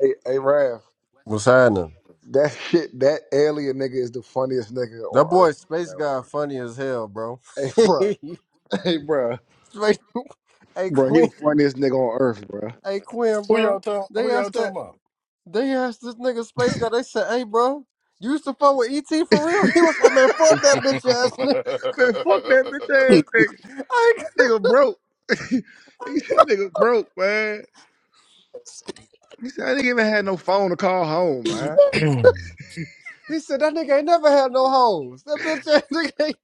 Hey, hey, Raph, that shit, that alien nigga is the funniest nigga That on earth. boy Space man, Guy funny as hell, bro. bro. Hey, bro, Space, hey, bro, hey bro, he the Quinn, funniest nigga on earth, bro. man, hey Quinn, Who y'all bro. talking? They Who y'all asked that, talking about? they asked this nigga Space Guy. They said, "Hey, bro, you used to fuck with ET for real?" He was like, "Man, fuck that bitch ass nigga." fuck that bitch ass nigga. I, That nigga broke. he I, said, that nigga broke, man. He said, I didn't even have no phone to call home, man. he said that nigga ain't never had no hoes. That bitch ass nigga. Ain't,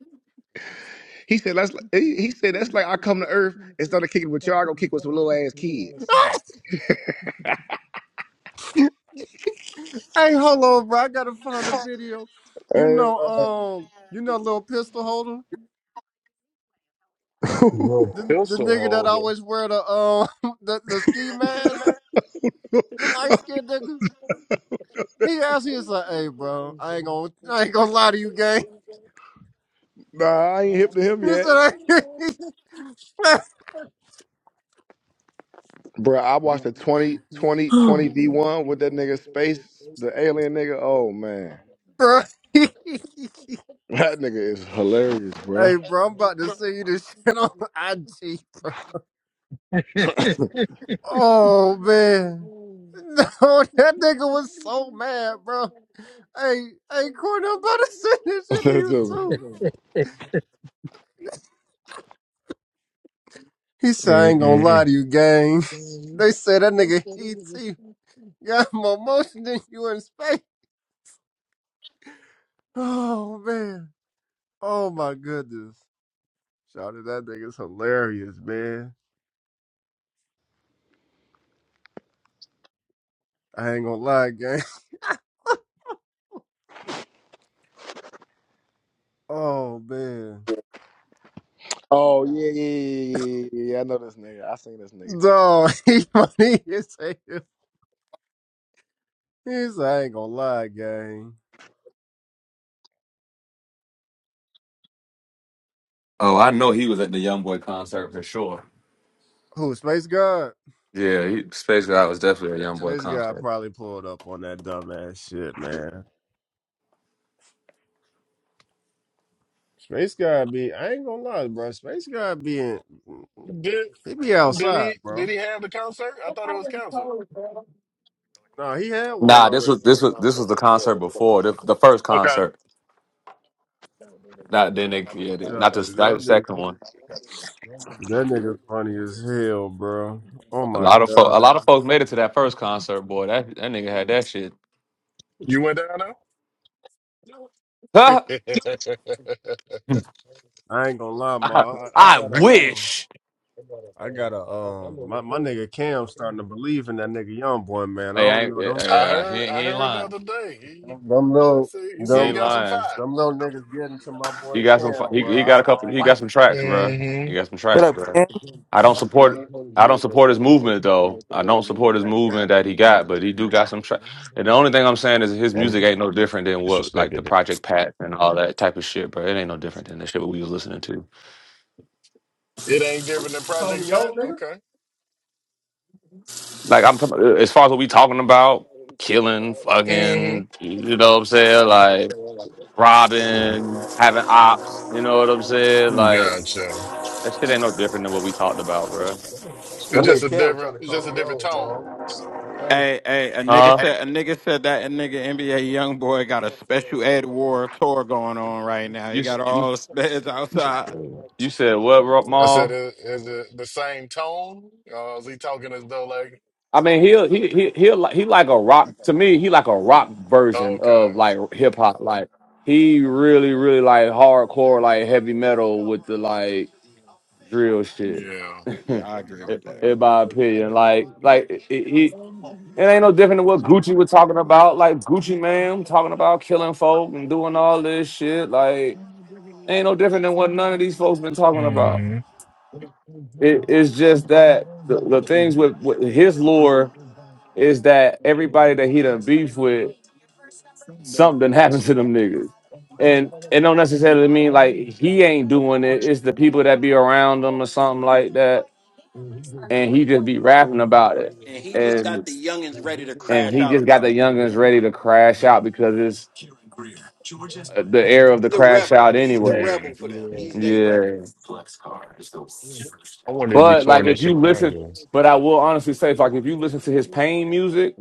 He said, that's like, he, he said, that's like I come to earth and started kicking with y'all, I go kick with some little ass kids. hey, hold on, bro. I gotta find a video. You Hey, know, um, you know, little pistol holder, bro. the the nigga that always wear the um the, the ski mask. The light skinned nigga. He asked me, he said, hey, bro, I ain't gonna, I ain't gonna lie to you, gang. nah, I ain't hip to him He yet. said, I- Bruh, I watched the 20 20 20 v one with that nigga Space, the alien nigga. Oh, man. bro, hey, That nigga is hilarious, bruh. bro, I'm about to send you this shit on IG, bro. Oh, man. No, that nigga was so mad, bro. Hey, hey, Courtney, I'm about to send this shit to That's you, just- too. He said, I ain't gonna lie to you, gang. They said that nigga ET got more motion than you in space. Oh, man. Oh my goodness. Shout out that nigga's hilarious, man. I ain't gonna lie, gang. Oh man. oh, yeah, yeah, yeah, yeah, yeah, yeah. I know this nigga. I seen this nigga. No, he funny as hell. He's like, I ain't gonna lie, gang. Oh, I know he was at the YoungBoy concert for sure. Who, Space God? Yeah, he, Space Guy was definitely Yeah, a YoungBoy Space God concert. probably pulled up on that dumbass shit, man. Space God be I ain't gonna lie, bro. Space God being did he be did outside, he bro. did he have the concert? I thought it was canceled. No, he had one Nah, this already. was this was this was the concert before the, the first Okay, concert. Not then they yeah, they- Nah, not the not the That nigga, second one. that nigga funny as hell, bro. Oh A my lot of folk, a god. lot of folks made it to that first concert. Boy, that that nigga had that shit. you went down there. I, I ain't gonna lie, ma. I, I I got a, um, wish. I got a, um, my, my nigga Cam starting to believe in that nigga young boy, man. I Hey, I don't ain't, know yeah, them, I yeah, he, heard he I ain't heard the lying. other day. He, them, them he little, said he He said he ain't them, got some lying. fire. them little niggas getting to my He boy got some. Cam, He, bro. he got I, a I couple. don't He like got some it. tracks, bro. He hmm got some What tracks, up, bro. Cam? I don't I'm support. good. I don't support his movement though. I don't support his movement that he got, but he do got some tracks. And the only thing I'm saying is his And music ain't no different than what like the disrespected Project Pat and all that type of shit, bro. It ain't no different than the shit we was listening to. It ain't different than You call Project me Pat. old, nigga? Okay. Like I'm talking- uh, as far as what we talking about, killing, hmm fucking, you know what I'm saying? Like robbing, having ops, you know what I'm saying? Like Gotcha. that shit ain't no different than what we talked about, bro. That It's just nigga a Cam different trying to it's call just a me different old, tone. bro. He crazy. Huh? You s- you them. you said what, Rock I said, Mall? is, is it the same tone? Uh, is he talking as though like, I mean, he'll he he he'll like he like a rock to me. He like a rock oh, version of okay, like hip hop. Like he really really like hardcore like heavy metal with the like drill shit. yeah, in in my opinion, like like it, it, he- it ain't no different than what Gucci was talking about. Like Gucci man talking about killing folk and doing all this shit. Like ain't no different than what none of these folks been talking about. It, it's just that the, the things with, with his lore is that everybody that he done beef with, something happened to them niggas. And it don't necessarily mean like he ain't doing it. It's the people that be around him or something like that. And he just be rapping about it. And and he just got the youngins ready to crash out because it's uh, the era of the crash out anyway. yeah. Yeah. Yeah. I wanted to be But like touring in if you listen, Chicago. but I will honestly say, like if you listen to his pain music,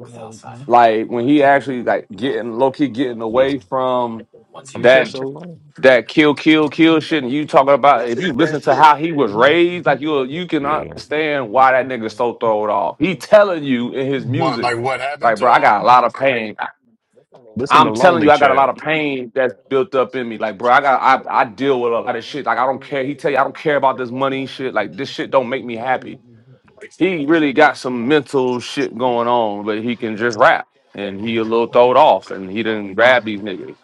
like when he actually like getting low key getting Yeah. away from I'm just that alone. that kill kill kill shit, and you talking about if you listen to how he was raised, like you you can Yeah. understand why that nigga so throwed off. He telling you in his What, music. like, what happened Like to bro, I him? got a lot of pain. Listen to I'm telling you, Lonely I got a lot of Child. pain that's built up in me. Like bro, I got I, I deal with a lot of shit. Like I don't care. He tell you I don't care about this money shit. Like this shit don't make me happy he really got some mental shit going on, but he can just rap and he a little throwed off and he didn't grab these niggas.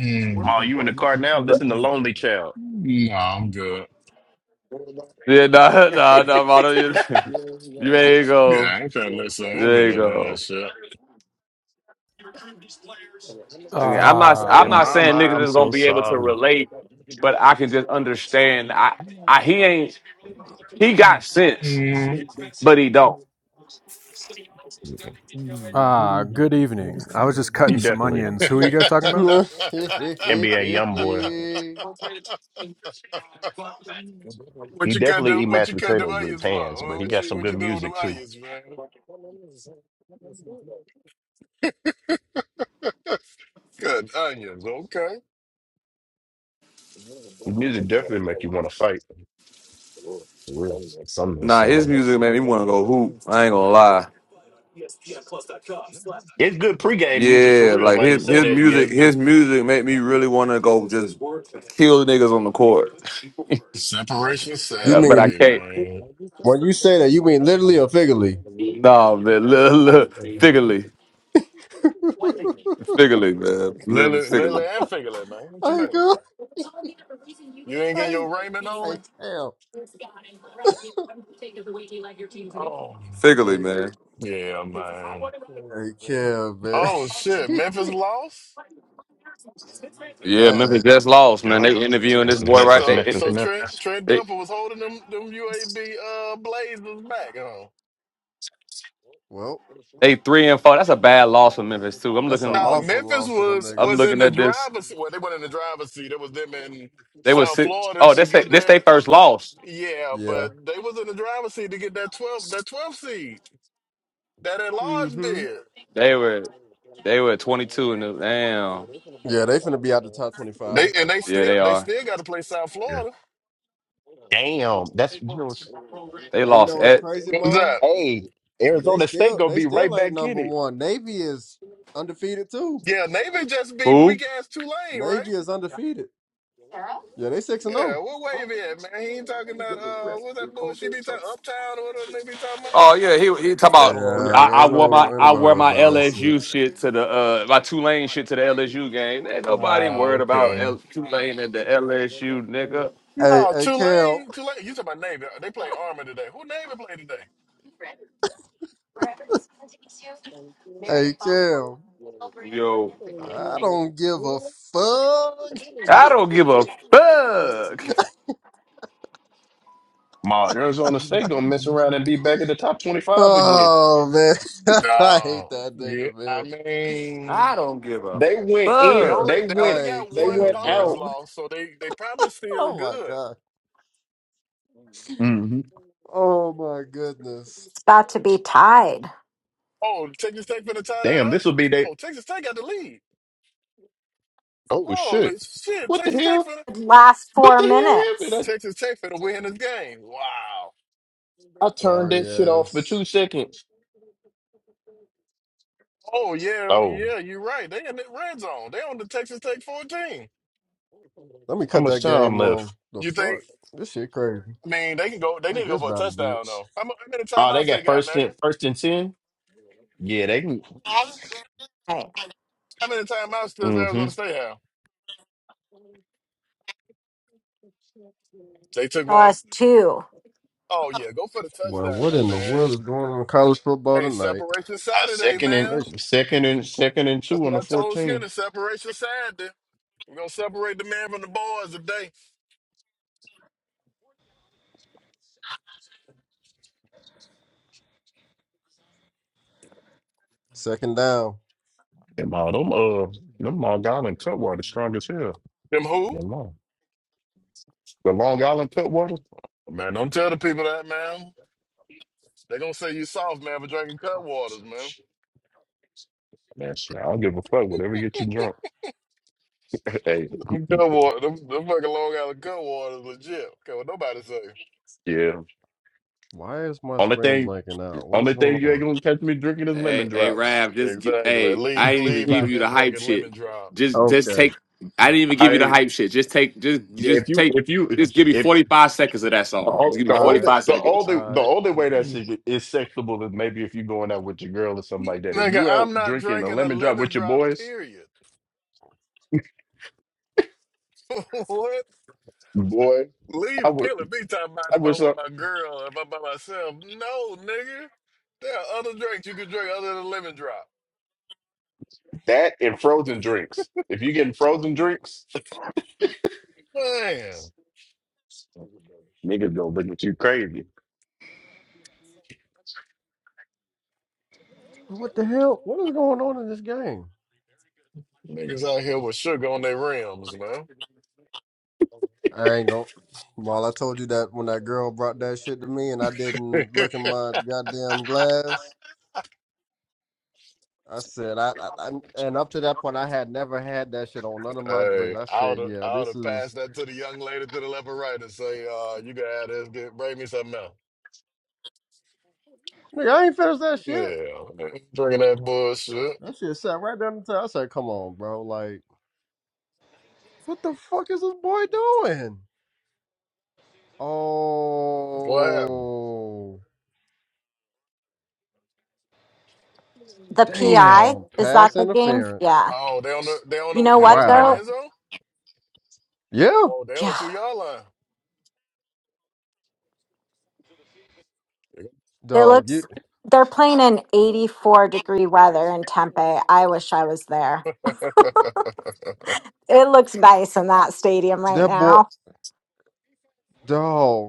Mm. Ma, you in the car now? Listen to Lonely Child. No, I'm good. Yeah, nah, nah, nah, Mono, you, you there you Yeah, go. I ain't trying to listen. I'm gonna There you listen to that go. shit. Again, I'm not I'm Said, Ah, not saying Mama, I'm niggas is gonna so be able to sorry. relate, but I can just understand I, I he ain't he got sense, but he don't. ah, good evening. I was just He cutting some definitely onions. Who are you guys talking about? NBA YoungBoy. what He you cut definitely the eat what mashed you cut them potatoes with his onions hands, for? but he What got you some what you good doing with them music too. onions, man? Good onions, okay. His music definitely make you want to fight. For real, some of those Nah, his songs. music made me want to go hoop. I ain't gonna lie. It's good pregame music for Yeah, real. like Why his you say his that? Yeah, music it's good his pre. music made me really want to go just kill niggas on the court. Separation And you I- but I mean Saturday, can't. man. when you say that? You mean literally or figuratively? No, man, look, look, figuratively, I figuratively, man, Literally, Lily, Lily figuratively, and Figlet, man. What you mean? go, You ain't getting I, your Raymond I on? tell. figuratively, Hey, man. Yeah, man. Hey, Kev, Oh shit, Memphis man. lost. Yeah, Memphis Damn. just lost, man. Yeah, They interviewing this that's boy right. Memphis, So, They Memphis, so Trent Memphis. Trent they, Dilfer was holding them them UAB uh Blazers back, huh? Well, they three and four. That's a bad loss for Memphis too. I'm that's an No, looking, awful Memphis loss for them was I'm was niggas. in looking the at this. driver's. Well, they went in the driver's seat. It was them in They were South six. Florida Oh, to that's they- get this that. they first loss. Yeah, Yeah. but they was in the driver's seat to get that twelve, that twelve seed, that enlarged Mm-hmm. bid. They were they were 22 and damn. Yeah, they finna be out the top twenty-five. They and they Yeah, still, they they are. still got to play South Yeah. Florida. Damn, that's you know. What's, They And you lost. know what's crazy, What's Mo? that? hey, They Arizona State still, gonna they be right still ain't back in number it. one. Navy is undefeated too. Yeah, Navy just beat Who? weak ass Tulane, right? Navy is undefeated. Yeah, they six and Yeah, zero. what wave at, man? He ain't talking about uh, what's that bullshit? Be talking uptown or whatever they be talking Oh yeah, he he talk about Hello. Yeah, I, they I ain't wore no, my ain't I nobody wear worry my about that shit. LSU shit to the uh my Tulane shit to the LSU game. Ain't about. nobody Ah, worried about okay. L, Tulane and the LSU nigga. Hey, No, hey, Cal. Tulane, Tulane. You talking about Navy? They play Army today. Who Navy play today? Hey, Cal. Yo, I don't give a I fuck. don't give a fuck. My Arizona State gonna mess around and be back in the top twenty five again. Oh man, I hate Oh, that yeah. nigga, I man. mean. I don't give a They went They in. only fuck. They they I only went. hate got They one Cam, went conference out. bro. loss, so they they probably still Oh my good. god. hmm Oh my goodness. about to be tied. Oh, Texas Tech finna tie that Damn, up. this will be they. Oh, Texas Tech got the lead. Oh Holy shit. shit, What the Texas Tech hell? finna Last What four the hell minutes. happened? Texas Tech finna win this game. Wow. I, I turned Sorry that shit off for two ass. seconds. Oh yeah, Oh, yeah, you're right. They in the red zone. They on the Texas Tech 14. Let me how cut much that time game off. left? The You think? fuck? This shit crazy. I mean, they can go. They need Ain't to go this for a about a touchdown bitch? though. How, mu- how many Oh, they timeouts they got got, first and Megan? first and ten. Yeah, they can. Right. How many timeouts does Arizona Mm-hmm. State have? They took one. Last two. Oh yeah, go for the Well, what touchdown, in the world man. is going on in college football Hey, tonight? Separation A Saturday, second and man. Gracious. second and second and That's two what on the I told fourteen. Skinner. Separation Saturday. We're gonna separate the man from the boys today. Second down. Them all them uh them Long Island Cutwater strong as hell. Them who? The Long, the Long Island Cutwater. Man, don't tell the people that, man. They gonna say you soft, man, for drinking cut waters, man. Man, shit, I don't give a fuck. Whatever gets you drunk. hey, Them cut water, them, them fucking Long Island cut waters legit. Okay, what nobody say. yeah. Why is my Only screen thing blanking out? What is Only going thing you ain't on? gonna catch me drinking is Hey, lemon hey, drops. Rav, just get, Exactly. hey, Leave, I didn't even leave give out you here the hype drinking shit. lemon drop. Just, just take. okay. I didn't even give you the I hype shit. Just take, just, yeah, if just you take, if you just give me if forty five seconds of that the song. Just only give me the forty All only right. five the seconds. only, All the right. only way that shit is sexable is maybe if you going out with your girl or something like that. If Nigga, you out I'm not drinking a drinking a lemon drop lemon with your drop, boys, period. what? boy, I Leave would killing me talking about I if I'm wish with I, my girl, if I'm by myself. No, nigga. There are other drinks you can drink other than lemon drop. that and frozen drinks. If you getting frozen drinks, Man, niggas gonna look at you crazy. What the hell? What is going on in this game? niggas out here with sugar on their rims, man. I ain't gonna. Well, I told you that when that girl brought that shit to me, and I hey, didn't look in my goddamn glass. I said, I, I, I and up to that point, I had never had that shit on none of my drinks. I I would said, have yeah, I would this have is. passed that to the young lady to the left and right and say, uh, you gotta have this, get, bring me something else. Nigga, I ain't finished that shit. Yeah, drinking that bullshit. That shit sat right down the table. I said, come on, bro. Like, what the fuck is this boy doing? What happened? Oh, The PI. damn! Is Pass that the game? interference. Yeah. Oh, they on the they You on know the what was it in the Wow. though? end zone? Yeah, Oh, they on the Yeah. two yard line. It dog. You looks they're playing in 84 degree weather in Tempe. I wish I was there. It looks nice in that stadium right that boy, now. dog.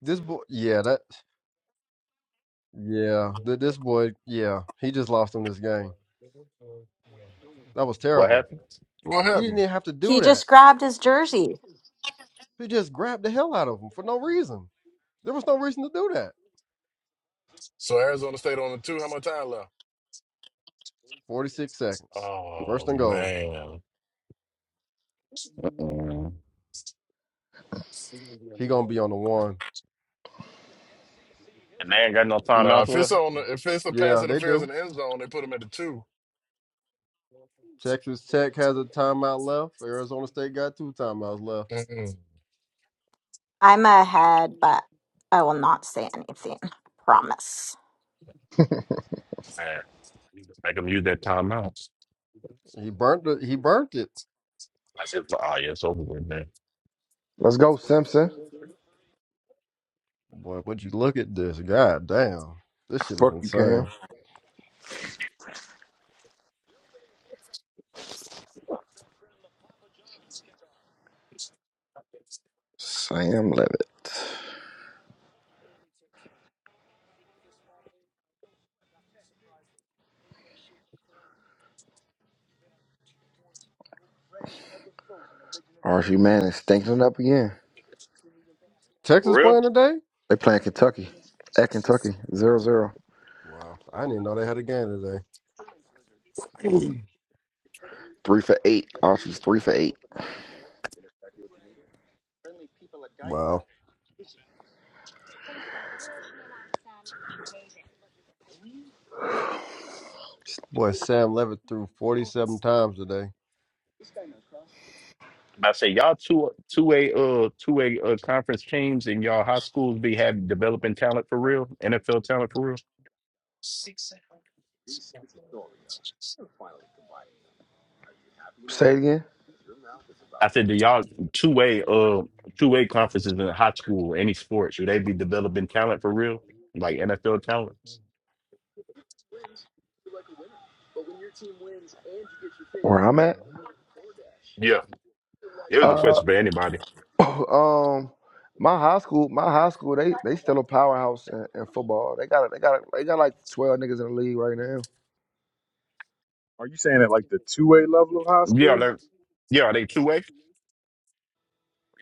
This boy, yeah, that, yeah, that this boy, yeah, he just lost him this game. That was What terrible. happens? What He didn't happened? even have to do He that. just grabbed his jersey. He just grabbed the hell out of him for no reason. There was no reason to do that. So Arizona State on the two. How much time left? Forty-six seconds, first Oh and goal. man. Mm. He gonna be on the one. And they ain't got no time No, out if for it. it's on, the, if it's a pass Yeah, they interference in do. the end zone, they put them at the two. Texas Tech has a timeout left. Arizona State got two timeouts left. Mm-mm. I'm ahead, but I will not say anything. Promise. Man, Make a, He burnt it. He burnt it. I said, oh yeah, it's over with, man. Let's go, Simpson. Boy, would you look at this? God damn, this shit is Fuck you, Cam. insane. Sam Levitt. RG Manning stinking it up again. For Texas real? playing today? They playing Kentucky. At Kentucky, 0 zero. Wow, I didn't even know they had a game today. Three for eight. Archie's three for eight. Wow. Boy, Sam Levitt threw 47 times today. I say y'all two two a uh two a uh, conference teams in y'all high schools be having developing talent for real, NFL talent for real. Say it again. I said, do y'all two way uh two way conferences in high school, any sport, should they be developing talent for real, like NFL talents? Where I'm at? Yeah, it was a Uh, question for anybody. um, my high school, my high school, they they still a powerhouse in, in football. They got they got they got like twelve niggas in the league right now. Are you saying at like the two A level of high Yeah, school? like, yeah, are they two way?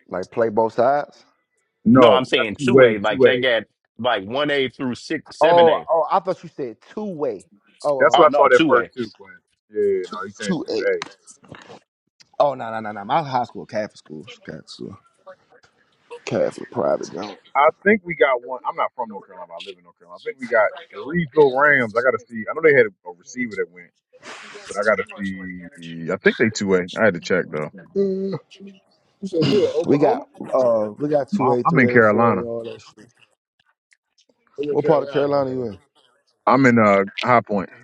Like play both sides. No, No, I'm not saying two two A, way. Like two they A. got like one a through six, seven Oh, a. oh, I thought you said two way. That's Oh, what Oh I um, no, thought at two a. first too, Quinn. Yeah, two no, he's saying two two eight. A. Oh no no no no. My high school Catholic school, Catholic school, Catholic private. Don't. I think we got one. I'm not from North Carolina, but I live in North Carolina. I think we got the Reedsville Rams. I got to see. I know they had a receiver that went, but I got to see. I think they two A. I had to check though. Mm. You said you at We Oklahoma? got uh we got two I'm A, I'm in three A, four Carolina. A, all that shit. Or you at What part of Carolina? Carolina Okay. you in? I'm in uh High Point.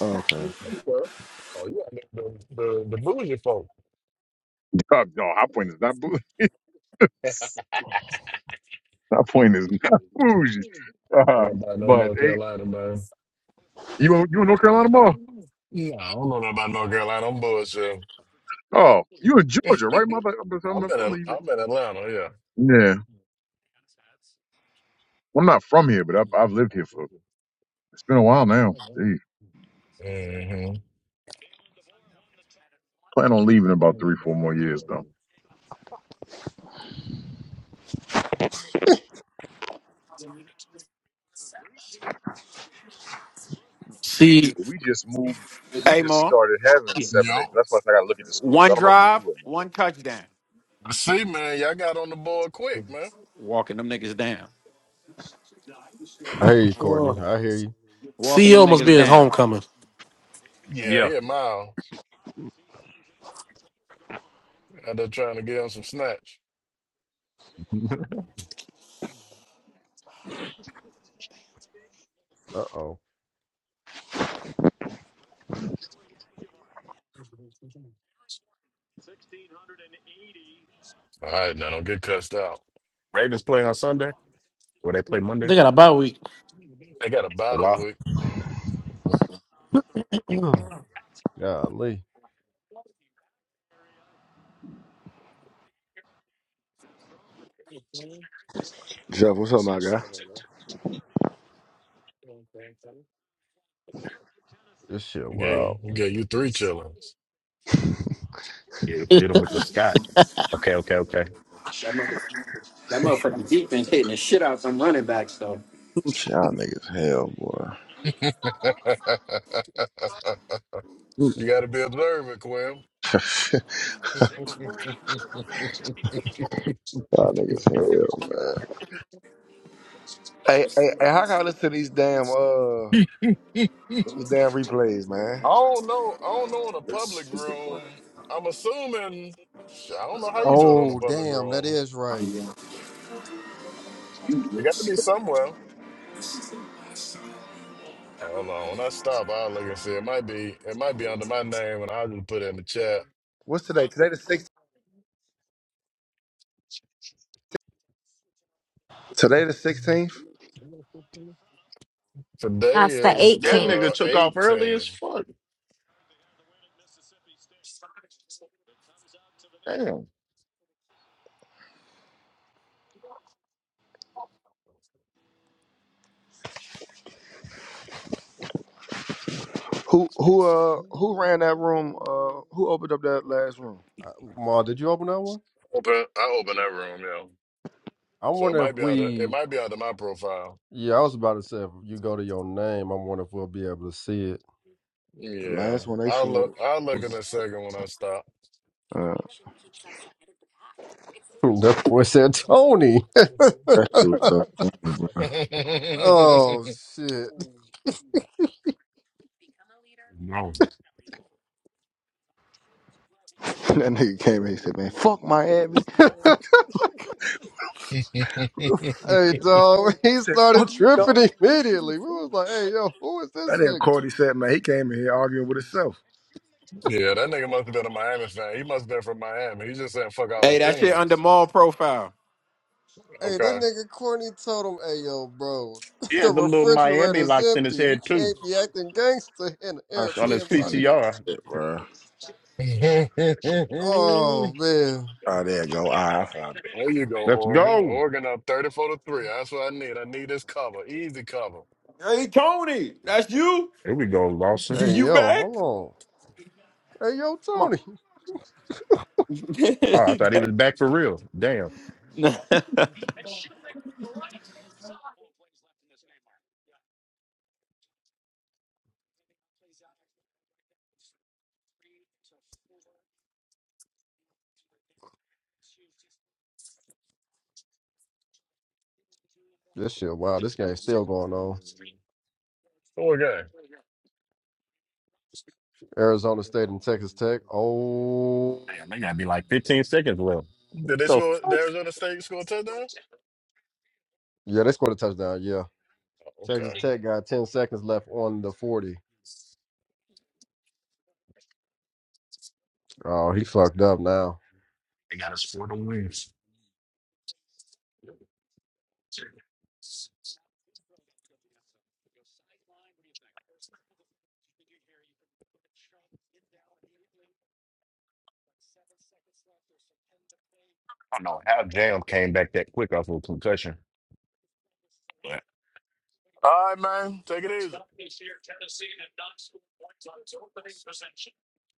Oh, okay. The the, the bougie Oh, no, High Point is not bougie. High Point is not bougie. from Uh, everybody know but North hey, Carolina, man. you in- you in North Carolina, Mo? Yeah, I don't know nothing about North Carolina. I'm bullshit. Oh, you in Georgia, right? My bad. I'm, I'm I'm, in I'm, Al- the- I'm in Atlanta. Yeah. yeah, I'm not from here, but I've, I've lived here for it's been a while now. Jeez. Mm-hmm. Plan on leaving in about three, four more years though. C, But we just moved. We just started having seven Yep. acres. That's why I got to look at the schools. I don't know who's two right See, man, y'all got on the board quick, man. I hear you, oh, Courtney. I hear you. CEO must be his homecoming. Yeah, Yeah, yeah, Miles. Out there trying to get him some snatch. Uh All right, now don't get cussed out. Ravens play on Sunday or they play Monday. They got a bye week. They got a body week. oh. Golly. Jeff, what's up, my guy? This shit You wild. get, you get you three chillings. Hit hit him with the Scott. Okay, okay, okay. That mother, that motherfucking defense hitting the shit out some running backs though. Y'all niggas hell, boy. you Mm, got to be observant, Quim. Y'all niggas hell, man. Hey, hey, hey, how can I listen to these damn uh these damn replays, man? I don't know. I don't know in a public room. I'm assuming. sh- I don't know how you do it on a Oh, public damn. That room. is right. You got to be somewhere. Hold on. When I stop, I'll look and see. It might be. It might be under my name, and I'll just put it in the chat. What's today? Today the sixth. Today the sixteenth. Today That's the is That 18th. nigga the took off early as 18th. fuck. Damn. Who who uh who ran that room? Uh, who opened up that last room? Uh, Ma, did you open that one? Open, I open that room, yeah. I So it wonder if might be out of it we. might be out of my profile. Yeah, I was about to say, if you go to your name, I wonder if we'll be able to see it. The Yeah, last one they I'll look. showed I'll look in was a second when I stop. uh that boy said Tony. that shit was so funny, bro. yeah, oh, shit. No. That nigga came in and said, "Man, fuck Miami." Fuck the hey, dog. He he said, started "Fuck the dog." tripping immediately. We was like, hey, yo, who is That this nigga nigga? Cordy said, "Man, he came in here arguing with himself." that nigga must have been a Miami fan. He must have been from Miami. He's just saying fuck all his teams. Hey, that Okay. nigga Courtney told him, "Hey, yo, bro, He the had them little Miami refrigerator's locks in empty. his You head too can't be acting gangster in an That on shit his was funny Airbnb." as PTR. shit, bro. Oh man. Oh, there you go. Ah, I found it. there you go, Let's Oregon. go. Oregon up thirty-four to three. That's what I need. I need this cover, easy cover. Here we go, Lawson. Hey, yo, hold on. Hey, yo, Tony. Oh, I thought he was back for real. Damn. Shit, wow, this game's still going on. Okay. Arizona State and Texas Tech. Oh, Damn, they gotta be like 15 seconds left. Did they What the score? Did fuck? Arizona State score a touchdown? yeah, they scored a touchdown. Yeah, Texas Okay. Tech got ten seconds left on the forty. Oh, he fucked up now. I don't know how Jam came back that quick off of a concussion. But All right, man. Take it easy.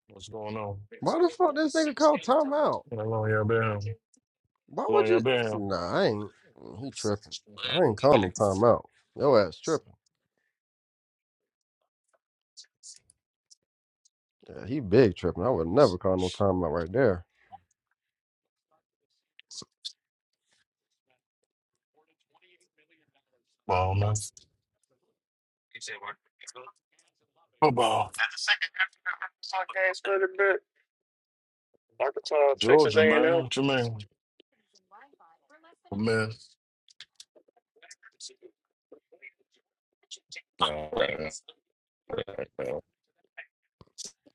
What's going on? Why the fuck this nigga called timeout? How long y'all been? Why How would long y'all you? been? Nah, I ain't. mm, He tripping. I ain't calling no timeout. Yo ass tripping. Yeah, he big tripping. I would never call no timeout right there. Ball, man. Football. Georgia, man. What you mean? A mess. All right, all right, all right.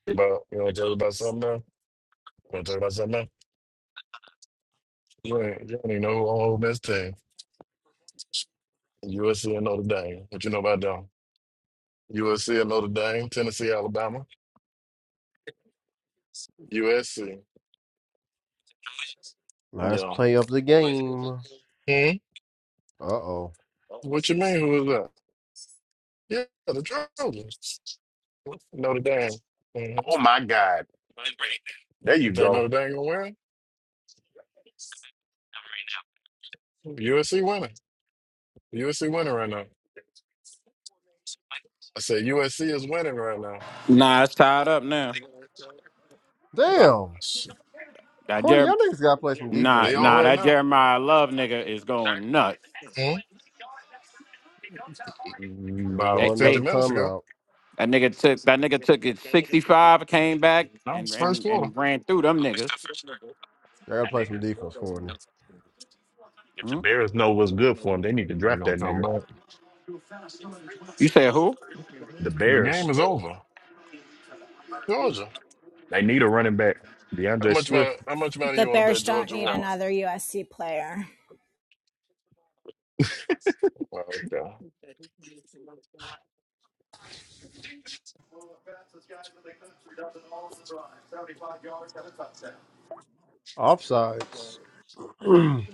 About, you want to tell us about something now? You want to talk about something now? You ain't, you don't even know who on Ole Miss team. USC and Notre Dame. What you know about them? USC and Notre Dame, Tennessee, Alabama. USC. Last Yeah. play of the game. Hmm? Uh oh. What you mean? Who is that? Yeah, the Trojans. Notre Dame. Mhm. oh my God. There you think Notre go. Dame gonna win? USC winning. USC winning right now. I said USC is winning right now. Wow. Damn. shit. Courtney, y'all niggas gotta play some defense, They on man. right now. Hmm? Here we About go, 50 another minutes ago. timeout. It's first quarter. Y'all gotta play that some nigga. defense, Courtney. If the Bears know what's good for him, they need to They're draft gonna that come nigga. back. The The Bears. game is over. Georgia. They need a running back. How DeAndre much money Swift, how much money The you wanna bet Bears don't Georgia need won? another USC player. Well, okay. Offsides.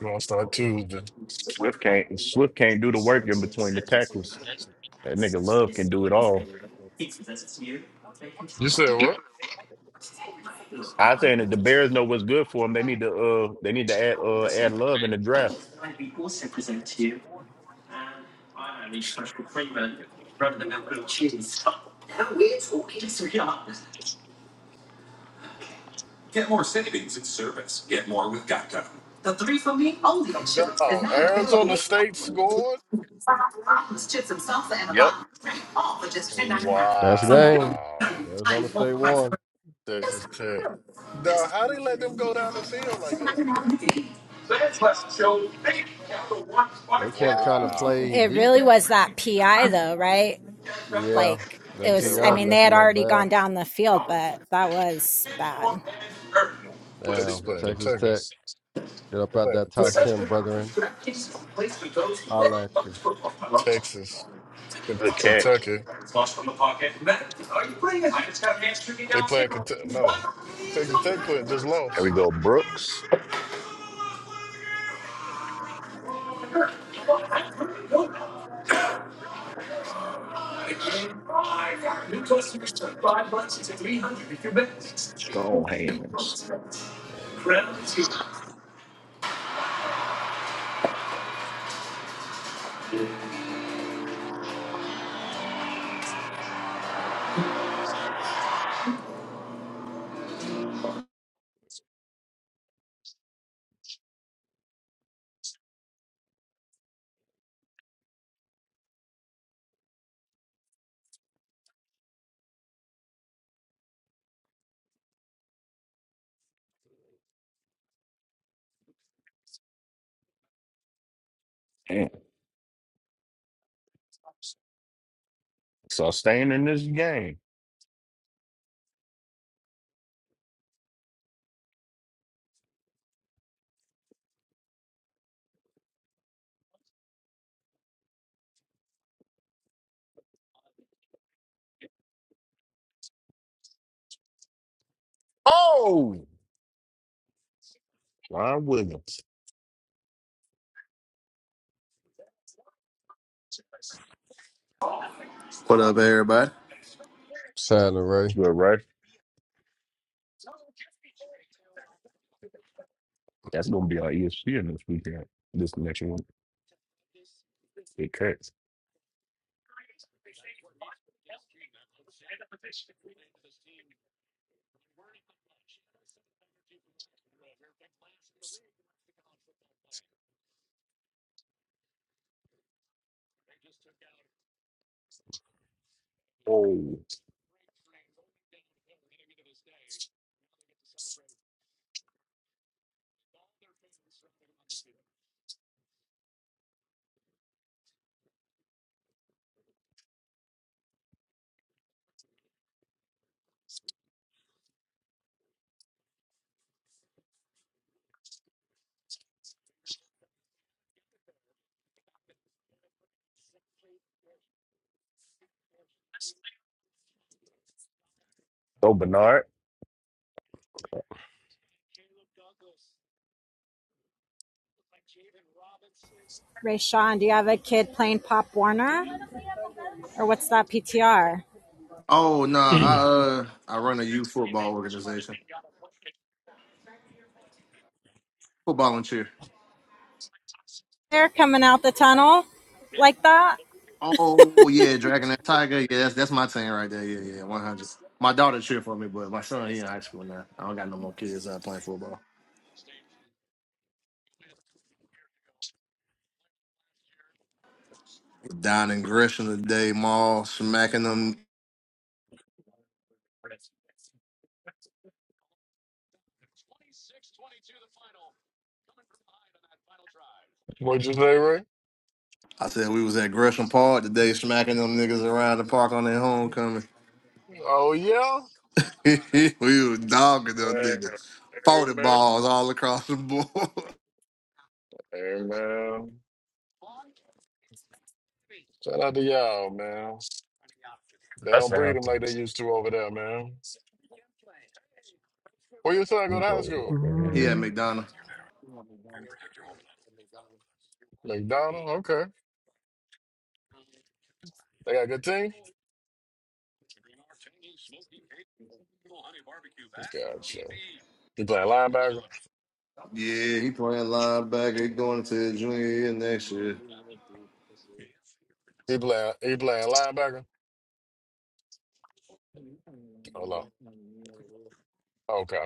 You wanna start Tuesday. Swift can't Swift can't do the work in between the tackles. That nigga Love can do it all. You said what? I saying that the Bears know what's good for them. They need to uh they need to add uh add Love in the draft. No, Arizona State scored. Yep. That's a game. Wow, Arizona State won. Texas Tech. No, how they let them go down the field like that? They kept trying to play Wow. It deep. really was that PI though, right? Yeah, Like it You that say, was I PI well, mean, they messed had them up already bad. gone down the field, but that was bad. Texas Damn, playing Texas Kentucky. Tech. Get up They out playing that top Kentucky. 10, brethren. Holla at you. Texas, Ken- Good catch. Kentucky. They playing Kentucky. No, Texas Tech play just Here we lost. go, Brooks. Damn. So staying in this game. Oh, Ron Williams. What up, everybody? Sign That's Ray. good, right? That's gonna be our ESPN this weekend. This next one. Good catch. Oh, so Bernard. Rayshawn, do you have a kid playing Pop Warner? Or what's that PTR? Oh no, I uh I run a youth football organization, football and cheer. They're coming out the tunnel like that? Oh yeah, Dragon that Tiger. Yeah, that's that's my team right there. Yeah, yeah, one hundred. My daughter cheer for me, but my son he in high school now. I don't got no more kids out playing football. Down in Gresham today, mall smacking them. What you say, Ray? I said we was at Gresham Park today, smacking them niggas around the park on their homecoming. Oh yeah. we was dogging them niggas, forty Amen. balls all across the board. Amen. Shout out to y'all, man. They That's don't breed how. them like they used to over there, man. Where your son go to high Oh, school? he man. at McDonough. McDonald. Okay, they got a good team. Gotcha. He playing linebacker. Yeah, he playing linebacker. He going to the junior year next year. He playing. He playing linebacker. Oh no. Okay.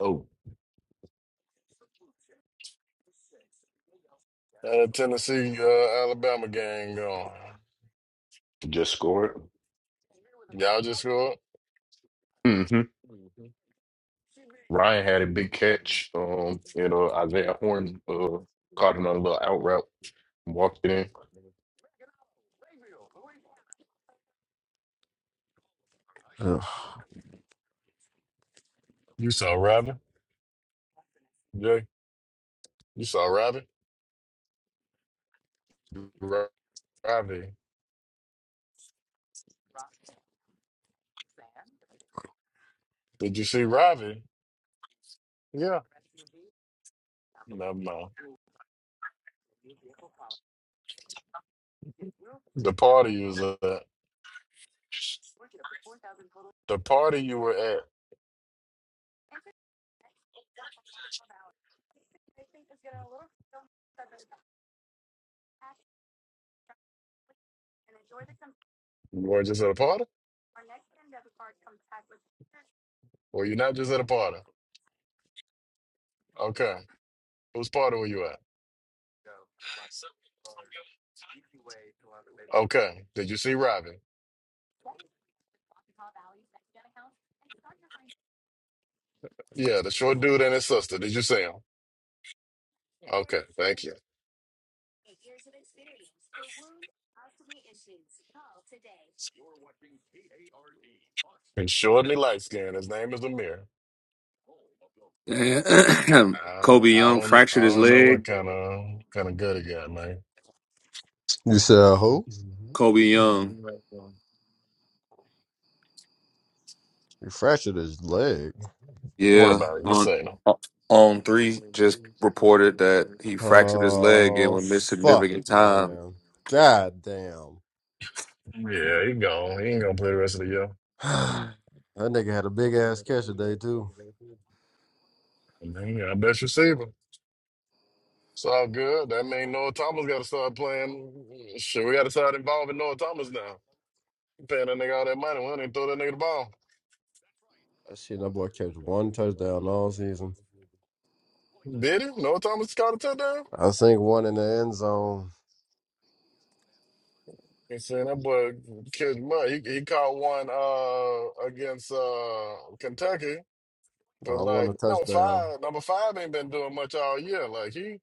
Oh. Uh, Tennessee, uh, Alabama gang going. Just scored. Y'all just scored. hmm Ryan had a big catch. Um, you know, Isaiah Horn uh, caught him on a little out route, and walked it in. Ugh. You saw Robbie. Jay. You saw Robbie. Ro- Robbie. Did you see Robbie? Yeah. No, no. The party you was at. The party you were at. You were just at a party. Or you not just at a party? Okay. Whose party were you at? Okay. Did you see Robbie? Yeah, the short dude and his sister. Did you see him? Okay, thank you. He's shortly light skinned. His name is Amir. I don't, Kobe I Young don't, I fractured his don't know what leg. kind of kind of good he got, man. You said who? Don't Kobe Young He fractured his leg. worry Yeah, about it. You on seen him? on three just reported that he fractured his leg and Oh, would miss fuck, significant time. man. God damn. Yeah, he gone. He ain't gonna play the rest of the year. that nigga had a big ass catch today, too. Man, I bet you see him. It's all good. That mean Noah Thomas got to start playing. Shit, we got to start involving Noah Thomas now. Paying that nigga all that money. We don't even throw that nigga the ball. That shit, that boy catch one touchdown all season. Did he? Noah Thomas caught a touchdown? I think one in the end zone. They saying that boy killed mud. He, he caught one uh against uh Kentucky, but I won like a number touchdown. five, number five ain't been doing much all year. Like he,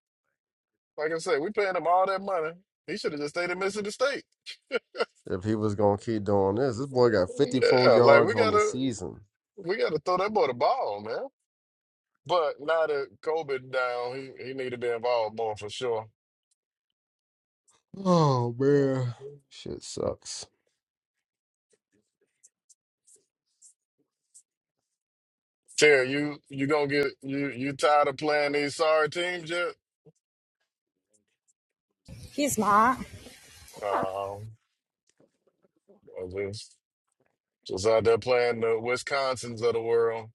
like I said, we paying him all that money. He should have just stayed at Mississippi State. If he was going to keep doing this, this boy got 54 Yeah, like yards we on the gotta season. we gotta throw that boy the ball, man. But now that COVID down, he, he need to be involved more for sure. Oh, man. Shit sucks. Terry, you you gonna get you you tired of playing these sorry teams yet? He's not. Um, Just out there playing the Wisconsins of the world,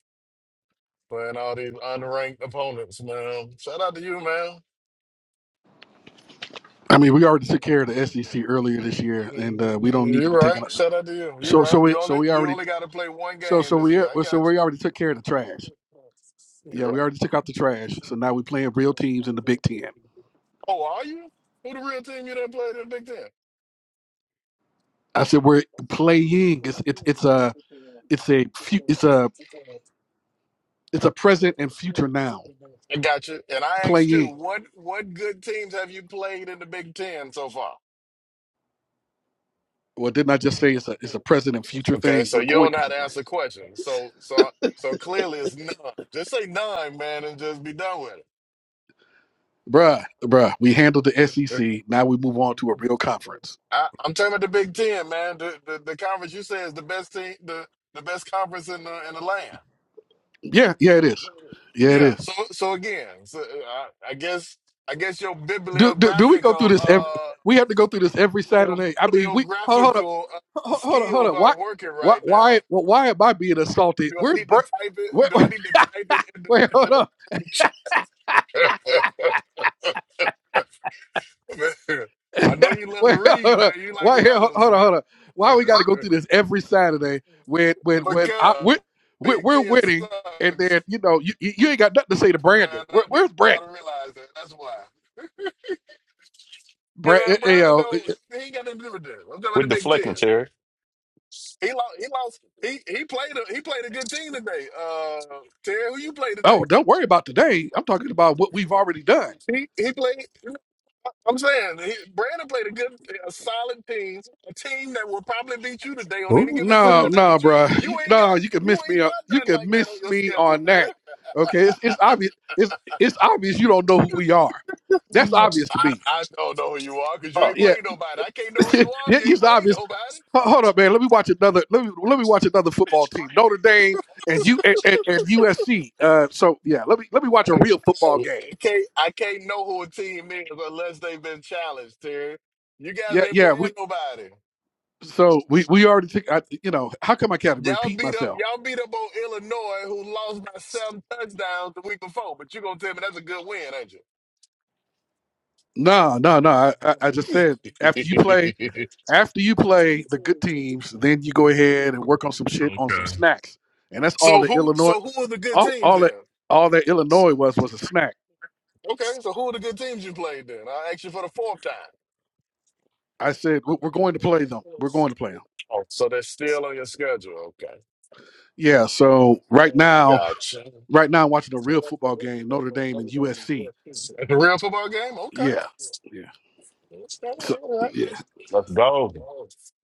playing all these unranked opponents, man. Shout out to you, man. I mean, we already took care of the SEC earlier this year, and uh, we don't Mm, need to You're be taking. right. Shout out to you. You're So, so right. we, You so only we you already, only got to play one so game so this we, year. I well, so got we already took care of the trash. you. Yeah, You're we right. already took out the trash. So now we're playing real teams in the Big Ten. Oh, are you? Who the real team you done played in the Big Ten? I said we're playing. It's it's it's a it's a fu- it's a it's a present and future now I got you. And I asked you, playing. what what good teams have you played in the Big Ten so far? Well, didn't I just say it's a it's a present and future Okay, thing? so We're you going don't know to how be to playing, answer questions. So so so clearly it's none. Just say none, man, and just be done with bruh, bruh. We handled the it. SEC. Now we move on to a real conference. I, I'm talking about the Big Ten, man. The, the the conference you say is the best team, the the best conference in the in the land. Yeah, yeah, it is. Yeah, it is. Yeah. So so again, so uh, I, I guess I guess your Do, do do we go through bibliographical this? Every, uh we have to go through this every your Saturday. I mean, we hold hold up, bibliographical uh, hold hold up, hold skills up. Why aren't working why right why now. well, why am I being assaulted? Do I Where's need to Brett? type it? Wait, Do I wait need to type it? In wait hold up the, man, I know you love to wait hold read, man. up You like why here hold letters, on hold up. Why we got to go through this every Saturday when when when I we because we're, Big we're Ten winning and sucks. then you know you you you ain't got nothing to say to Man, Brandon. Where, that nigga where's gotta Brandon? realize that. That's why. And Brand, you then Brandon know, oh, though, eh, he ain't got nothing to do with that. I'm talking about the With Big deflecting, Ten. Terry. He lost. He lost. He he played a he played a good team today. Uh, Terry, who you played oh, today? don't worry about today. I'm talking about what we've already done. He he played. I'm saying he, Brandon played a good, a solid team, a team that will probably beat you today on any Who the given fuck? No, Saturday. no, But you bro. you You, ain't no, got you can you miss me. ain't On, got you nothing can like that on miss your me schedule, on that. man. Okay, it's, it's obvious. It's it's obvious you don't know who we are. That's obvious to I, me. I don't know who you are because you Fuck, ain't Yeah, played nobody. I can't know who you Yeah, are if you ain't it's played obvious. nobody. Ho- Hold up, man. Let me watch another. Let me let me watch another football team. Notre Dame and you and, and, and USC. Uh, so yeah, let me let me watch a Hey, real football game. can't I can't know who a team is unless they've been challenged, Terry. You guys Yeah, ain't yeah. We playing nobody. so we we already took. I, you know, how come I can't Y'all repeat beat up myself? y'all beat up on Illinois who lost by seven touchdowns the week before, but you gonna tell me that's a good win, ain't No, no, no. I I I just said after you play. you? After you play the good teams, then you go ahead and work on some shit on some okay. snacks. And that's all So the who Illinois, so who are the good all, teams all that, then? all that Illinois was was a snack. Okay, so who are the good teams you played then? I ask you for the fourth time. I said "We- we're going to play them. We're going to play them. Oh, so they're still on your schedule. Okay. Yeah. So right now, Gotcha. right now, I'm watching a real football That's game, Notre Dame and USC. a real football game? Okay. Yeah. Yeah. So yeah. let's go.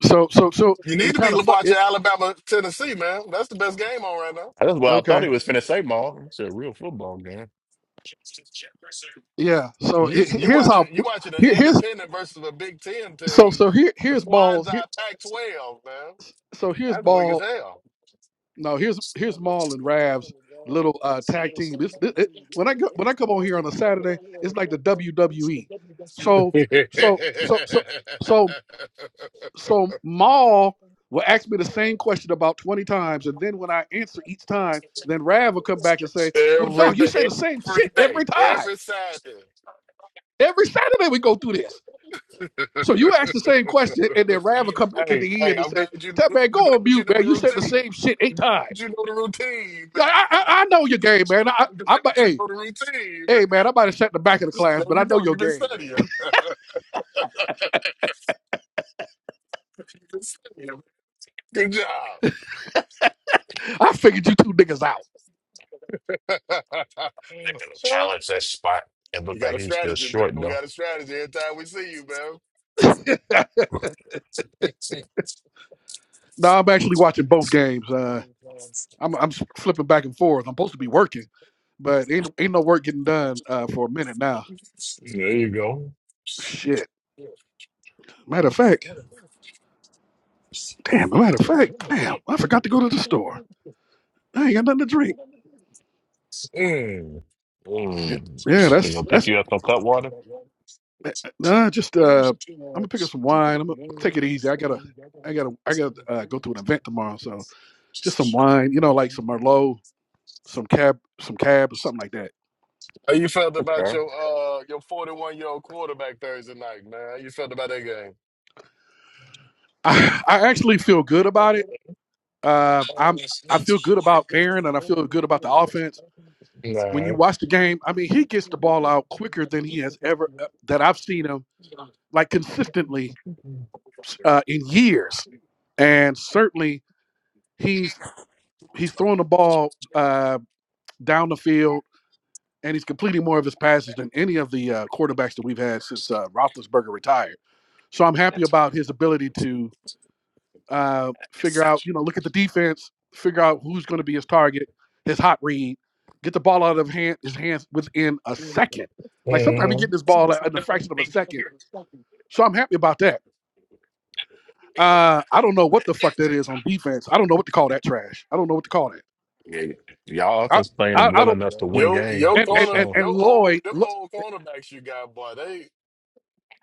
So so so You need it's to be kind of fun. watching It, Alabama, Tennessee, man. That's the best game on right now. That's what I thought okay. he was finna say, Maul. It's a real football game. Yeah. So You it, you here's how. watching you watching an Here, here's independent versus a Big Ten so team, so here a here's quasi balls. Here, Pac twelve, man. so here's That's weak as ball hell. No, here's here's Maul and Rav's little uh, tag team. This it, it- when I go, when I come on here on a Saturday, it's like the WWE. So every so so so so so Maul will ask me the same question about twenty times, and then when I answer each time, then Rav will come back and say, "Well, dog, you say day, the same every shit day, every time. every Saturday. Every Saturday we go through this." So you ask the same question, and then Rav will come back at hey, the hey, end and I'm glad say, you "That know, man, I'm go glad on you mute, know man. the You said the routine. same shit eight I'm glad times." You know the routine, Yeah, man. I, I, I know your game, man. I, I, I, You hey, know the routine, man. hey, man, I might have sat in the back of the class, There but I you know go. your You've been game, man. studying. You know, Good job. I figured you two niggas out. They're gonna challenge that spot. It you looked got like a he's still strategy, man. short We though. got a strategy every time we see you, man. no, I'm actually watching both games. Uh, I'm, I'm flipping back and forth. I'm supposed to be working, but ain't ain't no work getting done uh, for a minute now. There you go. Shit. Matter of fact, damn. Matter of fact, damn. I forgot to go to the store. I ain't got nothing to drink. Mm. Yeah, Mm. yeah. He That's gonna pick that's you up on cutwater. eh, eh, nah. Just uh, I'm gonna pick up some wine. I'm gonna take it easy. I gotta, I gotta, I gotta uh, go to an event tomorrow, so. just some wine, you know, like some Merlot, some cab, some cab or something like that. How you felt about Okay. your uh your 41 year old quarterback Thursday night, man? How you felt about that game? I, I actually feel good about it. Uh, Oh, I'm it's I feel nuts. good about Aaron and I feel good about the offense. Nah. When you watch the game, I mean, he gets the ball out quicker than he has ever uh, that I've seen him like consistently uh, in years, and certainly he's he's throwing the ball uh, down the field and he's completing more of his passes than any of the uh, quarterbacks that we've had since uh, Roethlisberger retired. So I'm happy about his ability to uh, figure out, you know, look at the defense, figure out who's going to be his target, his hot read, get the ball out of hand, his hands within a second. Like sometimes he get this ball in a fraction of a second. So I'm happy about that. Uh, I don't know what the fuck that is on defense. I don't know what to call that trash. I don't know what to call that. Yeah, y'all I offense playing I, I well don't. enough to win Yo, games your And for and corner, and, sure. and your old Lloyd, them look, old cornerbacks you got, boy. They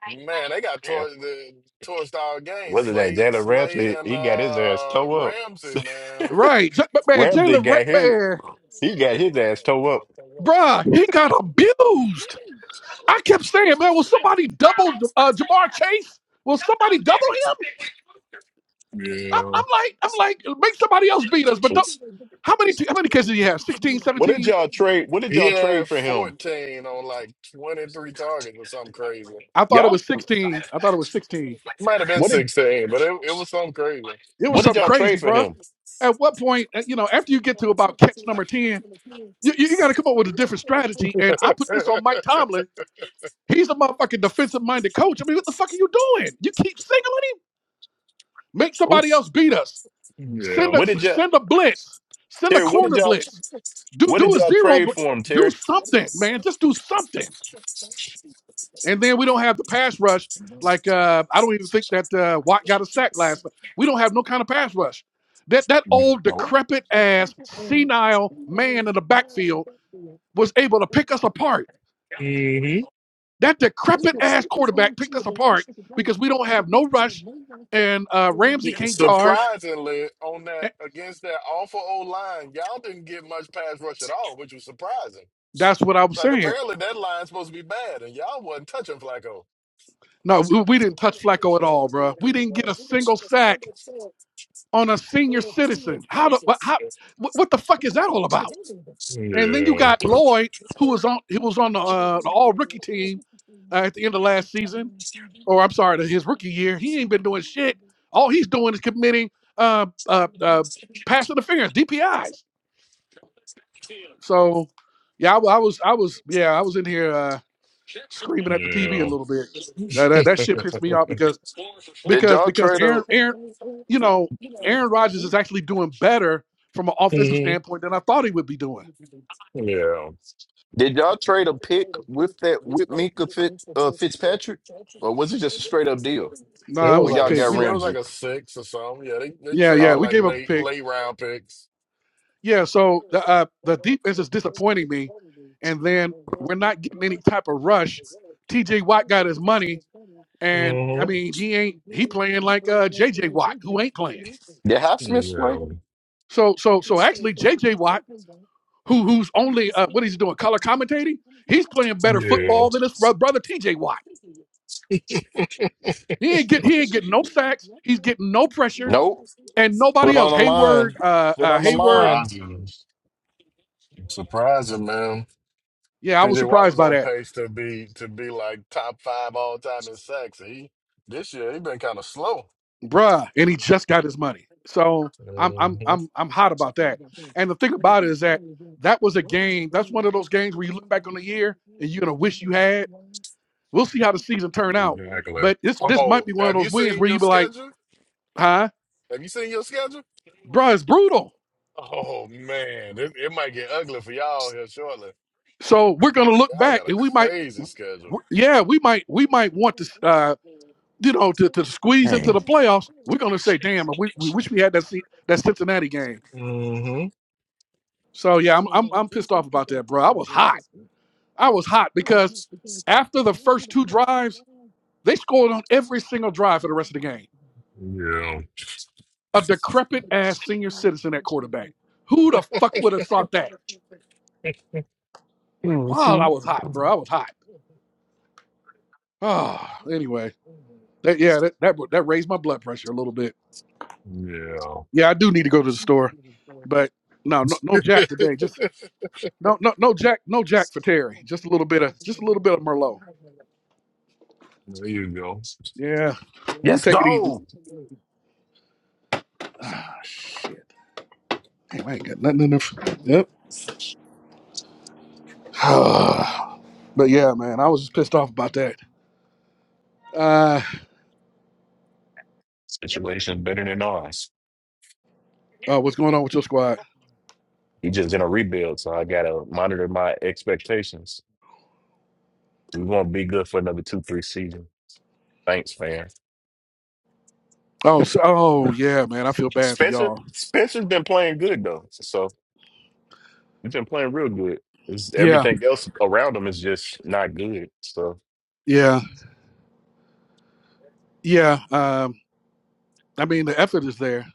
Man, they got Yeah. tor- the torched all game. Whether that Slay, Jalen Slay, Ramsey, and he got his ass uh, toe up. Ramsey, man. right? J- But man, Ramsey Jalen Red got his man, he got his ass towed up. bruh, he got abused. I kept saying, man, will somebody double uh, Jamar Chase? Will somebody double him? I'm, Yeah, I'm like, I'm like, make somebody else beat us, but don't. How many t- how many cases do you have? Sixteen, What did seventeen. y'all trade? What did he y'all trade had for him? fourteen on like twenty three targets or something crazy. I thought it Y'all? was 16. I thought it was 16. Might have been What did sixteen, but it, it was something crazy. It was what did something y'all crazy, trade for bruh. him? At what point, uh, you know, after you get to about catch number 10, you, you, got to come up with a different strategy. And I put this on Mike Tomlin. He's a motherfucking defensive minded coach. I mean, what the fuck are you doing? You keep singling him. Make Who? somebody else beat us. Send a What s- did y'all send a blitz. Send a Terry? What did corner y'all blitz. Do what did do a y'all zero trade blitz. for him, Do Terry? something, man. Just do something. And then we don't have the pass rush. Like uh, I don't even think that uh, Watt got a sack last night. We don't have no kind of pass rush. That that old decrepit ass senile man in the backfield was able to pick us apart. That decrepit ass quarterback picked us apart because we don't have no rush, and uh, Ramsey can't guard. Surprisingly, on that Eh, against that awful old line, y'all didn't get much pass rush at all, which was surprising. That's what i was Like saying. apparently that line's supposed to be bad, and y'all wasn't touching Flacco. No, we, we didn't touch Flacco at all, bro. We didn't get a single sack on a senior citizen. How the what, how, what what the fuck is that all about? And then you Yeah, got Lloyd, who was on he was on the, uh, the All Rookie team uh, at the end of last season, or I'm sorry, the- his rookie year. He ain't been doing shit. All he's doing is committing uh, uh, uh, pass interference (DPIs). So, yeah, I, wa- I was, I was, yeah, I was in here uh, screaming at the TV a yeah, little bit. Yeah, that, that shit pissed me off because Did because y'all because trade a Aaron Aaron, you know, Aaron Rodgers is actually doing better from an offensive standpoint than I thought he would be doing. yeah. did y'all trade a pick with that with Minka Fit, uh, Fitzpatrick, or was it just a straight up deal No, It nah, it was when was a like y'all a pick. s- got We it lo- was like Ramsey? a six or something. Yeah, they, they yeah yeah traded we Oh, like gave up a late pick. late round picks. Yeah, so the uh, the defense is disappointing me, and then we're not getting any type of rush. T.J. Watt got his money, and I Mm-hmm. mean he ain't he playing like uh, J.J. Watt, who ain't playing. did Highsmith play? Yeah, So so so actually J.J. Watt, who who's only uh, what is he doing color commentating? He's playing better yeah, football than his bro- brother T.J. Watt. He ain't get he ain't getting no sacks. He's getting no pressure, Nope. and Put nobody on else. the yeah. Hayward, line. uh, Put uh, on the Hayward. line. Surprising, surprising, man. Yeah, I was PJ Watt surprised was by on that. pace to be to be like top five all time in sacks. He this year he been kind of slow. bruh, and he just got his money. So I'm I'm hmm I'm I'm hot about that. And the thing about it is that that was a game. That's one of those games where you look back on the year and you're gonna wish you had. We'll see how the season turn out. Exactly. But this this might Oh, be one of have you those wins seen where your you be like, schedule? huh, Have you seen your schedule? bruh, it's brutal. Oh man, it, it might get ugly for y'all here shortly. So we're gonna look Y'all back got a and we might, crazy schedule. w- yeah, we might we might want to. Uh, you know, to, to squeeze into the Dang. playoffs, we're gonna say, "Damn, we, we wish we had that se- that Cincinnati game." hmm So yeah, I'm, I'm I'm pissed off about that, bro. I was hot. I was hot because after the first two drives, they scored on every single drive for the rest of the game. Yeah. A decrepit ass senior citizen at quarterback. Who the fuck would have thought that? Wow, hmm I was hot, bro. I was hot. Ah, anyway, that yeah, that, that that raised my blood pressure a little bit. Yeah. Yeah, I do need to go to the store, but no, no, no Jack today. Just no, no, no Jack, no Jack for Terry. Just a little bit of, just a little bit of Merlot. there you go. Yeah, I'm gonna Yes, take it easy. go. Ah, shit. Damn, I ain't got nothing in there. Yep. But yeah, man, I was just pissed off about that. Uh, Situation better than ours. uh what's going on with your squad? He just in a rebuild, so I gotta monitor my expectations. We won't be good for another two, three seasons. Thanks, fam. Oh, so, oh yeah, man, I feel bad for Spencer, y'all. Spencer's been playing good though, so he's been playing real good. It's, Yeah, everything else around him is just not good. So yeah, yeah. Um, I mean the effort is there.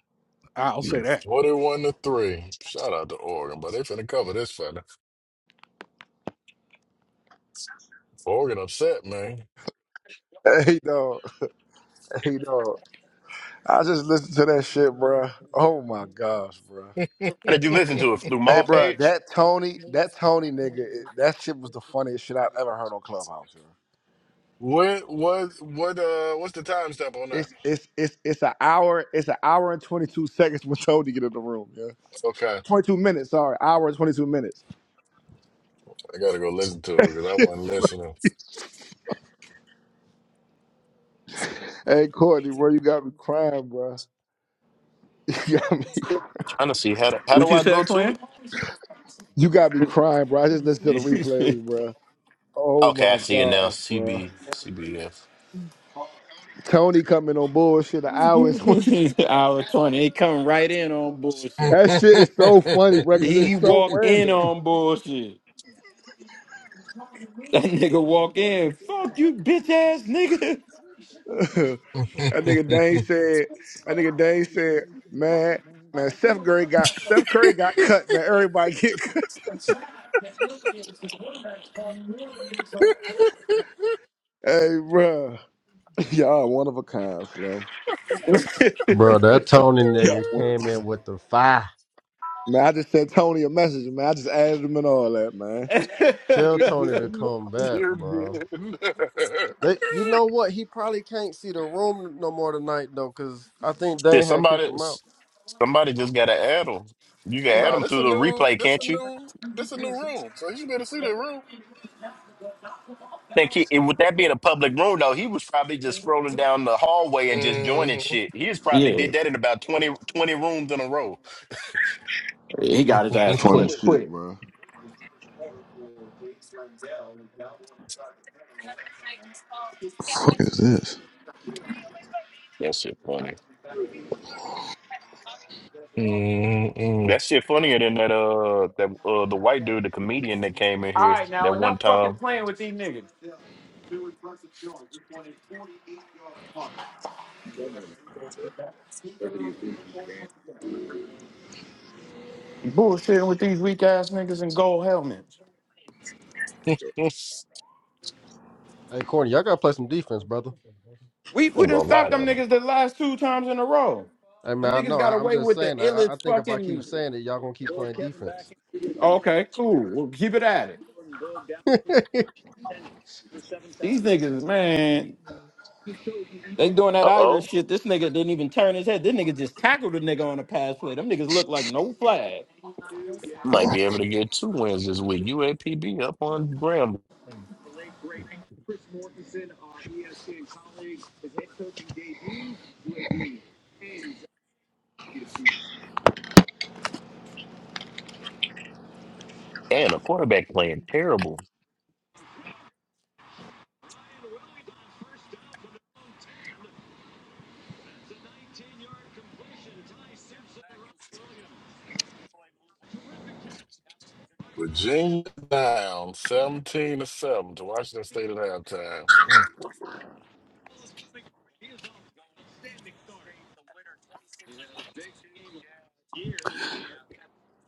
I'll say yes. that. Forty-one to three. Shout out to Oregon, but they finna cover this fella. Oregon upset, man. Hey, dog. Hey, dog. I just listened to that shit, bruh. Oh my gosh, bruh. How did you listen to it through Hey, Mall bruh, Page? that Tony, that Tony nigga, it- that shit was the funniest shit I've ever heard on Clubhouse. yo. What was what uh what's the time stamp on that? It's it's it's it's an hour, it's an hour and twenty two seconds when Tony get in the room. Yeah, Okay. twenty two minutes. Sorry, hour and twenty two minutes. I gotta go listen to it hey, because Courtney, bro, you got me crying, bruh. You got me, Trying to see how do, how do I go to it? you got me crying, bro. I just listened to the replays, bruh. Oh Okay, I my see it now. gosh, bruh. CB CBS. Tony coming on bullshit an hour and twenty. That shit is so funny, bro, because I it's so wasn't random. that listening. nigga Dane said. That nigga Dane said, man, man, Steph Curry got Steph Curry got cut, man. Everybody get cut. Hey, bro, y'all one of a kind, Slim. Bro, that Tony nigga came in with the fire. Man, I just sent Tony a message, man. I just added him and all that, man. Tell Tony to come back, You're bro. good. They, you know what? He probably can't see the room no more tonight though, cause I think Did Dane had kicked somebody him out. somebody just gotta add them? You can add no, them this a through the new, replay, this a can't you? new, this a new room. So you should be able to see think he, and with that being a public room, though, he was probably just scrolling down the hallway and just joining the room. shit. He just probably did that in about twenty twenty rooms in a row. hmm Funny shit, bro. The fuck is this? That shit funny. mm That shit funnier than that uh that uh the white dude, the comedian that came in here that one time. Hey, Corny, y'all gotta play some defense, brother. There was a lot of them. I mean, I know. I, I'm just saying. I, I I think if I keep saying it, y'all gonna keep playing defense. Uh oh, might be able to get two wins this week. UAPB up on Graham and a quarterback playing terrible. Virginia down seventeen to seven to Washington State at halftime. Mm.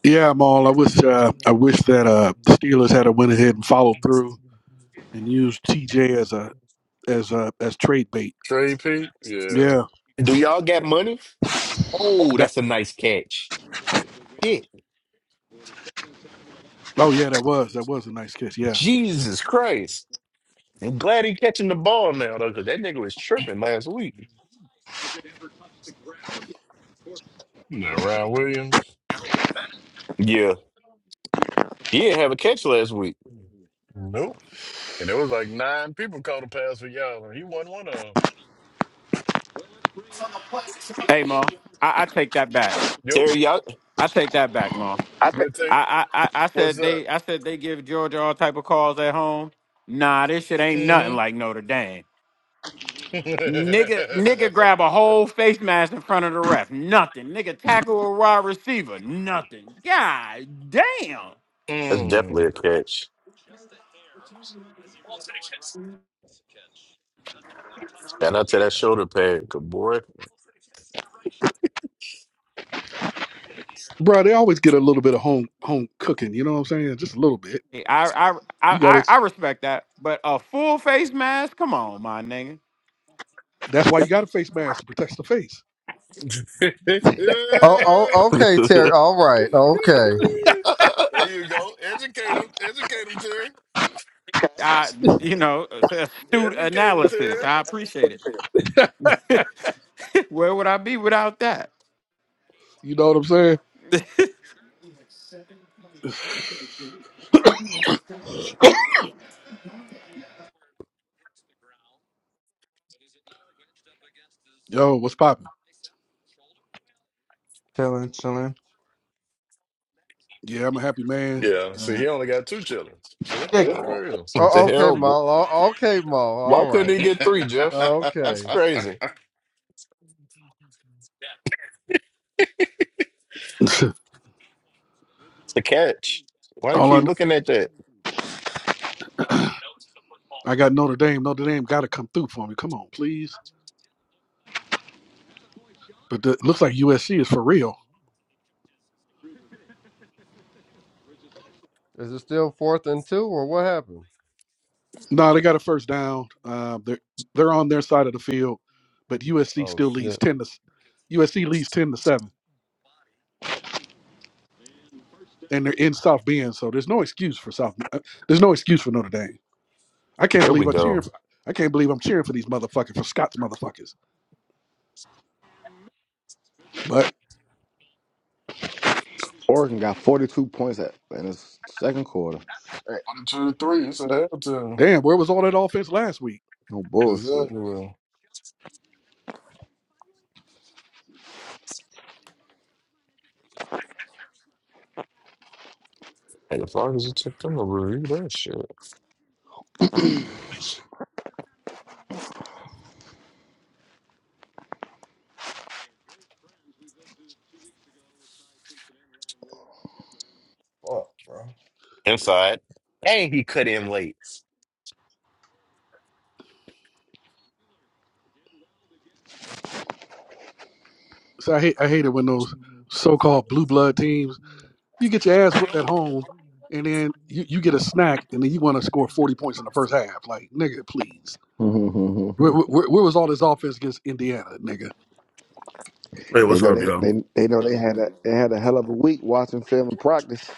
Yeah, Maul. I wish uh, I wish that uh Steelers had a went ahead and followed through and used TJ as a as a as trade bait. Trey Pete, yeah. Yeah, Do y'all got money? Oh, that. that's a nice catch. Shit, Oh yeah, that was that was a nice catch. Yeah, Jesus Christ. I'm glad he catching the ball now though, because that nigga was tripping last week. Now Ryan Williams, Yeah, he didn't have a catch last week. nope. And there was like nine people caught a pass for y'all, and he wasn't one of them. Yo, Terry, y'all, I think. good take. What's up? Mm-hmm. that's mm. definitely a catch. Shout out to that shoulder pad, good boy. bro, they always get a little bit of home home cooking. You know what I'm saying? Just a little bit. You got to. That's why you got a face mask to protect the face. there Oh, oh, what okay, Terry. All right. Okay. you go. Educate him. Educate him, Terry. Educate him, Terry. You know what I'm saying? Yo, what's poppin'? Chilling, chilling. Yeah, I'm a happy man. Yeah. See, Uh, he only got two children. See, that's crazy. the Oh, okay, hell? Maul. Oh, okay, Maul. Why All couldn't right. he One, get three, Jeff? That's Okay. crazy. It's a catch. Why keep all I, you kn- looking at that? I got Notre Dame. Notre Dame got to come through for me. Come on, please. But the, looks like USC is for real. No, they got a first down. Uh, they're they're on their side of the field, but USC Oh still leads shit. ten to s- USC leads ten to seven, and they're in South Bend, so there's no excuse for South. uh, There's no excuse for Notre Dame. I can't There we believe I'm cheering. go. For, I can't believe I'm cheering for these motherfuckers for Scott's motherfuckers. But Oregon got 42 points at, in the second quarter. Hey, two, three. It's a hell to damn, where was all that offense last week? No bullshit. Exactly. Hey, as long as you took them to review that shit. Fuck, bro. Inside. And he cut in late. So I hate I hate it when those so-called blue blood teams you get your ass whooped at home, and then you, you get a snack, and then you want to score forty points in the first half. Like nigga, please, where, where, where was all this offense against Indiana, nigga? Hey, They what's know up, they y'all? they they know they had a they had a hell of a week watching film and practice.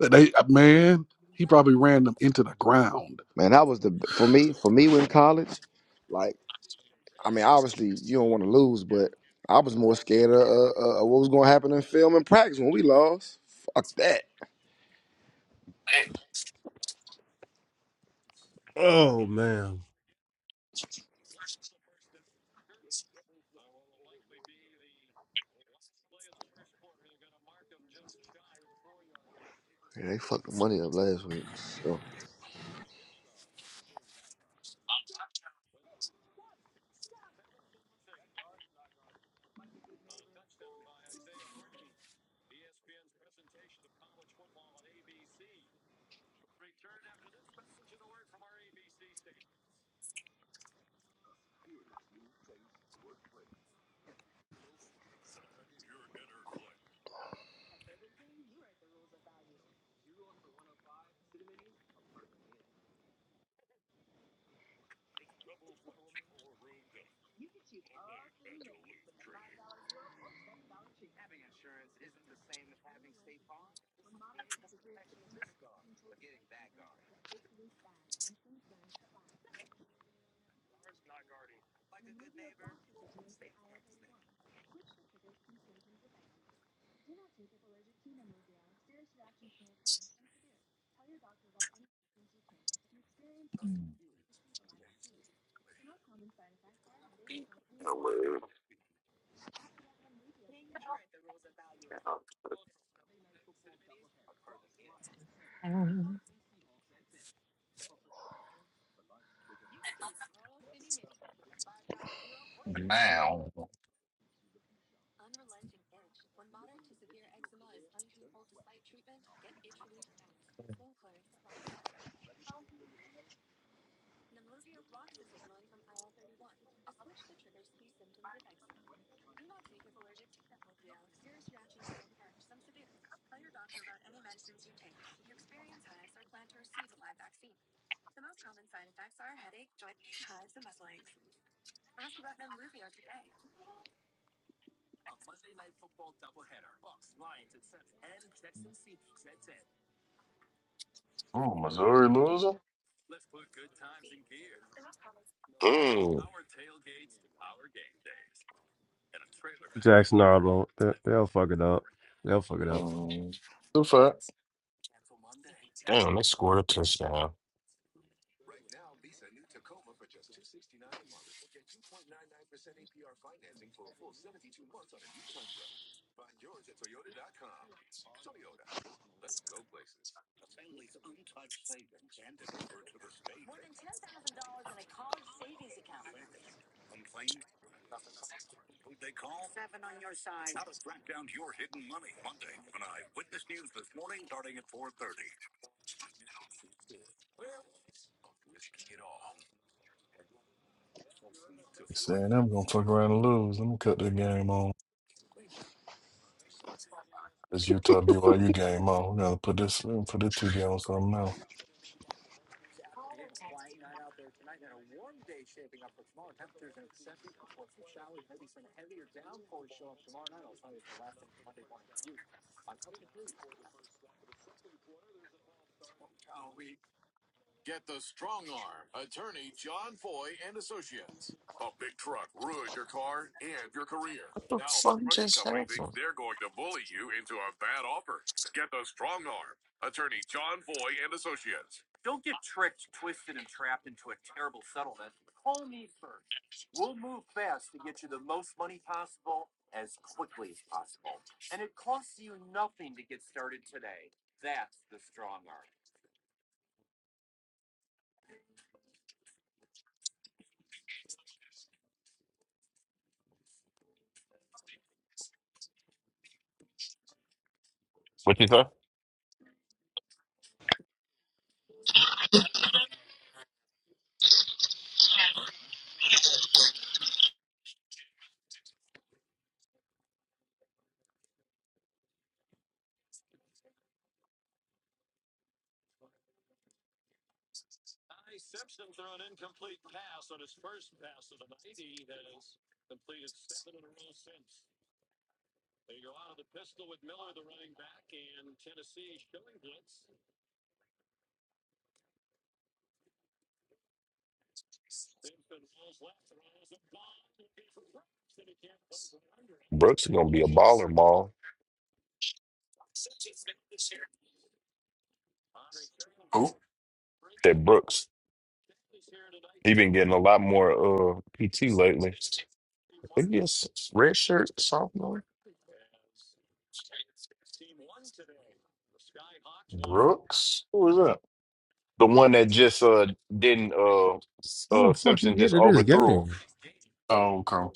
But They uh, man, he probably ran them into the ground. Man, that was the for me for me in college. Like, I mean, obviously you don't want to lose, but I was more scared of, uh, uh, what was going to happen in film and practice when we lost. Fuck that. Oh man. Yeah, they fucked the money up last week. So. Now, ooh, Missouri loser. Mm. Mm, the fact. Damn, they scored a touchdown. Saying I'm gonna fuck around and lose. Let me cut the game on. This Utah BYU game on. We gotta put this. Let me put this TV on something now. What the fuck just happened? What you say? Brooks is gonna be a baller, Maul. That Brooks, he been getting a lot more uh PT lately. I think he's red shirt sophomore. Brooks? who is that? The one that just uh didn't uh S- How the uh fuck you Simpson get just to this overthrew him. game? Oh, okay.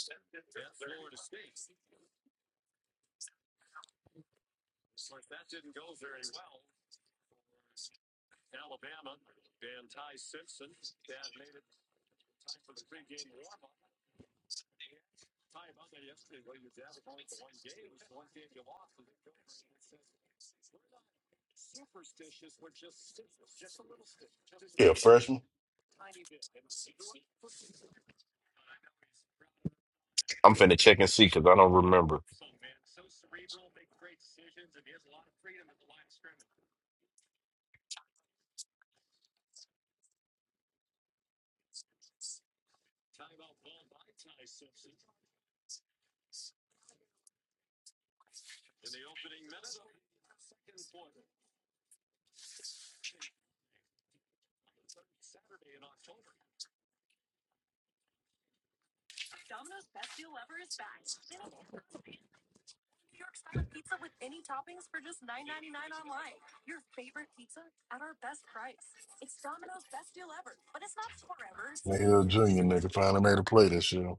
Yeah, freshman. I'm finna check and see because I don't remember. Yeah, junior nigga finally made a play this year.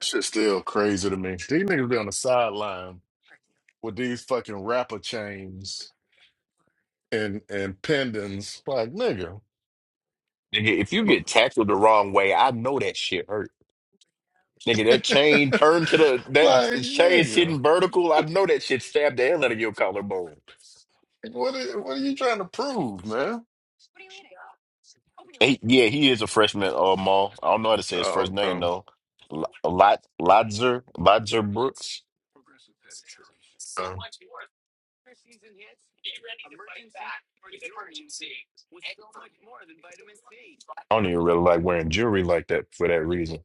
Shit's still crazy to me. These niggas be on the sideline with these fucking rapper chains and and pendants. Like nigga, Nigga, if you get tackled the wrong way, I know that shit hurt. Nigga, that like chain turned to the that chain nigga, sitting vertical. I know that shit stabbed the hell out of your collarbone. what are, what are you trying to prove, man? He, yeah, he is a freshman. Uh, Maul. I don't know how to say his Oh, first name okay. though. Lot Lotzer Lotzer Brooks. okay. I don't even really like wearing jewelry like that for that reason.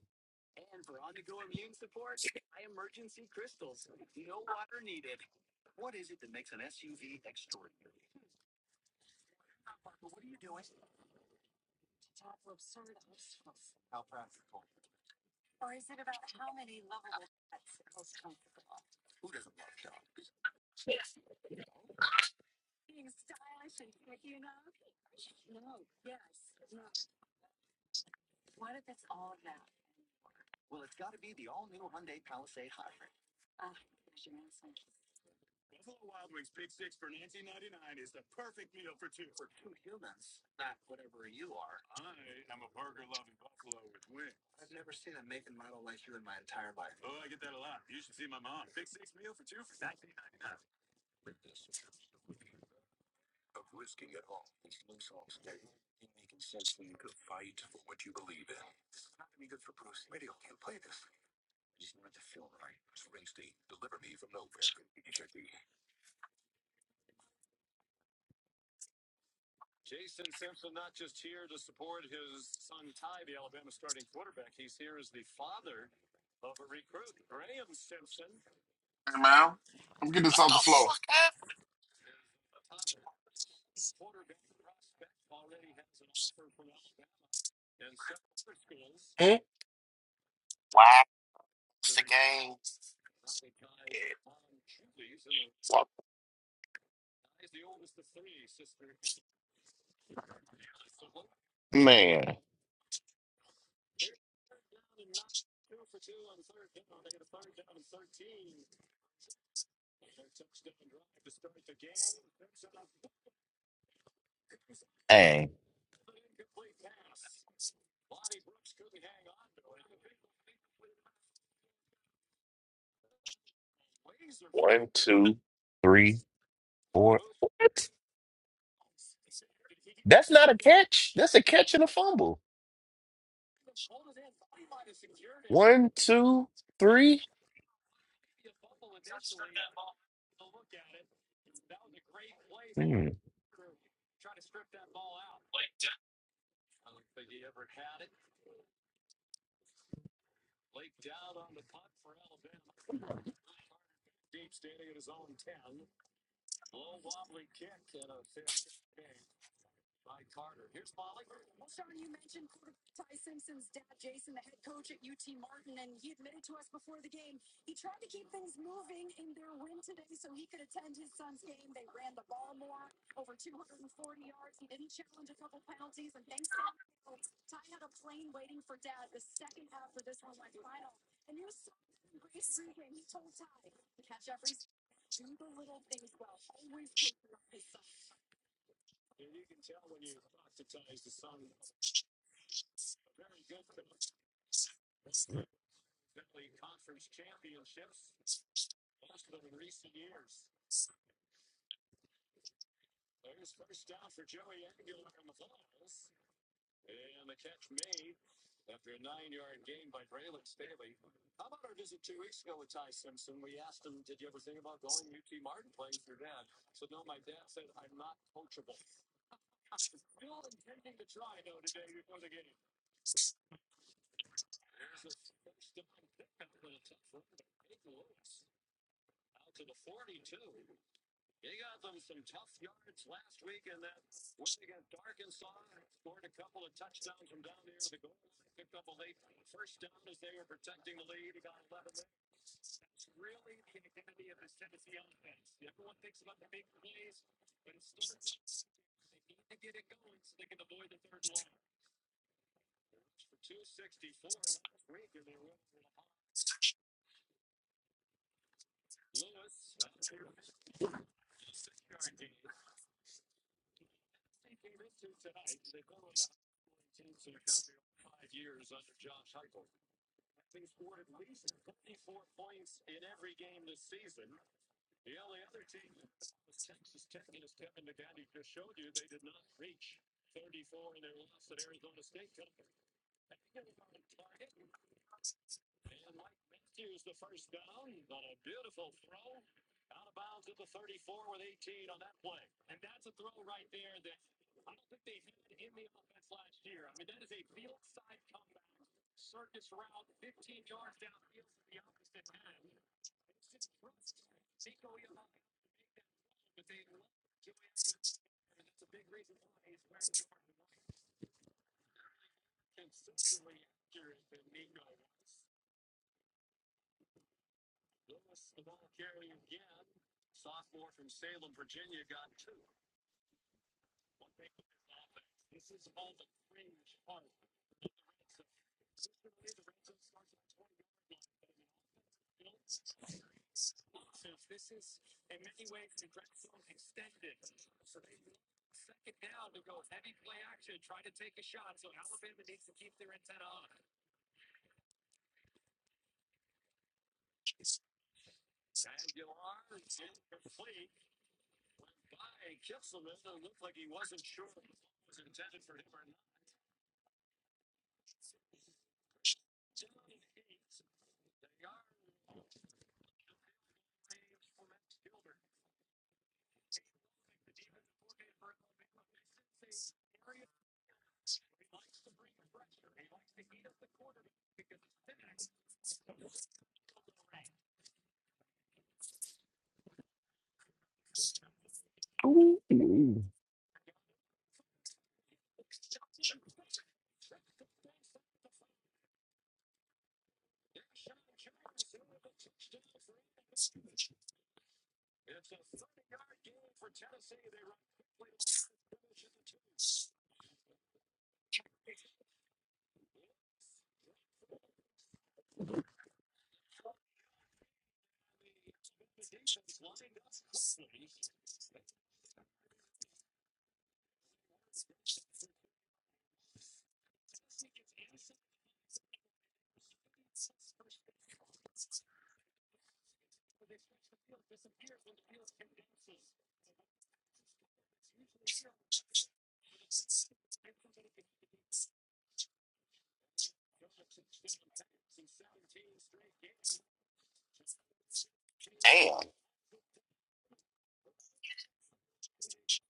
Hey man, come get this off the floor. Hmm? Man, dang. One, two, three, four. What? That's not a catch. That's a catch and a fumble. One, two, three. Hmm. Ooh. Damn.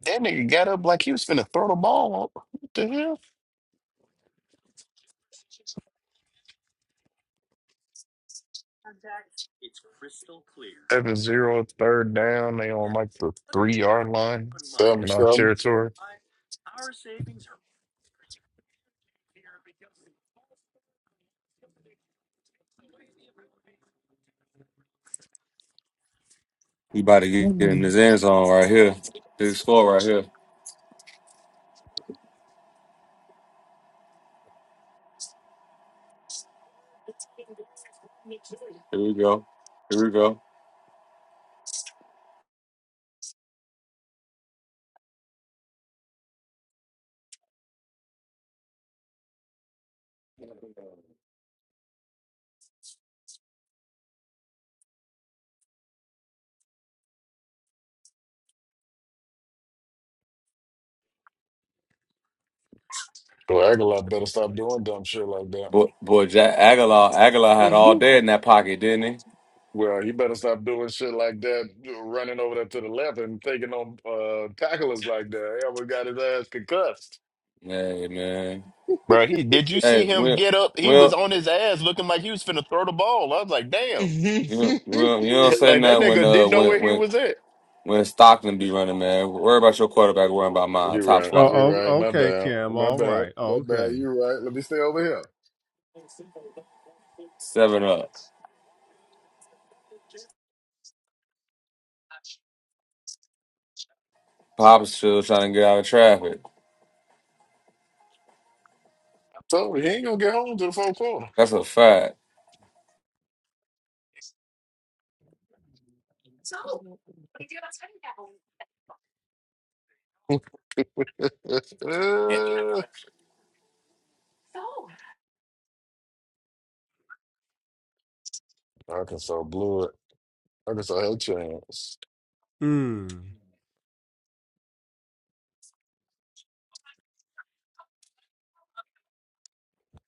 That nigga got up like he was finna throw the ball. What the hell? seven zero third down. They on like the three yard line Tell me in our something. territory. He about to get get in Mm. his end zone right here. Big score right here. Here we go. Here we go. Well, Aguilar better stop doing dumb shit like that. Boy, boy Jack Aguilar, Aguilar had all day in that pocket, didn't he? Well, he better stop doing shit like that, running over there to the left and taking on uh, tacklers like that. Yeah, we got his ass concussed. Hey man. Bro, he did you Hey, see him Will, get up? He was Will, on his ass looking like he was finna throw the ball. I was like, damn. you know, Will, you don't say Like that nothing when nigga uh didn't know when where he when was at. when Stockton be running, man. Worry about your quarterback, worry about mine. You're Top right. Oh, flight, You're right. oh, My okay, bad. Kim. My All bad. right. My bad. Okay. You're right. Let me stay over here. seven up. Pop's still trying to get out of traffic. I told you, he ain't going to get home to the fourth quarter. That's a fact. Arkansas blew it. Arkansas had a chance. Hmm.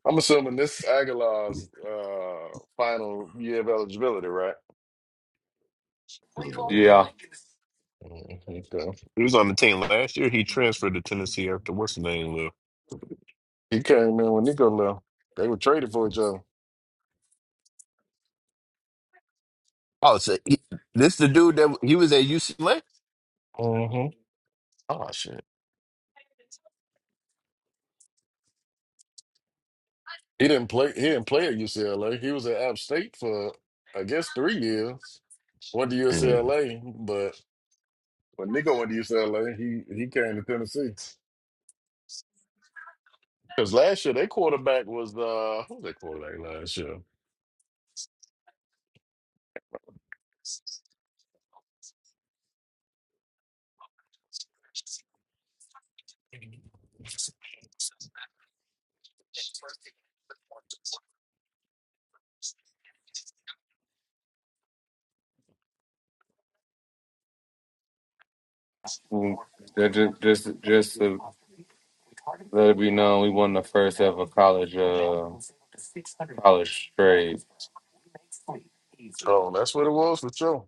I'm assuming this Aguilar's uh, final year of eligibility, right? Yeah. Mhm. Okay. He was on the team last year. He transferred to Tennessee after what's the name left. He came in when Nico left. They were traded for each other. Oh, so he, this the dude that he was at UCLA? Oh shit. He didn't play. He didn't play at UCLA. He was at App State for, I guess, three years. Went to Mm. I UCLA, but when Nico went to UCLA, he he came to Tennessee. Because last year their quarterback was uh who was their quarterback last year? mm, that ju- Just, just, to let it be known, we won the first ever college, uh, college trade. Oh, that's what it was for sure.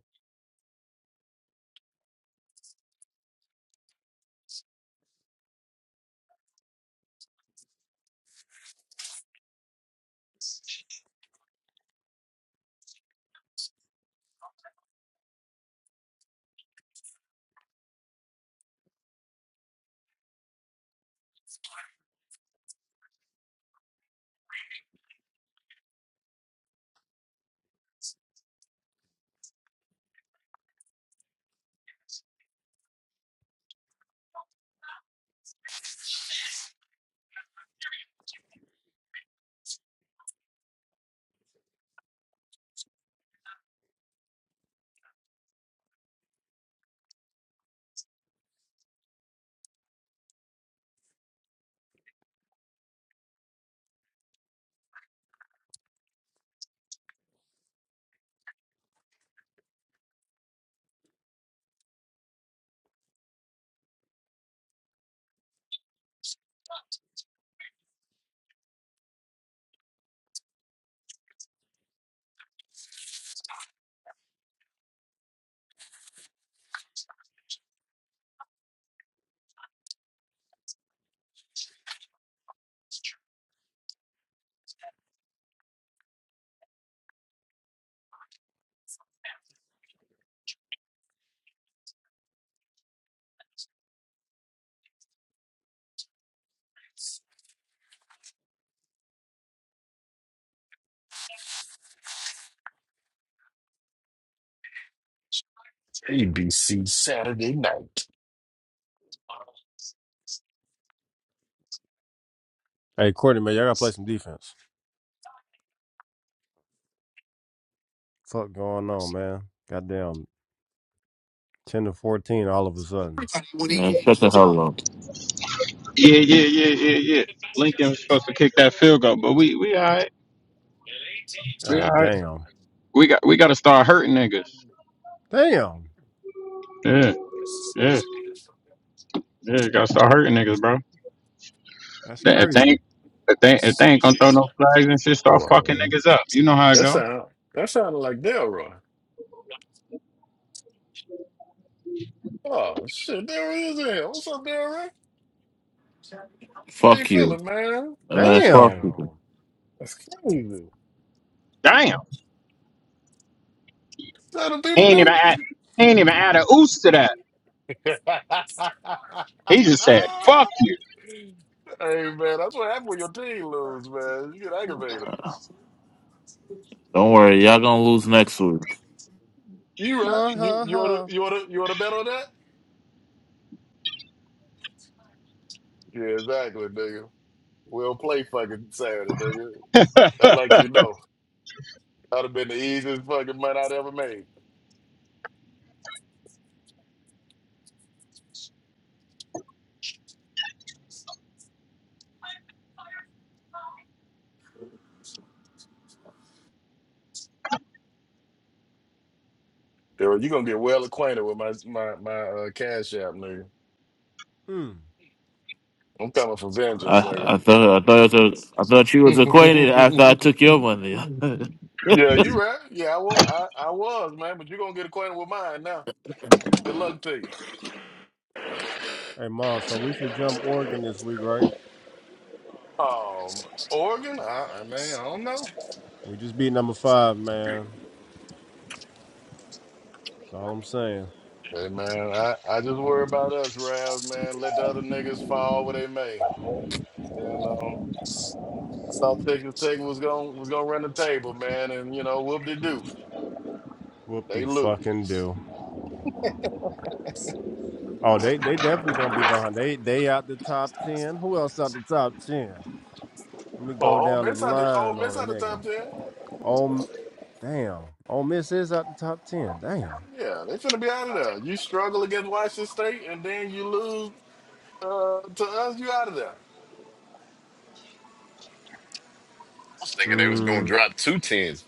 ABC Saturday night. Hey, Courtney, man, y'all gotta play some defense. Fuck going on, man? Goddamn, ten to fourteen, all of a sudden. Man, shut the hell up. Yeah, yeah, yeah, yeah, yeah. Lincoln was supposed to kick that field goal, but we we all right. We all God right. damn. We got we got to start hurting niggas. Damn. Yeah, yeah, yeah. Got to start hurting niggas, bro. That's They- If they crazy. ain't, if they if they ain't gonna throw no flags and shit, Hold start on, fucking man. niggas up. You know how it that go. sound that sounded like Delroy. Oh shit, there he is here. What's up, Delroy? How you Fuck you. feeling, man? Man, fuck Damn, Damn. you. that's crazy. Damn. Is that what He people ain't even do? add. He ain't even add a oos to that. hey man, He just said, "Fuck you." that's what happened when your team lose, man. You get aggravated. Don't worry, y'all gonna lose next week. You right? Ha You ha you wanna ha. you wanna you wanna bet on that? Yeah, exactly, nigga. We'll play fucking Saturday, nigga. I like you know. That'd have been the easiest fucking money I'd ever made. Dude, you gonna get well acquainted with my my my uh, cash app, nigga. Hmm. I'm coming for vengeance, nigga. I, I thought I thought you- I thought you was acquainted after I took your money. yeah, you right. Yeah, I was I, I was, man, but you are gonna get acquainted with mine Good luck to you. Hey, Ma. So we should jump Oregon this week, right? Um, Oregon, I, I mean, I don't know. We just beat number five, man. That's all I'm saying. Hey man, I, I just worry about us, Rav, man. Let the other niggas fall where they may. You know. I thought Texas Tech was gonna was gonna run the table, man, and you know, whoop de do. Whoop the They fucking lose. do. Oh, they they definitely gonna be behind. They they out the top ten. Who else out the top ten? Let me go Oh, Ole down the Miss out the Ole line miss on a out the nigga. top ten. Oh, damn. Ole Miss is out the top 10. Damn. Yeah, they finna be out of there. You struggle against Washington State and then you lose uh, to us, you out of there. was thinking they was gonna Mm, drop two tens.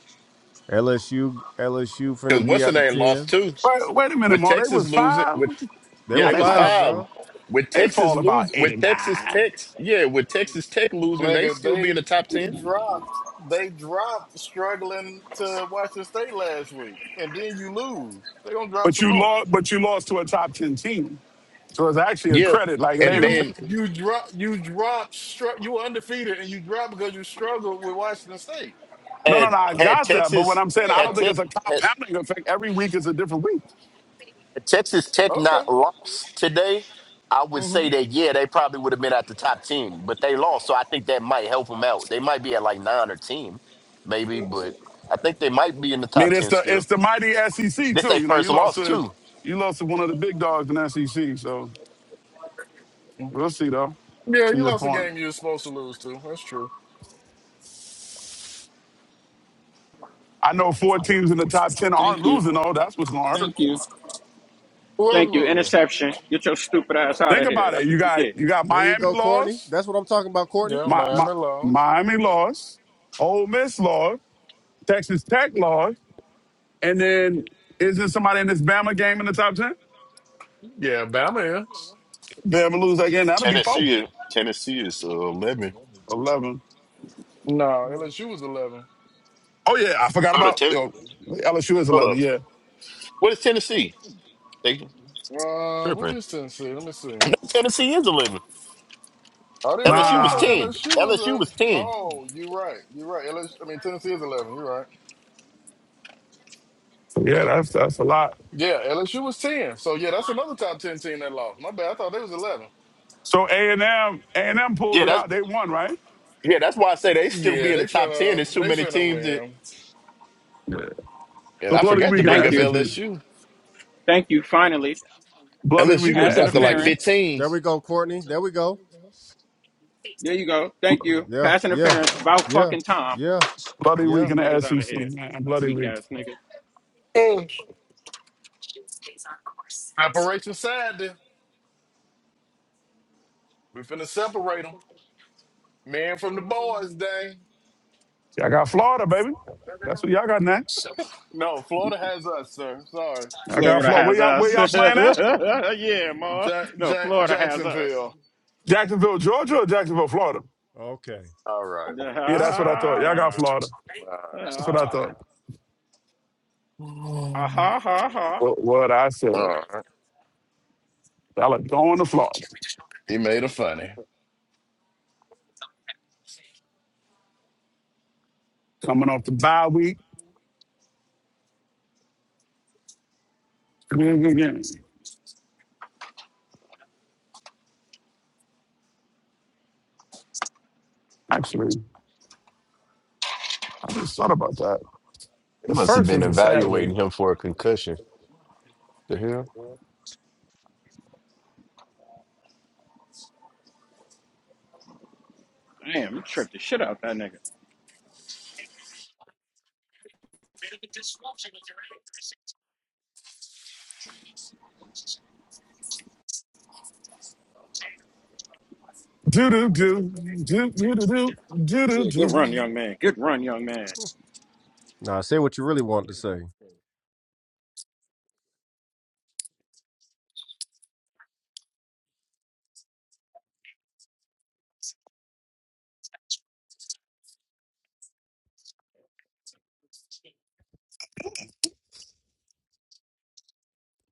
LSU, LSU Because finna be what's the out the name lost 10. two? Wait, wait a minute, with Ma. They Texas was losing five. with They yeah, were Now they they was might five, f- five. bro. With they Texas fall about lose with eighty Texas nine. Tech yeah, with Texas Tech losing, they Nigga, still be in they the top they ten. dropped they dropped struggling to Washington State last week, and then you lose. They gonna drop But some you more. lost. But you lost to a top ten team. So it's actually a Yeah. credit. Like it And ain't a You then pen- you drop you drop str- you were undefeated, and you dropped because you struggled with Washington State. no, no, no. and I had got that. But what Texas I'm saying, I don't had Yeah. think Tech it's a had compounding effect. Every week is a different week. had Texas Tech Okay. not lost today, I would hmm say that yeah, they probably would have been at the top ten, but they lost, so I think that might help them out. They might be at like nine or ten, maybe, but I think they might be in the I top mean, it's ten the it's still. the mighty SEC This they too. You know, you first lost loss to too. you lost to one of the big dogs in SEC. So we'll see though. Yeah, To you your lost a point, game you were supposed to lose to. That's true. I know four teams in the top ten are losing though. That's what's gonna hurt. Who else losing? Think about it. You got you got There you Miami go, Courtney. lost. That's what I'm talking about, Courtney. Yeah, my, my, Miami lost. Miami lost, Ole Miss lost, Texas Tech lost, and then is there somebody in this Bama game in the top 10? Yeah, Bama is. Bama lose again. That'll be four. Tennessee, Tennessee is uh, eleven. 11. No, LSU was eleven. Oh, yeah. I forgot Oh, the about you ten, know, LSU is hold 11. up. Yeah. What is Tennessee? They Uh, what tripping. is Tennessee? Let me see. No, Tennessee is eleven. Are they eleven? LSU I was thought Nah. ten. LSU was a. LSU was ten. Oh, you're right. You're right. LSU, I mean, Tennessee is eleven. You're right. Yeah, that's that's a lot. Yeah, LSU was ten. So yeah, that's another top ten team that lost. My bad. I thought they was eleven. So a and M, A and m Yeah, pulled it that's out. They won, right? yeah. That's why I say they still Yeah, be in they the top ten. There's finna too they many finna teams that. win. Yeah. And The I bloody forgot week to in bring the up SEC. LSU. Bloody week LSU in go the drop to like SEC. 15. There we go, Courtney. There we go. Yeah, yeah, yeah, yeah, Bloody week yeah. in the SEC, man. Bloody week. Operation Saturday. We finna separate them. Man from the boys, dang. Y'all got Florida, baby. That's what y'all got now. No, Florida has us, sir. Sorry, Y'all got Florida. Where y'all, where y'all playing at? Jack, Jack Jacksonville. Jacksonville, Georgia or Jacksonville, Florida? All right, man. Yeah, that's what I thought. Y'all got Florida. That's what I thought. All right. What, what I said. All right. Y'all are going to Florida. He made it funny. Coming off the bye week. Big game. Actually, I just thought about that. They The must have first been is a Saturday. evaluating him for a concussion. The hell. Do do do do do do do do do do. Now, say what you really want to say.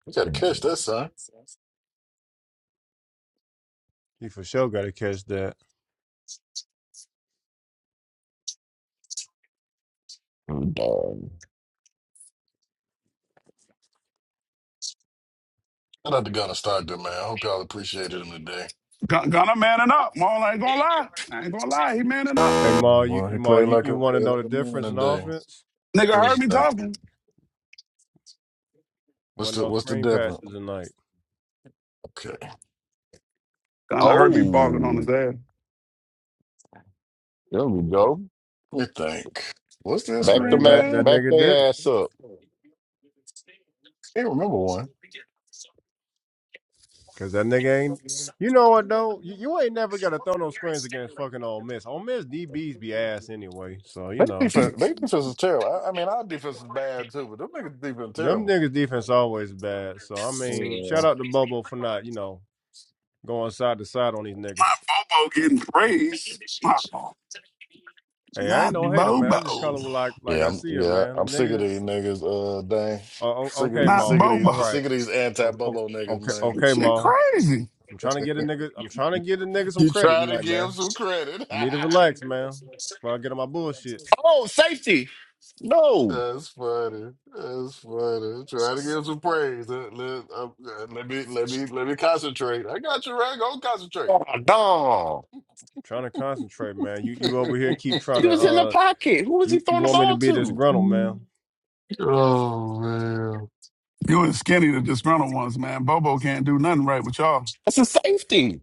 You gotta catch that, son. You for sure got to catch that. Dog. Shout out to Gunna Stockton, man. I hope y'all appreciated him today. Gun- Gunna manning up. Mom, I ain't gonna lie. I ain't gonna lie. He manning up. Hey, Ma, you, Boy, you he Ma, played you, like you a want to played know like the a man difference in today. offense? Nigga heard What's me that? talking. What's Wasn't the no what's the screen difference? passes tonight. Okay. Gunna heard me All right. barking on his Oh, ass. there we go. Let me think. What's that I Back the mean, screen man. that, that pass? Back nigga didn't. their ass up. Can't remember one. Cause that nigga ain't. You know what though? You, you ain't never gotta throw no screens against fucking Ole Miss. Ole Miss DBs be ass anyway, so you Their know defense, their defense is terrible. I, I mean, our defense is bad too, but them niggas defense them terrible. niggas defense always bad. So I mean, shout Yeah, out to Bobo for not you know going side to side on these niggas. Bobo getting praise. Hey, I ain't Not no hater, man. I just Bobo. call it like like yeah, I I'm, see it, yeah. man. The I'm sick of nigga, these niggas. Uh, dang, oh, oh, sick of okay, these, Not Ma. sick of Bobo. All these, right, sick of these anti oh, oh, Bobo niggas, okay, man. okay, Shit Ma. crazy. I'm trying to get a nigga. I'm trying to get a nigga some You credit try to tonight, give man. some credit. You need to relax, man. Before I get on my bullshit. Oh, safety. No. That's funny. That's funny. Try to give some praise. Let, let, um, uh, let me let me let me concentrate. I got you right. Go concentrate. Oh, dog. Trying to concentrate, man. You you over here keep trying He to was in the uh pocket. Who was he you you throwing the want me to ball be to? disgruntled, man. oh man. You and Skinny the disgruntled ones, man. Bobo can't do nothing right with y'all. That's a safety.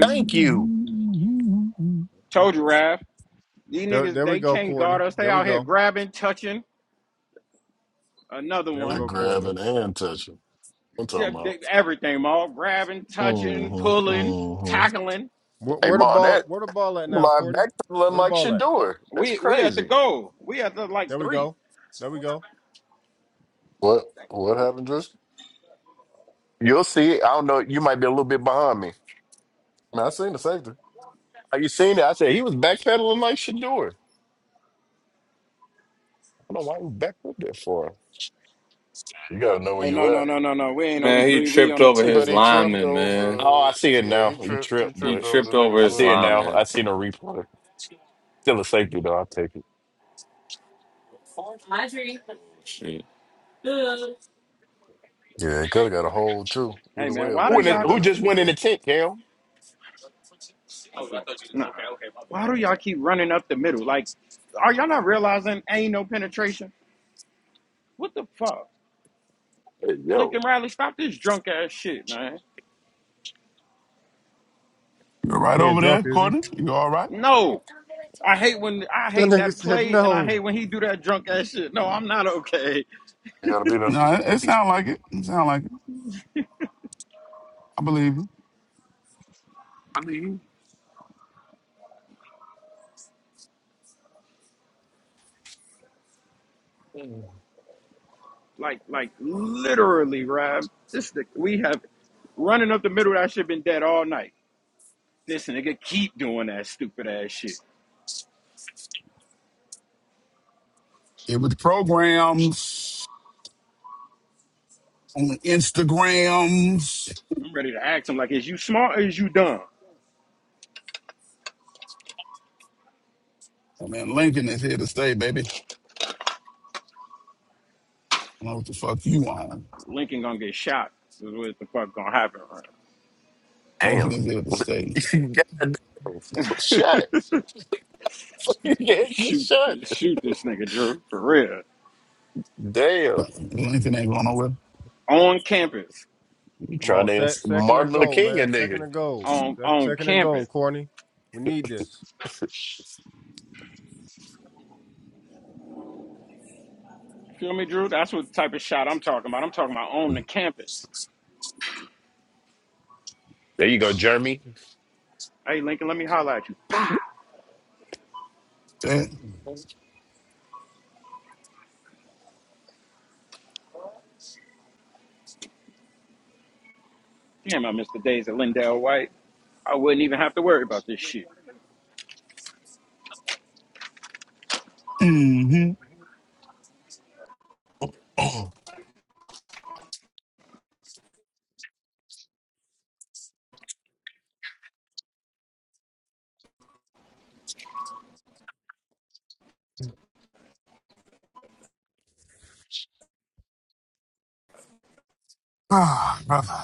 Thank you. There there we go, Courtney. There we go. There we I go, grab Courtney. it and touch it. I'm talking about. Mm-hmm. Mm-hmm. Where, Hey, where the Ma, ball that where the ball at now, my Courtney? backpedaling Where the like ball at? Shador. That's crazy. There we go. There we go. What what happened, Drish? You'll see. I don't know. You might be a little bit behind me. Man, I seen the safety. Are you seeing it? I said he was backpedaling like Shador. I don't know why he was back up there for. You gotta know where you at. Man, He, he tripped over but his he tripped lineman. Man, Oh, over I see it yeah, now. he You tripped he tripped, he tripped but over the tripped nigga over I his see foot. it now. I lineman. seen a replay. Still a safety though. I'll take it. Shit. Yeah, it could have got a hold too. Either way, it, Who, in it the, should have who been a just went safety. in the tent, Cam? Hey, Yo, You're right He ain't over drunk, there, is he? Courtney. You all right? That nigga said no. You gotta be there. No, it, it sound like it. It sound like it. I believe you. It was programs on the Instagrams. Oh, man, Lincoln is here to stay, baby. I don't know what the fuck you on. Lincoln damn. is here to stay. God damn. Shut. Fucking get shut. Damn, But Lincoln ain't going nowhere. you Come trying on, to sec- answer second and Martin Luther goal, King, a man. Second nigga. and goal. Sec- second and goal, Corny. We need this. there you go, Jeremy. Mm-hmm. Ah, brother.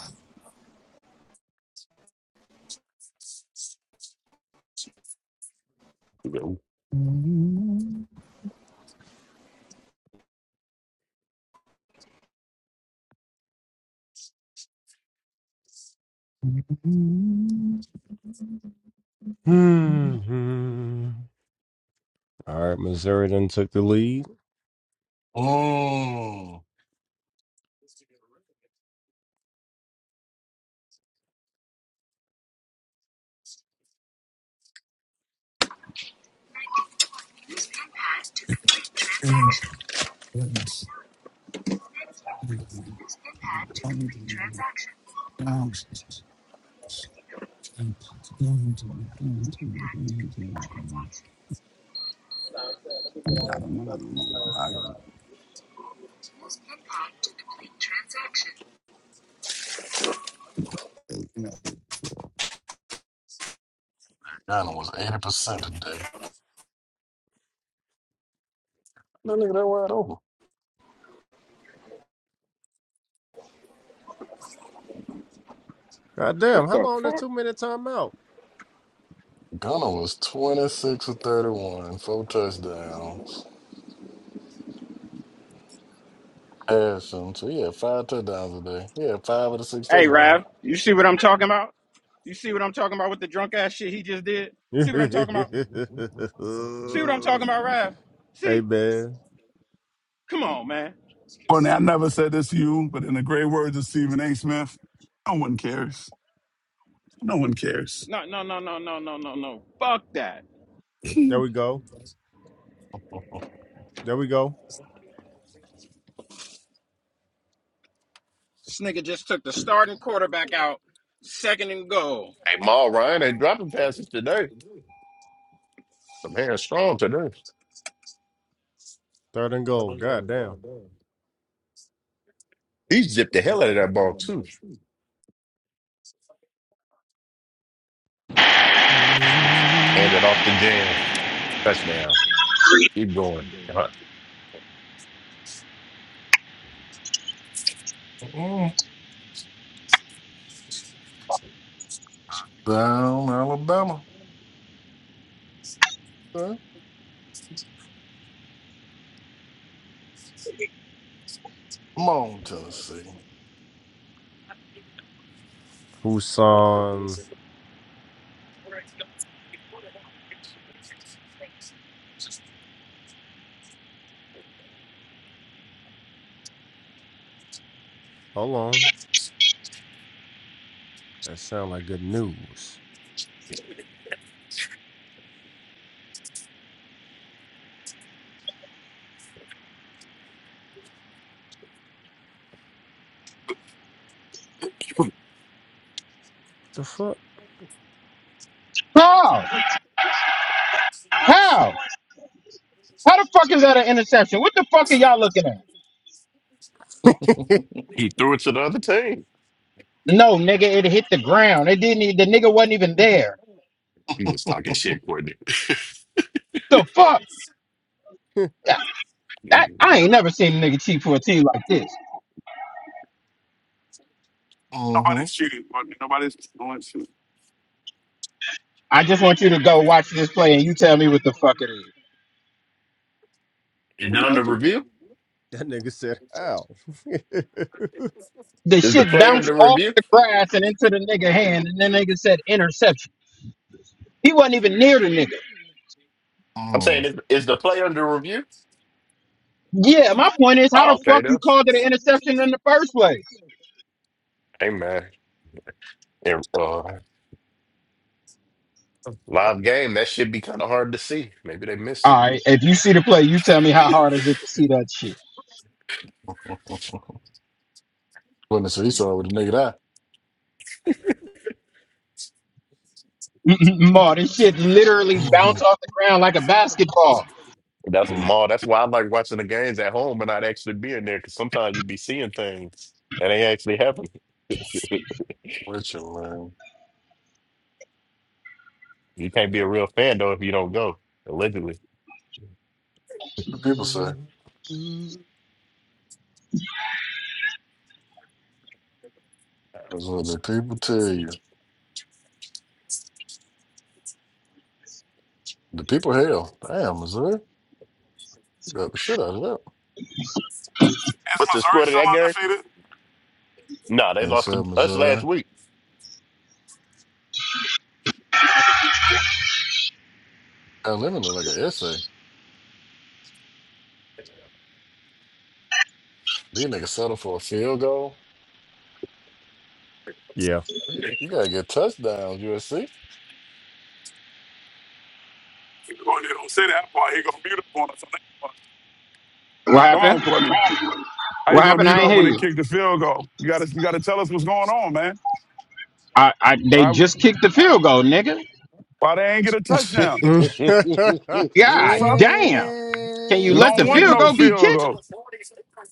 Hey, Hmm. All right, Missouri then took the lead. Mm. Ghana was 80% today. That nigga that wide open. God damn, how long is two minute timeout? Ghana was 26 or 31, four touchdowns. Passing. So he had five touchdowns today. He had five of the six touchdowns. hey man. Courtney, I never said this to you, but in the great words of Stephen A. Smith, no one cares. No one cares. There we go. There we go. Maul Ryan ain't dropping passes today. The man's strong today. Third and goal. God damn. He zipped the hell out of that ball, too. Hand it off to jam. Touchdown. Keep going. Mm. Down Alabama. Okay. Come on, Tennessee. Who's on hold on. That sound like good news. Uh, What the fuck? how? How? How the fuck is that an interception? What the fuck are y'all looking at? He threw it to the other team. No, nigga, it hit the ground. It didn't. e- The nigga wasn't even there. You just talking shit, Courtney. Is The fuck? that That, that- I ain't never seen a nigga cheat for a tee like this. mm-hmm. Nobody's cheating, Courtney. Nobody's going to. I just want you to go watch this play and you tell me what the fuck it is. No it one has under to. review? Is nigga said how? The Is the shit player bounced under off review? the grass and into the nigga hand, and the nigga said interception. He wasn't even near the nigga. I'm saying, Mm. is, is the player under review? Yeah, my point is, how Oh, the okay, fuck you then. called it an interception in the first place? Hey, man. Yeah, uh, Live game, that should be kind of hard to see. Maybe they missed All it. right, if you see the play, you tell me how hard is it to see that shit. Goodness, saw it with a nigga eye. Ma, this shit literally Mm-hmm. bounced off the ground like a basketball. That's Mm. Ma, that's why I like watching the games at home and not actually being there because sometimes you be seeing things and they actually happen. What you, man? You can't be a real fan though if you don't go, allegedly. What do people say? That's what the people tell you. The people hell. Damn, Missouri. Grab the shit out of that. What's the Missouri score to that game? still undefeated? Nah, they And lost to said us last Missouri. week. Alabama look like an essay. These niggas settle for a field goal. Yeah. You gotta get touchdowns, USC. Courtney, don't say that part. He gonna mute up on us on that part. What Come happened? on, Courtney. How you What gonna happened? mute I ain't up hear when they you. kick the field goal? You gotta, you gotta tell us what's going on, man. I, I they Why, just kicked the field goal, nigga. why they ain't get a touchdown? that The God fuck? damn. Can you We let don't the want field no goal be field kicked? goal.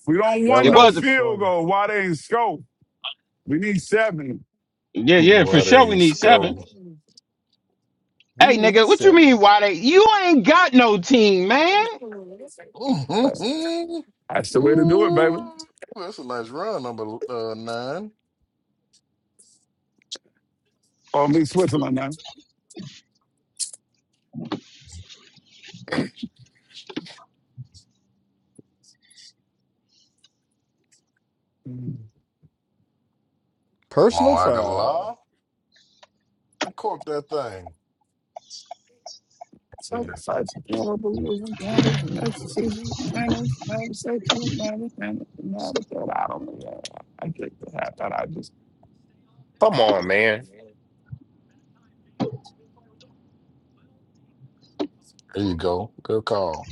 We don't want It no last was is field funny. goal. Why they ain't score? We need seven. yeah, yeah, for Why they sure we ain't need seven. score? We Hey nigga, need what you mean? seven. You ain't got no team, man. Ooh, That's the way to do it, baby. that's a nice run, number uh, nine. Or me, Switzerland now. Come Personal on, foul. Aguilar. I caught that thing. Come So, so, it's a field goal, rules and standards and execution, standards, and safety, and management, and management. I don't know. I think the half that I just. on, man. There you go. Good call.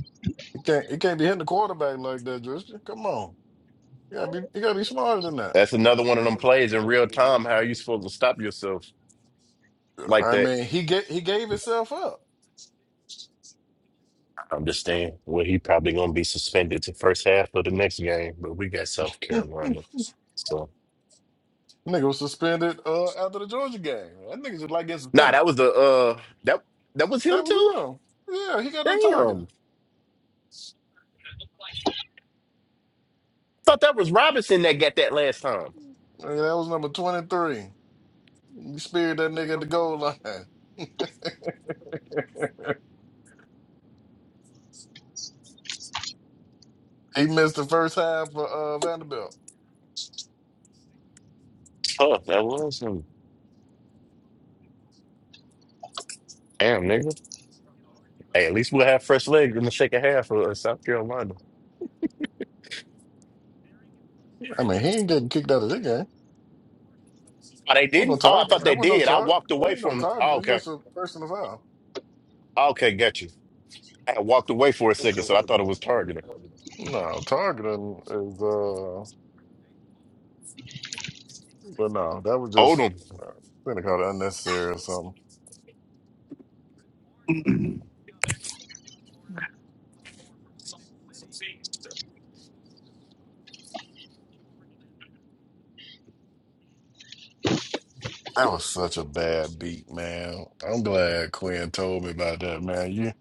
You can't, you can't be hitting the quarterback like that, Justin. Come on. You gotta be, you gotta be smarter than that. That's another one of them plays in real time. How are you supposed to stop yourself like I that? mean, he get he gave himself up. I understand. Well, he probably gonna be suspended to first half of the next game, but we got South Carolina. So nigga was suspended uh, after the Georgia game. That nigga just like getting Nah, suspended. that was the uh that that was him That too? was him. Yeah, he got a target. Damn. Thought that was Robinson that got that last time. Nigga, that was number twenty three. He speared that nigga at the goal line. he missed the first half for uh, Vanderbilt. Oh, that was him. Damn, nigga. Hey, at least we'll have fresh legs in the second half for uh, South Carolina. I mean, he ain't getting kicked out of this game. Oh, they Wasn't no didn't? Oh, I target. thought That they wasn't no did. I target. walked That away ain't no from target. oh, It's okay. just a personal foul. Okay, got you. I walked away for a second, so I thought it was targeting. No, targeting is uh, but no, that was just Odom. uh, gonna call it unnecessary or something. That was such a bad beat, man. I'm glad Quinn told me about that, man. You,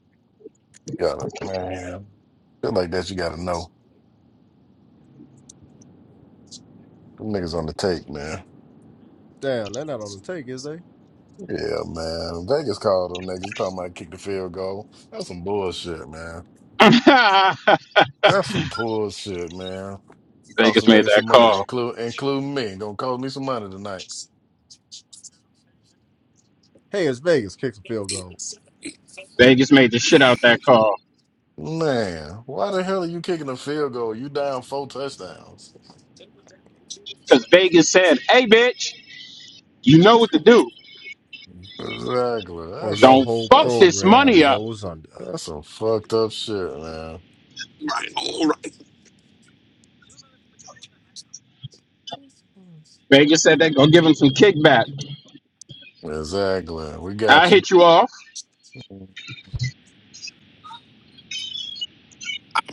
you gotta, man. Shit like that, you gotta know. Them niggas on the take, man. Damn, they're not on the take, is they? Yeah, man. Vegas called them niggas talking about kick the field goal. That's some bullshit, man. Vegas That's some bullshit, man. Cost some made niggas some that money, call. include including me. Gonna cost me some money tonight. Hey, it's Vegas. Kicks a field goal. Vegas made the shit out that call. Man, why the hell are you kicking a field goal? You down four touchdowns. Cause Vegas said, Hey bitch, you know what to do. Exactly. Or That's your some Don't whole fuck that's this program money up. goes under. that's some fucked up shit, man. I'm Vegas said they gonna give him some kickback. Exactly. We I got you. hit you off.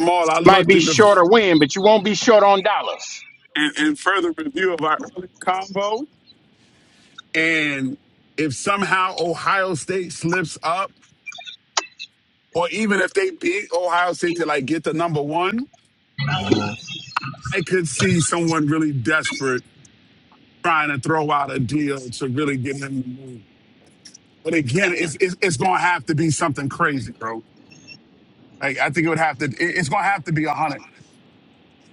all. I Might looked be in short the or win, but you won't be short on dollars. in, in further review of our earlier combo, and if somehow Ohio State slips up, or even if they beat Ohio State to like get the number one. hmm I could see someone really desperate trying to throw out a deal to really get him to move. But again, it's it's, it's going to have to be something crazy, bro. Like I think it would have to. it- It's going to have to be a hundred.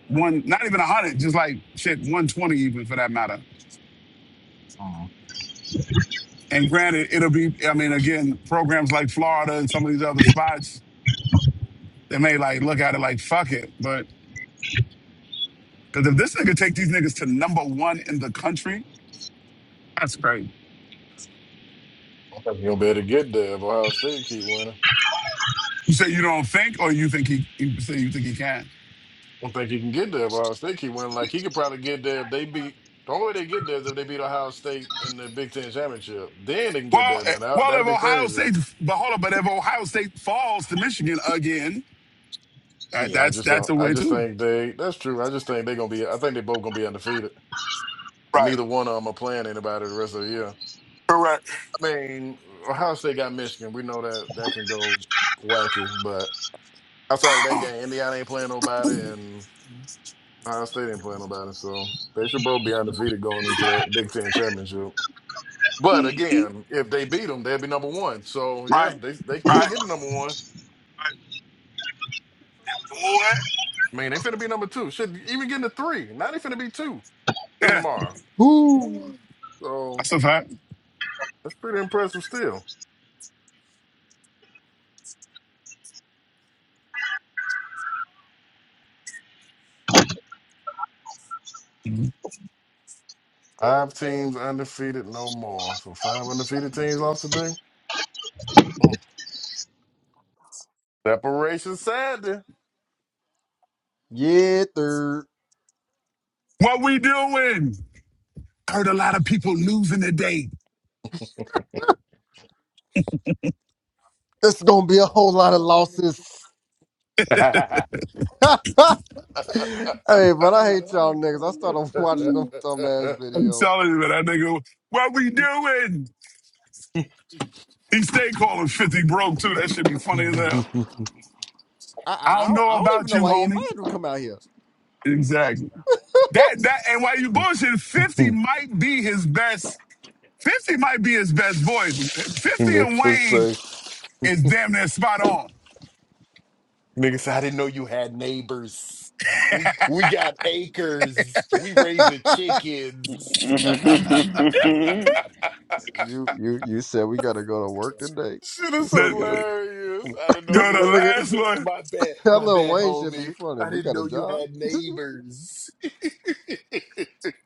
One, not even a hundred, just like shit, one twenty even for that matter. I And granted, it'll be. I mean, again, programs like Florida and some of these other spots, they may like look at it like fuck it. But because if this nigga take these niggas to number one in the country, that's great. don't think he'll be able to get there if Ohio State keep winning. I You say you don't think, or you think he? You say you think he can? don't think he can get there if Ohio State keep winning. Like he could probably get there if they beat. The only way they get there is if they beat Ohio State in the Big Ten championship. Then they can get Well, there. eh, Now that well, if that'd be Ohio crazy. State, but hold on, but if Ohio State falls to Michigan again, that, Yeah, I that's just that's don't. a I way just too. think they. That's true. I just think they're gonna be. I think they both gonna be undefeated, and Right. neither one of them are playing anybody the rest of the year. Correct. I mean, Ohio State got Michigan. We know that that can go wacky, but outside of that game, Indiana ain't playing nobody, and. Ohio State ain't playing nobody, so they should both be undefeated going into that Big Ten championship. But Mhm. again, if they beat them, they'd be number one. So Right. yeah, they they can't Right. get to number one. Right. What? I mean, they finna be number two. Should even get to three. Now they finna be two come Yeah, tomorrow. Whoo. So that's a fact. that's pretty impressive still. Five teams undefeated no more. So five undefeated teams lost today. Mm. Separation Saturday. Yeah, third. What we doing? I heard a lot of people losing today. It's gonna be a whole lot of losses. Hey, but I hate y'all niggas. I started watching them dumb ass I'm video. telling you, man, that nigga, what we doing? He stay calling 50 broke too. That should be funny as hell. I, I I I don't don't know I don't even about know you, why he homie. invited him to come out here. Exactly. That that and while you bullshit, 50 might be his best 50 might be his best voice. 50 and Make us Wayne say is damn near spot on. Nigga said, I didn't know you had neighbors. We, we got acres. We raising chickens. you you you said we gotta go to work today. Shit Who is said we gotta? The, hilarious. I didn't know that yo, you the had. nigga, He last said, one. my bad, that my little bad, Wayne should be homie. funny. I We didn't got a know you job. had neighbors.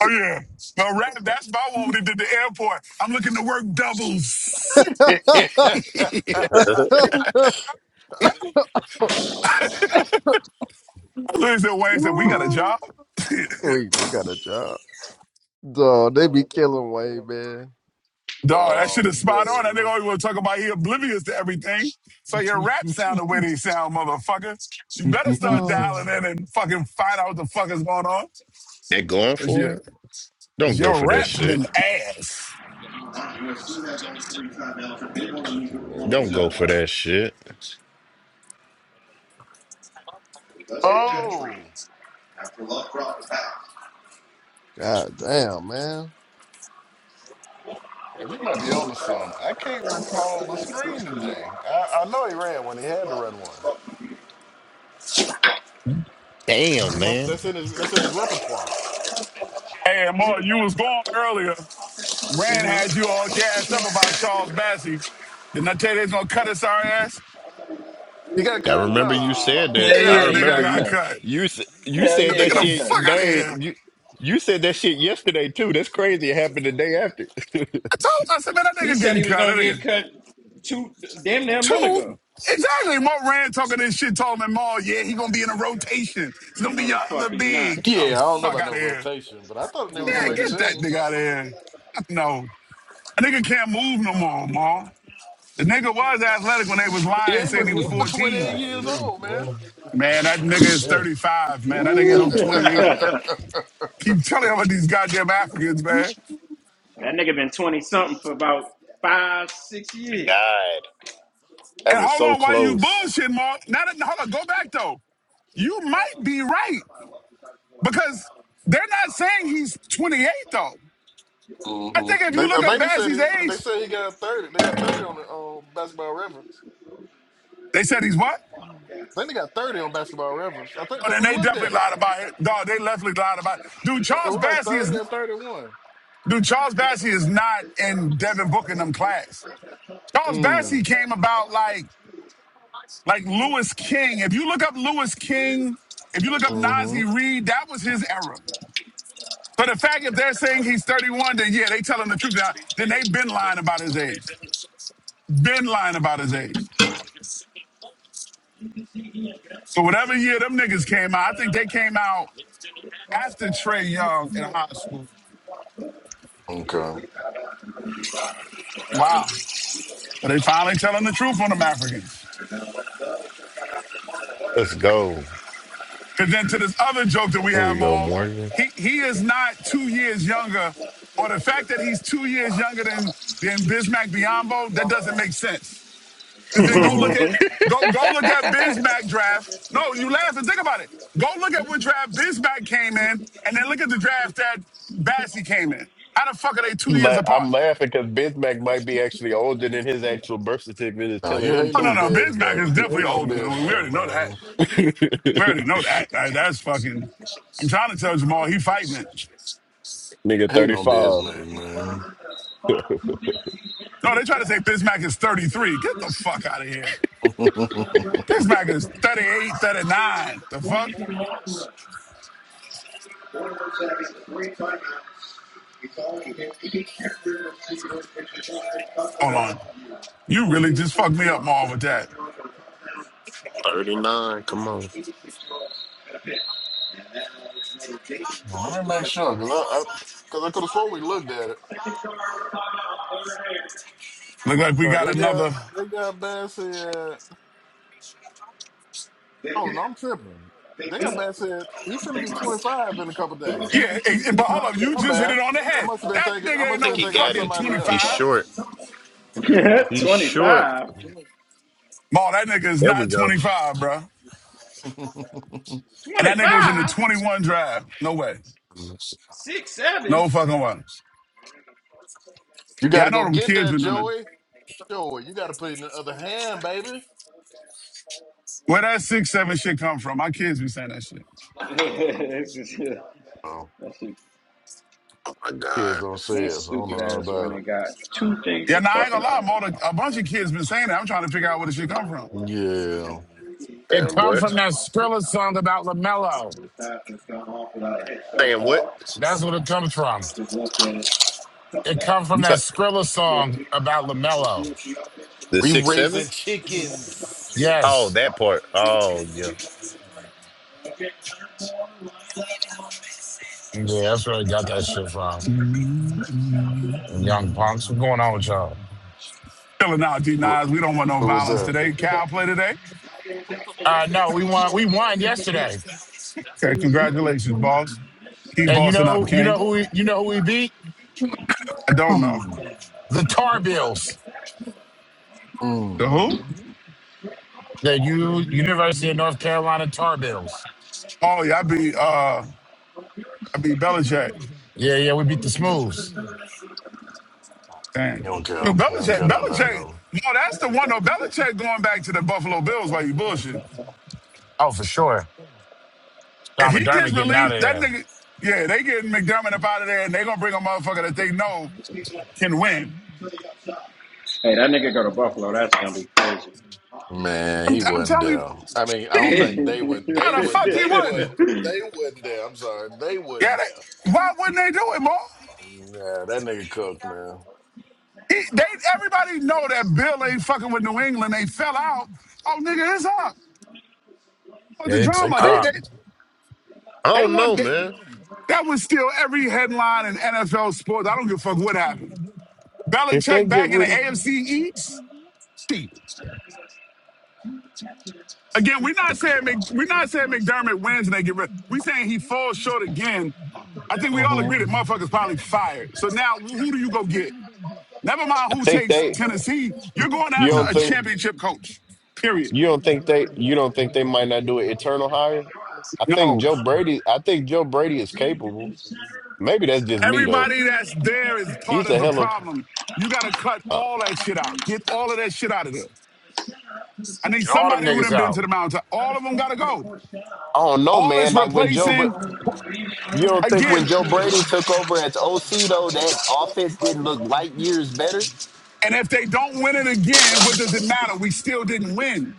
Oh, yeah. No, rap, that's my one when he did the airport. I'm looking to work doubles. I looked at Wayne and said, We got a job? we we got a job. Dog, they be killing Wade, man. Dog, that shit is spot on. That nigga oh, always want to talk about he oblivious to everything. So your rap sound the way they sound, motherfucker. You better man. start dialing Oh, in and fucking find out what the fuck is going on. They're going Cause for your, it? cause Don't go your for that rap's shit. been ass. what you mean? Don't We go for that shit. oh. god damn, man. If you might be on to some, I can't recall the screen today. I, I know he ran one. He had to run one. It's Damn, in my- man. That's in his. That's in his repertoire. Hey, Amar, you was gone earlier. Rand hmm had you all gassed up about Charles Massey. Didn't I tell you they was gonna cut his sorry ass? He got I cut. remember you Ah, said that. Yeah, I that nigga remember got you cut. you s- you That said that nigga the fuck shit. out of Dave, here. you you said that shit yesterday too. That's crazy. It happened the day after. I told My him, I said, man, that nigga getting cut. That nigga. Two, exactly. Mark Rand talking this shit, told him, Mar, yeah, he gonna be in a rotation. It's gonna be your other big. Oh, yeah. I don't know fuck about out no of here. rotation, but I thought they were Yeah, gonna make get the that team. nigga out of here. Fuck No. A nigga can't move no more, Mar. The nigga was athletic when they was He lying, ain't saying but he he was ain't but twenty 14. I eight years leave. old, man. boy. Man, God that damn, nigga is yes. 35, man. That nigga ain't no Woo! 28. Keep telling him about these goddamn Africans, man. God, that And was hold so on, why you close. bullshit, Mark? Now that, hold on, go back though. You might be right because they're not saying he's 28 though. I hmm think if They, you I look up think they said Bassie's he. They age, said he got thirty. They got thirty on the on basketball reference. they said he's what? I think they got thirty on basketball reference. I think Oh, because then we they looked at definitely it, it lied about it. Dog, they definitely lied about it. Dude, Charles was like Bassie thirty is, or thirty one. dude, Charles Bassie is not in Devin Booker and them class. Charles Bassie Mm. came about like Like Lewis King. If you look up Lewis King, if you look up Mm-hmm. Nazi Reed, that was his era. So the fact if they're saying he's 31, then yeah, they telling the truth. Now, then they been lying about his age. Been lying about his age. So whatever year them niggas came out, I think they came out after Trey Young in high school. Okay. Wow. So they finally telling the truth on them Africans. Let's go. Because then to this other joke that we Here have, we go, Maul, Morgan. he he is not two years younger, or the fact that he's two years younger than than Bismack Biyombo, that doesn't make sense. Because then mm go look hmm at go go look at Bismack draft. No, you laugh and think about it. Go look at what draft Bismack came in, and then look at the draft that Bassie came in. How the fuck are they two I'm years la- apart? I'm laughing because Bismack might be actually older than his actual birth certificate is Nah, telling you him hating Oh no on too. no, Biz Bismack back. is You definitely hating on older. Biz we Mac, already know that. man. We already know that. Like, that's fucking. I'm trying to tell Jamal he fighting it. Nigga, Hating thirty on Biz five. Mac, man. No, they try to say Bismack is 33. Get the fuck out of here. Bismack is 38, 39. The fuck? Hold on. You really just fucked me up, Marv, with that. 39, come on. Well, Let me make sure, cause I, I cause I could have sworn we looked at it. Look like we Uh, got they got another. they got Bassett. Oh no, I'm tripping. They got Bassett. He finna be 25 in a couple days. Yeah, and, and, but hold up, you How just hit bad. it on the I head. must have been That thinking. I nigga ain't I must have no think been he thinking about got fucking it. somebody He's else. 25. short. Yeah. He's short. Ma, that nigga is There we not go. 25, bro. And that nigga was in the 21 drive. No way. Oh No fucking way. you got Yeah, I to know go them get kids that, be doing that. Joey. Joey, you got to put it in the other hand, baby. Where that six, seven shit come from? My kids be saying that shit. Oh, my God. kids don't say it. So I don't know nothing about it. Yeah, now nah, I ain't gonna lie, more than- a bunch of kids been saying that. I'm trying to figure out where this shit come from. Yeah. It Damn comes what? from that Skrilla song about LaMelo. Damn what? That's what it comes from. It comes from You that talk Skrilla song about LaMelo. the We six seven? raising chickens. Oh, Yes. that part. Oh yeah. Yeah, that's where I got that shit from. Them Young punks. What's going on with y'all? Killing out, D What, Nas. We don't want no what was violence that? today. Cal play today. Uh no, we won we won yesterday. Okay, congratulations, boss. Keep And you bossing up, know you King. know who we, you know who we beat? I don't know. Mm, The Tar Bills. The mm. who? The U University of North Carolina Tar Bills. Oh yeah, I be uh I be Belichick. Yeah, yeah, we beat the Smooths. Damn. He don't care. Yo, He don't Belichick, care nothing about Belichick, them. no, that's the one though. Belichick going back to the Buffalo Bills while you bullshit. Oh, for sure. If Don he gets McDermott getting out released, of that there. nigga yeah, they getting McDermott up out of there and they gonna bring a motherfucker that they know can win. Man, I'm, he I'm wasn't telling you, down. I mean, I don't shit, think they would. They why the would. fuck he They would. wouldn't? They wouldn't there. I'm sorry. They Yeah, wouldn't there. they, why wouldn't they do it, Mo? Nah, that nigga cooked, man. He, they everybody know that Bill ain't fucking with New England. They fell out. Oh, nigga, it's up. What the It's They drama? They cooked. they up. I they don't want know, they, man. that was still every headline in NFL sports. I don't give a fuck what happened. If they Belichick back get in the rid of, AFC East. Shit. Again, we're not saying Mc, we're not saying McDermott wins and they get rid. We saying he falls short again. I think we all agree that motherfuckers probably fired. So now, who do you go get? Never mind I who think takes they. Tennessee. You're going You after don't a Mm. think championship coach. Period. you don't think they you don't think they might not do an eternal hire. I think No. Joe Brady. I think Joe Brady is capable. Maybe that's just me though. Everybody that's there is part He's of a the hell of. problem. You got to cut I all that shit out. Get all of that shit out of there. I need Get all them somebody who done niggas been to out. the mountain. All of them got to go. I don't know, All is man. Like when Joe, replacing but you don't think when again. Joe Brady took over as OC though, that offense didn't look light years better. And if they don't win it again, what does it matter? We still didn't win.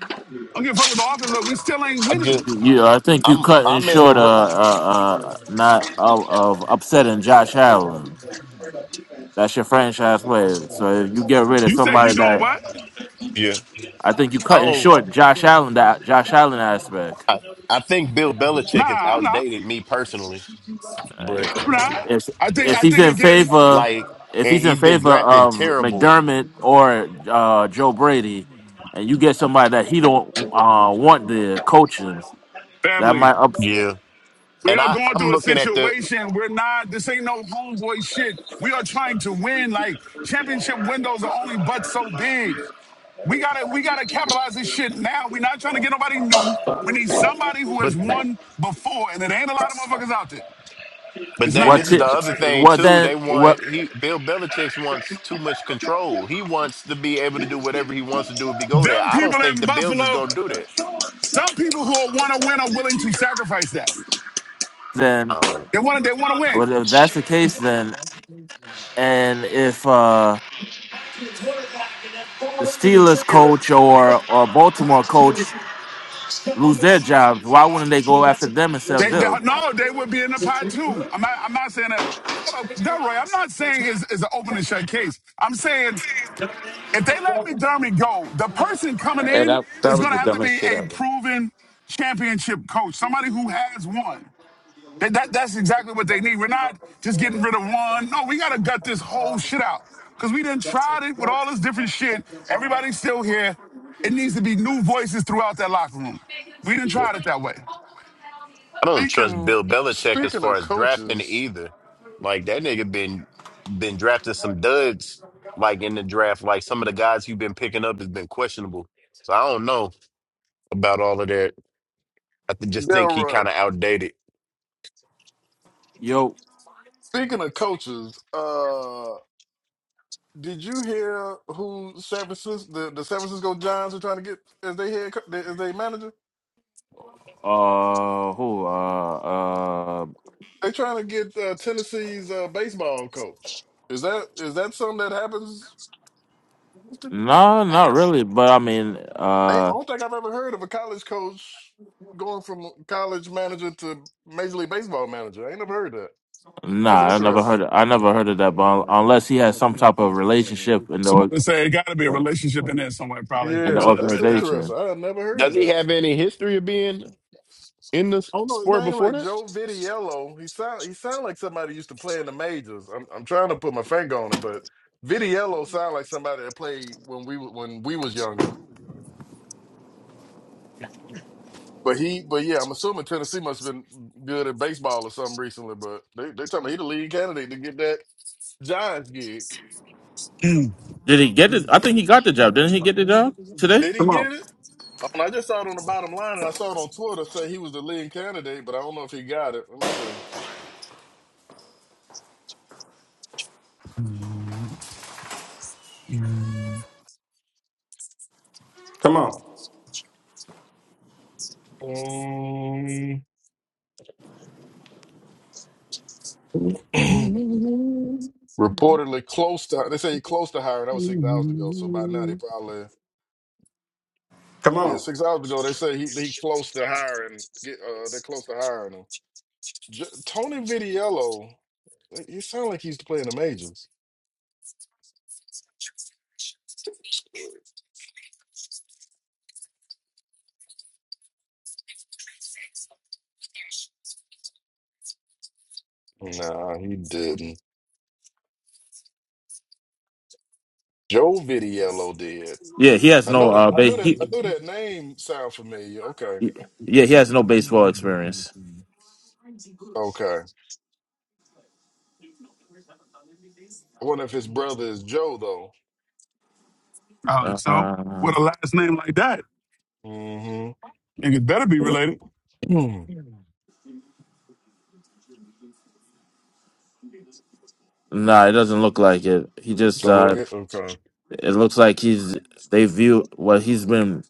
I don't give a fuck with the offense. Look, we still ain't I just, winning. you, I think you I'm, cutting I'm in the. short uh, r- uh, uh not of, of upsetting Josh Allen. That's your franchise player. So if you get rid of You say somebody you doing that what? Yeah. I think you I cutting don't. short Josh Allen that Josh Allen aspect. I, I think Bill Nah, Belichick has I'm not. outdated me personally, Uh, if, but I'm not. if I think. if I he's think in again. favor, like, if and he's in he's been favor drafting of terrible. McDermott or uh, Joe Brady, and you get somebody that he don't uh, want the coaching, that Family. might up Yeah, We and are I going I'm through a looking at the situation. We're not, this ain't no homeboy shit. We are trying to win. Like championship windows are only but so big. We gotta, we gotta capitalize this shit now. We're not trying to get nobody new. We need somebody who but has won before, and it ain't a lot of motherfuckers out there. but It's then what not. this is ti- the other thing what too. then They what want he Bill Belichick wants too much control. He wants to be able to do whatever he wants to do if he go there. Them I don't people think in the Bills is Buffalo, going to do that. some people who want to win are willing to sacrifice that. then Oh. They want to, they want to what win. if that's the case then and if uh, the Steelers coach or or Baltimore coach lose their jobs, why wouldn't they go after them instead of They, they, Bill? no, they would be in the pot too. I'm not, I'm not saying that. Delroy, I'm not saying it's, it's an open and shut case. I'm saying If they let McDermott go, the person coming in is going to have to be a proven championship coach, somebody who has won. That, that- that's exactly what they need. We're not just getting rid of one. No, we got to gut this whole shit out because we didn't tried it with all this different shit. Everybody's still here. It needs to be new voices throughout that locker room. We didn't try it that way. I don't trust Speaking. Bill Belichick as Speaking far of as drafting coaches, either. Like that nigga been been drafting some duds like in the draft. Like some of the guys he has been picking up has been questionable. So I don't know about all of that. I th- just think he Delroy. kind of outdated. Yo, Speaking of coaches, uh. Did you hear who San Francisco the, the San Francisco Giants are trying to get as they head co- as they manager? uh, who uh uh. They trying to get uh, Tennessee's uh, baseball coach. Is that is that something that happens? often? No, Damn. not really. But I mean, I I uh, don't think I've ever heard of a college coach going from college manager to major league baseball manager. I ain't never heard that. nah, That's I never heard. interesting. Of, I never heard of that. But un- unless he has some type of relationship in the org- Somebody say it got to be a uh, relationship in there somewhere. Probably, in I'm the Yeah, willing to that's bet that. interesting. organization, I had never heard of Does he that. have any history of being in the s- Oh no, his sport name before like this? Joe Vitiello. He sound he sound like somebody used to play in the majors. I'm I'm trying to put my finger on it, but Vitiello sound like somebody that played when we wa- when we was younger. But he but yeah, I'm assuming Tennessee must have been good at baseball or something recently. But they they tell me he the lead candidate to get that Giants gig. Mm. did he get it? I think he got the job. Didn't he get the job today? Did he get it? And I just saw it on the bottom line, and I saw it on Twitter say he was the lead candidate, but I don't know if he got it. Let me see. Reportedly close to they say he close to hiring. That was six hours ago, so by now they probably. Yeah, six hours ago they said he he close to hiring. Get uh, they're close to hiring him. J- Tony Vitiello, he sound like he's playing the majors. Nah, he didn't. Joe Vitiello did. Yeah, he has I know no that. uh I base. knew that. I He, knew that name sound familiar. Okay, he- yeah, he has no baseball experience. okay. I wonder if his brother is Joe though. All right, so Uh, with a last name like that, Mm-hmm. it better be related. nah, it doesn't look like it. He just Don't look uh it. Okay. It looks like he's they view well. He's been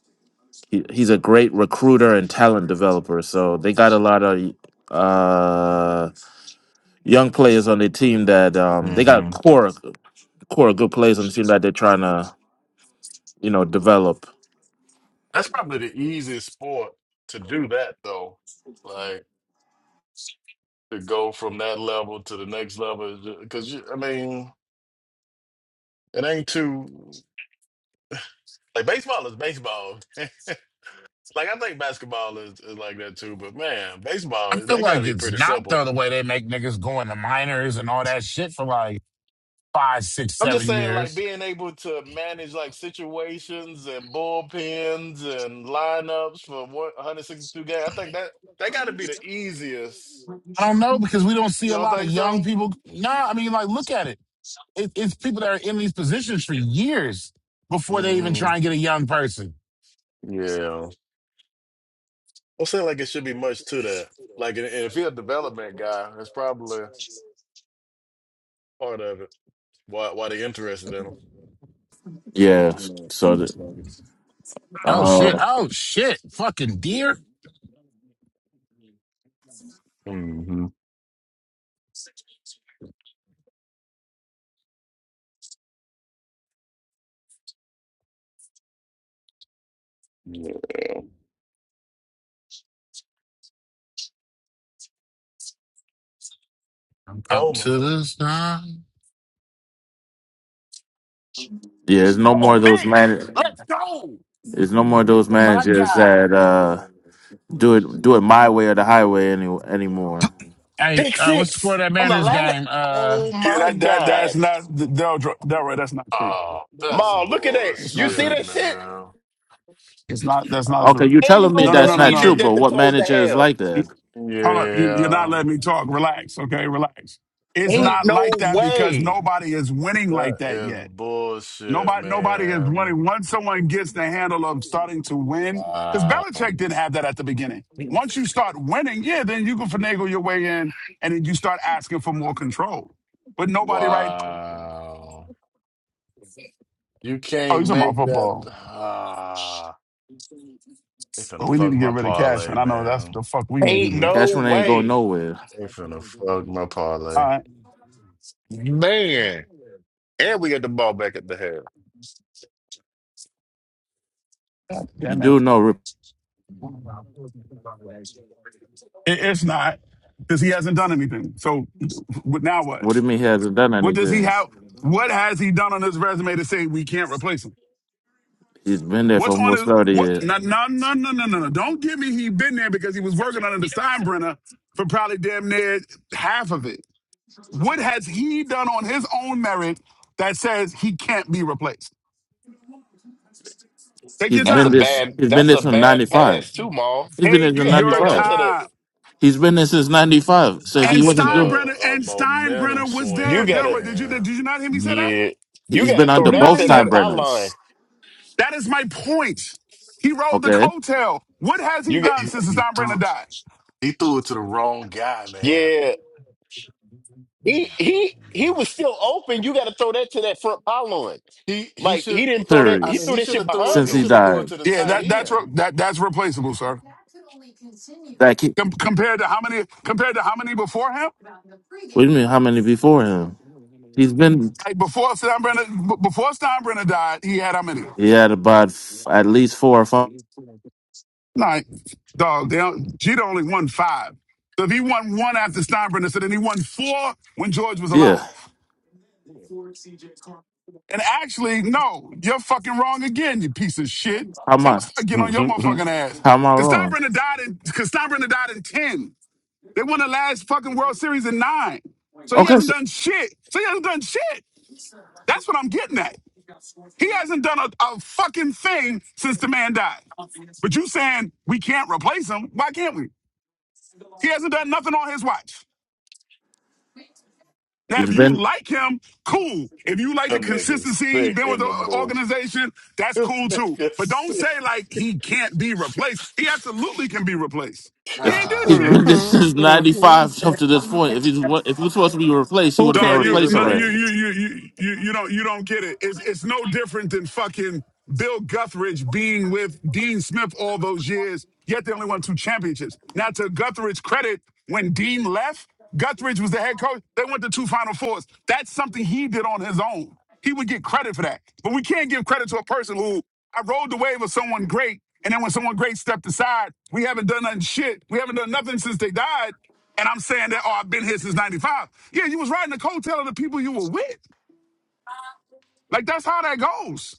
he, he's a great recruiter and talent developer. So they got a lot of uh young players on their team that um they got Mm-hmm. core core good players on the team that they're trying to you know develop. That's probably the easiest sport to do that though. Like, to go from that level to the next level because I mean it ain't too like baseball is baseball. like I think basketball is, is like that too, but man, I baseball feel they got to like be it's pretty not though simple. the other way they make niggas go into minors and all that shit for like five, six, I'm just seven saying, like years. being able to manage like situations and bullpens and lineups for 162 games. I think that that got to be the easiest. I don't know because we don't see You a don't lot of think young so? people. Nah, I mean, like, look at it. it it's people that are in these positions for years before they even hmm try and get a young person. Yeah, I'll say like it should be much to that. Like, and and if you're a development guy, it's probably. part of it. Why why they interested in them? Yeah. So the, Oh shit! uh Oh shit! Fucking deer Mm-hmm. Yeah. I'm up Coleman. to this time. yeah, there's no Oh, more of those pick! man. Let's go! There's no more of those Oh my managers god! that uh do it do it my way or the highway any, anymore. Hey, Pick uh, what's the score six of that on the Mariners last. game? Uh, Oh Yeah, my that that that's god! not Del Delroy. That's not true. Oh, that's Ma, look at that! That's You not see true. bullshit, that shit? man. It's not. That's not Okay, true. you're Ain't telling me no No, no, that's no, way no, he not true, no. did that but to what close the manager is half. like You- that? Hold up. You, you're not Yeah, letting me talk. Relax. Okay, relax. It's that Ain't not like no that because way. nobody is winning that like that is yet. bullshit, Nobody, nobody is man. winning. Once someone gets the handle of starting to win, because Wow, Belichick didn't have that at the beginning. Once you start winning, yeah, then you can finagle your way in, and then you start asking for more control. But nobody, right? wow. You Oh, can't you're talking about make that. football. Ah, they finna But we need to fuck get my rid of Cashman. parlay, I know that's man. the fuck we need to Ain't do. no Cashman ain't going way. nowhere. They finna fuck my All parlay. right. Man. And we get the ball back at the half. God You damn do it. know, Rip- it it's not because he hasn't done anything. So but now what? what do you mean he hasn't done What does he anything? have? What has he done on his resume to say we can't replace him? He's been there for What's on almost his 30 what? years. No, no, no, no, no, no. no. Don't give me he been there because he was working under the Steinbrenner for probably damn near half of it. What has he done on his own merit that says he can't be replaced? Take He's your That's been a this, bad time. he's been that's this a from bad 95. pass too, Maul. He's been there since Take You gotta your throw that 95. to the time. He's been there since 95. So if And That he is a, wasn't doing, Steinbrenner a and momentum Steinbrenner was you there. swing, gotta Delroy, did you man. did you not hear me say that? yeah. You he's been gotta Did under throw you not that hear both to me say time that that? pylon. burners. That is my point. He rode the Okay? coattail. What has he You get done He, since he threw. Steinbrenner died? He threw it to the wrong guy, man. yeah. He he he was still open. You gotta throw that to that front pylon. He he Like should. he didn't throw that I he mean, threw Serious. he that should shit have threw it. behind Since He he should have threw it died. to the Yeah, tight that that's end. re- that that's replaceable, sir. That kid, Com- compared to how many compared to how many before him? what do you mean, how many before him? He's been, Like before Steinbrenner b- before Steinbrenner died, he had how many? he had about f- at least four or five. Like dog, they don't, Jeter only won five. So if he won one after Steinbrenner, so then he won four when George was Yeah. alive. And actually, no, you're fucking wrong again, you piece of shit. How am See, I'm gonna I, start getting on your him. motherfucking ass. how am I Cause Tom wrong? Brenner died in cause Tom Brenner died in 10. They won the last fucking World Series in nine. So he Okay. hasn't So done shit. So he hasn't done shit. That's what I'm getting at. He hasn't done a, a fucking thing since the man died. But you saying we can't replace him, why can't we? He hasn't done nothing on his watch. Now, he's if been, you like him, cool. If you like the Them niggas consistency, he thick been with in the the booth. organization, that's Them cool too. niggas But don't say sick. like he can't be replaced. He absolutely can be replaced. He ain't did He's shit. been there since Golly. '95 up to this point. If he's if he was supposed to be replaced, he would have been Dog, you replaced no, already. you you you you you you don't you don't get it. It's it's no different than fucking Bill Guthridge being with Dean Smith all those years, yet they only won two championships. Now to Guthridge's credit, when Dean left, Guthridge was the head coach. They went to two Final Fours. That's something he did on his own. He would get credit for that. But we can't give credit to a person who I rode the wave of someone great, and then when someone great stepped aside, we haven't done nothing shit. We haven't done nothing since they died and I'm saying that, oh, I've been here since 95. Yeah, you was riding the coattail of the people you were with. Like, that's how that goes.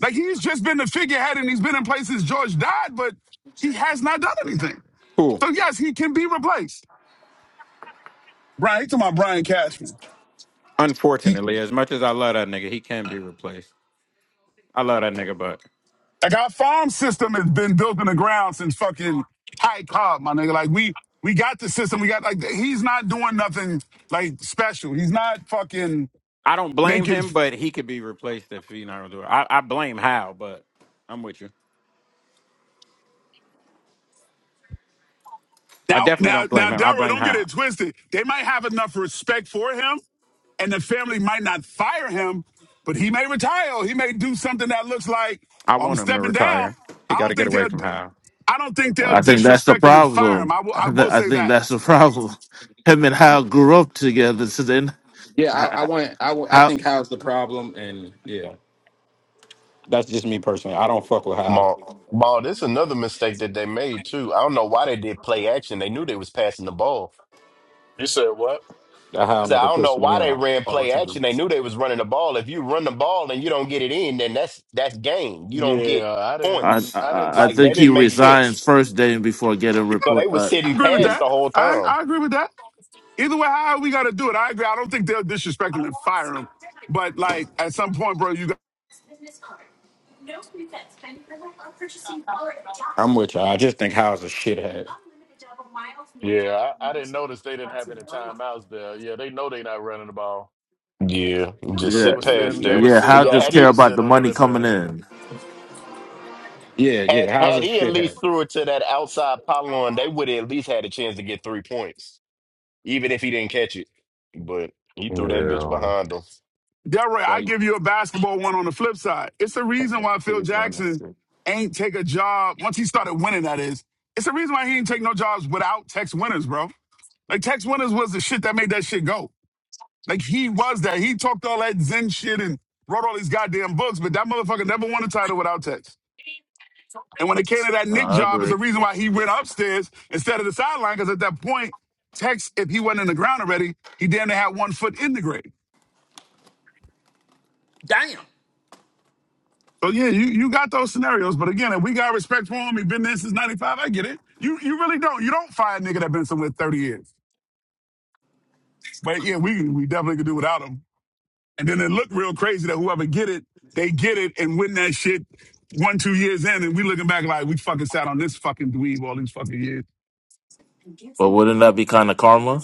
Like, he's just been the figurehead and he's been in places George died, but he has not done anything. So, yes, he can be replaced. Brian, he talking about Brian Cashman. He, like, our farm system has been built in the ground since fucking Ty Cobb, my nigga. Like, we, we got the system. We got, like, he's not doing nothing, like, special. He's not fucking making Now, now, now, Delroy, don't get it twisted. They might have enough respect for him, and the family might not fire him, but he may retire. Or he may do something that looks like "Oh, I'm stepping down. I don't think they'll. I don't think they'll I think that's the disrespect him and fire him. problem. I will. I, I th- will I say think that. that's the problem. Him and Hal grew up together, so then h- how? Mark. Ball, this is another mistake that they made too. I don't know why they did play action. They knew they was passing the ball. You said what? I said, I don't know why they ran play action. They knew they was running the ball. If you run the ball and you don't get it in, then that's that's game. You don't get Yeah, I I, didn't. points. I didn't I I Like that think he didn't make see. sense. resigns first day before getting So they replaced. was Uh, sitting Agree with past that. the whole I, time. I agree with that. Either way, how we got to do it, I agree. I don't think they'll disrespect him and fire him. But like at some point, bro, you Yeah, I, I didn't notice they didn't have any timeouts there. Yeah, they know they not running the ball, Yeah, just so they yeah, sit were past sitting. They there. were yeah. But sitting Hal yeah, on. just had They care he were about the sitting on money coming everything. in. had had he at least threw it to that outside pylon, they would have at least had a chance to get three points, even if he didn't catch it. But he threw that bitch Yeah. behind them. Delroy, I give you a basketball one on the flip side. It's the reason why Phil Jackson ain't take a job once he started winning. That is, it's the reason why he ain't take no jobs without Tex Winners, bro. Like Tex Winners was the shit that made that shit go. Like he was that. He talked all that Zen shit and wrote all these goddamn books, but that motherfucker never won a title without Tex. And when it came to that Nick I job, it's agree. the reason why he went upstairs instead of the sideline. Because at that point, Tex, if he wasn't in the ground already, he damn near had one foot in the grave. So yeah, you, you got those scenarios, but again, if we got respect for him, he been there since '95. I get it. You you really don't. You don't fire a nigga that been somewhere 30 years. But yeah, we we definitely could do without him. And then it looked real crazy that whoever get it, they get it and win that shit one two years in, and we looking back like we fucking sat on this fucking dweeb all these fucking years. But wouldn't that be kind of karma?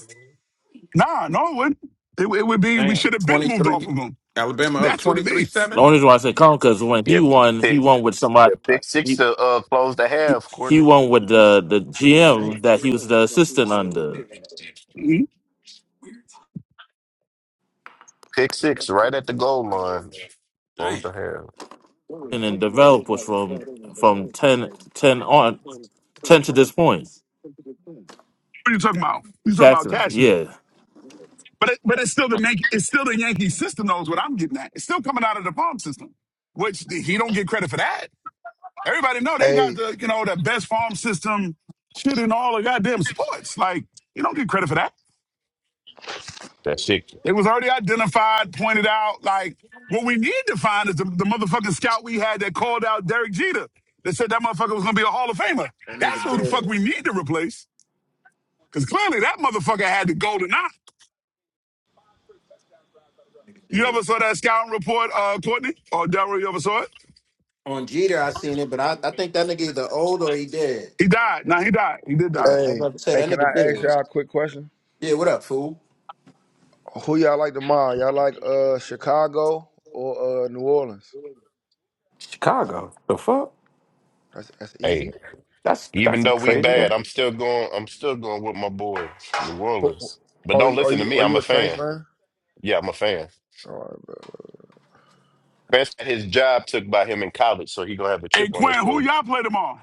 Nah, no, it wouldn't. It, it would be we should have been moved off of him. That's what it is. The only reason why I say karma because when he Yeah, won, he pick won with somebody. yeah, uh, pick six He, to uh close the he half, he Courtney. won with the the GM that he was the assistant under, Mhm. Pick six right at the goal line. Close the half. and then developers from from 10 10 on ten to this point. What are you talking about? You talking about Catherine, Cashman? yeah. But it, but it's still the Yankee, it's still the Yankee system knows what I'm getting at. It's still coming out of the farm system, which he don't get credit for that. Everybody know they got Hey, the you know the best farm system shit in all the goddamn sports. Like you don't get credit for that. That's it. It was already identified, pointed out. Like what we need to find is the, the motherfucking scout we had that called out Derek Jeter that said that motherfucker was gonna be a Hall of Famer. That's who the fuck we need to replace. Cause clearly that motherfucker had the golden eye. You ever saw that scouting report, uh, Courtney or Delroy? You ever saw it? He died. Now he died. He did die. hey, hey! Can I ask y'all a quick question? Who y'all like tomorrow? Y'all like uh Chicago or uh New Orleans? That's that's Hey, easy. even though we bad, I'm still going I'm still going with my boys, New Who- who- Orleans. But Are don't you are listen to you me. are I'm you a a Saints fan. fan? Yeah, I'm a fan. All right, Best his job took by him in college, so he gonna have a Hey chip on his Quinn, who shoulder. y'all play tomorrow?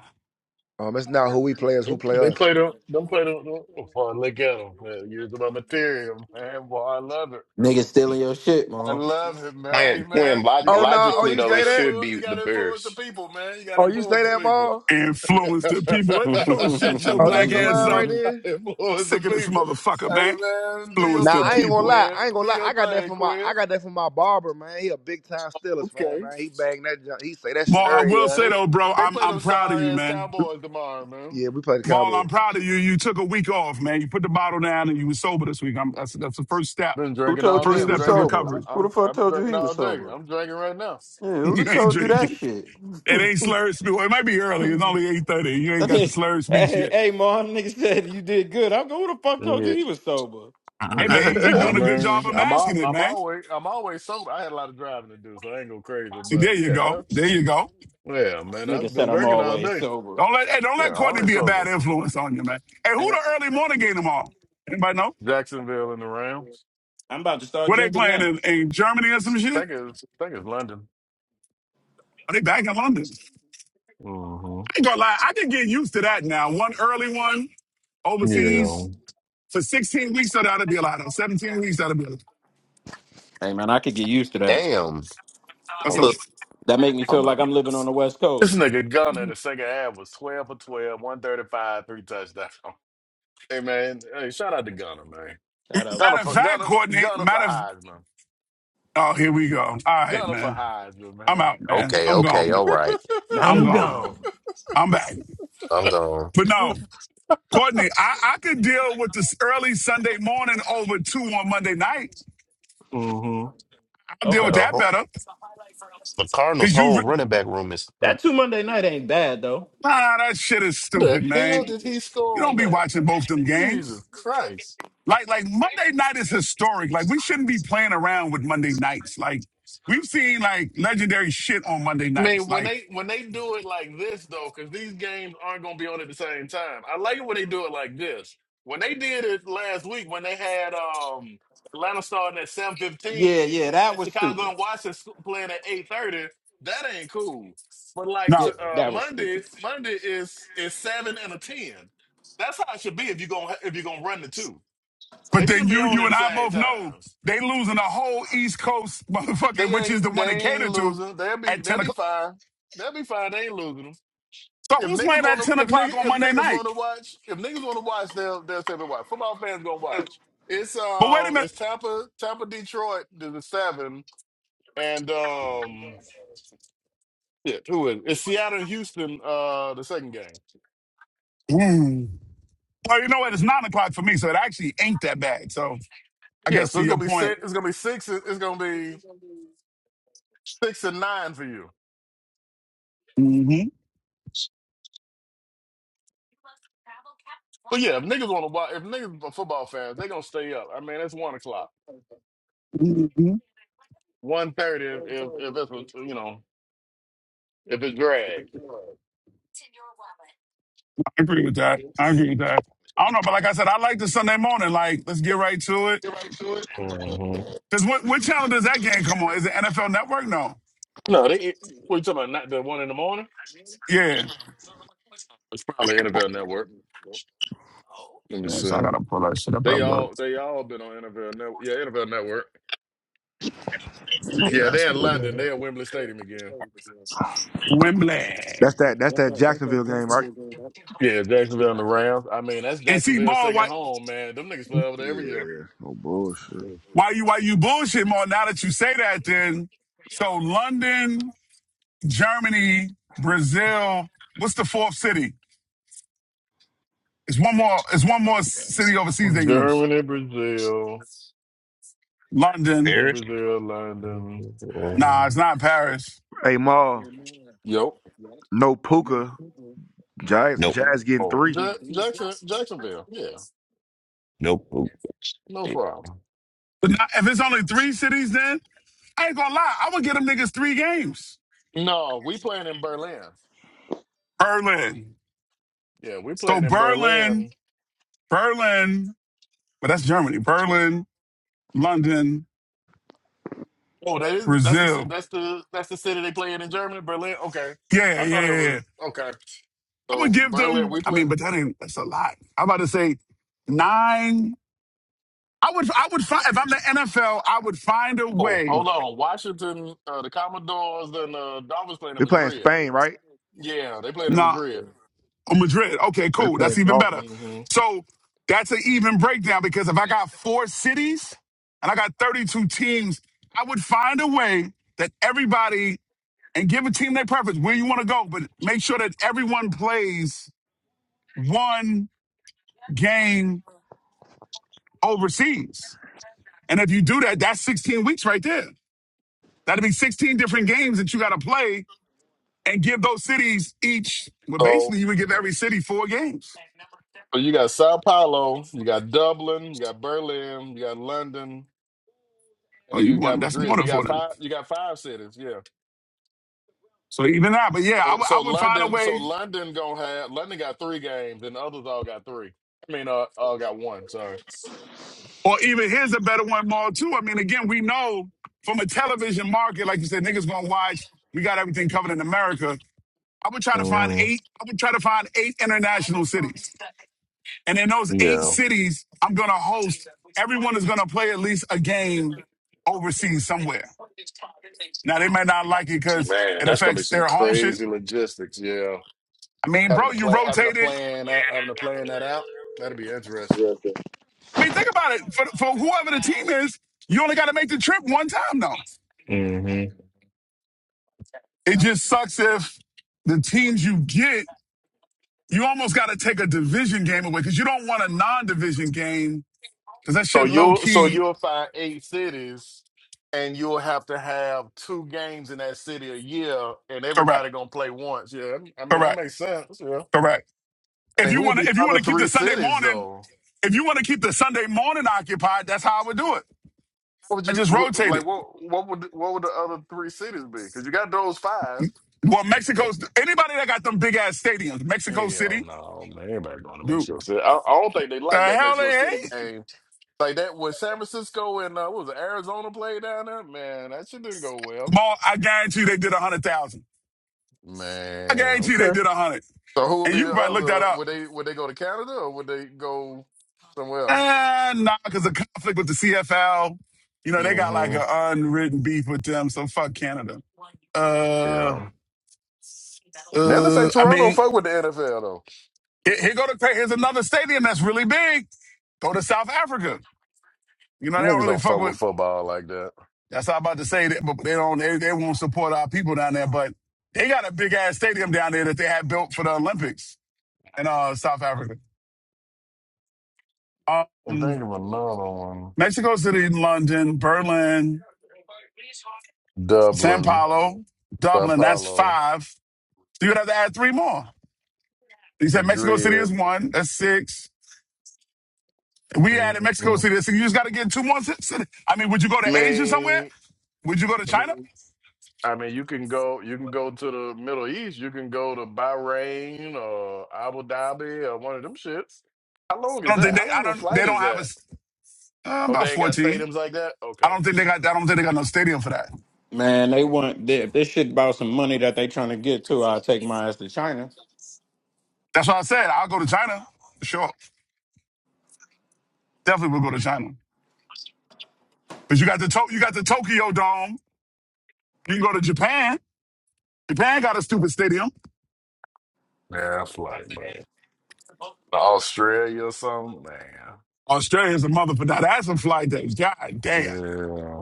Um, it's not who we play, it's who They play they us. play the them play the before I look at them. Man, using my material, man. Boy, I love it. I love it, man. Hey, When man, when you log- Oh got to no! oh logically influence. you You though, got say it to that? should influence. You be got the to influence the Bears. people, man. You got to Oh you say influence the that, people. ball? Influence the people. If you don't shut your Oh black that's your ass line up, right there. influence the sick of this people. motherfucker, Hey, man. man, do your Influence Nah, the I ain't thing, gonna people. lie. Quinn. I ain't gonna Do lie. your I got that thing, from my Quinn. I got that from my barber, man. He a big time Steelers fan, Okay. man. He bang that. junk. He say that shit Maul, I early. will Yeah, say they though, bro, they I'm play I'm them proud of sorry you, ass man. We, Cowboys tomorrow, man. yeah, we play the Maul, Cowboys. I'm proud of you. You took a week off, man. You put the bottle down and you were sober this week. I'm, that's that's the first step. I've been drinking The all day. first I'm step to drinking. recovery. I, I'm I've been drinking all day. I'm drinking right now. you ain't drinking. It ain't slurred speech. Well, it might be early. It's only 8.30. You ain't got the slurred speech yet. Yeah. Hey man, Yeah, he, he I doing a good job mean, of I'm masking all, it, I'm man. always I'm always sober. I had a lot of driving to do, so I ain't go crazy. See, there But you go. yeah, There you go. yeah, man, I've been drinking all day. Don't let hey, don't let Yeah, Courtney always be a sober. bad influence on you, man. Hey, who the early morning game tomorrow? Anybody know? Jacksonville and around. Where they playing in, in Germany or some shit? Think it's think it's London. Are they back in London? hmm I ain't gonna lie, I can get used to that now. One early one Yeah, overseas for 16 weeks, so that'll be a lot. Or 17 weeks, that'll be a lot. Damn. That's a Hold up. lot. Hold up. this nigga Gunner in the second half was twelve for twelve, one thirty five, three touchdowns. Hey man, hey, shout out to Gunner, man. Gunner Matter of for fact, Gunner Courtney, Gunner for matter of Heisman. oh, here we go. All right, Gunner for man. Heisman, I'm man. out, man. Okay, I'm gone, okay, all man. right. I'm gone. I'm back. I'm gone. But no. Courtney, I, I could deal with this early Sunday morning over two on Monday night. hmm I'll deal with that better. The Cardinals' Cause you, re- whole running back room is hurt. nah, that shit is How the stupid, hell man. did he You score don't on be that? watching both them games. Jesus Christ. Like, like Monday night is historic. Like, we shouldn't be playing around with Monday nights. Like, we've seen like legendary shit on Monday I nights. mean, when Like, they when they do it like this though, because these games aren't gonna be on at the same time. I like it when they do it like this. When they did it last week, when they had um Atlanta starting at seven fifteen and Chicago and Washington sc- playing at eight thirty, that ain't cool. But like no. to, uh, Monday, Monday is is seven and a ten. That's how it should be if you're gonna if you're gonna run the two. But They then shouldn't be you, on you at the and I same both know time. they losing the whole East Coast motherfucking, They which is the ain't one they they cater ain't to losing. They'll be at they'll 10 be o'clock. fine. They'll be fine. They ain't losing them. So If who's niggas playing at wanna 10 if o'clock niggas on if Monday niggas night? wanna watch, if niggas wanna watch, they'll they'll say they watch. Football fans gonna watch. It's But wait a um it's minute. Tampa Tampa Detroit to the seven and um yeah, who is it? It's Seattle and Houston uh the second game. Ooh. Well, you know what? It's nine o'clock for me, so it actually ain't that bad. So I Yeah, guess so to it's your gonna be point, six it's gonna be six it's gonna be six and nine for you. hmm But yeah, if niggas wanna watch if niggas are football fans, they gonna stay up. I mean it's one o'clock. hmm one thirty if if if it's with, you know if it's Greg. I agree with that. I agree with that. I don't know, but like I said, I like the Sunday morning. Like, let's get right to it. hmm Because what, what channel does that game come on? Is it NFL Network? No. No, they. What you talking about? Not the one in the morning. Yeah. It's probably NFL Network. Let me see. They all they all been on NFL Network. Yeah, NFL Network. Yeah, they're in London. They're at Wembley Stadium again. That's Wembley. that. That's that Jacksonville game, right? Yeah, Jacksonville and the Rams. I mean, that's And see, Jacksonville's Maul, second why, home, man. Them niggas play over there every year. Yeah. No bullshit. why you why you bullshit, Maul? Now that you say that, then so London, Germany, Brazil. What's the fourth city? It's one more. It's one more city overseas they use. Germany, Brazil, London. Germany, Harris? Brazil, London. Nah, it's not Paris. Hey, Ma. Yep. No Puka. Jazz. Nope. Jazz getting Oh, three. Ja- Jackson, Jacksonville. Yeah, Nope. no problem. But not, if it's only three cities, then I ain't gonna lie. I'm gonna get them niggas three games. No, we playing in Berlin. Berlin. Yeah, we So playing in Berlin, Berlin. Berlin, but that's Germany. Berlin, London, Oh, that is that's the ci- Brazil. that's the that's the city they play in in Germany. Berlin. Okay, Yeah, I yeah, thought it yeah, yeah. was okay. I'm gonna So give Berlin, them. we I play. mean, but that ain't. That's a lot. I'm about to say nine. I would. I would find if I'm the NFL. I would find a Oh, way. hold on. Washington, uh, the Commodores and uh, Dolphins playing in We playing Madrid. Spain, right? Yeah, they played in No. Madrid. Yeah. Oh, Madrid. Okay, They cool. That's playing even better. Dolphins. hmm So that's an even breakdown because if I got four cities and I got 32 teams, I would find a way that everybody and give a team their preference where you want to go, but make sure that everyone plays one game overseas. And if you do that, that's 16 weeks right there. That'd be 16 different games that you got to play and give those cities each. Well, So basically, you would give every city four games. so you got Sao Paulo, you got Dublin, you got Berlin, you got London, Oh, and you you got want that's Madrid. more So than you four got then. five. You got five cities. yeah. So even that, but yeah, I So, would I so would find a London, so way, London gonna have London got three games, and the others all got three. I mean, uh, all got one. Sorry. or even here's a better one, Maul, too. I mean, again, we know from a television market, like you said, niggas gonna watch, we got everything covered in America. I would try to find hmm eight, I would try to find eight international cities. And in those eight Yeah, cities, I'm gonna host, everyone is gonna play at least a game overseas somewhere. Now they may not like it because man, it that's gonna be affects some their home shit. crazy logistics. Yeah, I mean, having bro, to you play, having to rotate it. plan that, having to plan that out. That'd be interesting. I mean, think about it. For, for whoever the team is, you only gotta make the trip one time though. hmm It just sucks if the teams you get, you almost got to take a division game away because you don't want a non-division game because that So shit low you'll, so key. you'll find eight cities, and you'll have to have two games in that city a year, and Correct. everybody gonna play once. Yeah, I mean that Correct. makes sense. Yeah, Correct. I If mean you who would want be to, if the you want other to keep three the Sunday cities morning, though? if you want to keep the Sunday morning occupied, that's how I would do it. What would I you just wh- rotate like? What what would what would the other three cities be? Because you got those five. it. Well, Mexico's anybody that got them big ass stadiums, Mexico Hell City, no, man! Everybody going to dude, Mexico City. I, I don't think they the like that hell Mexico they City ain't. game. Like that with San Francisco and uh, what was it, Arizona played down there. Man, that shit didn't go well. Ball, I guarantee they did a hundred thousand. I Man, guarantee they okay. did a hundred, So who would and be you can the probably look that other? up. Would they would they go to Canada or would they go somewhere else? And nah, because the conflict with the CFL, you know, they got like hmm an unwritten beef with them. So fuck Canada. Uh, Yeah. Now let's say uh, I Toronto mean, fuck with the NFL though. here, here go to here's another stadium that's really big. Go to South Africa. You know, Them they don't niggas really don't fuck fuck with with. football like that. That's all I'm about to say. That, but they don't. They, they won't support our people down there. But they got a big ass stadium down there that they had built for the Olympics in uh, South Africa. And Um, think of another one. Mexico City, London, Berlin, Sao Dublin, Paulo, Sao Dublin. That's Paulo, five. So you'd have to add three more. You said Mexico City Madrid. is one. That's six. We added Mexico Mhm. City. That's six. You just got to get two more ci- I mean, would you go to I Asia somewhere? mean, Would you go to I China? mean, I mean, you can go, you can go to the Middle East. You can go to Bahrain or Abu Dhabi or one of them shits. How long I is don't think that? they. How long I of a don't. They flight don't is have a that? uh, Oh, about they ain't got fourteen. stadiums like that. I Okay. don't think they got. I don't think they got no stadium for that. That's why I said I'll go to China. Sure, definitely will go to China. But you got the to- you got the Tokyo Dome. You can go to Japan. Japan got a stupid stadium. Yeah, flight, man. Australia or something, man. Australia's a mother for that. That's a flight day. God damn. Yeah,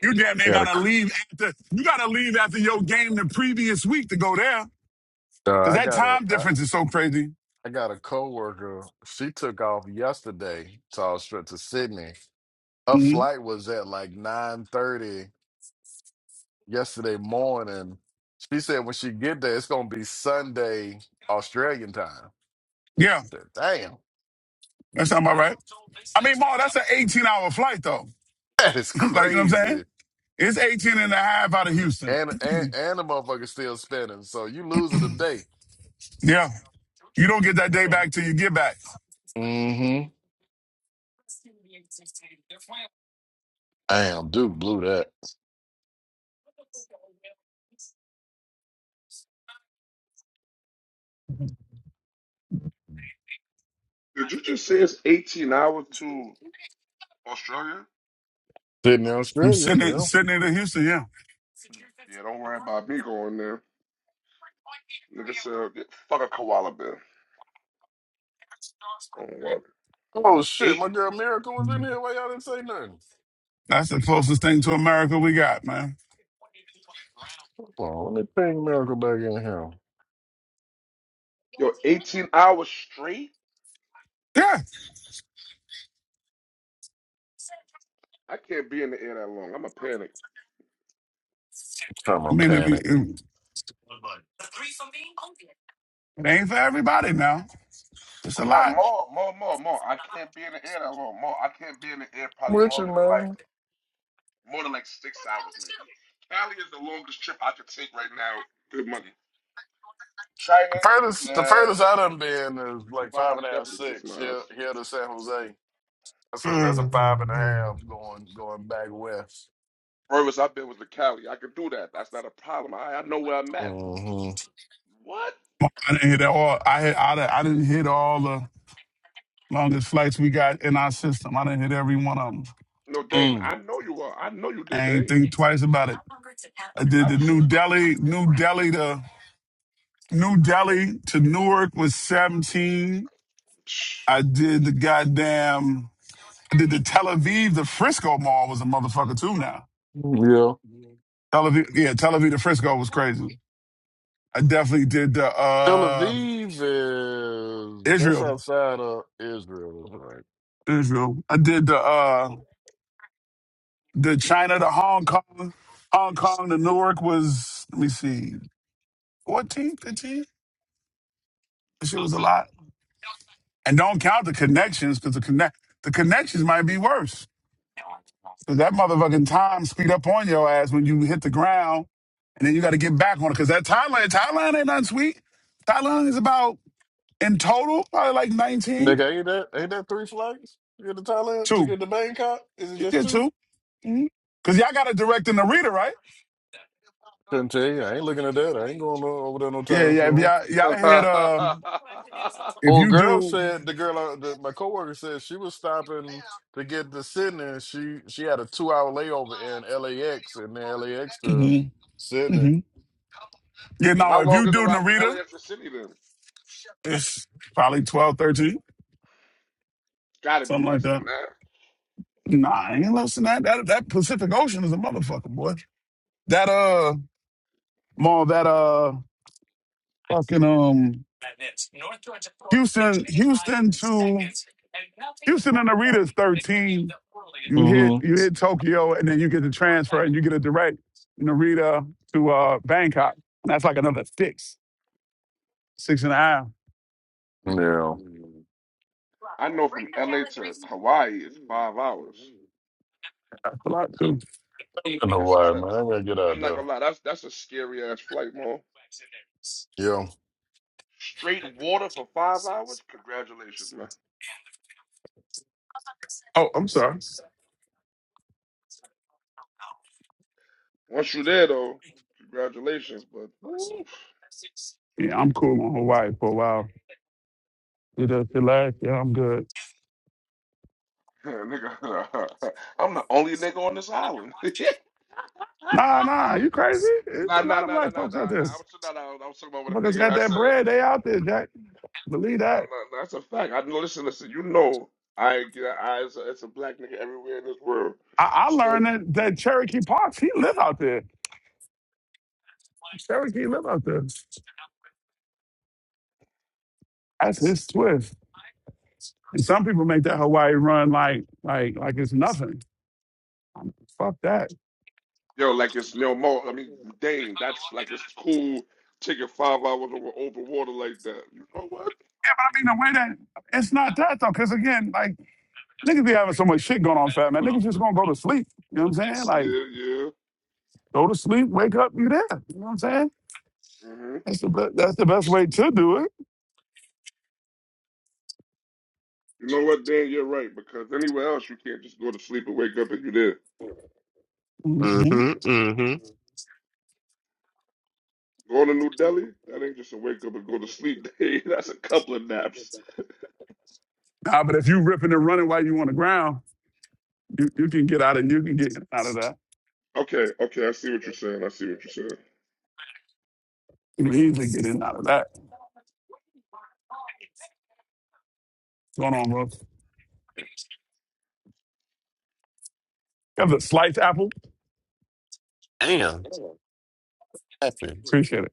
You damn I near got a, gotta c- leave after you gotta leave after your game the previous week to go there. uh, Cause I that got a, time I, difference is so crazy. I got a coworker. She took off yesterday to Australia to Sydney her hmm flight was at like 9.30 yesterday morning she said when she get there it's gonna be sunday australian time Yeah, said, damn that sound about right. I mean, Ma, that's an 18 hour flight though. that is like, you know what I'm saying? crazy It's 18 and a half out of Houston. and and and the motherfucker's still spinning so you losing a day Yeah. You don't get that day back till you get back. mm-hmm damn dude blew that Did you just say it's 18 hours to Australia? sitting in From australia Sydney, yeah Sydney to Houston, yeah. Yeah, don't worry about me going there. Nigga said, get fuck a koala bear. Don't worry. oh shit Eight? my girl miracle was in here why y'all didn't say nothing That's the closest thing to America we got, man. Hold on, let me ping miracle back in here I'm Yo, 18 hours straight? Yeah. I can't be in the air that long. I'm a panic. trying I to mean, if you, panic i it ain't for everybody now. It's a I'm not lot. more, more, more, more. I can't be in the air that long. More, I can't be in the air probably with longer you than like man more than like six hours maybe. Cali is the longest trip I could take right now. Good money. China, kiss my Furthest the ass. furthest I done been is like five Dubai, and a half, definitely kiss six my here ass. here to San Jose. That's a that's a five and a half going going back west. Furthest I've been was to Cali. I could do that. That's not a problem. I, I know where I'm at. hmm What? I didn't hit all, I, hit, I, I didn't hit all the Longest flights we got in our system. I didn't hit every one of them. No, Dane, Mm. I know you are. I know you did, I ain't Dane. think twice about it. I did I the New respect. Delhi, New Delhi to New Delhi to Newark was 17. Psh. I did the goddamn, I did the Tel Aviv, the Frisco Mall was a motherfucker too now. Yeah. Tel Aviv, yeah, Tel Aviv to Frisco was crazy. I definitely did the Tel uh Aviv is that's Israel, outside of Israel, right? Israel. I did the uh the China to Hong Kong, Hong Kong to Newark was let me see, 14, 15. That shit was a lot. And don't count the connections because the connect the connections might be worse. Because that motherfucking time speed up on your ass when you hit the ground, and then you got to get back on it. Because that Thailand, Thailand ain't nothing sweet. Thailand is about in total probably like nineteen Nigga, ain't that ain't that three flights to get to Thailand to two. get to Bangkok? Is it You just get two? 2 hmm Cause y'all got a direct and a reader, right? Couldn't tell you. I ain't looking at that. I ain't going no, over there no Yeah, time yeah. If soon. y'all, so y'all hit how uh, if Old you girl do, said the girl, uh, the, my coworker said she was stopping to get to Sydney. and She she had a two hour layover in LAX and then LAX to mm-hmm. Sydney. you know, if long you is the do ride from Narita, LAX to the City then? it's probably 12, 13, Gotta be something like less than that. that. Nah, I ain't less that. That that Pacific Ocean is a motherfucker, boy. That uh mall that uh fucking um Houston Houston to Houston and Narita is thirteen. You hit hmm you hit Tokyo and then you get the transfer and you get a direct Narita to uh Bangkok. And that's like another six, six and a half. Yeah, I know from LA to Hawaii is five hours. That's a lot too. I know That's why, not a man. I gotta get out I'm not there. gonna lie, that's that's a scary ass flight, man. Yeah, Straight water for five hours? Congratulations, man. Oh, I'm sorry. Once you're there though, congratulations, but woo. Yeah, I'm cool on Hawaii for a while. It does relax, yeah, I'm good. nigga, I'm the only nigga on this island. Nah, nah, you crazy? It's Nah, a nah, lot of nah, nah, black nah, folks out nah, nah. there. I'm sure, nah, nah, I was talking about what a Motherfuckers nigga got has that said. bread. They out there, Jack. Believe Nah, nah, that. nah, that's a fact. I know. Listen, listen. You know, I get eyes. It's a it's a black nigga everywhere in this world. I, I learned Sp- that, that Cherokee Parks, he live out there. Cherokee live out there. That's his twist. And some people make that Hawaii run like like like it's nothing. I'm- Fuck that. Yeah, Yo, like it's no more. I mean, dang, that's like it's cool. Taking five hours over, over water like that. You know what? but I mean the way that it's not that though, because again, like niggas be having so much shit going on, fat man. Niggas just gonna go to sleep. You know what I'm saying? Like Yeah, yeah. go to sleep, wake up, you there. You know what I'm saying? hmm That's the be- that's the best way to do it. You know what, Dan? You're right because anywhere else you can't just go to sleep and wake up and you there. hmm Mm-hmm. Mm-hmm. Going to New Delhi? That ain't just a wake up and go to sleep day. That's a couple of naps. Nah, but if you ripping and running while you on the ground, You you can get out of you can get out of that. Okay, okay, I see what you're saying. I see what you're You can easily get in out of that. What's going on, bro? saying. Got the sliced apple. Damn. what Happened. Appreciate it.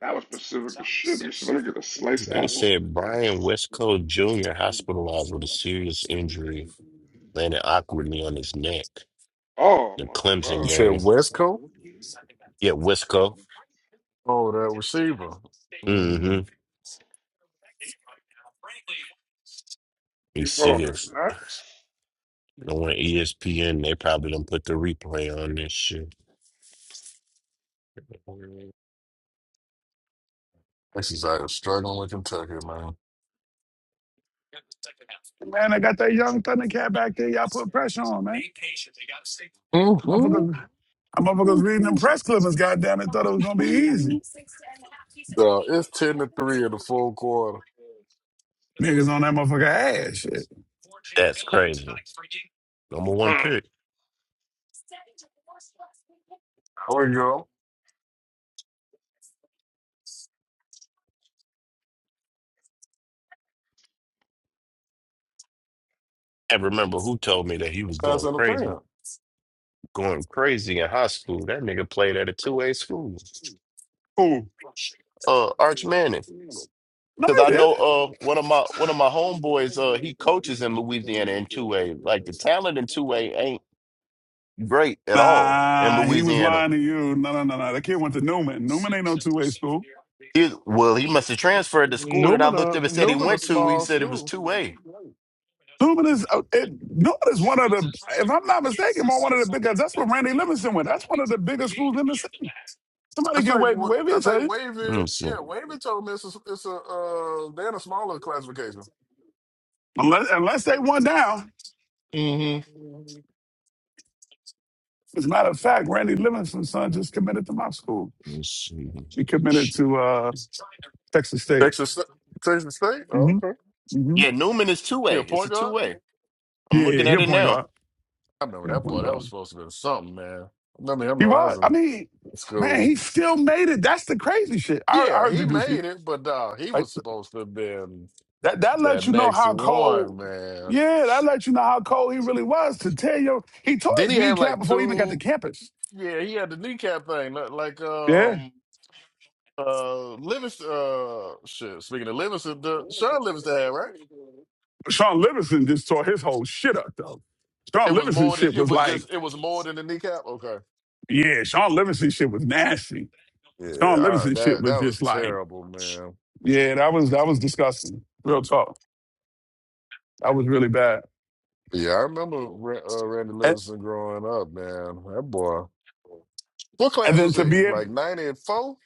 That was Pacific as shit. Let me, see- let me get a sliced They apple. said Brian Westcott Jr. hospitalized with a serious injury, landed awkwardly on his neck. Oh The my Clemson god. you said game. West Coast. Yeah, Westcott. Oh, that receiver. Mm-hmm. Mm. You He's put on that serious. nut? And when ESPN, they probably don't put the replay on this shit. This is out here struggling with Kentucky, man. Man, I got that young Thundercat back there. Y'all put pressure on, man. hmm Motherfuckers, I motherfuckers reading them press clippings. Goddamn, it thought it was gonna be easy. Uh, it's ten to three in the full quarter. Niggas on that motherfucker ass shit. That's crazy. Number one Mhm. pick. Or you go. And remember who told me that he was That's going an crazy, affair. going crazy in high school. That nigga played at a two A school. Cool. Uh, Arch Manning. No, Cause he I did. know uh one of my one of my homeboys uh he coaches in Louisiana in two A. Like the talent in two A ain't great at all in Nah, he was Louisiana. lying to you. No, no, no, no. That kid went to Newman. Newman ain't no two way school. He, well, he must have transferred to school that I Newman, looked a, up and said he Newman, a went to. He small said it was school. two A. Newman is uh, it, Newman is one of the, if I'm not mistaken, one of the biggest. That's what Randy Livingston went. That's one of the biggest schools in the city. I Somebody get think Wavy. what Wavy I will tell think you. Let Wavy, me see. Let yeah, Wavy told me it's a, it's a uh they're in a smaller classification. Unless, unless they won down. hmm As a matter of fact, Randy Livingston's son just committed to my school. me see. She committed to uh, Texas State. Texas Sta- Texas State? Oh, hmm okay. hmm Yeah, Newman is two A. Yeah, It's a point guard? two A. I'm Yeah, yeah, looking at he'll it point now. guard. I remember He'll that boy, point that was guard. supposed to be something, man. I mean, I He know I was. was I in mean, man, school. he still made it. That's the crazy shit. I, I Yeah, heard he you, Deucey. made it, but uh he Like was supposed to have been that. That that lets you know next how one, cold. man. Yeah, that lets you know how cold he really was to tell you. He tore Then his he had kneecap like before he even got to two campus. yeah, he had the kneecap thing, li- like Yeah. um Uh, Livingston. Uh, shit. Speaking of Livingston, the Sean Livingston had right. Sean Livingston just tore his whole shit up though. Sean It was Livingston more than shit it was was like, just. It was more than the kneecap. Okay. yeah, Sean Livingston shit was nasty. Yeah. Sean I, Livingston shit that was that just was like, terrible, man. yeah, that was that was disgusting. Real talk. That was really bad. Yeah, I remember Ra- uh, Randy And, Livingston growing up, man. That boy. What and class then was to he? be able, Like '94 and four,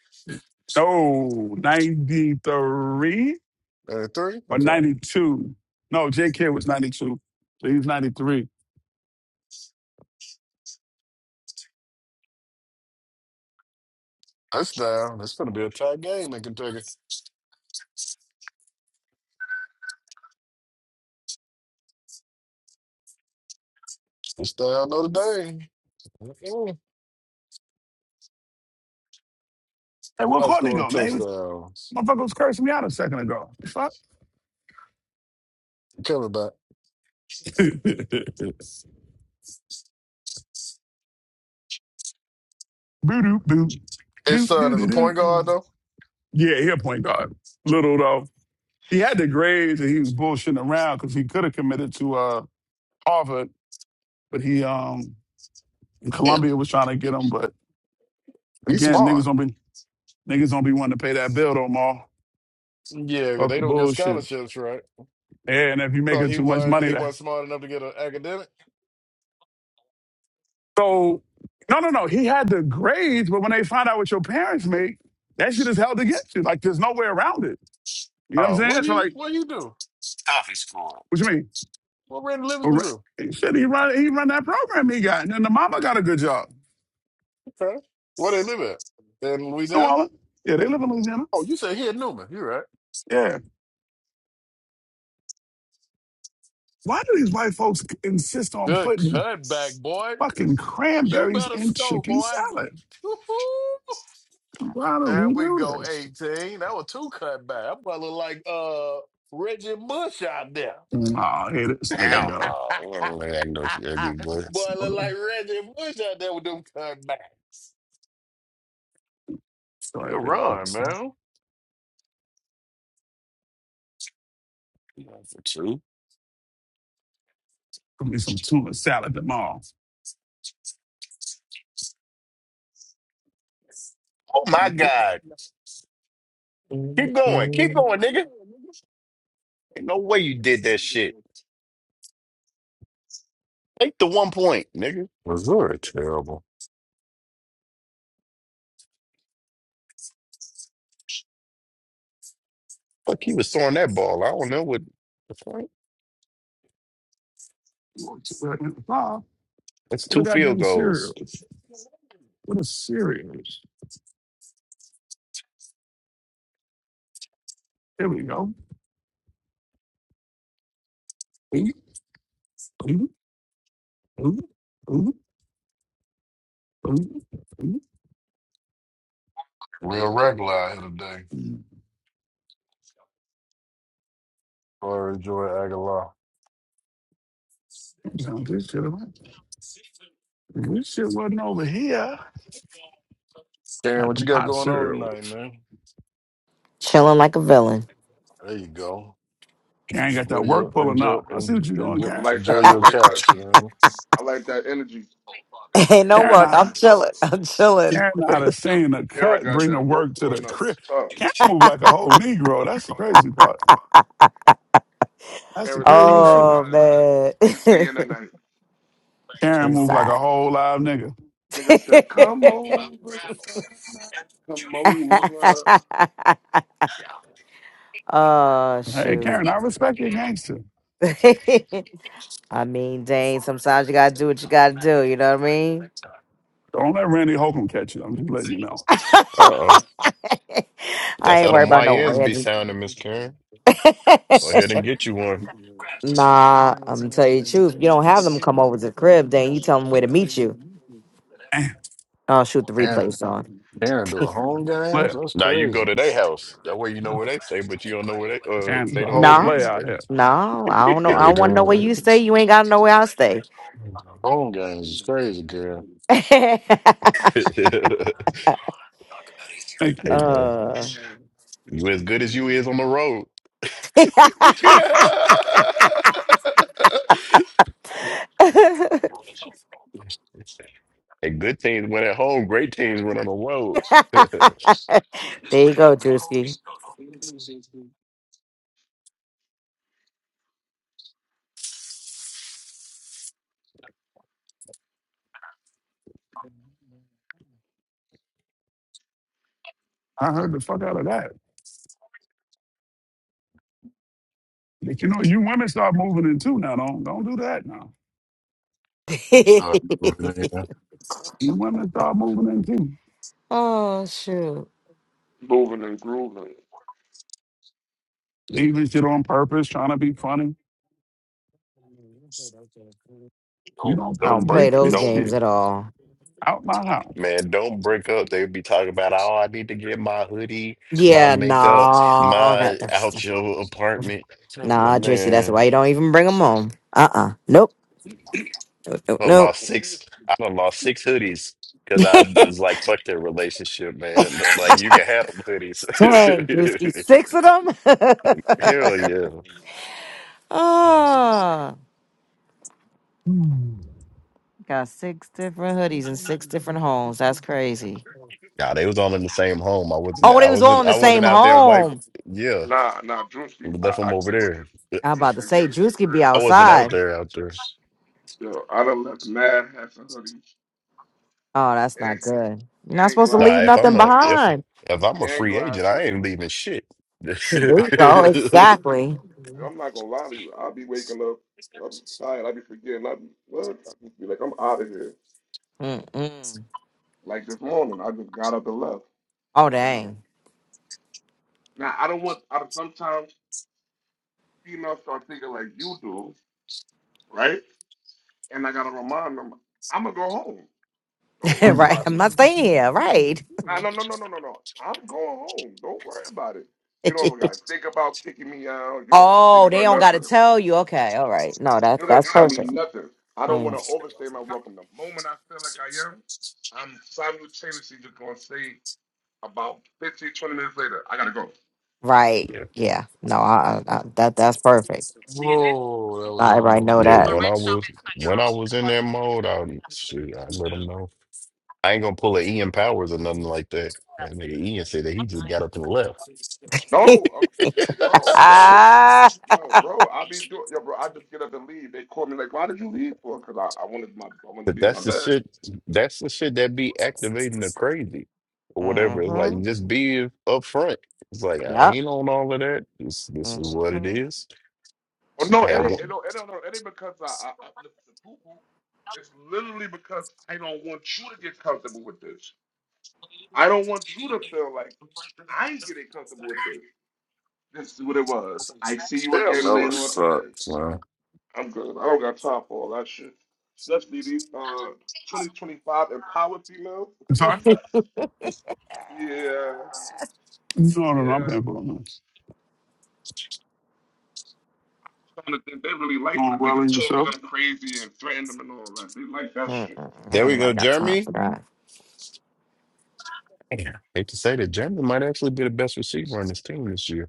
oh, 93 ninety three. or Okay. 92. No, JK was 92. So he's 93. That's down. It's gonna be a tight game in Kentucky. It's down Notre Dame. Mm-mm. Hey, where Let's Courtney go in go, man? He was, touchdowns. motherfucker was cursing me out a second ago. The Fuck. Coming back. Boo doo boo. His Doo son doo is doo a doo. point guard though. Yeah, he'll point guard. Little though, he had the grades and he was bullshitting around because he could have committed to uh, Harvard, but he um Damn. Columbia was trying to get him. But He's again, smart. niggas don't be niggas don't be wanting to pay that bill no more. Yeah, Fuck they the don't get bullshit. scholarships, right? Yeah, and if you So making he too much wasn't money, he that wasn't smart enough to get an academic. so no no no. He had the grades, but when they find out what your parents make, that shit is held against you. Like there's no way around it. You know what I'm Oh, saying? what So he like, what you do? what you mean? What Randy All Livingston right. do? Shit, he run he run that program he got, and then the mama got a good job. Okay, where they live at in New Louisiana? Orleans. Yeah, they live in Louisiana. Oh, you said he at Newman. You're right. Why do these white folks insist on Good putting cutback, boy. fucking You cranberries better in score, chicken boy. salad? Woo-hoo. Why do there we we do go, this? eighteen. That was two cutback. I'm probably look like uh Reggie Bush out there. Oh, here this boy, nigga Hell go. no. You ain't gonna let no CLD I boy. look like Reggie Bush out there with them cutbacks. Sorry, Good baby. run, Give man. You going for two? me some tuna salad tomorrow. Oh my God. Keep going. Keep going, nigga. Ain't no way you did that shit. Take the one point, nigga. Missouri, terrible. Fuck, he was throwing that ball. I don't know what the point. What That's a two field goddamn goals. cereal. What a cereal. Here we go. Ooh, ooh, ooh, ooh, ooh, Real regular out here today. ooh. Sorry, Joy Aguilar. this shit wasn't over here. Darren, Got what them you got hot going on cereals. tonight, man? Chilling like a villain. There you go. Karen got Enjoy that work your pulling enjoy up. I see what enjoy, you're doing, enjoy, I Karen. like enjoy that. I your like that. couch, you know. I like that energy. Ain't no You Karen, work. know, like I, I'm I a chilling. it. I'm chilling. Karen out of saying the Karen cut, got bring the that work work to the pulling up crib. was tough. Karen move like a whole Negro. That's the crazy part. That's the Karen said, Don't craziest worry shit. Oh about it. man. You can stay in tonight." Karen move like Inside. a whole live nigga. Nigga said, Come over, Clyde. come over. oh Hey, shoot. Karen, I respect your gangster. I mean, Dane, sometimes you gotta do what you gotta do, you know what I mean? Don't let Randy Holcomb catch you. I'm just letting you know. Uh oh. I That's ain't how them worried about no YNs be Randy. sounding, Miss Karen. Go ahead and get you one. nah, I'm gonna tell you the truth. You don't have them come over to the crib, then you tell them where to meet you. And I'll shoot, the Aaron, replay's on. Aaron doing home games? player. That's Now you go crazy. to their house. That way you know where they stay, but you don't know where they uh And the they don't know whole where No, you play out stay. here. no, I don't know. Yeah, I don't want to know where doing you stay. You ain't got to know where I stay. uh, home games is crazy, girl. hey Thank you. man. uh. You as good as you is on the road. And good teams win at home. Great teams win on the road. there you go, Drewski. I heard the fuck out of that. But you know, you women start moving in too now. Don't don't do that now. So, man. You women start moving in too. oh shoot! Moving and grooving. Leaving shit on purpose, trying to be funny. You Don't don't I don't don't come break play get those this don't games shit at all. out my house. man don't break up. They be talking about oh I need to get my hoodie, my Yeah, makeup, no, that, my that's out your apartment. So I'm like, nah, Drewski. That's man, why you don't even bring them home. Uh, uh nope, nope, nope. I done nope. lost six. I done lost six hoodies because I was like fuck their relationship, man. Like you can have them hoodies. Dang, Drewski, six of them. Hell yeah. ah. Got six different hoodies in six different homes. That's crazy. Nah, they was all in the same home. I wasn't. Oh, they I was all wasn't. in the I same wasn't out there. White. home. Yeah, Nah, nah, Drewski, we I, left I them over get what there. I'm you're, about Drewski, to I get say what you're Drewski be saying. I wasn't out outside. there. Out there. Yo, I done left mad hats and hoodies Oh, that's and not good. You're not gl- and supposed to glasses Nah, leave if I'm nothing a if behind. if I'm a and free agent, I glasses. ain't leaving shit. yeah, There I'm you not gonna go. lie to you. Exactly. Yo, I'm not gonna lie to you. I'll be waking up, I'll be tired, I'll be forgetting, I'll be what? I'll just be like, I'm out of here. Mm-mm. Like this morning, I just got up and left. Oh, I'm not. dang. Now I don't want. I don't, sometimes females start thinking like you do, right? And I gotta remind them, I'm gonna go home. Don't worry I'm right. about it. I'm not staying here. Right. No, no, no, no, no, no, no. I'm going home. Don't worry about it. You don't gotta think about kicking me out. You don't gotta think oh, they about don't got to nothing. You tell you. Okay. All right. No, that don't that's gotta tell me perfect. nothing. I don't Mm. wanna overstay my welcome. The moment I feel like I am, I'm simultaneously just gonna say about 15, 20 minutes later, I gotta go. Right. Yeah. No, I, I, I, that that's perfect. Whoa, that was Not everybody almost know yeah. that. When I picked. was when I was in that mode, I shoot, I let them know. I ain't gonna pull a Ian Powers or nothing like that. That nigga Ian said that he just got up and left. No, uh, yo, bro, bro, ah. yo, bro, i be doing, yo, bro, I just get up and leave. They call me like, why did you leave for? Because I, I wanted my, I wanted to But be in my that's the bed. shit. That's the shit that be activating the crazy or whatever. It's like just be upfront. It's like I Yep. ain't on all of that. This this is what it Mm-hmm. is. Oh no, I it had Got ain't. one. It don't. It don't. no, It ain't because I, I uplift the poo poo. It's literally because I don't want you to get comfortable with this. I don't want you to feel like I'm getting comfortable with this. This is what it was. I see you Damn, again Miller later on today. sucks, man. I'm good. I don't got time for all that shit. Let's be these uh 2025 empowered females. yeah, sorry? it. yeah. No, no, no, I'm paying for it. man. Some of the things they really like when a Doing nigga well talk in to yourself? them crazy and threaten them and all that. They like that shit. Mm-mm. I There ain't we nobody go, got time Jeremy. for Damn. Hate to say that Jeremy might actually be the best receiver on this team this year.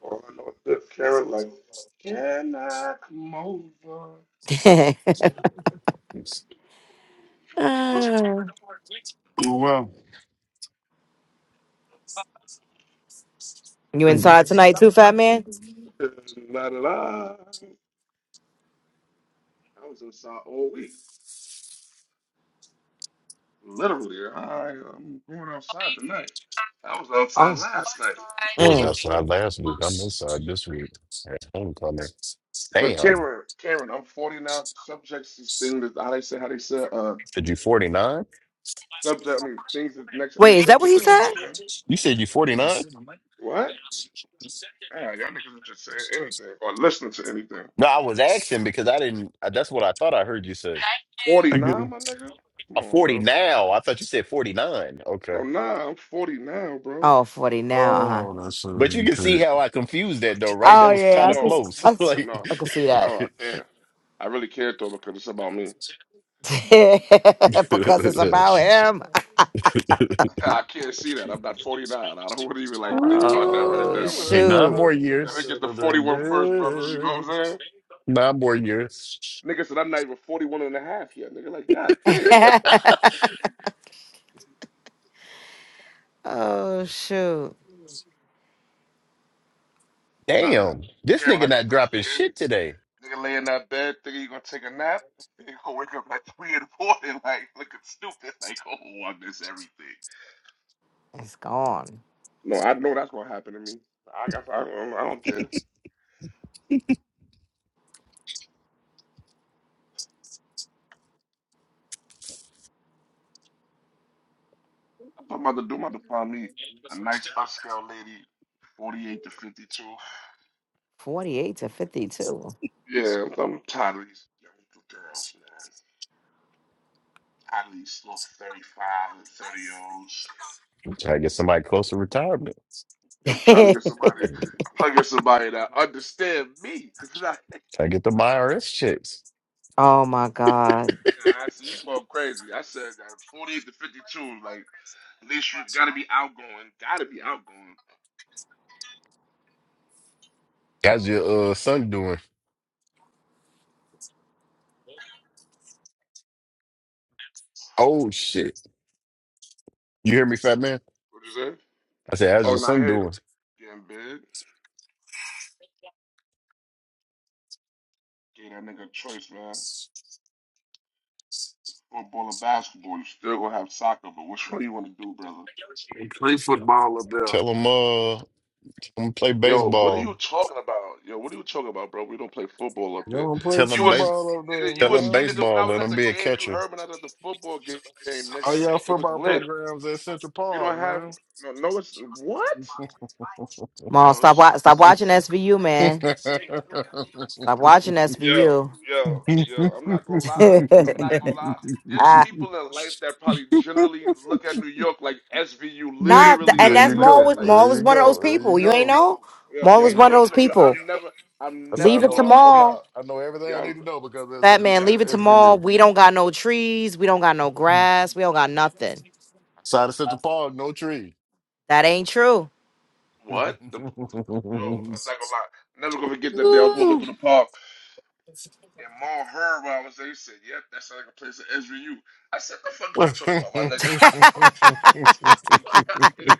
Or I know this Karen like, can I come over? that. It's- Uh, Doing well. you Thank you. inside tonight too, fat man? La da la. I was outside all week. Literally, I am going outside tonight. I was Oh. outside last night. I was Mm. outside last week. I'm inside this week. That's homecoming. But Damn. Karen, Karen, I'm 40 now. Subjects is things that how they say how they say uh Said you 49? subject. I mean things that next. I mean Wait, is that what subjects he that said? things that change. You said you 49? What? Yeah, y'all niggas are just saying anything or listening to anything. No, I was asking because I didn't. That's what I thought I heard you say. Thank 49, you. my nigga. Come A on, 40 bro. now. I thought you said 49. Okay. Oh nah, I'm 40 now, bro. Oh, 40 now, uh-huh. Oh, that should have But you been can picked. see how I confused that though, right? Oh That was yeah, kind I of could No, close. I, like no, I could see that. no, I can't. I really can't though because it's about me. because it's about him. I can't see that. I'm not 49. I don't want to even like think about that right Ooh, Oh now, my Hey, that nigga. could nine shoot. more have that Let me years. get could the have forty been one first, first, brother. You know what I'm big. saying? Nine more years. Nigga said I'm not even 41 and a half yet. Nigga, like, god damn. oh shoot. Nah, but Damn. This Cameron, nigga I just not finished dropping eating. shit today. Nigga lay in that bed, thinking you gonna take a nap. You gonna wake up like three in the morning, like looking stupid, like, oh, I miss everything. It's gone. No, I know that's gonna happen to me. I, I, I, don't- I don't care. My mother do I'm about to find me a nice upscale lady, 48 to 52. 48 to 52. Yeah, I'm I'm tired of these young girls, man. Tired of these little 35 and 30 olds. Try to get somebody close to retirement. I'm trying to get somebody, Try I'm trying to get somebody that understand me. It's like, to get the IRS checks. oh my god. nah, I see you going crazy. I said that 48 to 52, like, at least you gotta be outgoing. Gotta be outgoing. How's your uh, son doing? Oh shit. You hear me, fat man? What you say? I said, how's Oh, your now I son hear you. doing? Getting big. Give that nigga a choice, man. football or basketball. You still gonna have soccer, but which one you wanna do, brother? Play football up there. Tell him uh tell him to play Yo, what are baseball. you talking about? Yo, what are you talking about, bro? We don't play football up Y'all here. don't play Tell You him was baseball. football up there, nigga, you Tell him was you man. nigga when I baseball. was Let at him the be a game, you catcher. heard when I was at the football game, All nigga. y'all It was football lit. programs at Central You Park, don't have man. no no it's what? Mom, Yo, this stop shit wa- stop watching sucks. SVU, man. Stop watching yo, SVU. yo, yo, I'm not gonna lie. I'm not gonna lie. There's Ah, people in life that probably generally look at New York like SVU, nah, th- literally and there like you that's look Maul at go. was like There Maul you was one of those go. There you people. You ain't go. know? yo, Maul There yo, was you I go. one of those rem- yo, people. I'm never, I'm That's how I Leave never it know to gonna all forget it. Maul. about. I know everything I need Yo, to know because it's a Fat v- man, yeah. leave it uh, to Maul. SVU. We don't got no trees. We don't got no grass. We don't got nothing. Side of Central Park, no tree. That ain't true. what? The, yo, I'm not gonna lie, never gonna forget that day. I was walking through the park, and Ma heard what I was there. He said, "Yep, that sounds like a place of Ezra U." I said, "The fuck is you talking about, my nigga?" Fuck out of here.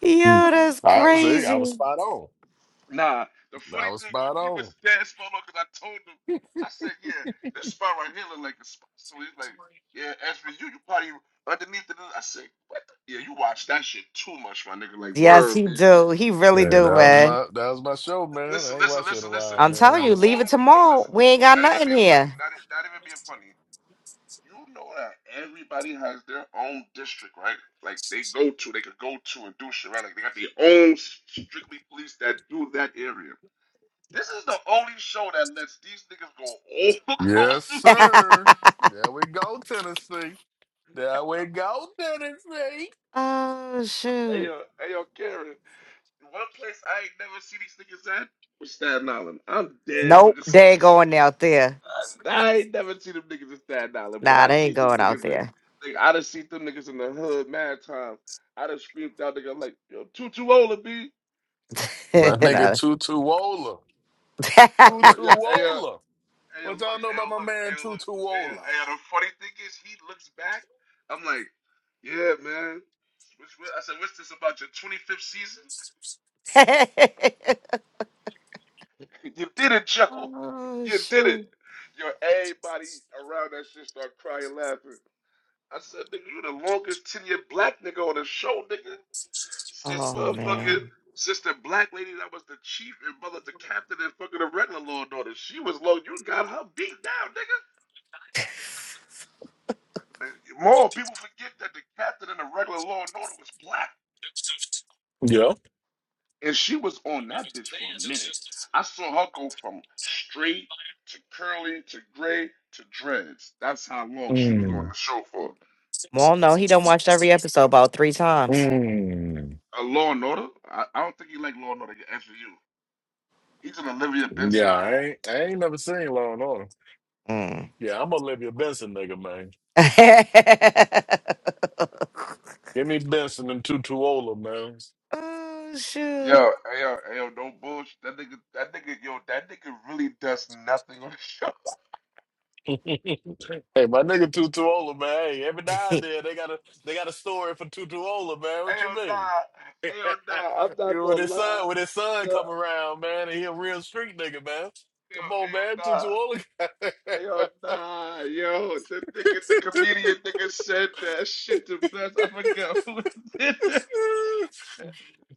Yo, that's I see. I was crazy. spot on. nah, the I funny was thing, oh, spot he on. was dead spot on because I told him. I said, "Yeah, this spot right here look like a spot." So he's like, "Yeah, Ezra U, you probably underneath it." I said, "What?" The? Yeah, you watch that shit too much, my nigga. Like, Yes, word, he bitch. do. He really Yeah, that do, was man. my that was my show, man. Listen, I ain't listen, watched it in a listen, listen. while, I'm The man. telling you, But leave it only to yo, Maul. listen. We ain't got Not even nothing being funny. here. Not not even being funny. You know that everybody has their own district, right? Like they go to, they could go to and do shit, right? Like they got their own strictly police that do that area. This is the only show that lets these niggas go all across yes, New sir. There we go, Tennessee. There we York. go, Tennessee. oh Hey shoot. yo, hey yo, Karen. One place I ain't never see these niggas at was Staten Island. I'm dead Nope, fucking they ain't serious. going out there. I ain't never seen them niggas in Staten Island, but Nah, I they see ain't them going out niggas. In, there. like, I done seen them niggas in the hood mad times. I done screamed out, nigga, I'm like, yo, too, too old to be. My nigga No. Tutu Wola. Uh, yo, yo, hey, uh, Tutuola. hey, yo, What y'all look, know hey, yo, about my look, hey, man yo, look. Hey, uh, Tutuola? hey, uh, the funny thing is, he looks back. I'm like, yeah, man. Which, what- I said, what's this about your 25th season? You did it, Joe. oh You did it. shoot. Yo, everybody around that shit start crying, laughing. I said, nigga, you the longest tenured black nigga on the show, nigga. This Oh motherfucking man. sister black lady that was the chief and mother the captain and fucking the regular little daughter. She was low. You got her beat down, nigga. More people forget that the captain and the regular law and order was black. Yeah. And she was on that bitch for a minute. I saw her go from straight to curly to gray to dreads. That's how long she was on Mm. the show for. Well, no, he done watched every episode about three times. Mm. A law and order? I, I don't think he like law and order. Actually, you. He's an Olivia Yeah, Benson dude. I ain't, I ain't never seen Law and Order. Mm. Yeah, I'm Olivia Benson, nigga, man. Give me Benson and Tutuola, man. oh shoot. Yo, hey, yo, hey, yo, no bullshit. That nigga, that nigga, yo, that nigga really does nothing on the show. hey, my nigga Tutuola, man. Hey, every now and then they got a they got a story for Tutuola, man. What you Hell mean? nah, hell nah. I'm not when gonna his lie. son, when his son Yo, come around, man, and he a real street nigga, man. hey, Come on, man, Tutuola. yo, hell nah, hell nah. Yo, the nigga, the comedian nigga said that shit to best. I forgot who it did that. That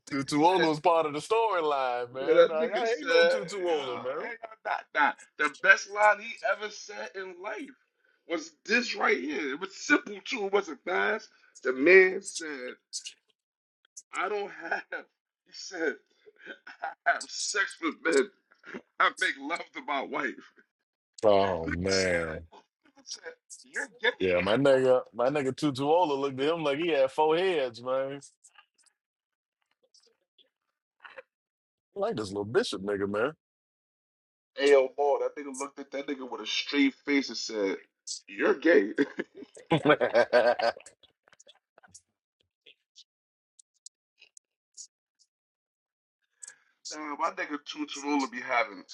nigga Tutuola said. was part of the storyline, Yeah, man. that I, I nigga ain't said, no Tutuola, yo, man. hell nah, nah. The best line he ever said in life was this right here. It was simple too. It wasn't fast. The man said. I don't have, he said, I have sex with men. I make love to my wife. Oh He said, man, he said you're gay. yeah, my nigga, my nigga Tutuola looked at him like he had four heads, man. I like this little bishop nigga, man. Ayo, Mo, that nigga looked at that nigga with a straight face and said, you're gay. nah, my nigga Tutarula be having.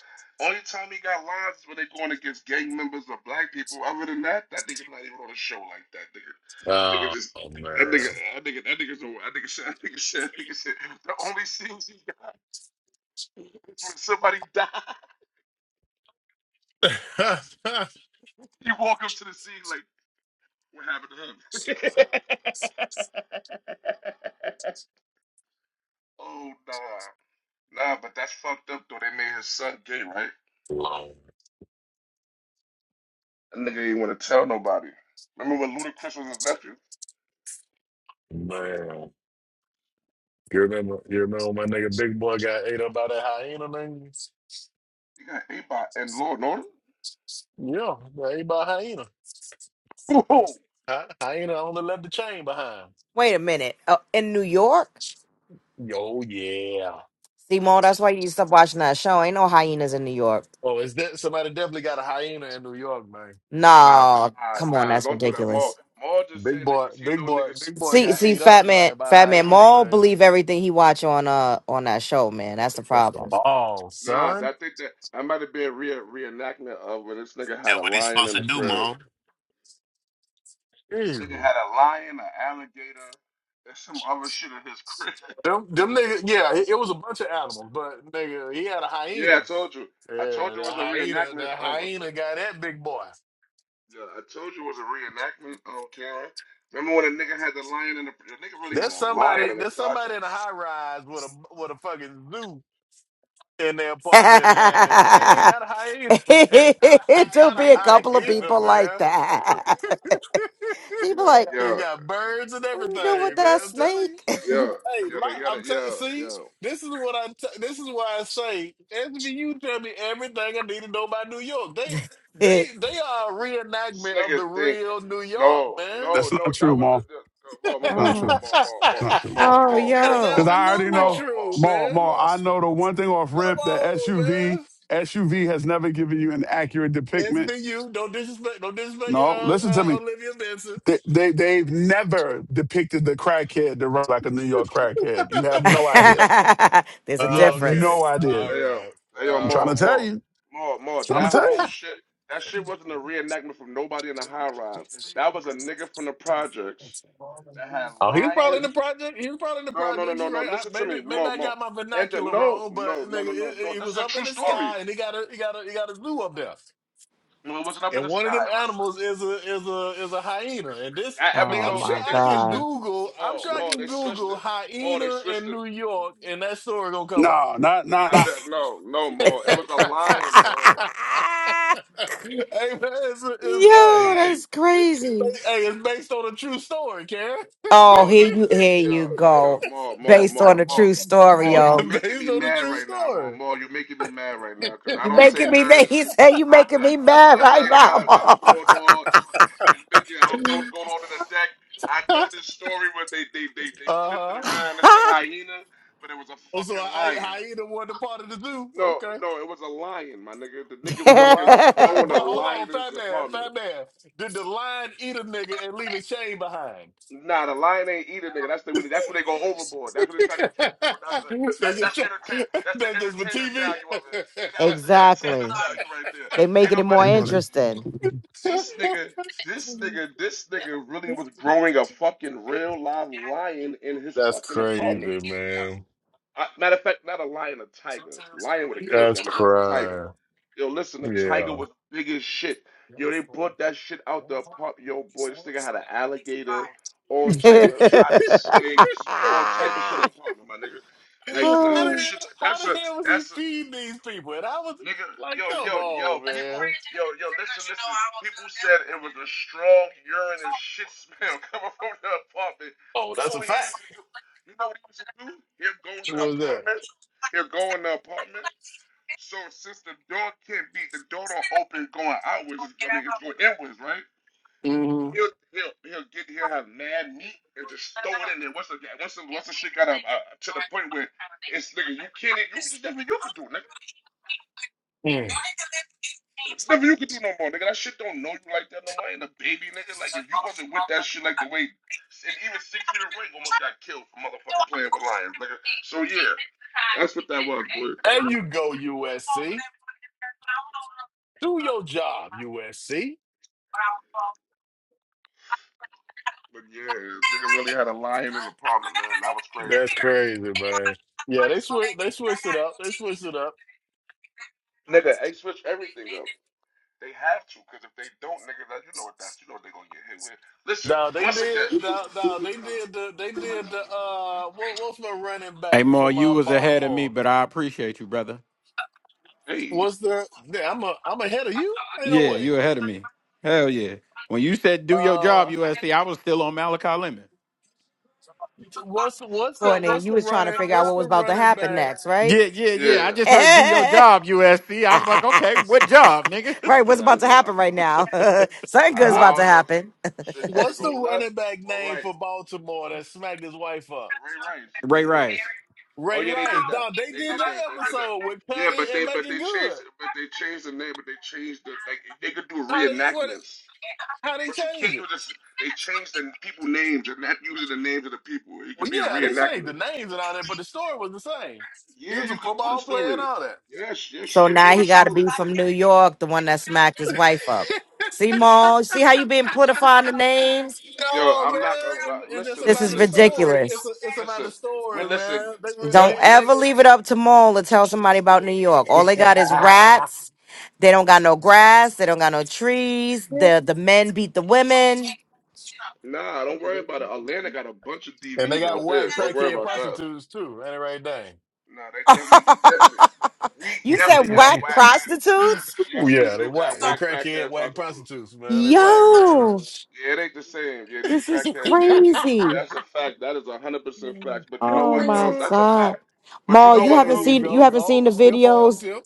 Only time he got lines is when they going against gang members or black people. Other than that, that nigga not even on a show like that, nigga. That nigga oh just, that man, nigga, that nigga, that nigga's a, that nigga said, that nigga said, that nigga said, the only scenes he got. When somebody died, you walk up to the scene like, what happened to him? oh, nah. Nah, but that's fucked up, though. They made his son gay, right? long That nigga didn't want to tell nobody. Remember when Ludacris was his nephew? man. You remember, you remember my nigga Big Boy got ate up by that hyena thing? He got ate by and Lord Norton? Yeah, got ate by a hyena. Whoa. Hy- Hyena only left the chain behind. Wait a minute. Oh, in New York? Oh yeah. Simone, that's why you need to stop watching that show. Ain't no hyenas in New York. Oh, is that somebody definitely got a hyena in New York, man? Nah, but, No, uh, come on, nah, that's don't do that, ridiculous. Maul. Maul just Big saying that boy, 'cause he big know boy, niggas. big boy See, got see, ate Fat up, Man, man, by a Fat Man hyena, Maul man. believe everything he watch on uh on that show, man. That's the Catch the problem. ball, Nah, son. I think that that might have been re reenactment of when this nigga had That's a what he's lion supposed in to the do, crib. Mom. Jesus. Nigga had a lion, an alligator, and some other shit in his crib. Them, them niggas, yeah, it, it was a bunch of animals, but nigga, he had a Yeah, I hyena. told you. Yeah, I told you the it was a hyena, reenactment. the Oh my hyena god. got that big boy. Yeah, I told you it was a reenactment. Oh, Karen. Remember when a nigga had the lion in the? The nigga really had There's a somebody. lion in the There's somebody in a projects. high rise with a with a fucking zoo in their apartment, man, and, and they got a hyena. Man. They It'll got be a a couple of hyena, people like man. that. He be like, They Yeah, got birds and "What you doing with everything, man. that I'm telling you. snake?" yeah, Hey, yeah, they- li- yeah, I'm they- telling. yeah, See, yeah. this is what I. T- this is why I say SVU tell me everything I need to know about New York. They they they are a This reenactment of nigga the think. real New York, No, man. no, That's not no. true, That was Ma. a the, the, more, more, more, Not more, more, more, true. oh, that more, It's more, not true. more, oh, more, is yo. Because more, I already absolutely more, know, more, true, Ma, man. Ma, more. I know the one thing off Come rip that on, SUV, man. SUV has never given you an accurate It's depiction. been you. Don't disrespect. Don't disrespect No, uh, listen to uh, me. Olivia Benson. They, they, they've never depicted the crackhead to run like a New York crackhead. okay. You have no idea. There's a You have All no difference. idea. Hey yo, right. hey yo, I'm All trying more, to right. tell more, you. more, more. Trying to That tell whole you. shit, that shit wasn't a reenactment from nobody in the high rise. That was a nigga from the projects that had oh, he was probably lion. in the project. He was probably in the No, no, no, project. no, you no. right. I, Listen to maybe me, maybe more, I more. got my And the, vernacular no, wrong, but no, no, nigga, it, no, no, it, no. it This was is a up true in the story. sky, and he got a he got a he got a zoo up there. No, it wasn't up in And the one sky. of them It was animals is a is a is a hyena. And this that nigga, Oh I'm episode? sure They my they I can switched it. god. Google. I'm More, sure I more. can They switched Google it. More. They hyena switched in it. New York, and that story gonna come up. No, not not I not. bet no, no, hey more. It was a lion, more. man, it's, it's, yo, hey, that's crazy. hey, it's based on a true story, Karen. Oh, No, the here you here you yo, go. yo, more, more, Based on more, a more, true story, more. You yo. making based me on a mad true right now, more, story. more. You making me mad right now because I You don't say making me mad. none. He said you I, making me I don't mad say right none about what's now. going on. Mickey, I don't know what's going on in the deck. I know this story where they they they they Uh flipped it huh. around and said Mom." hyena, but it was a Also, fucking I I lion. hyena wasn't a part of the zoo. No, Okay, no, it was a lion, my nigga. The nigga Did the fucking lion. was But throwing but a hold lion on, in his fat man, apartment. fat man. Did the lion eat a nigga and leave his chain behind? Nah, the lion ain't eat a nigga. That's the they that's when they go overboard. That's when they just try to try, keep you. know, That's the that's that's entertain. That's the they just for entertainment TV. value of it. You know, it's the entertainment exactly. value right there. They Ain't making it Hey, nobody. more can- buddy. interesting. This nigga, this nigga, this nigga really was growing a fucking real live lion in his That's fucking crazy, apartment. man. I, matter of fact, not a lion, a tiger. Lion would have killed That's that nigga. It was a tiger. crying. Yo, listen, the tiger Yeah. was big as shit. Yo, they brought that shit out the apartment. Yo, boy, this nigga had an alligator, all type of exotic snakes, all type of shit in the apartment, my nigga. How Like, nah, Oh, that the shit, hell? that's How a, the hell was he that's a, feeding these people? And I was nigga, like, yo, yo, "Come yo, on, people, man." yo, yo, listen, listen. People said it was a strong urine and shit smell coming from the apartment. Oh, You that's know a what he fact. used to do? You know what he used to do? He'll go in What the was that? apartment. He'll go in the apartment. So since the door can't be the door don't open going outwards, I mean it's going inwards, right? Mm-hmm. He'll he'll he'll get he'll have mad meat and just throw it in there. Once the once the, once the shit got up uh, to the point where it's nigga you can't e, you there's nothing you could do, nigga. There's nothing you could do no more, nigga. That shit don't know you like that no more. And the baby, nigga, like if you wasn't with that shit like the way and even six feet of ring almost got killed for motherfucking playing with lions, nigga. So yeah, that's what that was, boy. And you go USC. Do your job, USC. But yeah, nigga really had a lion in the apartment, man. That was crazy. That's crazy, man. Yeah, they switch. They switched it up. They switched it up. Nigga, they switch everything up. They have to, because if they don't, nigga, that, you know what that's, you know what they're gonna get hit with. Listen, Now they once again, did. Now no, they did the. They did the. Uh, what, what's my running back from uh Baltimore? hey, What's the? yeah, I'm a, I'm ahead of you. Ain't no way. Uh, what's what's the Courtney, what's you the was trying to running figure out what's what the was about to running happen back? next, right? yeah, right, what's I about to know. happen right now? Something I, good's What about I to don't know. if happen. Shit about to what's the go left running back or name right. for Baltimore that smacked his wife up? Ray Rice, Ray Rice. Oh Ray yeah, they Rice. did that. Dog, they They did did that that. They did that. episode with Yeah, cutting but and they but making they good. changed it. But they changed the name. But they changed the like they could do How they what? reenactments. How they But you changed can't it? use this. They changed the people names and not using the names of the people. It could Well, be a yeah, they changed the reenactment. names and all that, but the story was the same. He Yeah, was a you could do the football player and story. all that. Yes, yes, you So could do now the he got to be story. from New York, the one that smacked his wife up. See, Maul, see how you been politifying the names? Yo, No man, I'm not gonna it's, lie. it's just Listen, This about listen, is the listen, listen, story. It's ridiculous. a, it's about the listen. We story, listen. man. They re- Don't they Them, them. they ever leave it up to Maul to tell somebody about New York. All they got is Nah, rats. They don't got no grass. They don't got no trees. The the men beat the women. nah. Don't worry about it. Atlanta got a bunch of And they DVs got out whack there. Don't worry crackhead about that. prostitutes too. Ain't it right dang? Nah, they definitely, we definitely, we You said definitely got whack whack. prostitutes? Oh, Yes, we yeah, they do got Whack. They whack crackhead crackhead whack prostitutes. prostitutes, man. They Yeah, it whack, ain't man. Yo, that. Yeah, it ain't the same. Yeah, these this is crackheads. Yeah, crazy. yeah. That's a fact. That is a hundred percent fact. But you know Oh what though? my That's a god. fact. But you Maul, know you what there haven't though? you seen you go. haven't seen Oh, the stiff arm videos. tip.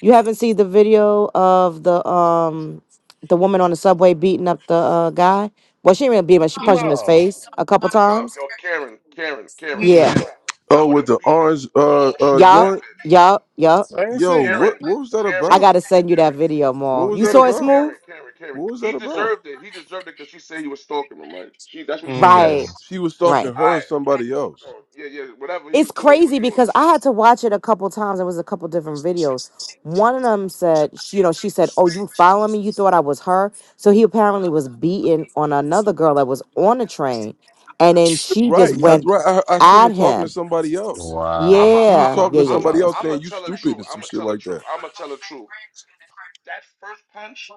You haven't seen the video of the um the woman on the subway beating up the uh guy. Well, she didn't really beat him, up, she punched him in his No. face a couple Yo, times. yo, Karen, Karen, Karen, Yeah. Mm-mm. Karen. Oh, I would with the have beat the orange uh dog shit uh out Yup. that joint. bitch. Yup. Yup. I ain't Yo, seen that. Karen, what what was that I Karen, about? gotta send you that Karen, video, What Maul. was You that saw it Karen, about? smooth? Karen, Karen, Karen. What was that He about? deserved it. He deserved it because she said he was stalking him, right? She, that's what she Right. Mm. says. She was talking Right. to All her or right. somebody else. Oh, yeah, yeah. Whatever he it's was doing, he was crazy doing. because I had to watch it a couple times. It was a couple different videos. One of them said, sh- you know, she said, "Oh, you follow me? You thought I was her?" So he apparently was beaten on another girl that was on the train, and then she just Right. That's went right. I I seen her at talking to him. somebody else. I'm Wow. a, I'm She was Yeah, a, talking yeah, to yeah, I'm yeah. a, somebody That's- else I'm a saying you tell the stupid truth. and some I'm a shit tell the like truth. that. I'm a tell the truth. That first punch,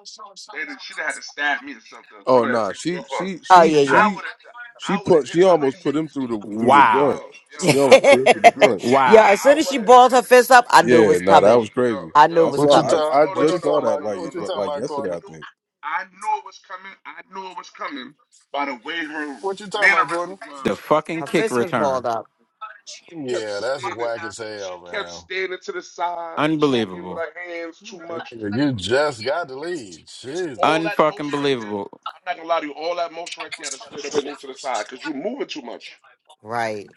they she'd have had to stab me or something. Oh Somebody had to nah, take me she off her. she Oh, she yeah, I she would have, she I would have put hit she her like almost she. put him through the through the yo, joint. yo, She I almost would yeah, put have him hit through the her. joint. yeah. As I soon as she would have, balled her fist up, I knew it Yeah, was nah, that coming. was yo, crazy. I knew it I yo. was What you saw coming. I, talk I No, no, what no, you just no, saw no, talking no, that about? no, like no, no, What you no. like talking like about, I yesterday, Courtney? I knew, think. I knew it was coming. I knew it was coming by the way her What you talking about, Courtney? mannerisms was. Her fist was balled up. She kept Yeah, that's standing. whack as She hell, kept standing to the side, talking with her hands too man. Like, much. nigga, You just got to leave. All Jesus. that motion right there. I'm not gonna lie to you. All that motion right there, I stood up and moved to the side because you're moving too much. Right.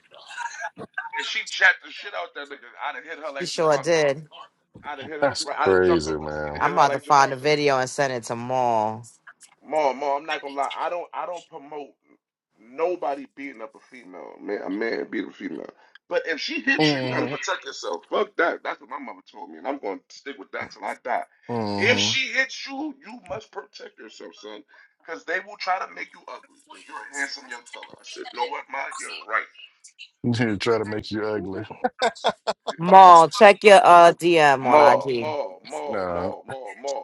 If she jacked the shit out that nigga, I'd have hit her She like sure Javante. did. I'd have hit her. That's Right, I'd have jumped crazy, off that seat man. and I'm hit her about to like find the Javante. video and send it to Maul. Ma, ma, I'm not gonna lie. I don't, I don't promote nobody beating up a female. Man, a man beating a female. But if she hits you, you gotta Mm-hmm. protect yourself. Fuck that. That's what my mother told me, and I'm gonna stick with that till I die. If Mm-hmm. she hits you, you must protect yourself, son, because they will try to make you ugly. And you're a handsome young fella. I said, no, what, ma? You're right. Here, try to make you ugly. Maul, check your uh DM on Ma, IG. ma, ma, Nah, ma, ma, ma.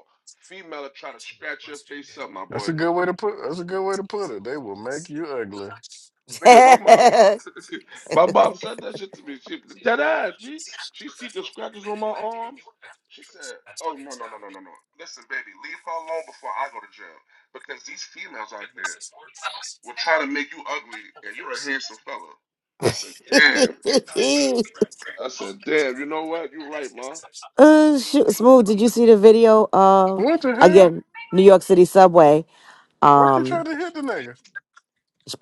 Female are trying to scratch your face up, my that's boy. a good way to put. That's a good way to put it. They will make you ugly. Nigga, my mom, my mom said that shit to me. She dead ass me. She see the scratches on my arms. She said, "Oh no, no, no, no, no, no. Listen, baby, leave her alone before I go to jail because these females out here will try to make you ugly, and you're a handsome fella." I said, "Damn." I said, "Damn." You know what? You're right, ma. uh, shoot. Smooth, did you see the video of What the hell? again New York City subway? Why she trying Um, to hit the nigga?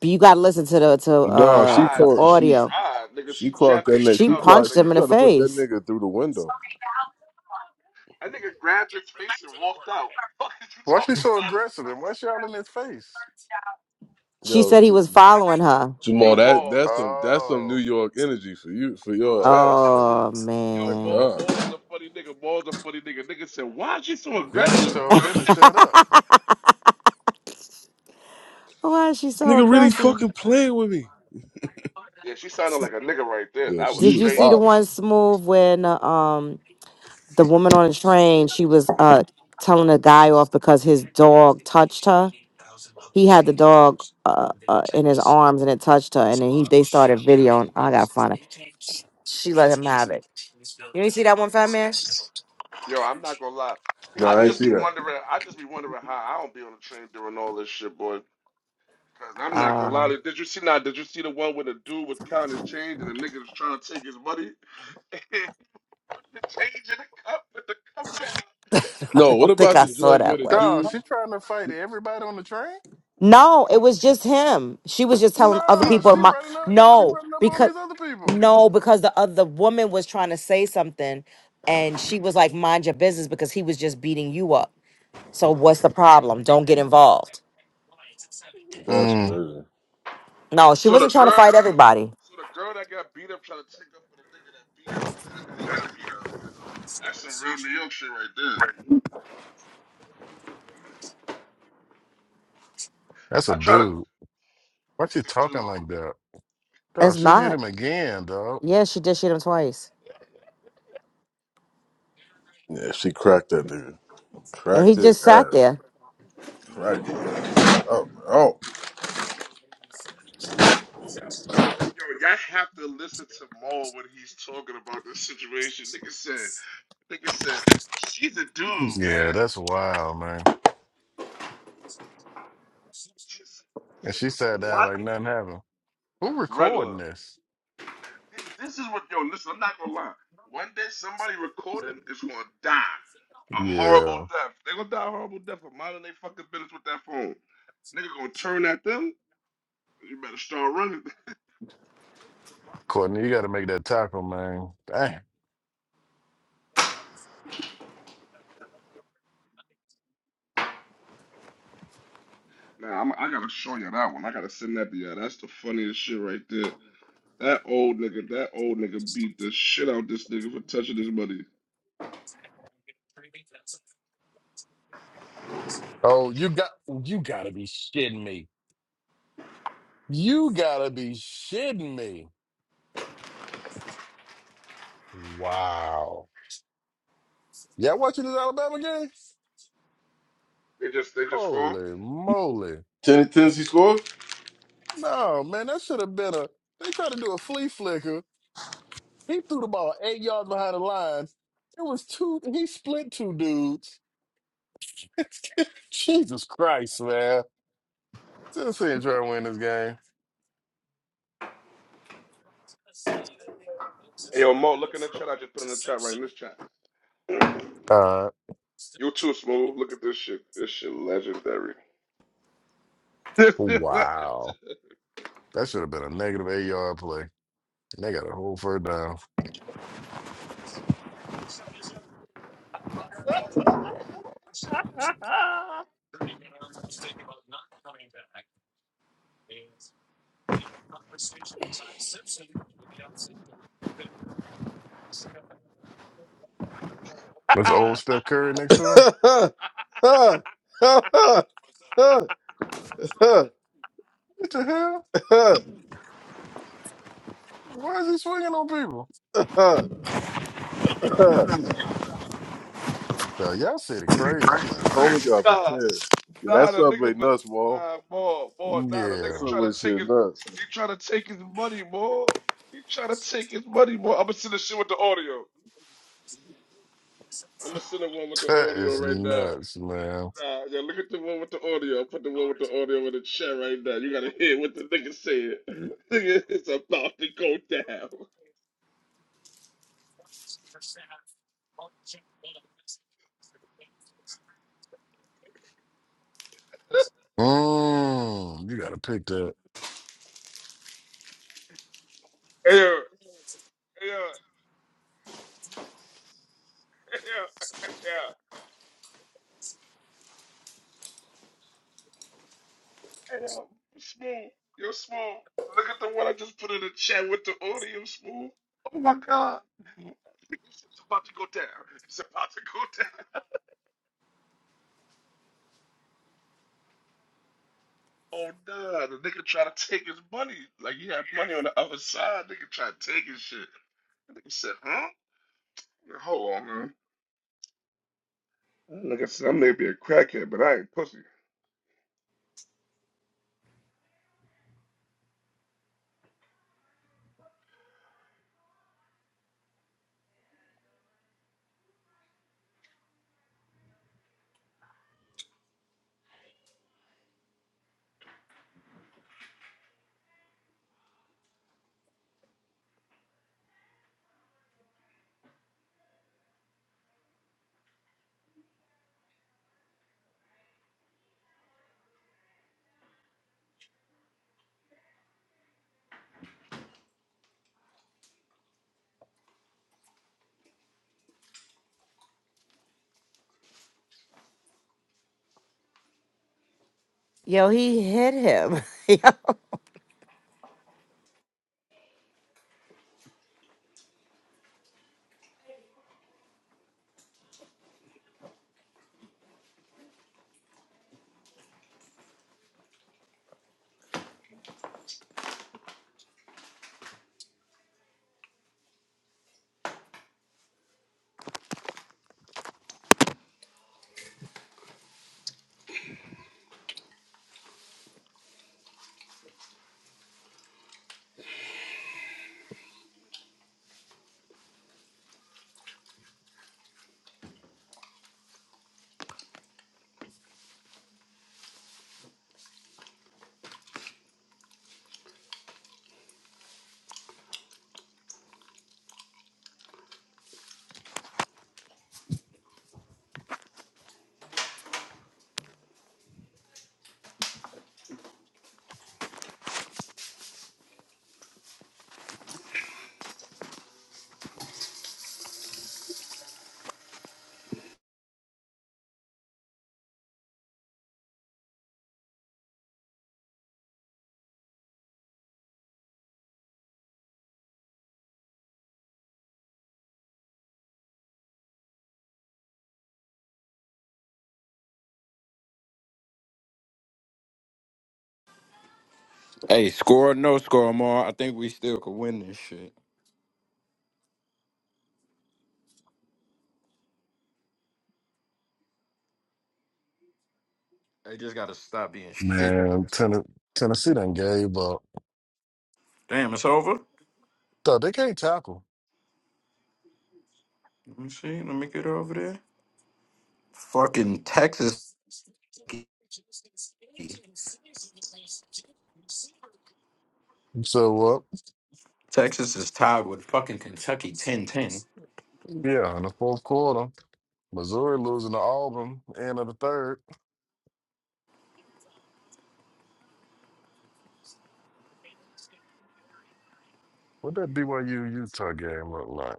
you got to listen to the to She No, she uh tried. the called. She She audio. tried, nigga. She She clocked jabbed that the nigga. shit She She out that punched clocked. She him in nigga. the tried to put that face. nigga through the window. That nigga grabbed his face and walked out. What fuck is you Why she talking so about? aggressive and why she all in his face? She Yo, said he was J- following her. Jamal, Yo, that ma. that's some that's some New Oh, York energy for you for Yo, I'm your not ass, gonna nigga. Oh lie. My Yo, man, Bo, God, Bo is a funny nigga. Bo is a funny nigga. Nigga said, "Why is she so then she aggressive?" Yo, told him to shut up. why is she this so nigga really aggressive? fucking playing with me. yeah, she sounded S- like a nigga right there. Yeah, That she was Did was you straight. see the wild. one smooth when uh, um? the woman on the train, she was uh telling a guy off because his dog touched her. He had the dog uh, uh in his arms and it touched her, and then he they started videoing. I gotta find it. She let him have it. You ain't see that one, Fat Man? Yo, I'm not gonna lie. No, I I ain't just see be that. wondering. I just be wondering how I don't be on the train during all this shit, boy. Cause I'm not gonna Um, lie. Did you see now? Did you see the one where the dude was counting his change and the nigga was trying to take his money? the change in the cup with the cup down. No, I what don't think about I the saw joint with that a one. Dawg, dude? she trying to fight everybody on the train? No, it was just him. She was just telling other No, people. she My running up. She no, running up on because these other people. no, because the other the woman was trying to say something, and she was like, "Mind your business," because he was just beating you up. So what's the problem? Don't get involved. That's Mm, crazy. No, she So the wasn't trying to girl, fight everybody. so the girl that got beat up trying to take up for the nigga that beat her up after he got beat up. That's some real New York shit right there. that's a I try to, dude. I Why she said, dude, talking like that? Dog, It's she hit not. him again, dog. Yeah, she did shoot him twice. Yeah, she cracked that nigga. And Cracked he his just sat ass. there. Cracked his ass. Oh, oh. yo, yo, y'all have to listen to Maul when he's talking about this situation. Nigga said, nigga said, she's a dude, Yeah, man. that's wild, man. She And said, she sat down what? like nothing happened. Who Regular. recording this? This is what, yo, listen, I'm not gonna lie. One day somebody recording is gonna die a horrible Yeah, death. They gonna die a horrible death for minding they fucking business with that phone. Nigga gonna turn at them. You better start running. Courtney, you got to make that tackle, man. Damn. Nah, I'm, I gotta show you that one. I gotta send that to you. That's the funniest shit right there. That old nigga, that old nigga beat the shit out this nigga for touching his money. Oh, you got you got to be shitting me. You got to be shitting me. Wow. Y'all watching this Alabama game? They just, they just gone. Holy moly! Ten- Tennessee score? No, man, that should have been a. They tried to do a flea flicker. He threw the ball eight yards behind the line. It was two. He split two dudes. Jesus Christ, man! Tennessee ain't trying to win this game. Hey, yo, Mo, look in the chat. I just put in the chat right in this chat. you Uh, too, Smooth. Look at this shit. This shit legendary. This shit legendary. wow. That should have been a negative eight yard play. And they got a whole first down. That's old Steph Curry next to him. Ha ha ha ha ha What the hell? Why is he swinging on people? ha ha ha. So y'all city crazy, man. Homie got Nah, prepared. Yeah, Nah, that the nigga, subway but nuts, Wall. nah, more, more. Nah, the That nigga Yeah, trying subway to take shit his, nuts. he trying to take his money, more. He trying to take his money, more. I'ma send the shit with the audio. I'ma send the one with the that audio is right now. nuts, man. Nah, yeah, look at the one with the audio. put the one with the audio in the chat right now. You gotta hear what the nigga said. Nigga, it's about to go down. Mm, you got to pick that, Yeah, yeah, yeah, yeah, yeah. Smooth, you're smooth. Look at the one I just put in the chat with the audio, smooth. Oh my god. It's about to go down. It's about to go down. Oh no, the nigga try to take his money. Like he had money on the other side. Nigga try to take his shit. The nigga said, huh? Hold on, man. Like I said, I may be a crackhead, but I ain't pussy. Yo, he hit him. Yeah. man. Ten- Tennessee done gave up. So they can't tackle. So uh, yeah, in the fourth quarter, Missouri losing to Auburn, end of the third. What that BYU Utah game look like?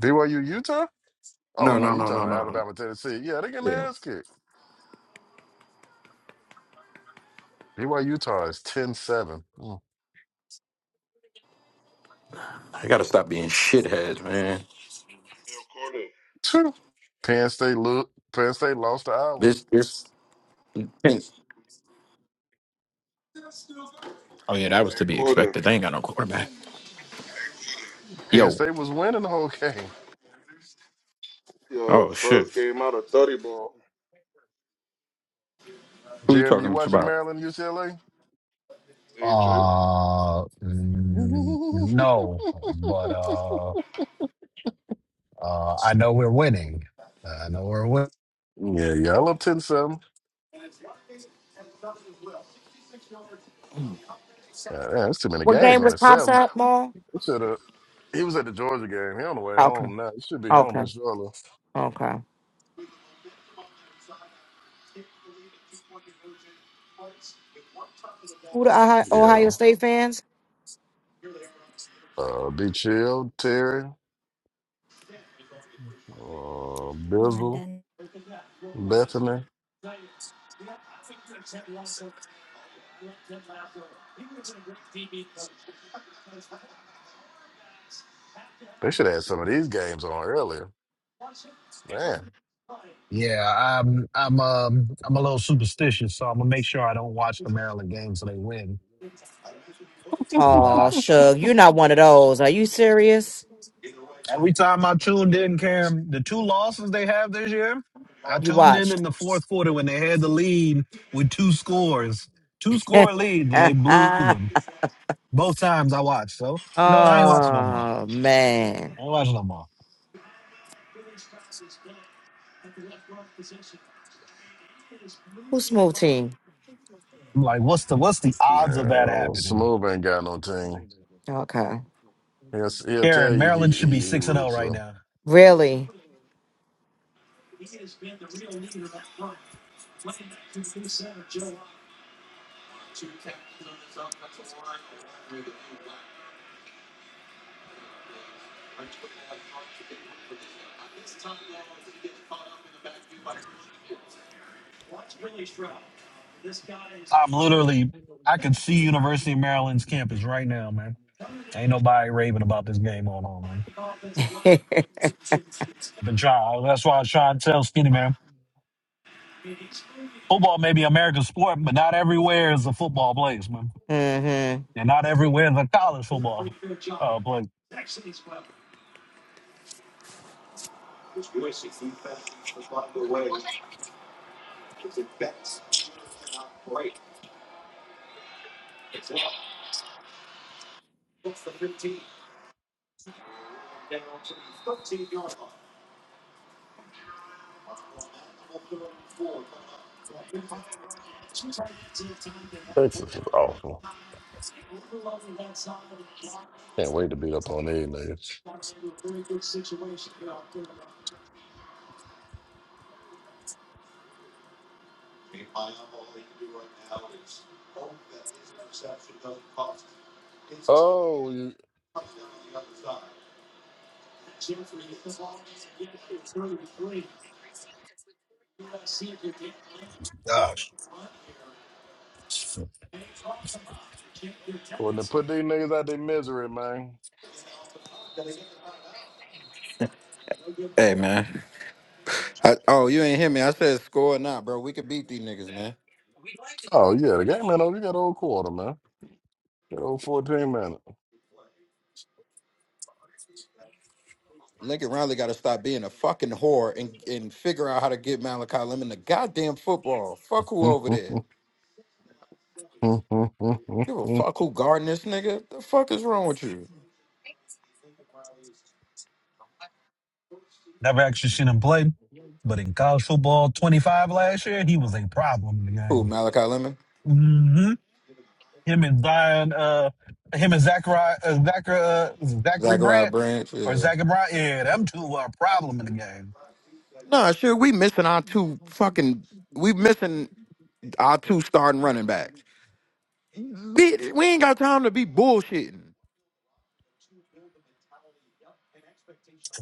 BYU Utah? Oh no, you talking about Alabama Tennessee? Yeah, they getting their ass kicked. BYU Utah is ten 7 Mm. Yo, Courtney. Phew. Penn State look. Penn State lost to Iowa. Hey, Courtney. Penn State was winning the whole game. Yo, first game out of 30 ball. Jeremy, you watching Maryland UCLA? AJ. Uh, mm, no, but uh, uh, I know we're winning. I know we're winning. yeah, y'all up ten seven. Yeah, man, that's too many what games game on was that Pops seven. up, Mom? Should have. He was at the Georgia game. He on the way Okay. home now. He should be home in Okay. Charlotte. Okay. Who the Ohio Yeah. Ohio State fans? Uh, be chill, Terry, uh, Bizzle, Landon. Bethany. They should have had some of these games on earlier. Man, Yeah, I'm, I'm, um, I'm a little superstitious, so I'm gonna make sure I don't watch the Maryland game so they win. Cause Oh, uh, Shug, you're not one of those. Are you serious? every time I tuned in, Cam, the two losses they have this year, I You tuned in watched. in the fourth quarter when they had the lead with two scores, two score leads, and they blew them both times I watched. So you know what? I ain't watching no more. oh, man. I ain't watching no more. Who's smooth team? I'm like, what's the what's the odds of that man, happening? Smooth ain't got no team. Okay. He'll, he'll tell Aaron, you he Maryland should be he, he six and zero roots right for now. Really? I'm literally, I can see University of Maryland's campus right now, man. Ain't nobody raving about this game on on, man. Been trying, that's why I was trying to tell Skinny man, football may be America's sport, but not everywhere is a football place, man, mm-hmm. and not everywhere is a college football uh place. Texas. Is awful. Can't wait to beat up on these niggas. Oh, you, Gosh. when they put these niggas out their misery, man. Oh yeah, the game ain't over. You got old quarter, man. Go 14 minutes. Never actually seen him play, but in college football 25 last year, he was a problem in the game. Mm-hmm. Him and Zion, uh, him and Zachary, uh, Zachary, uh, Zachary Brandt or Zachary Brandt. Yeah, them two were a problem in the game.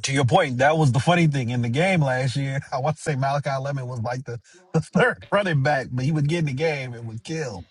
To your point, that was the funny thing in the game last year. I want to say Malachi Lemon was like the, the third running back, but he would get in the game and would kill.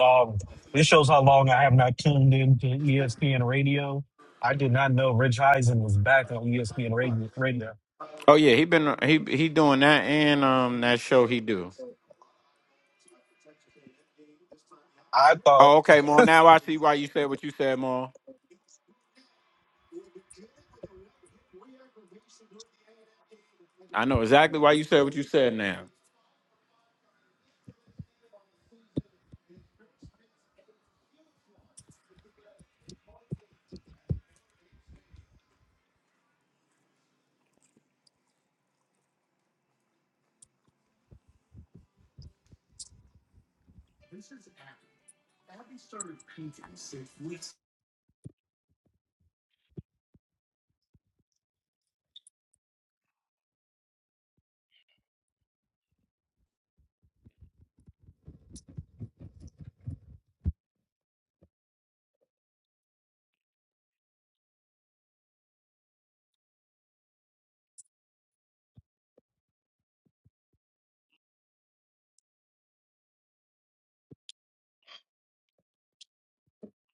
Um, this shows how long I have not tuned into ESPN radio. I did not know Rich Eisen was back on ESPN radio. radio. I thought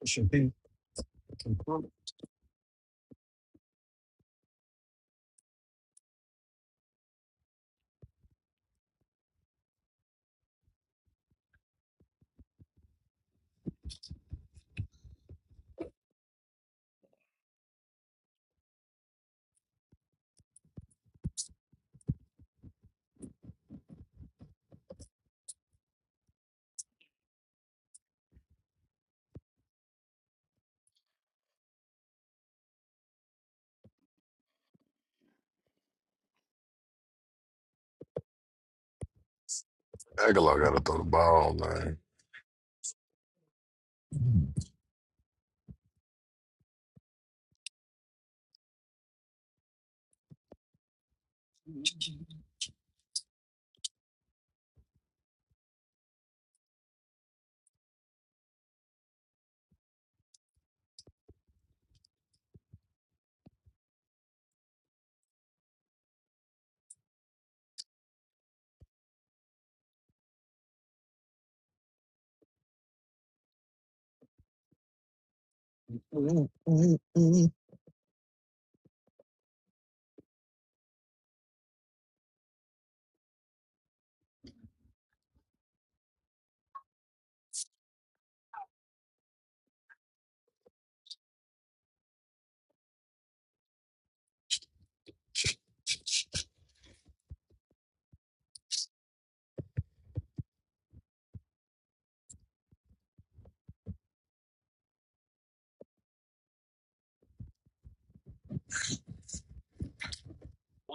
it should be. Aguilar gotta throw the ball, man.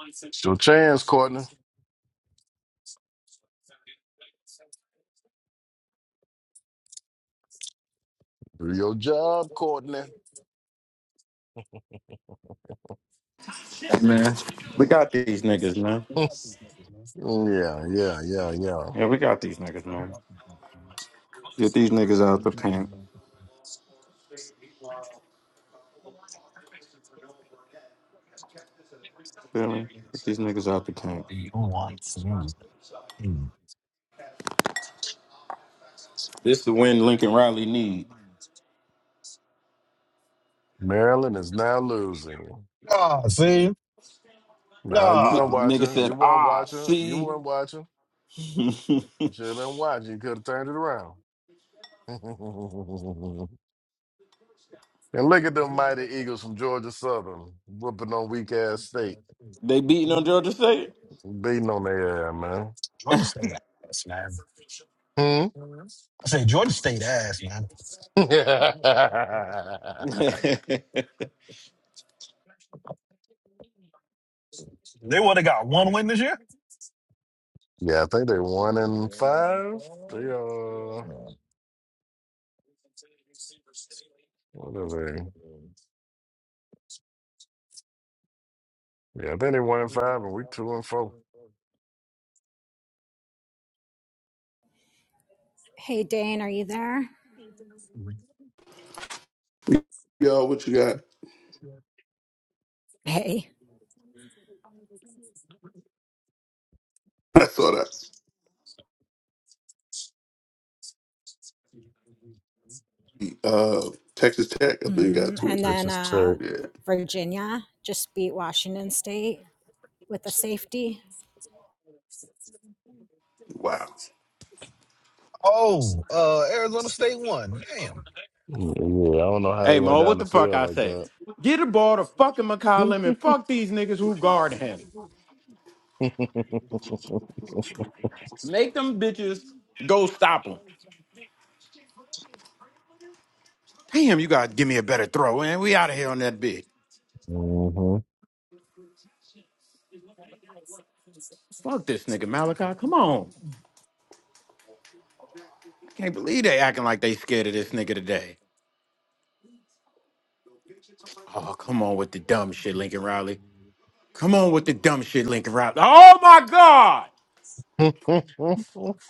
It's your chance, Courtney. Do your job, Courtney. No. yeah, yeah, yeah. yeah, yeah. Mm. Maryland is now losing. Ah, see? No, you Nah. weren't watching. You weren't watching. You weren't watching. You should have been watching. You could have turned it around. and look at them mighty Eagles from Georgia Southern whooping on weak ass state, beating on their ass, Georgia State ass, man. man. I say Georgia State ass, man. yeah, I would have got one win this year. think they one and five. They uh, what are they? Yeah, I think they one and five, and we two and four. Hey Dane, are you there? Yo, what you got? Hey. I saw that. Uh, Texas Tech, I think got hmm two. And So it's then just uh check. Yeah, Virginia just beat Washington State. with the safety. wow. Oh, uh, Arizona State won. Damn. Mm, Yeah, I don't know how they went Oh. down the field like that. hmm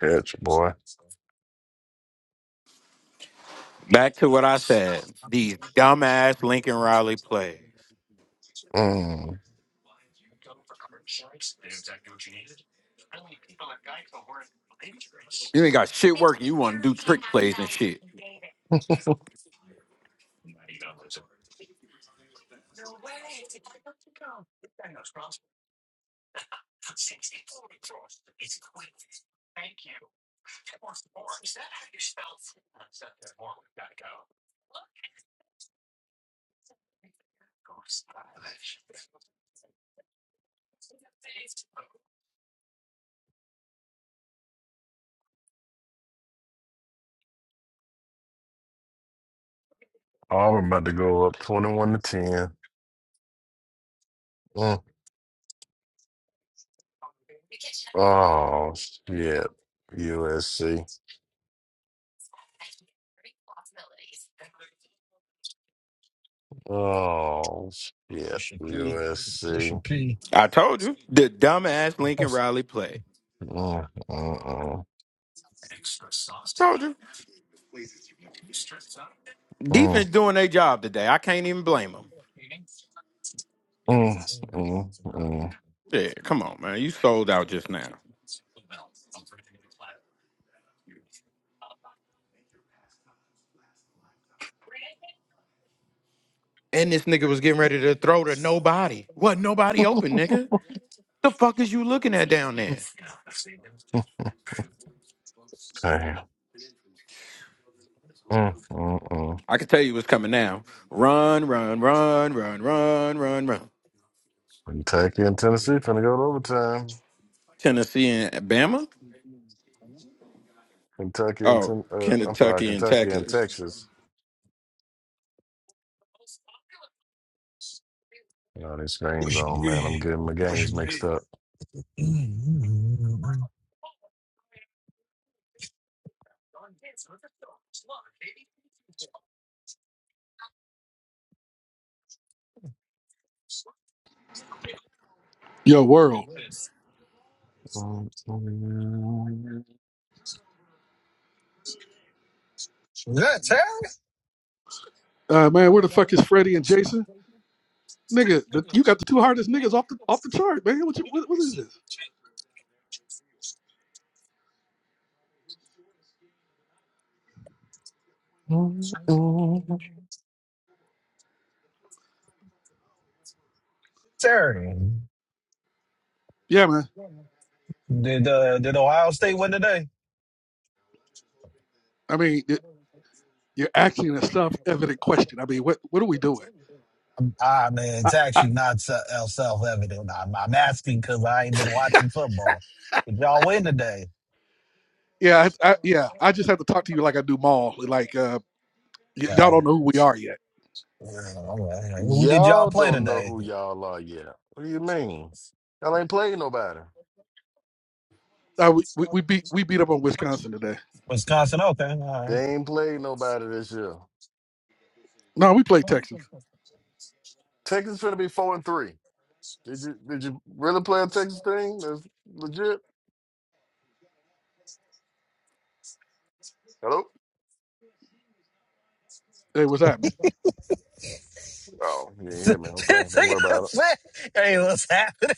Catch, boy. Mm. Auburn about to go up twenty-one to ten. Mm. Oh shit, USC. Oh shit, USC. Mm, mm, mm, mm, mm, mm, mm. Damn. Mm, mm, mm. Kentucky and Tennessee finna go to overtime. Kentucky and ten, uh, I'm sorry, Kentucky and Texas. You know, these screens What's your on, man. I'm name? getting my What's games your mixed name? up. Yo, world, Mm, mm, Was that Terry? uh, man, where the fuck is Freddie and Jason, nigga? the- You got the two hardest niggas off the off the chart, man. What you what, what is this? mm, mm. Terry, Yeah, man. did uh, did Ohio State win today? I mean, y- you're asking a self-evident question. I mean, what what are we doing? Ah, man, it's actually not se- uh, self-evident. I'm, I'm asking because I ain't been watching football. Did y'all win today? Yeah, I, I, yeah. I just have to talk to you like I do Maul. Like uh, y- y'all Right. don't know who we are yet. Yeah, all right. Who did y'all Y'all play don't know today? who y'all are yet. What do you mean? Y'all ain't played nobody. Uh, we, we we beat we beat up on Wisconsin today. Wisconsin. Okay, all right. They ain't played nobody this year. No, we played Texas. Texas going to be four and three. Did you did you really play a Texas thing? That's legit. Hello. Hey, what's happening? Oh, you didn't hear me. Okay, don't worry about it. hey, what's happening?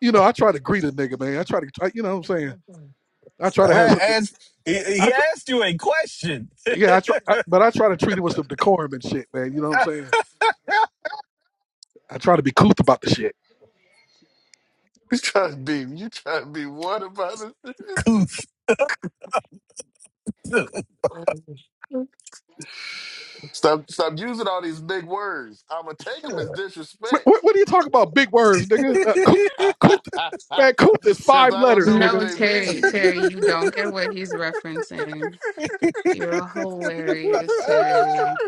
You know, I try to greet a nigga, man. I try to, I, you know, what I'm saying, I try to That have Man some. asked, he, I he tr- asked you a question. yeah, I try, I, but I try to treat it with some decorum and shit, man. You know what I'm saying? I try to be couth about the shit. You trying to be you trying to be what about it? Goose. stop stop using all these big words. I'ma take them as What, disrespect what, what are you talking about? Big words, nigga. Uh, couth, because couth, I man. Couth is five don't letters, know what No, nigga. they Terry, mean. Terry, you don't get what he's referencing. You're hilarious, Terry.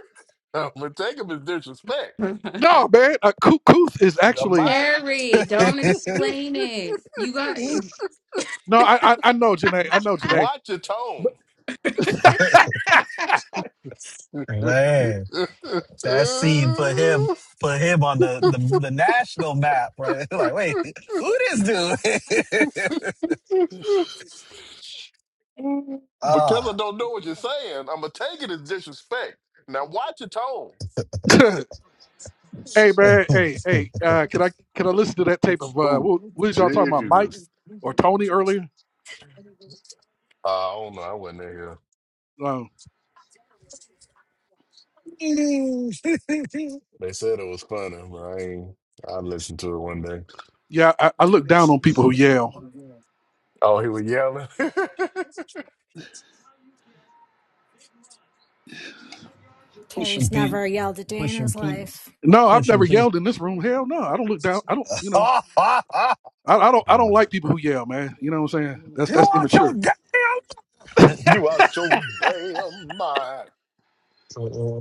I'ma take them as disrespect. No, man. Uh, couth, couth is Am actually I? Terry, don't explain it. You got. no. I I, I know, Janae. I know, Janae. Watch your tone. man, That scene put him put him on the the, the national map, right? like, wait, who this dude? because I Ah, don't know what you're saying, I'm gonna take it as disrespect. Now watch your tone. Hey man, hey, hey, uh, can I can I listen to that tape of uh Ooh, what, what did y'all talking about, Mike Jesus. or Tony earlier? I don't know. I wasn't in here. Uh, They said it was funny, but I ain't. I listened to it one day. yeah, I, I look down on people who yell. Oh, he was yelling. pushing Terry's Pete, never yelled a day in pushing his Pete, life No, I've never pushing Pete. yelled in this room. Hell no, I don't look down. I don't, you know, Ah, ah, ah. I, I don't I don't Mm. like people who yell, man. You know what I'm saying? That's you that's want your immature. damn? you out your damn mind. Uh-uh.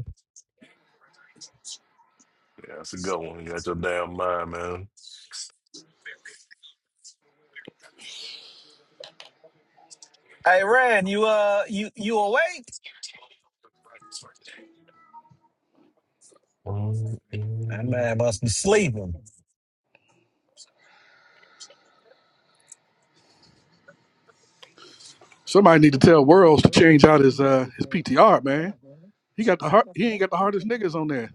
Yeah, that's a good one. You out your damn mind, man. hey, Rand, you uh, you you awake? Mm, That mm, man must be sleeping. Somebody need to tell Worlds to change out his uh his PTR, man. He got the heart. He ain't got the hardest niggas on there.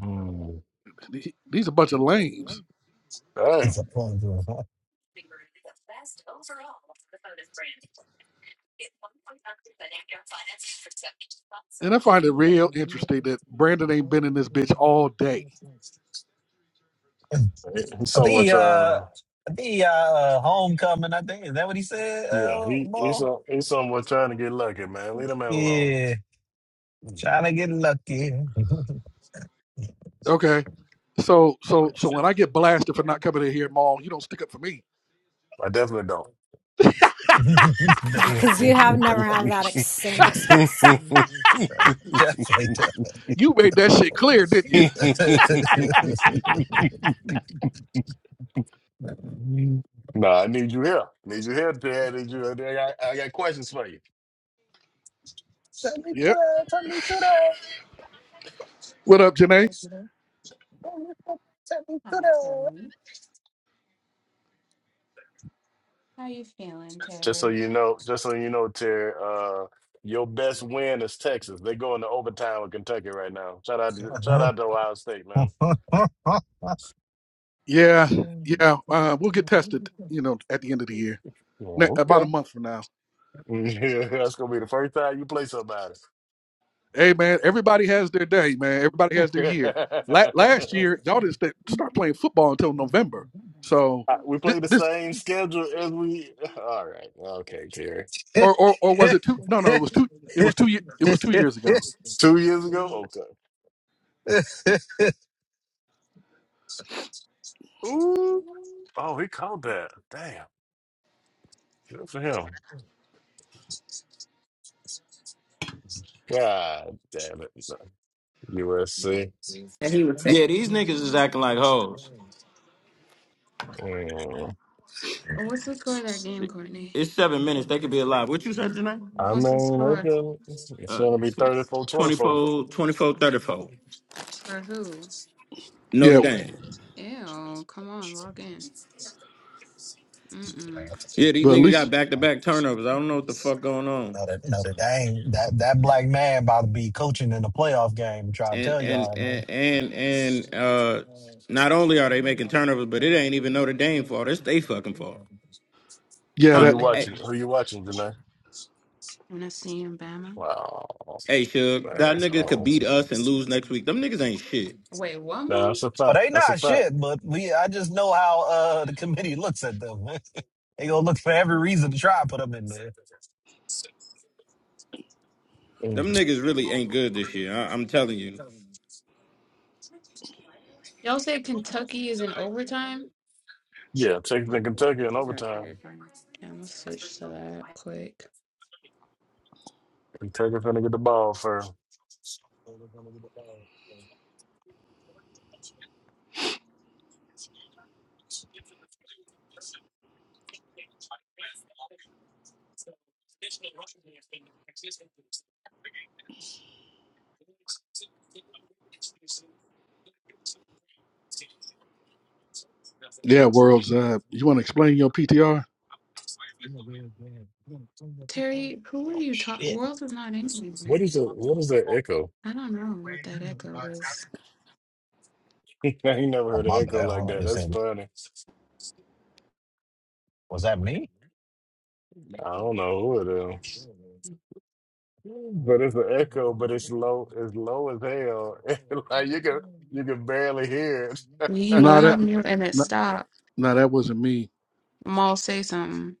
mm. He- He's a bunch of lames. It's Dang. a problem. And I find it real interesting that Brandon ain't been in this bitch all day He- He's I think somewhat he, uh, trying I think he, uh, uh, homecoming. I think is that what he said, to. Yeah, uh, he he's ball? some- he's somewhat trying to get lucky, man. Leave the man alone. Yeah, trying to get lucky. Okay. So so so when I get blasted for not coming in here, Maul, you don't stick up for me. I definitely don't. because you have never have that ex- same excuse. Definitely. You made that shit clear, didn't you? nah, I need you here. Need you here, Terry. I need you. I got, I got questions for you. Yep. What up, Janae? Hi, Terry. How you feeling, Just so Terry? you know, just so you know, Terry. Uh, your best win is Texas. They going to overtime with Kentucky right now. Shout out, to- shout out to Ohio State, man. Yeah, yeah. Uh, we'll get tested, you know, at the end of the year, ne- Oh, about a okay. month from now. That's gonna be the first time you play somebody. Hey, man, everybody has their day, man. Everybody has their year. La- last year, y'all didn't st- start playing football until November. So Uh, we thi- play the this same schedule as we. All right. Okay, Terry. or or or was it two? No, no, it was two. It was two. ye- It was two years ago. It's two years ago. Okay. Ooh. Oh, he called that. Damn. Good for him. God damn it. USC. Mm. Oh, What's the score of that game, Courtney? I What's the mean, score okay. it's, it's gonna be 34, 24. for who? Yeah, Ew, come on, log in. Mm-mm. but at least know that, know that, dang, that, that black man about to be coaching in a playoff game. Trying to tell y'all, man. yeah, Who that you watching? Who you watching tonight? Wanna see him, Bama? Wow, man. Oh, Wait, one nah, more? that's a Oh, fact. they That's a not fact. shit, but we. I just know how uh the committee looks at them. They gonna look for every reason to try to put them in there. Mm. Y'all say Kentucky is in overtime? Yeah, Texas and Kentucky in overtime. Yeah, I'm gonna switch to that quick. Kentucky finna get the ball for. yeah, worlds. Uh, you want to explain your PTR? Terry, who are you talking? Worlds is not anywhere. What is the What is that echo? I don't know what that echo is. I ain't never Oh heard an my echo bad. like Hold on. that. Is That's it, funny. was that me? I don't know who it is, but it's an echo, but it's low, it's low as hell. like you can, you can barely hear it. When He No, went that on mute and it no, stopped. no, that wasn't me. Maul say something.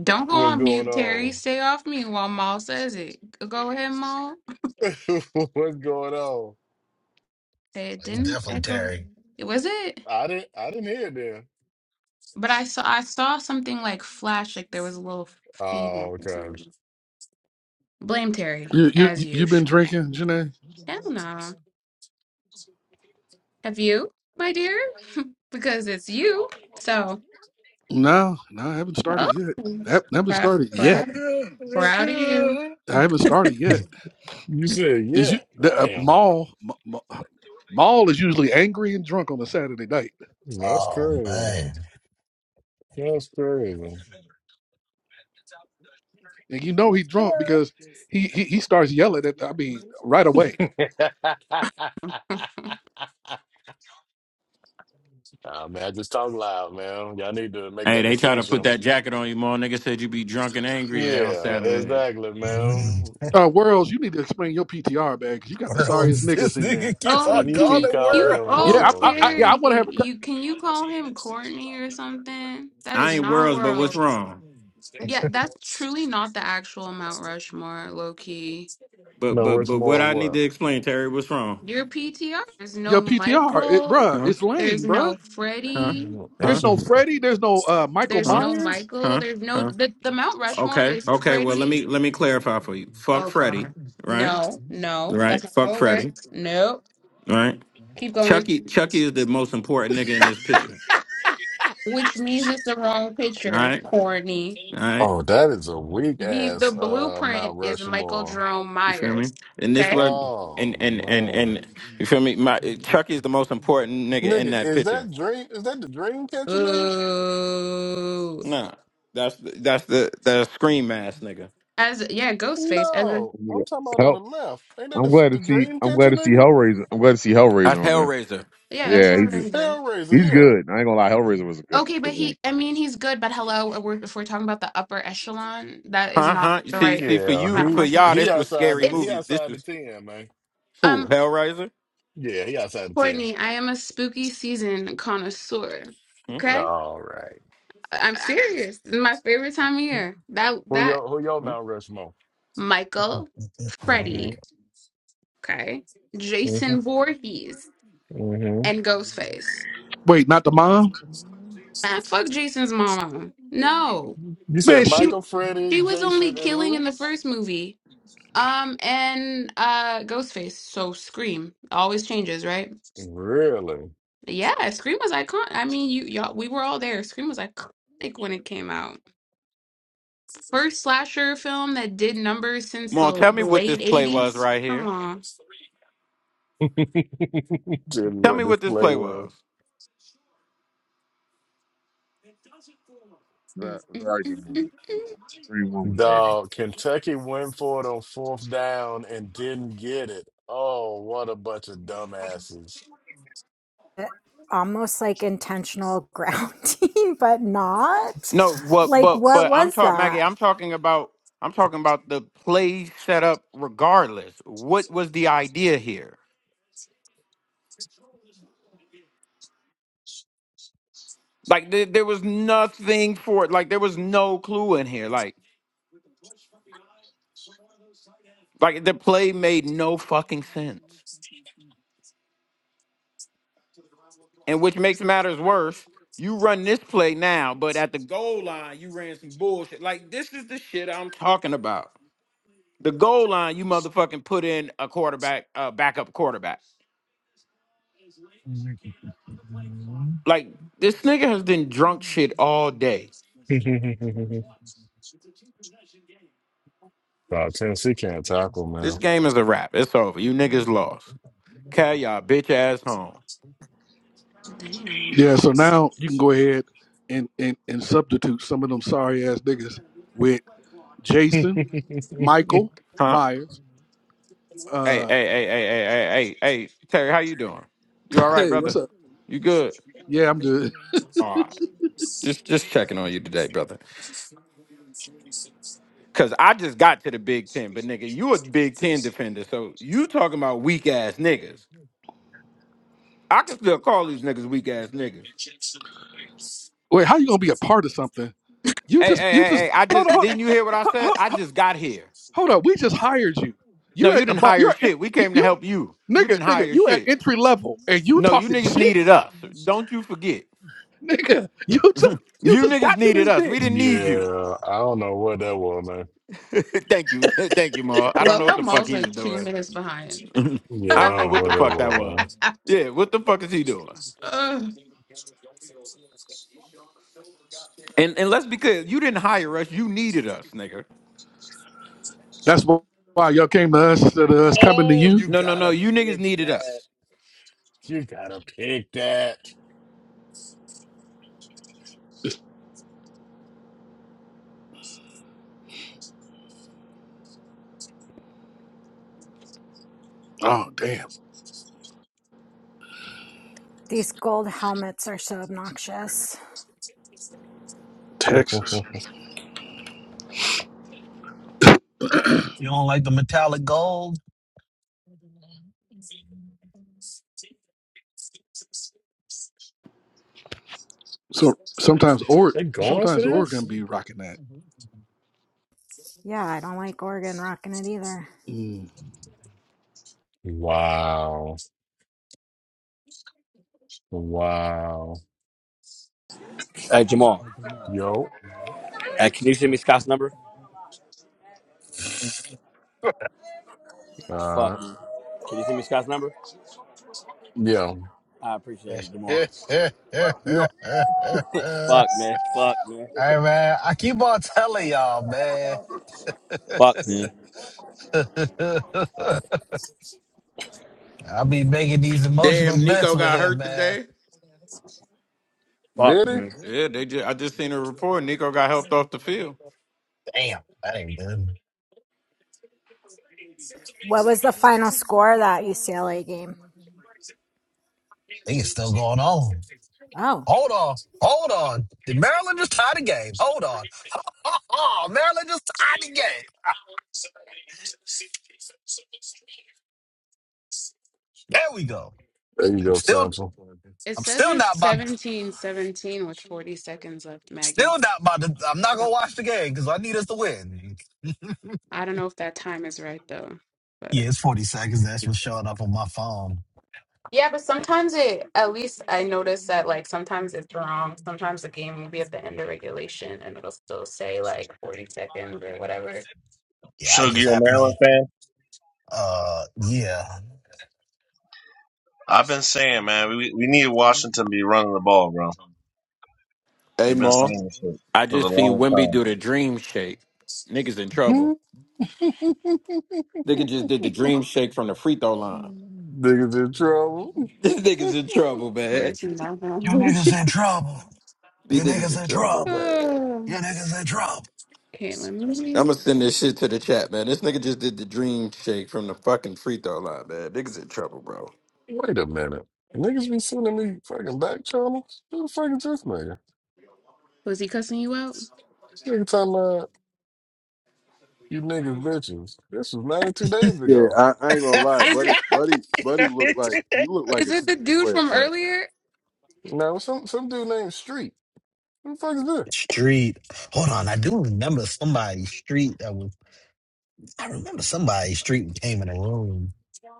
Don't go What's on going mute, Terry. on? Stay off mute while Maul says it. Go ahead, Maul. What's going on? It It's didn't definitely echo. Terry. It was it. I didn't, I didn't hear it then. But I saw I saw something like flash, like there was a little feedback Oh, or okay. something. Blame Terry, You you as you been usual. drinking, Janae? Hell nah. Have you, my dear? Because it's you. So, No, no, I haven't started yet. oh, I haven't started crap. yet. Proud of you. I haven't started yet. You said, Is yeah. you the uh, Damn, Maul? Ma- Ma- Maul is usually angry and drunk on a Saturday night, that's Oh crazy. man. That's crazy. and you know he drunk because he he, he starts yelling at. I mean, right away. Nah, man, I just talk loud, man. Y'all need to make that distinction. Yeah, exactly, Mm, man. Uh, Worlds, you need to explain your PTR, man, because you got the sorriest worlds. niggas This in there. nigga keeps Oh, Why on do you can you, keep calling it calling you? world. him Oh, Yeah, I, I, world, I man? yeah, I Terry, want to have a, co- you can you call him Courtney or something? That is not worlds. Yeah, that's truly not the actual Mount Rushmore, low key. No, where's more what? Your PTR. There's your no PTR, it, Michael. bruh. It's There's lame, bruh. no Freddie. Mm, There's what's no his- Freddie. There's no uh, Michael There's no Myers. Michael. There's no the the Mount Rushmore is Freddie. Oh God. No, no, that's not how it works. Nope. Keep going. Which means it's the wrong picture, Courtney. Oh, that is a weak He the ass uh blueprint Mount is Michael Rushmore. Jerome Myers. Okay. Oh man. Nigga, is that dream is that the dream catcher, nigga? Ooh. As yeah, Ghostface. As a, No. now. I'm Yeah. talking about on the Hell, left. Ain't that I'm the, glad to the see. dream I'm glad catcher, to see nigga? Hellraiser. I'm glad to see Hellraiser on there. yeah, that's Yeah, he's a, Hellraiser. Hellraiser, he's yeah. good. I ain't gonna lie, Hellraiser was a good Okay, but good movie. he. I mean, he's good. But hello, uh, we're, if we're talking about the upper echelon, that is not the right Yeah, Mount he Rushmore. he outside the he It's outside the ten, man. um Yeah, he outside the Courtney. I am a spooky season connoisseur. ten. Okay, All right. I'm serious. This is my favorite time of year. That Who that y'all? who y'all? Mount Rushmore? Michael, Mm-hmm. Freddy. Okay, Mm-hmm. Jason Voorhees. Mm-hmm. and Ghostface. Wait, not the mom, Man, fuck Jason's mama. No, You man. said she, She. Michael, Freddie, she was only Jason, and killing in who? the first movie. Um, and uh, Ghostface. So Scream always changes, right? Really? Yeah, Scream was iconic. I mean, you y'all, we were all there. Scream was iconic when it came out. First slasher film that did numbers since the late '80s. Come on. Tell me what this play was. Very, Mm, mm, very mm, good mm, movie. mm. Three one was very good. Dog, Kentucky went for it on fourth down and didn't get it. Oh, what a bunch of dumbasses. It- Almost like intentional grounding, but not. Like, what was that? Dog, Tennessee can't tackle, man. Damn. Yeah, so now you can go ahead and and, and substitute some of them sorry ass niggas with Jason, Michael Myers. Uh, hey, what's up? Yeah, I'm good. Wait, how you gonna be a part of something? You just, you just. Hold on, hold on. Hold up, we just hired you. You're at the bottom. You're at, you you nigga nigga. You at entry level, and you talking shit, nigga. You just you just got to this bitch. Yeah, I don't know what that was, man. I love how Maul's like two minutes behind. Yeah, I don't know what that was. Ugh. That's wh- why y'all came to us instead of us coming to Oh, you. you gotta pick that. You gotta pick that. It's- oh damn, These gold helmets are so obnoxious. Texas. You don't like the metallic gold? So sometimes or They going for sometimes this? Oregon be rocking that. Yeah, I don't like Oregon rocking it either. Mm, Wow. Wow. Hey, Jamal. Yo. Hey, can you send me Scott's number? Uh Fuck, man. Can you send me Scott's number? yo. I appreciate it, hey Jamal. You know, fuck, man. Fuck, man. man, I keep on telling y'all, man. Fuck, man. I be making these emotional bets with him, man. Did he? Fuck, There man. Damn, that ain't good. What was the final score of that UCLA game? think it's still going on. Oh, Hold on. Hold on. Did Maryland just tie the game? Hold on. Oh, Maryland just tied the game. There we go. you I'm go, still Samson. It I'm says still not it's about I'm seventeen seventeen with 40 seconds left, Maggie. still not about to I'm not But gonna watch the game because I need us to win. I don't know if that time is right though. But Yeah, it's 40 seconds. That's what's showing up on my phone. yeah, but sometimes it, at least I notice that like sometimes it's wrong. Sometimes the game will be at the end of regulation and it'll still say like 40 seconds or whatever. Yeah, I Suge, just you a happen to Maryland fan? uh yeah. I've been saying, man, we we need Washington to be running the ball, bro. We've been saying this shit for the longest time. Niggas in trouble. Players in my You lounge. niggas in trouble. You niggas in trouble. Oh, You niggas in trouble. Caitlin, me. Wait a minute. Niggas be sending me fucking back channels? Who the fuck is this nigga? Was he cussing you out? This nigga talking about you niggas bitches. This was 92 days Yeah, ago. I, I ain't gonna lie, Is buddy. it Buddy, buddy looked like he looked like is a it two the K dude player from now. earlier? Now, some some dude named Street. Who the fuck is this? Street. Hold on, I do remember somebody's street that was. I remember somebody street came in the room,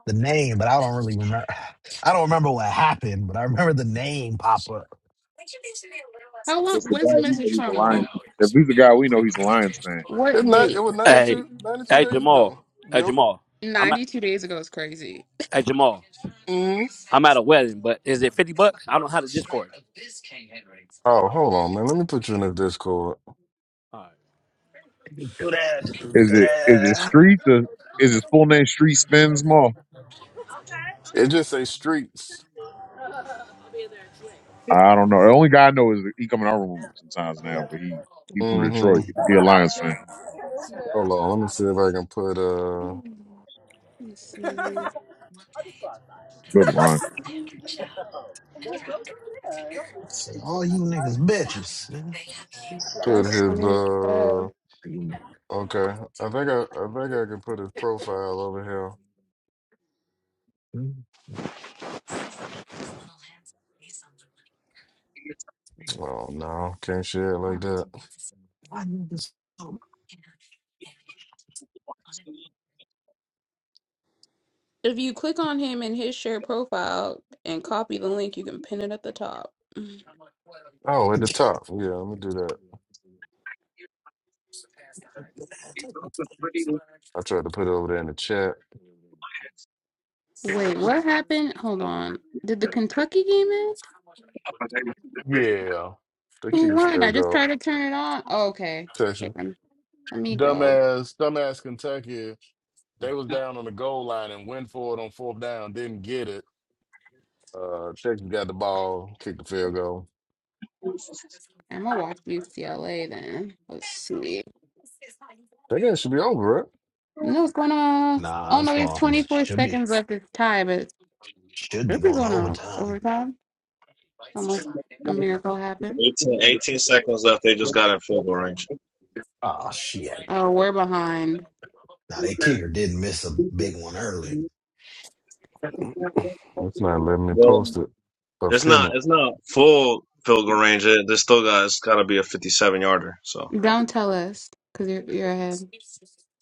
the name, but I don't really remember. I don't remember what happened, but I remember the name pop up. How long? It's the guy When's the we know message he's a from, Mom? Lions. If he's the guy we know he's a Lions fan. It, What ni- it date? was ninety Hey, two, 92 hey, days ago. Jamal. Hey, Yep. Jamal. I'm at, Ninety two days ago is crazy. hey, Jamal. hmm I'm at a wedding, but is it 50 bucks? I don't have the Discord. Oh, hold on, man. Let me put you in the Discord. All right. Do that, Is do it is it that. Street? The is his full name Street Spins Mall? It just say streets. I don't know. The only guy I know is he come in our room sometimes now, but he he from hmm Detroit. He a Lions fan. Hold on. Let me see if I can put Let uh me see. Good Ron. Say, all you niggas bitches, man. put That's his funny. as uh. hell. Are you Okay, I think I I think I can put his profile over here. Oh no, can't share it why like that. why niggas? If you click on him in his shared profile and copy the link, you can pin it at the top. Oh, at the top. Yeah, let me do that. I tried to put it over there in the chat. Wait, what happened? Hold on. Did the Kentucky game end? Yeah. They Who keep the won? I field just goal. tried to turn it on. Oh, okay. Texas. Wait, lem- Let me go. Dumbass, dumbass Kentucky. They was down on the goal line and went for it on fourth down, didn't get it. Uh Texas got the ball, kicked the field goal. I'm gonna watch UCLA then. Let's see. That game should be over, right? No, it's going to. Nah, Oh no, it's there's long. 24 Should be seconds left. It's tie, but it should be should be going going to overtime. overtime unless a miracle happens. 18, 18 seconds left. They just got in field goal range. Oh shit! Oh, we're behind. Now that kicker did miss a big one early. It's not letting me Well, post it or it's pin not it. it's not full field goal range. It- They still got it's got to be a fifty seven yarder. So, Don't tell us, cause you're you're ahead.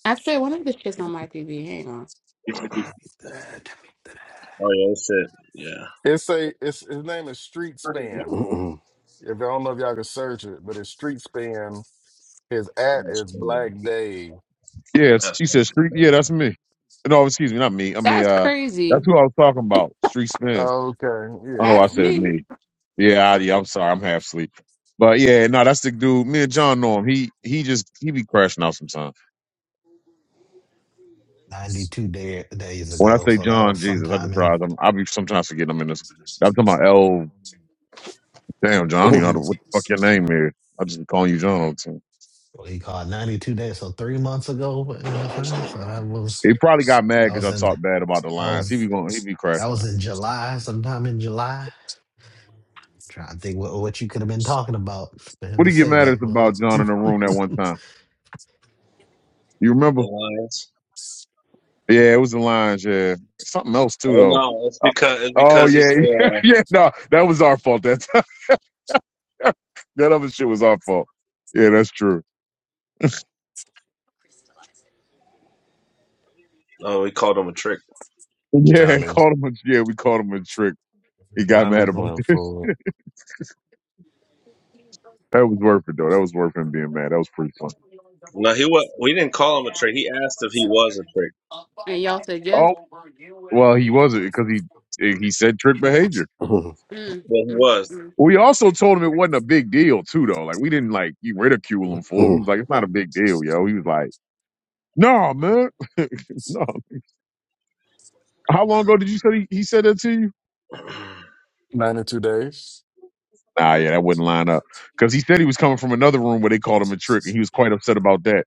Actually, one of the shit's on my TV. Hang on. oh yeah, that's it. Yeah, It's a it's his name is Street Span. If I don't know if y'all can search it, but it's Street Span. His at that's is crazy. Black Dave. Yes, That's he said crazy. Street. Yeah, that's the me. No, excuse me, not me. I mean, That's uh, crazy. that's who I was talking about. Street Spins. Okay, I know. I That's yeah. said me. me. Yeah, I, yeah. I'm sorry. I'm half asleep. But yeah, no, that's the dude. Me and John know him. He he just he be crashing out sometimes. Ninety two day, days When I ago, say so that John, was Jesus, I sometime just in. realize I'm, I'll be sometimes forgetting I'm in this. I'm talking about L. Damn, John, I don't even know how to- what the fuck your name is. I just be calling you John all the time. what he called 92 days, so three months ago in a sense. So that was He probably got that mad because was I in that talked bad about the Lions. was He be going, he be that crashing was out. in July, sometime in July. Trying to think what what you could have been talking about for him What to did he get say mad at that, us about John in the room that man. one time? You remember? Lions. Yeah, it was the Lions. Yeah, something else too Oh though. no, it's because it's Oh because he's. yeah, yeah, Uh, yeah. No, that was our fault. That time. that other shit was our fault. Yeah, that's true. oh, we called him a trick. Yeah, Diamonds. called him. A, yeah, we called him a trick. He got mad Diamonds about went this. for That was worth it though. That was worth him being mad. That was pretty fun. No, he was. We didn't call him a trick. He asked if he was a trick. And y'all said yes. Oh well, he wasn't because he he said trick behavior. Mm, Well, mm, he mm, We also told him it wasn't a big deal too though. Like we didn't like you ridicule him for it. We was like, it's not a big deal, yo. He was like, no, man, no. How long ago did you say he, he said that to you? was. 92 days. Nah, yeah, that wouldn't line up because he said he was coming from another room where they called him a trick, and he was quite upset about that.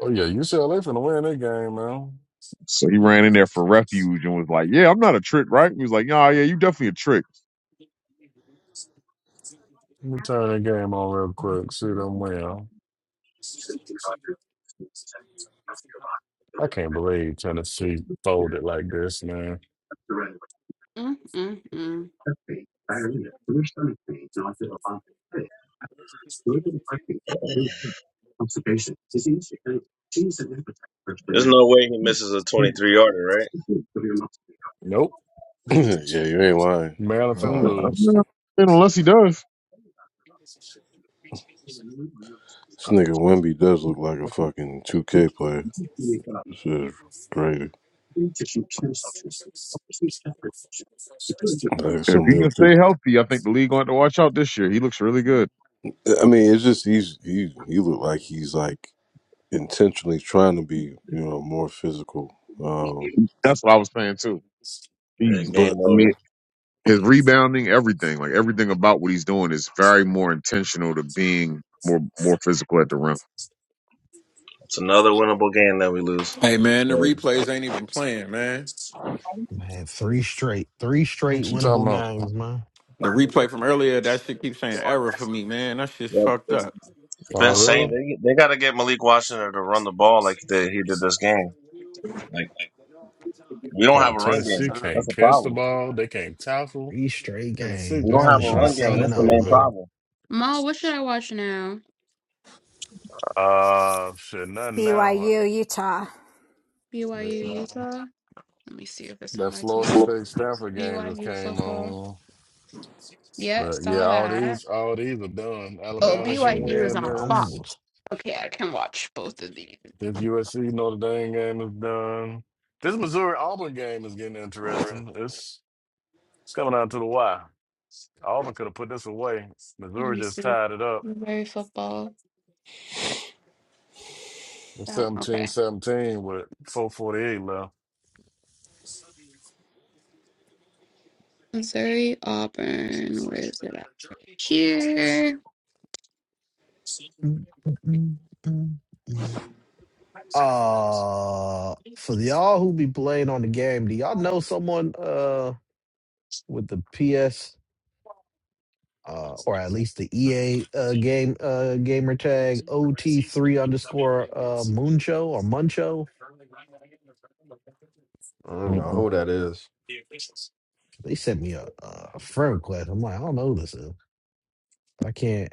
Oh, yeah, UCLA finna win that game, man. So he ran in there for refuge and was like, "Yeah, I'm not a trick, right?" He was like, "Nah, yeah, you definitely a trick." Let me turn that game on real quick, see them win. I can't believe Tennessee folded like this, man. mm, mm, mm. There's no way he misses a 23 yarder, right? Nope. yeah, you ain't lying. Maryland finna Uh, Uh, lose. yeah, unless he does. this nigga Wimby does look like a fucking 2K player. This is crazy. Like If some he real can two. stay healthy, I think the league going to watch out this year. He looks really good. I mean, it's just he's he he look like he's like intentionally trying to be you know more physical. Um, That's what I was saying too. Yeah, He's, but game I over. mean, his rebounding, everything, like everything about what he's doing is very more intentional to being more more physical at the rim. It's another winnable game that we lose. So, man, three straight, three straight What you talking winnable about? games, man. yep. I've Oh, Been saying really? Like, they they got to get Malik Washington to run the ball like they, he did this game. Like we don't What have Oh, a else run is Tennessee game. on? That's can't a catch the problem. ball. They can't tackle. Three straight Tennessee games. We don't just have Maryland did a should be run not game. come seven to That's and the play zero, main today. man. problem. Ma, what should I watch now? Uh, shit, nothing now. BYU, Utah. BYU Yeah. Utah. Let me see if it's on That my Florida TV. State Stanford game just BYU came football. on. Yeah, But yeah, saw all that. these all these are done. They Oh, Alabama's gonna Washington BYU game is win up to on Fox. this. almost. Okay, I can watch both of these. This USC Notre Dame game is done. This Missouri Auburn game is getting interesting. It's it's coming out to the wire. Auburn could have put this away. Let Missouri me just see. tied it up. Very football. Oh, okay. seventeen seventeen with 448 left. Missouri, Auburn. Where is it at? Here. Mm, mm, mm, mm, mm. Uh, for y'all who be playing on the game, do y'all know someone? Uh. with the PS uh, or at least the EA uh, game uh, gamer tag OT3 underscore uh, Muncho or Muncho. I don't know Mm-mm. who that is. They sent me a, a friend request. I'm like, I don't know who this is, but I can't.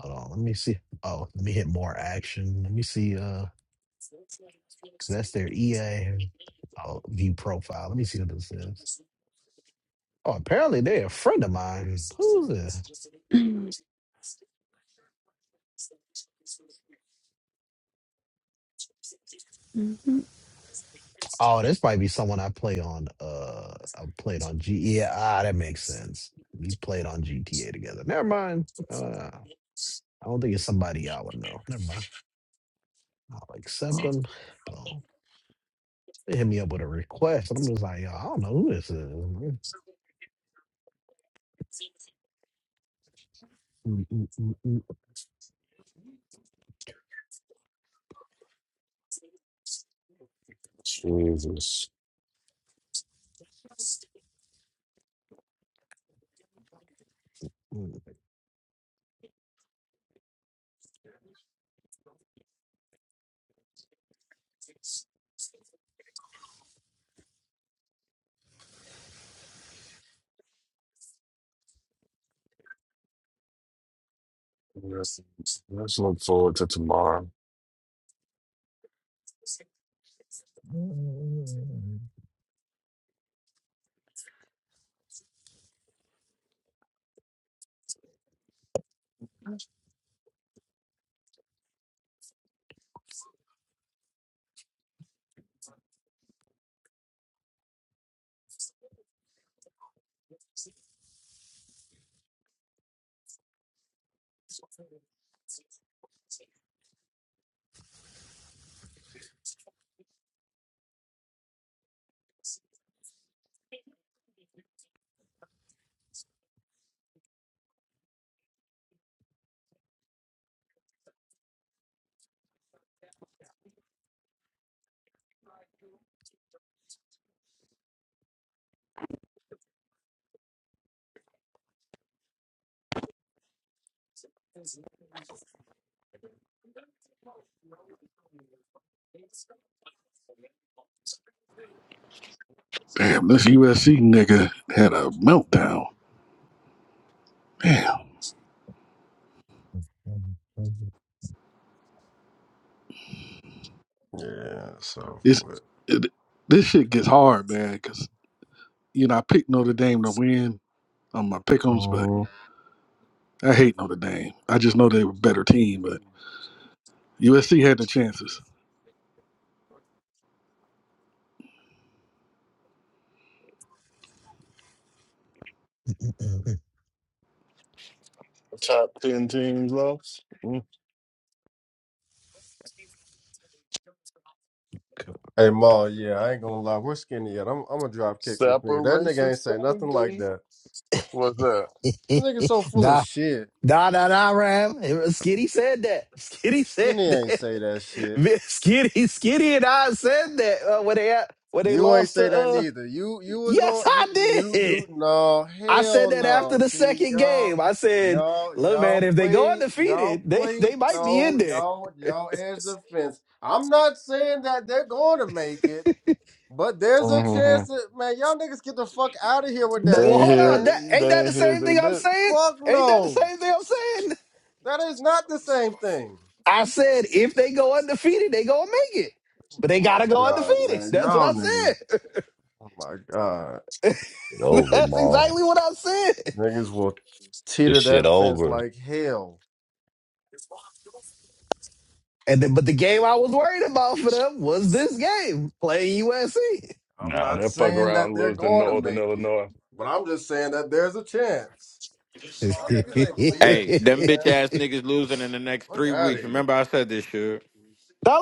Hold on, let me see. Oh, let me hit more action. Let me see. Uh, that's their EA oh, view profile. Let me see what this is. Oh, apparently they're a friend of mine. Who's this? Mhm. Oh, this might be someone I play on. Uh, I played on G. Yeah, ah, that makes sense. We played on GTA together. Never mind. Uh, I don't think it's somebody I would know. Never mind. I'll accept them. Boom. They hit me up with a request. I'm just like, yo, I don't know who this is. Mm, mm, Jesus. Let's, let's look forward to tomorrow. mm, damn, this USC nigga had a meltdown. Damn, mm, Yeah, so. it's it, this shit gets hard, man. Cause you know I picked Notre Dame to win on my pick'em's, but Mhm. I hate Notre Dame. I just know they were a better team, but USC had the chances. mm, Top 10 teams left. Hey Ma, yeah, I ain't gonna lie, we're skinny yet. I'm I'm gonna drop kick this nigga. That nigga Separation ain't say nothing like Saturday. that. What's that? That nigga so mm. full of Nah, shit. Nah, nah, nah, Ram. Skitty said that. Skitty said Skinny ain't that. say that shit. Man, Skitty, Skitty and I said that uh, when they when they You ain't lost to. say that Uh, neither. You you was yes, on you I you, did. you no I said hell that no. after the See second y'all game. I said, y'all "Look, man, y'all if they go played y'all undefeated, they played they might be in no there." y'all y'all edge the fence. I'm not saying that they're going to make it, but there's a hmm chance that man y'all niggas get the fuck out of here with Th- that They Well, ain't shit, hold here. on. man. That, ain't They that the ain't here as same they thing I'm bitch. saying? Fuck Ain't that the no. same thing I'm saying? That is not the same thing. I said if they go undefeated, they gonna make it, but Oh they my gotta go god, undefeated. man. That's what Y'all I niggas. said. Oh my god. Get over, That's Maul. exactly what I said. Niggas will This teeter shit that fence over. like hell. And then, but the game I was worried about for them was this game playing USC. I'm Nah, not that fuck saying around that and they're lose to going to Northern make it, Illinois. but I'm just saying that there's a chance. now Y'all niggas ain't believe that shit, man. Fuck out of here.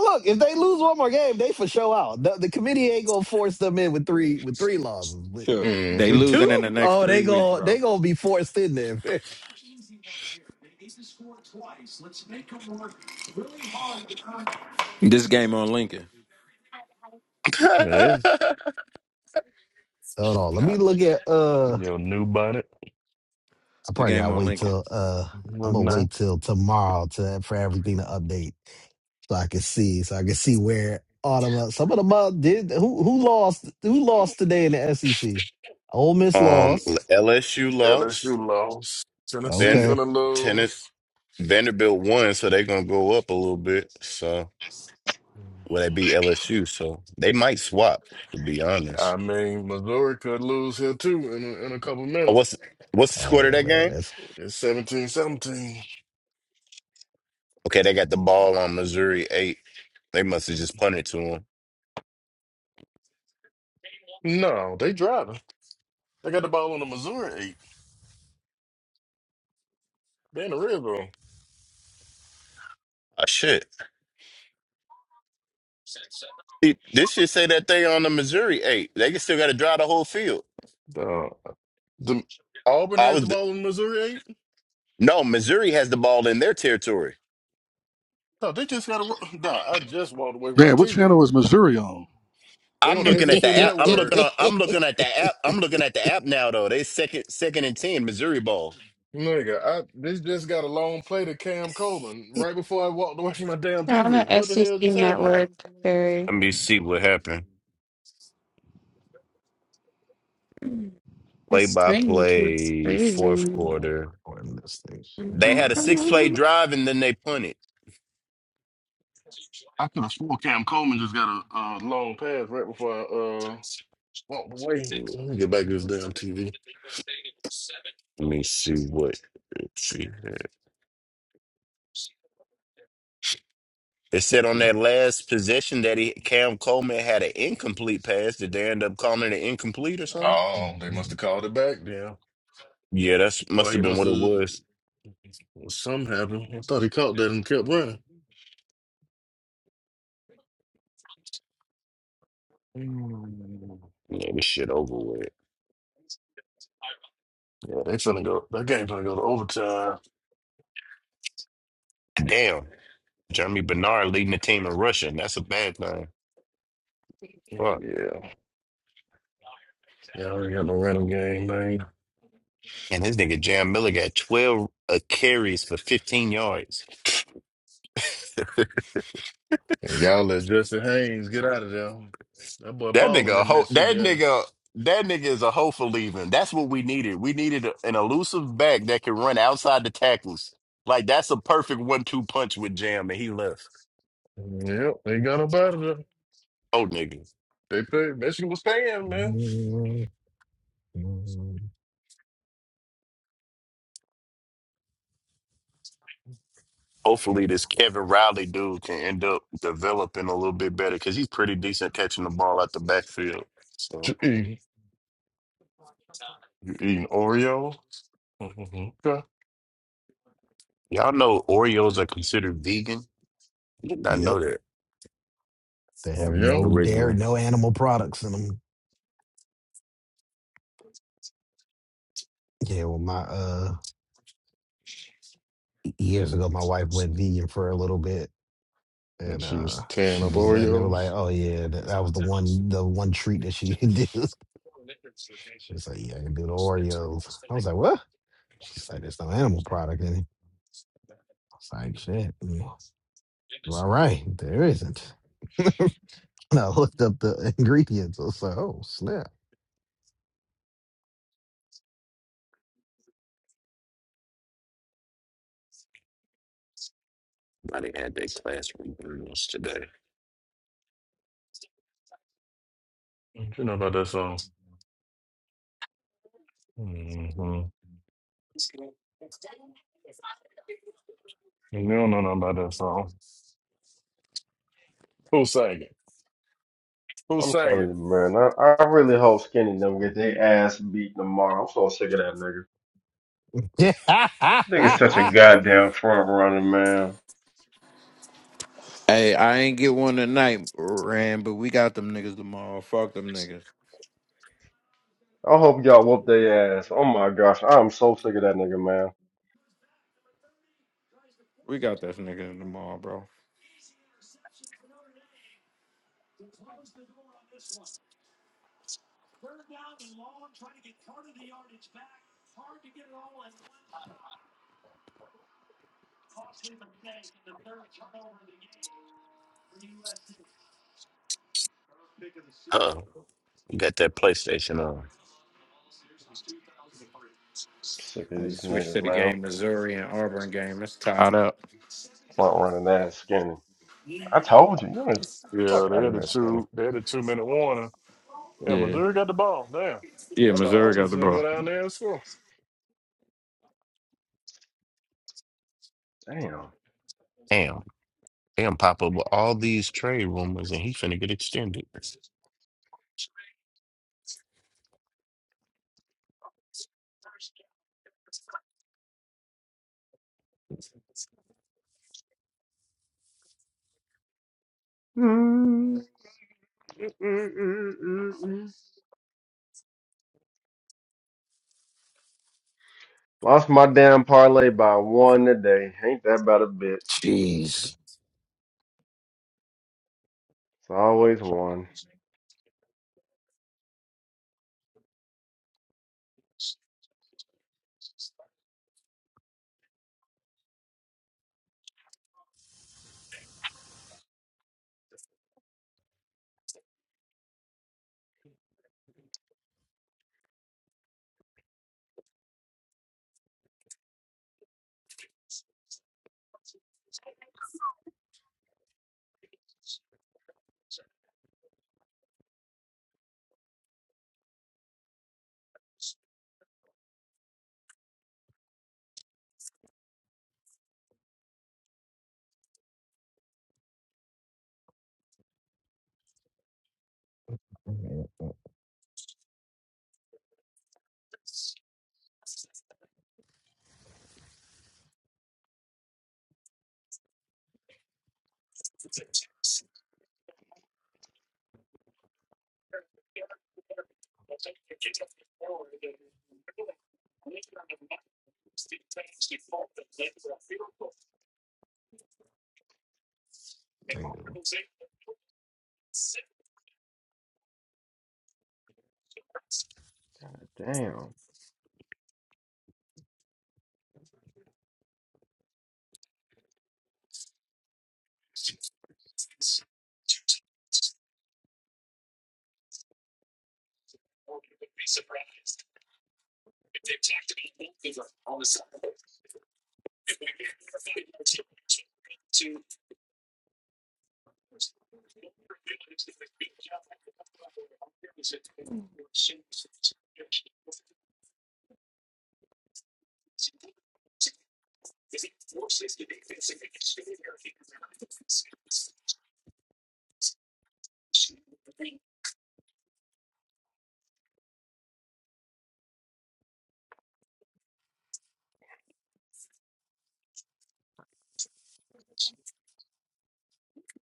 look, if they lose one more game, they for sure out. The, the committee ain't gonna force them in with three with three losses. With hmm with two, oh, they go they gonna be forced in there. Hey, Hold on, let me look at. Uh, your new bonnet I probably gotta wait till. Uh, I'm was gonna wait nice. till tomorrow to for everything to update. so I could see, so I could see where all of us, some of them uh, did. Who who lost? Who lost today in the SEC? Ole Miss um, lost. LSU lost. LSU lost. Tennessee Then Okay. finna Tenet, lose. Vanderbilt won, so they're gonna go up a little bit. So will they beat LSU? So they might swap. To be I honest, mean, Missouri could lose here too in a, in a couple oh, minutes. what's what's the Oh score to yeah, that man, game? that's It's 17 seventeen. Okay, they got the ball on Missouri eight. They must have just punted to them. No, they driving. They got the ball on the Missouri 8. They in the red Oh, shit. See, This should say that they on the Missouri eight. They can still got to drive the whole field. zone. The Auburn I has the was ball in Missouri eight. No, Missouri has the ball in their territory. No, they just got to. Nah, I just walked away from my Man, what TV. channel was Missouri on? They I'm on the looking at the SEC app. I'm looking Network. on. I'm looking at the app. I'm looking at the app now though. They second second and ten. Missouri ball. Nigga, I this just got a long play to Cam Coleman right before I walked away from my damn They're on TV. the What the SEC hell just happened? network, Barry. Let me see what happened. Play This by spring keeps play, fourth freezing. quarter. one of those things. Had They to had a wear. six play drive and then they punted. I could have swore Cam Coleman just got a uh, long pass right before I uh, walked away. Let Let me get back to this damn TV. me see what. let's see here. It said on that last possession that he Cam Coleman had an incomplete pass. Did they end up calling it incomplete or something? Oh, they must have called it back then. Yeah, that's Or must he have been must what it have. was. Something happened. I thought he caught that and kept running. Yeah, this shit over with. Yeah, they finna go. That game finna go to overtime. Damn. Jeremy Bernard leading the team in rushing. That's a bad thing. Fuck. Yeah, y'all already got no random game, man. And his nigga Jam Miller got 12 uh, carries for 15 yards. And y'all let Justin Haynes get out of there. That boy That balling nigga, a in ho- that Michigan. nigga, that nigga is a hoe for leaving. That's what we needed. We needed a- an elusive back that could run outside the tackles. Like that's a perfect one-two punch with Jam, and he left. Yep, ain't got him out there. Oh, nigga. They play Michigan was paying, man. Hopefully, this Kevin Riley dude can end up developing a little bit better because he's pretty decent catching the ball out the backfield. So You eating, you eating Oreos? Mhm. Okay. y'all know Oreos are considered vegan. I did not Yep, know that they have Oreo, no dairy, originally. no animal products in them. Yeah, well, my uh years ago, my wife went vegan for a little bit, and And she uh, was tearing she up was letting they were like, Oreos. "Oh yeah, that, that was the one, the one treat that she could do." She was like, "Yeah, I can do the Oreos." I was like, "What?" She's like, "There's no animal product in it." I was like, "Shit." mm, All right, there isn't. And I looked up the ingredients. I was like, "Oh snap!" They had their class reunions today. You know about that song? Mm-hmm. You don't know nothing about that song. Who sang it? Who I'm sang telling it? you, man. I, I really hope Skinny don't get their ass beat tomorrow. I'm so sick of that nigga. Yeah. Nigga's such a goddamn front runner, man. I hope y'all whoop their ass. Oh my gosh, I'm so sick of that nigga, man. Huh? You got that PlayStation on. Sick of these niggas, man. Front running ass Skinny. I told you, you ain't fuck Yeah, out they of had a here, two. They had a two minute warning. Yeah, Missouri got the ball. Damn. I thought Auburn was going to go down there and score. Damn. Damn, pop up with all these trade rumors and he finna get extended. Skinny. Lost my damn parlay by one today. Ain't that about a bitch? It's always one. Damn. God damn.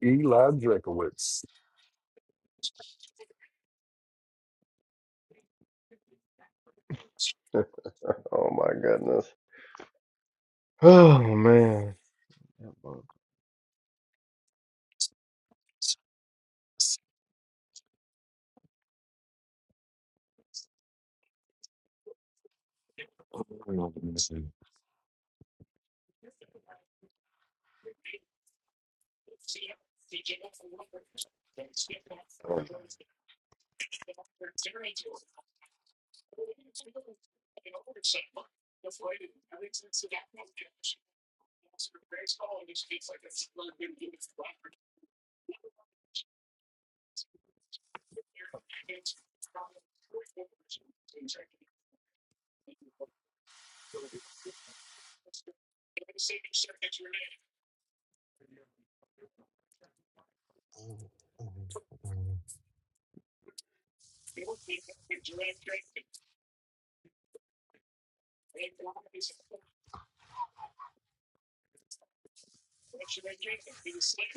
Eli Drakowitz. Oh my goodness. Oh man. That bug.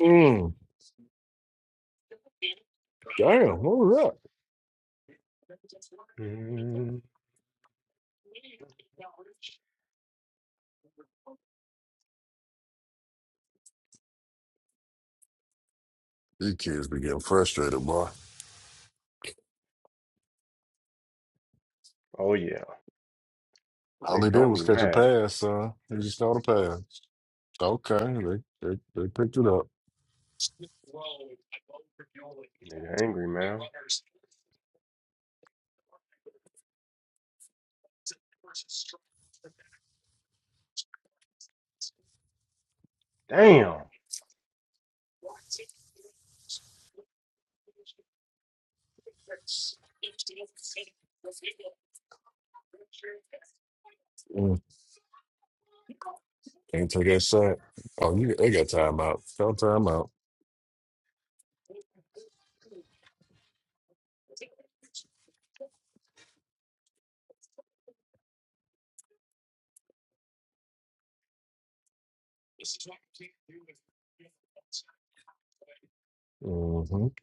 Mm. Damn, what was that? Mhm. These kids be getting frustrated, boy. Oh yeah. All they Nigga did gonna was be catch a mad. pass, son. They just caught a pass. Okay, they they, they picked it up. Nigga angry, man. Damn. Mm. Can't take that sack. Oh, you, they got timeout. Call timeout. Mm-hmm.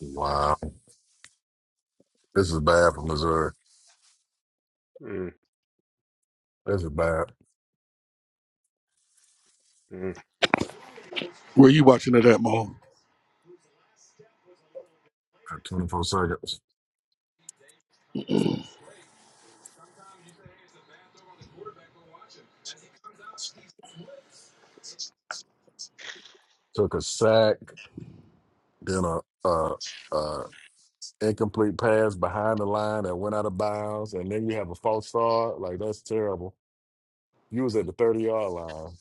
wow, this is bad for Missouri. Mhm. This is bad. Were you watching it at, Mo? Twenty four seconds. Took a sack, then a uh, uh incomplete pass behind the line that went out of bounds, and then you have a false start. Like that's terrible. You was at the thirty yard line.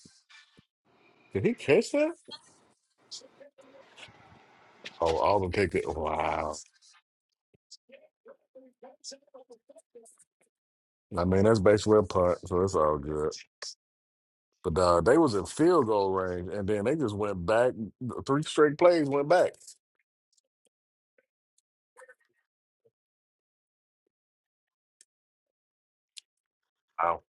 Did he catch that? Oh, Auburn picked it. Wow. I mean, that's basically a punt, so it's all good. But uh, they was in field goal range, and then they just went back. Three straight plays went back. Wow.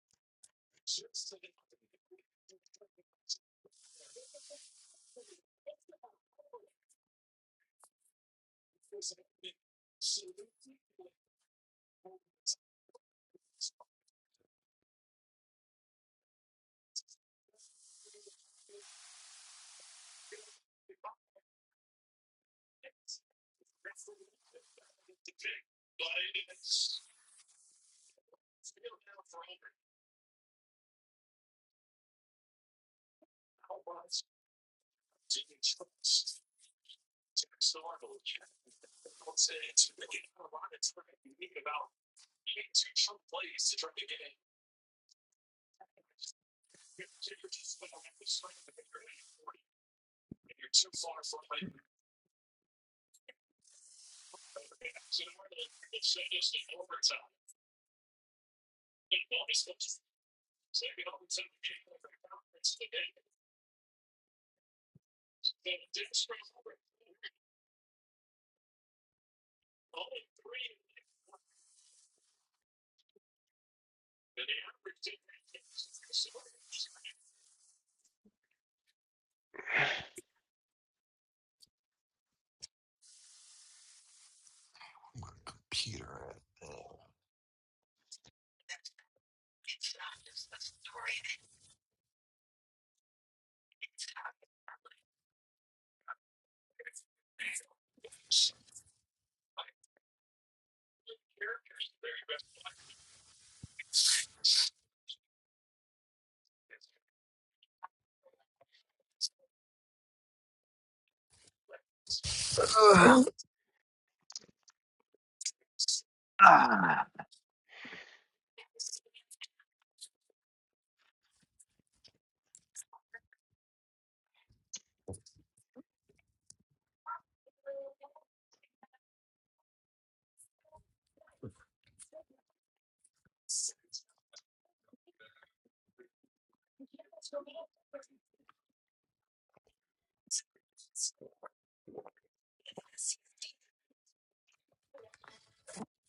My computer.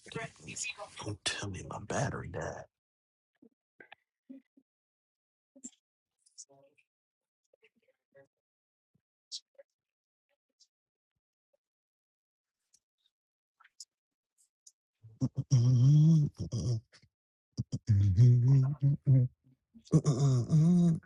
Don't tell me my battery died. Mm-mm-mm.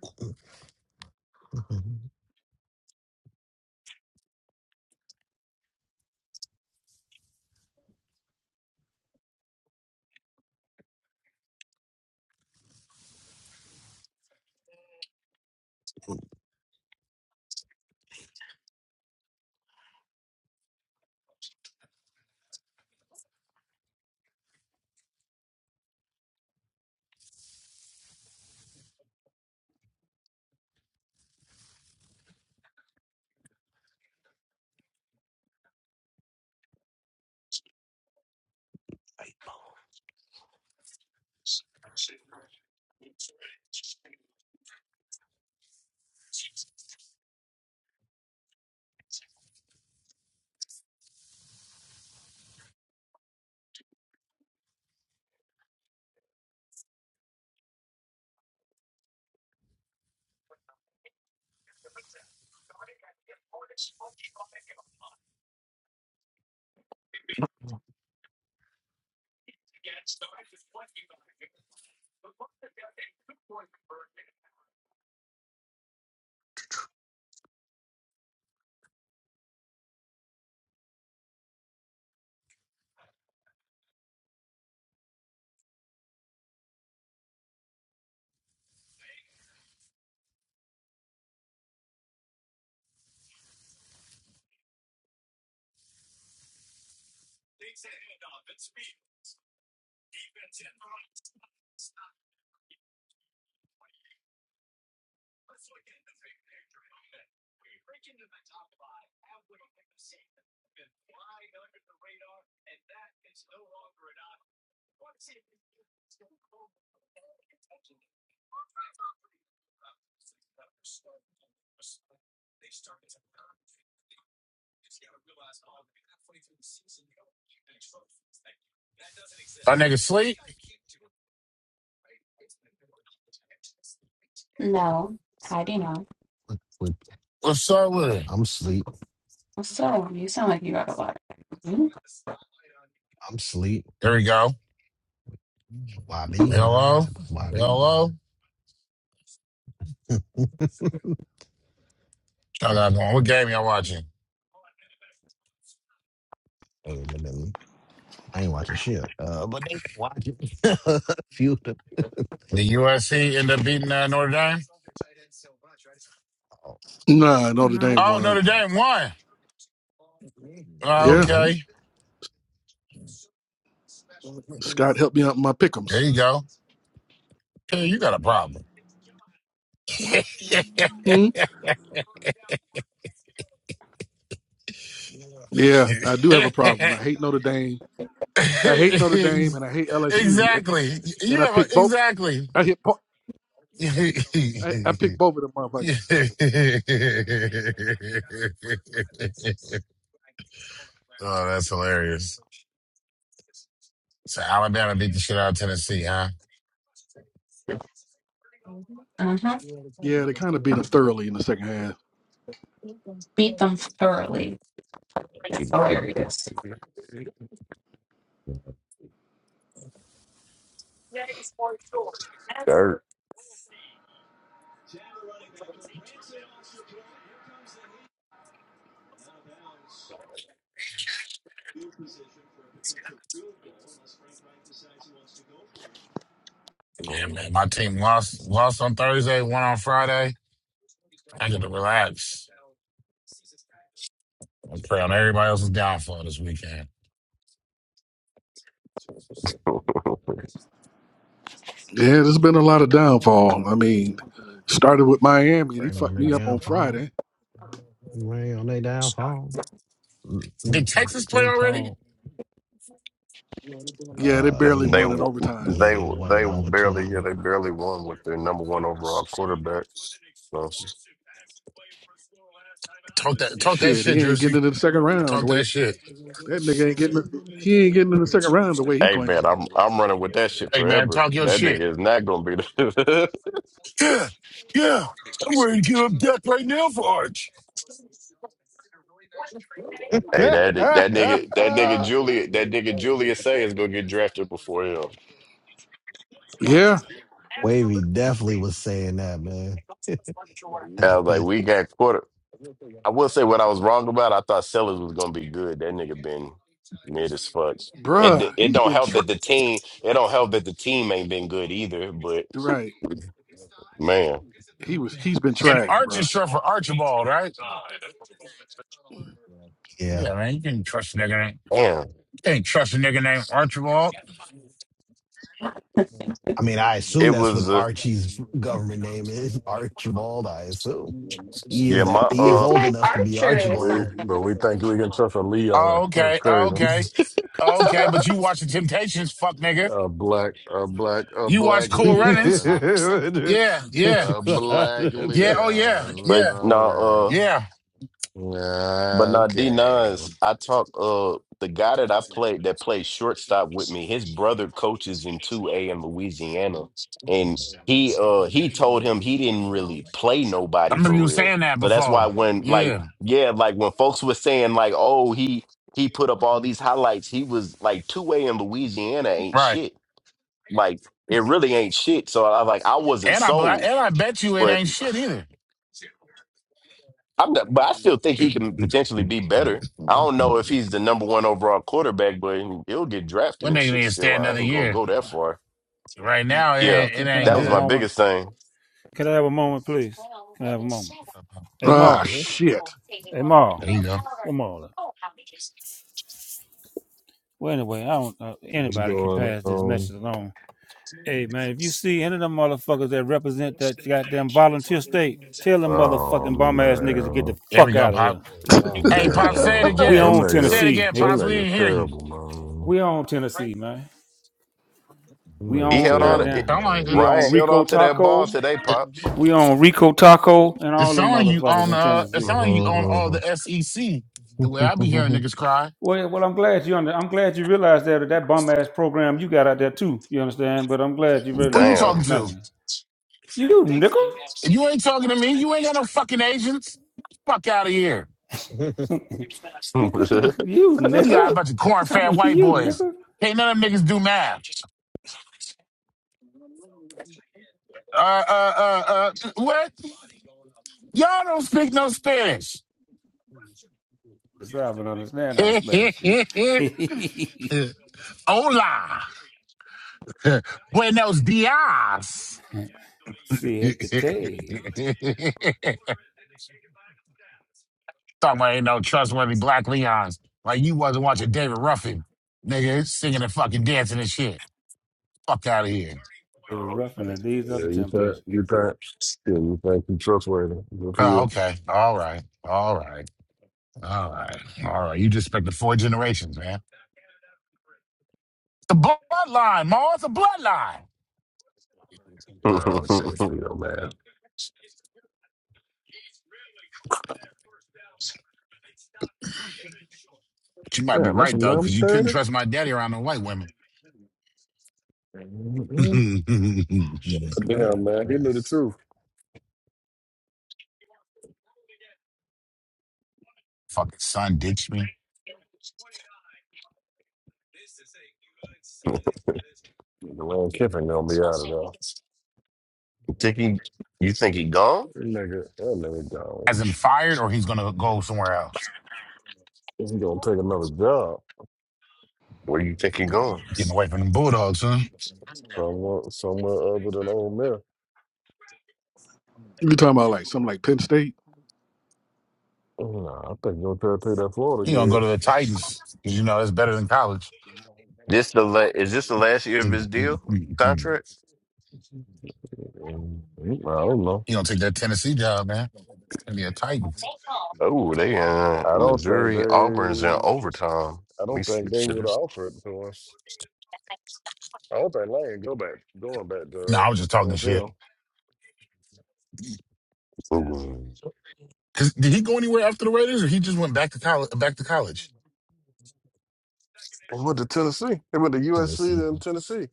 our nigga sleep. No, how do you know? What- what- What's up with it? I'm sleep. So you sound like you got a lot. of- I'm sleep. There we go. YB, man. Hello, YB, hello. man. Y'all got going. What game y'all watching? Other than that, I ain't watching shit. Uh, but they watching a few of them. The USC end up beating uh, Notre Dame? Oh, Nah, Notre Nope. Dame Oh, won. Notre Dame won. Uh, Yeah, mm, okay. Scott helped me out in my pick'ems. There you go. Hey, you got a problem. Hmm? Yeah, I do have a problem. I hate Notre Dame. I hate Notre Dame, and I hate LSU. exactly. You And I have a, picked both. exactly. I hit. po- oh, I, I picked both of them motherfuckers. that's hilarious. So Alabama beat the shit out of Tennessee, huh? Uh-huh. Yeah, they kind of beat them thoroughly in the second half. Beat them thoroughly. That's He get the hilarious. dirt. Yeah, man. My team lost lost on Thursday, won on Friday. I got to relax and pray on everybody else's downfall this weekend. Yeah, there's been a lot of downfall. I mean, started with Miami, and he Rain on fucked their me up on downfall. Friday. Rain on their downfall. Did Mm-mm, they was Texas play still already? tall. Yeah, they Uh, barely they won they, in wa- overtime. yeah, they they won in they barely yeah overtime. they barely won with their number one overall quarterback. So, Talk that, talk that Shit, he shit, ain't getting Jersey. into the second round the Talk way that shit. that nigga ain't getting. He ain't getting in the second round the way he hey playing. man, I'm I'm running with that shit Hey man, forever. talk your That shit. nigga is not gonna be. Yeah, yeah. I'm ready to give up death right now for Arch. Hey, that that nigga, that nigga Julia, that nigga Julius say is gonna get drafted before him. Yeah, Wavy definitely was saying that, man. I was like, we got quarter. I will say what I was wrong about. I thought Sellers was gonna be good. That nigga been mid as fuck. bruh, it, it he's don't been help tra- that the team. It don't help that the team ain't been good either. But right. man, He was. He's been And trash, Arch bruh. is short for Archibald, right? yeah. Yeah, man. You can trust a nigga name. damn, You can't trust a nigga named Archibald. I mean, I assume it that's what was uh, Archie's government name is. Archibald, I assume. He is yeah, my that he is It's uh, old like enough to be archery But or we, Archibald. but something. we think we can trust a Leon. Oh, That's okay, oh, crazy. okay, oh, okay. But you watch the Temptations, fuck nigga. A black, a black, a You watch black Cool Runnings. Leon, Yeah, yeah, a black yeah. Oh Leon. yeah, but yeah, no All right. uh, yeah. But Ah, now D Okay. Nines, I talk uh the guy that I played that played shortstop with me, his brother coaches in 2A in Louisiana. And he uh he told him he didn't really play I nobody remember for you real. saying that So that's why before. when like Yeah, yeah, like when folks were saying like, oh, he he put up all these highlights, he was like 2A in Louisiana ain't right. shit. Like it really ain't shit. So I was like I wasn't And I bel- sold. and I bet you it but. ain't shit either. I'm not, but I still think he can potentially be better. I don't know if he's the number one overall quarterback, but he'll get drafted When and they shit. even stay Still, I another ain't gonna year. go that far. Right now, it Can, Yeah, uh, ain't, it can, can I ain't that have was a my good. moment? biggest thing. Can I have a moment, please? Can I have a moment? Hey, Ah, Maul. Mhm. shit. Hey, Maul. There you go. What Maul? Well, anyway, I don't. Uh, What's anybody can going pass this on? message along. Hey, man, if you see any of them motherfuckers that represent that goddamn volunteer state, tell them Oh motherfucking bum ass niggas to get the man. There we fuck go, out of Pop. here. Oh Man. Hey, my. Pop, say it We That again. own Say it nigga Tennessee, again, that nigga. Pops. We nigga's didn't hear you. terrible, We own Tennessee, man. man. That We He nigga's own held on. To, terrible, it, goddamn. Sound like it, We man. own Ryan held Rico on to that ball Taco. today, it, pop. We own Rico Taco and it all them sound like you motherfuckers on in uh, it Tennessee. sound like you on all Mhm. the SEC. The way I be hearing niggas cry. Well, well, I'm glad you under, I'm glad you realized that that bum ass program you got out there too. You understand? But I'm glad you Who you realized that. talking Damn. Thank to? you. You nickel, If you ain't talking to me, you ain't got no fucking agents. Fuck out of here. nickel, you You got a nickel, bunch of corn fat talking to white you boys. nickel. Can't none of them niggas do math. uh, uh, uh, uh, what? Y'all don't speak no Spanish. It's I don't understand how Spanish. See, Hola. Buenos dias. Siete. Talking to about ain't no trustworthy black Leons. Like you wasn't watching David Ruffin, nigga, singing and fucking dancing and shit. Fuck out of here. The Oh, roughing okay. and these are Yeah, the you think temptations. you think yeah, you think you trustworthy. Good for Oh, you. okay. All right. All right. All right. All right. You just respect the four generations, man. The bloodline, Ma. It's a bloodline. I don't say it's for your man. She might be Damn, this right is though, number because you couldn't 30. trust my daddy around no white women. Mm-hmm. Shit. Look at Damn, that man, he knew the press. truth. Fucking son ditched me. The Lane Kiffin gonna be out of there. think he? You think he gone? Nigga, that nigga gone. As in fired, or he's gonna go somewhere else. He gonna take another job Where you think he going? Getting away from the Bulldogs, huh? somewhere, somewhere other than Ole Miss. You talking about like something like Penn State? Nah, I think he'll try to take that You gonna go Florida to the gig. Titans because you know that's better than college. This the la- is this the last year of you his deal gonna contract? Mm, I don't know. take that Tennessee job, man, and be a Titans. Oh, they in I don't think Missouri. Auburn's in they. overtime. I Let me don't think they switch to would this offer it to us. I don't think Lane go back going back No, to I was just uh, talking shit. NFL. Ooh, Cause did he go anywhere after the Raiders, or he just went back to college? Back to college? He went to Tennessee. He went to USC Tennessee. then Tennessee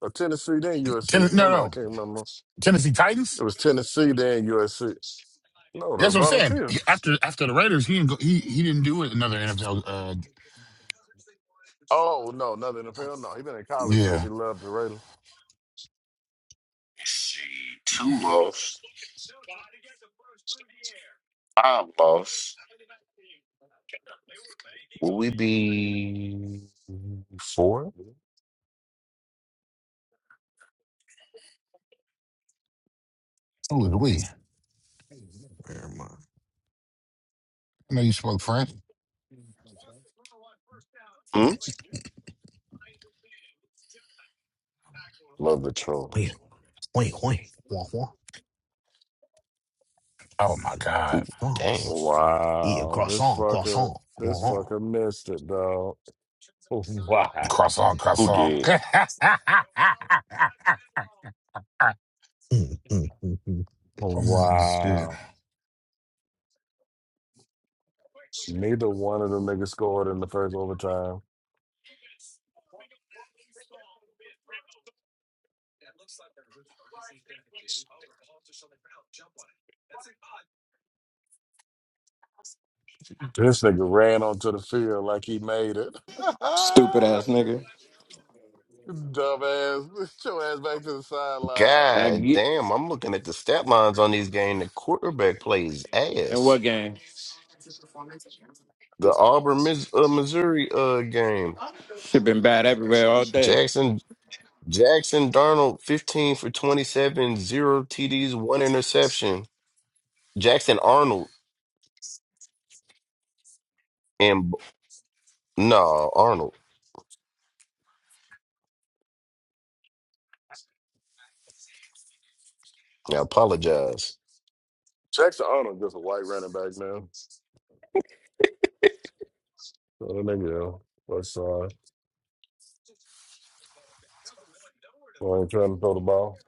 or Tennessee then Ten- USC. Well, no, no, I no, can't remember. It Tennessee Titans. was Tennessee then USC. No, the That's what I'm saying. Volunteer. He- After after the Raiders, he didn't go, he he didn't do another NFL. Oh no, nothing in the field. No, he been in college since Yeah. he left the Raiders. Let's see. Two lost. Five lost. Will we be four? Ooh, we. Where am I? I know you spoke French. Hmm? Love Patrol. Wait, wait, wait. Wah, wah. Oh Yeah, my God. Damn. France. Yeah, Wow, this croissant, fucker, croissant. this Croissant. fucker missed it, dog. Wow, Croissant, Who croissant. did? Mm, mm, mm, mm. Mm, Shit. wow. Neither one of them niggas scored in the first overtime. This nigga ran onto the field like he made it. Dumbass, put your ass back to the sideline. God damn. I'm looking at the stat lines on these game. The quarterback plays ass. The Auburn, Mis- uh, Missouri uh, game. Jackson. Jackson Darnold, 15 for twenty seven, zero zero TDs, one interception. Jackson Arnold and no, Arnold. I apologize. Jackson Arnold just a white running back, man. So that nigga, uh, what's uh, ain't trying to throw the ball?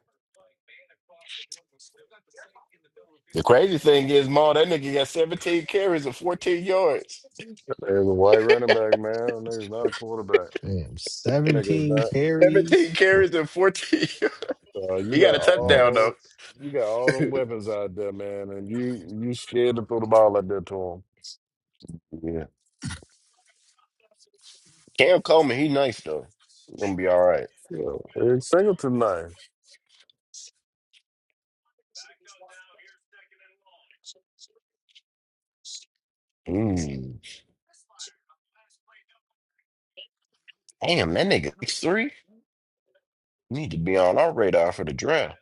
The crazy thing is, Ma, that nigga got 17 carries and 14 yards. There's a white running back, man. That nigga's not a quarterback. Damn, That Nigga's 17 not. 17 carries. carries and 14 yards. So, Uh, you He got got a touchdown, Yikes. though. all you got all them weapons out there, man, and you you scared to throw the ball out there to him. Yeah. Cam Coleman, he nice, though. He gonna be all right. Yeah, Eric Singleton, nice. Mm. Damn, that nigga six three Need to be on our radar for the draft.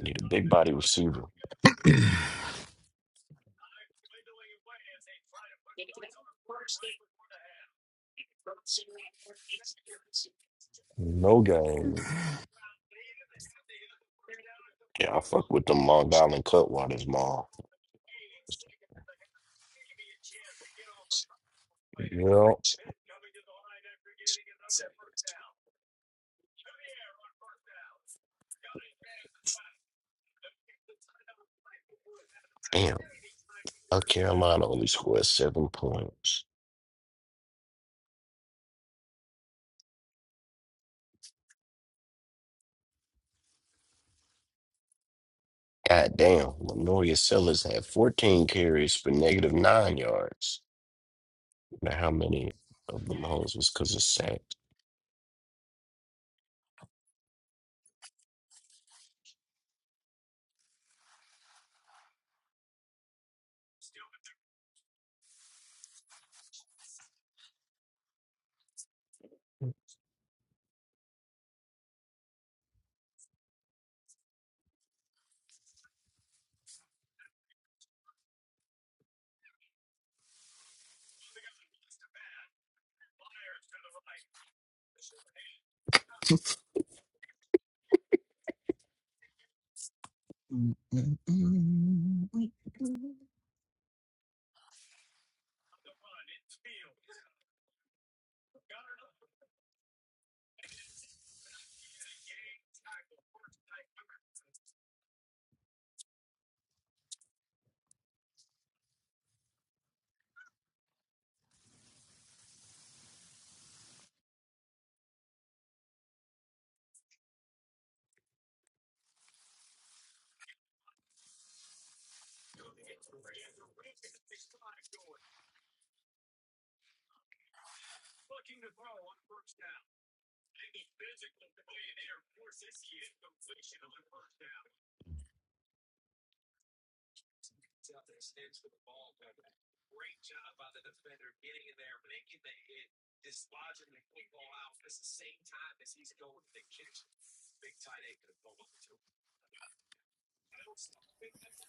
Need a big body receiver. No game. Yeah, I fuck with them Long Island Cutwaters, Ma. Yeah. Damn, South Carolina only scored seven points. God damn, Lenoria Sellers had 14 carries for negative nine yards. Now how many of them hoes was because of sex. Mm, mm.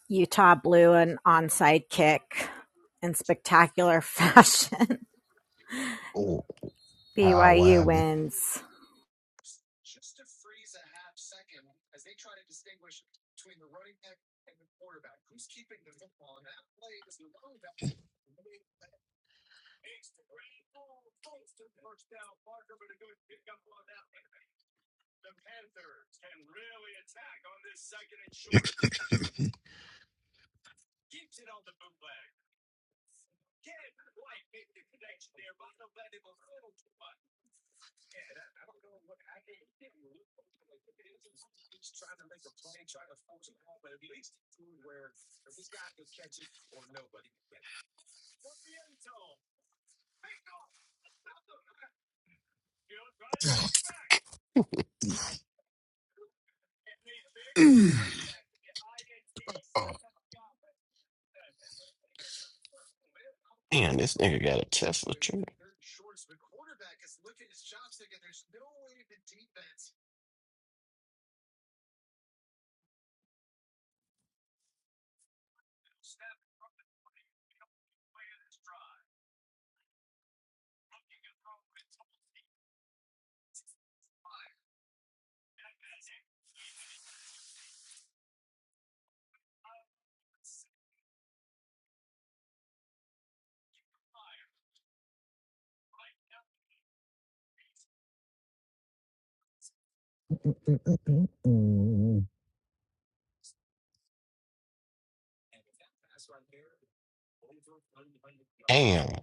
Utah blew an onside kick in spectacular fashion. Oh. How? What BYU happened? wins. Mm. Oh, Damn, this nigga got a Tesla truck. You Damn.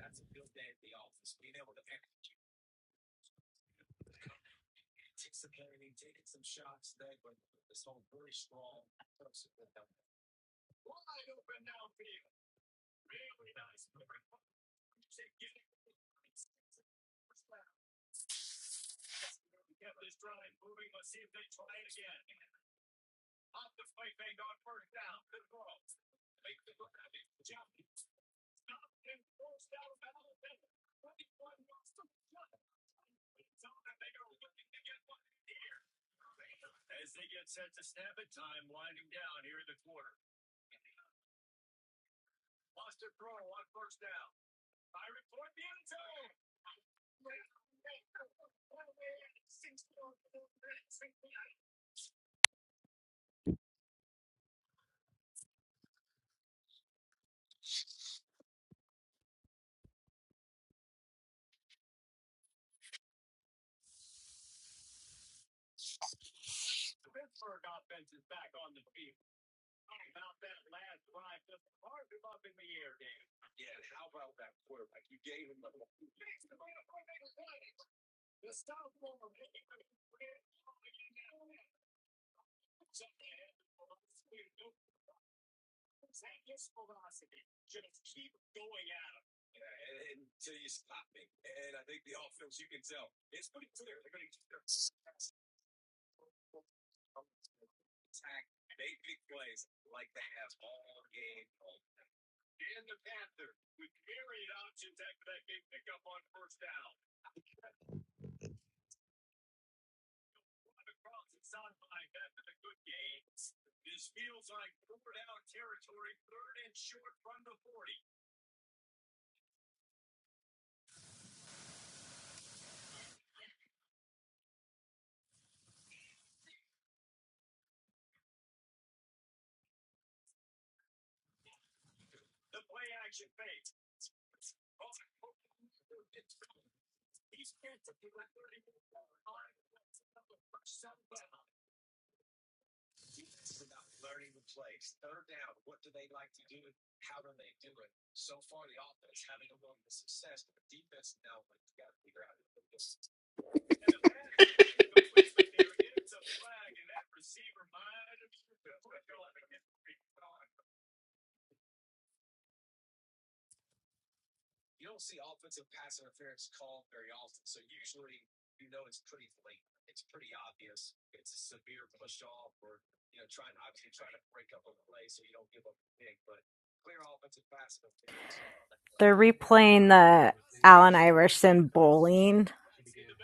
They're replaying the Allen Iverson bowling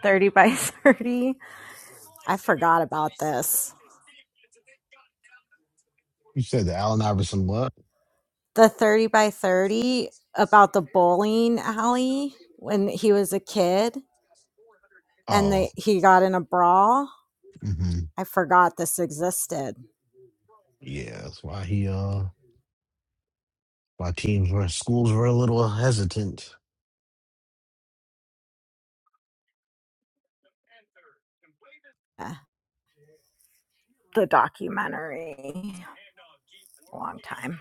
30 by 30. I forgot about this. said the Allen Iverson what? The 30 by 30 about the bowling alley when he was a kid and Oh, they, he got in a brawl. hmm I forgot this existed. yeah. That's why he uh, why teams were schools were a little hesitant. Uh, The documentary, a long time.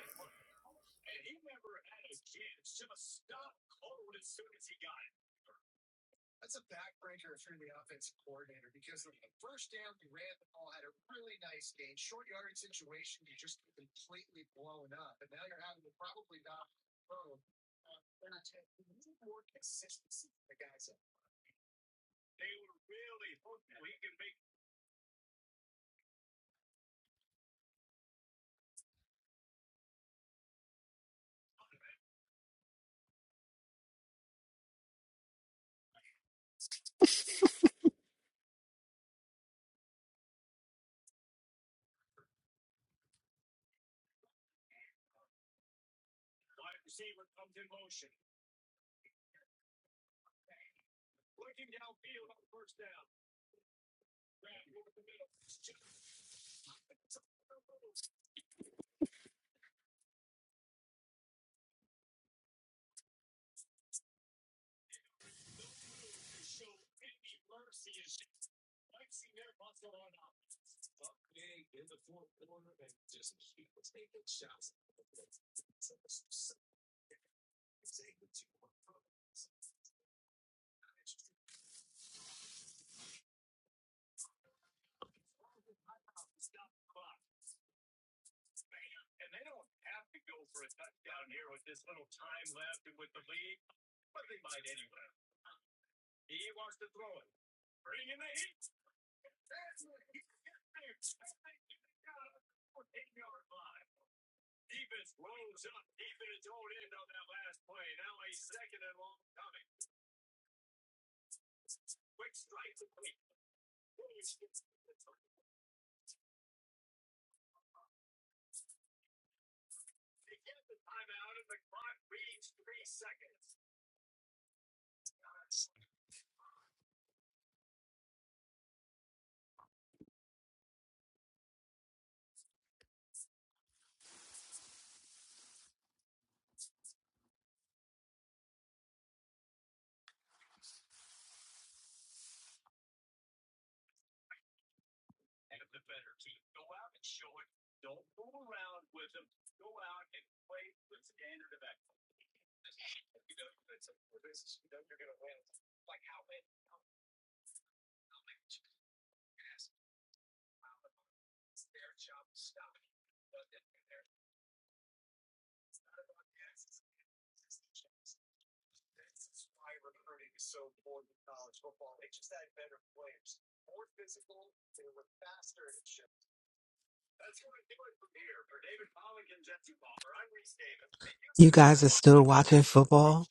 You guys are still watching football?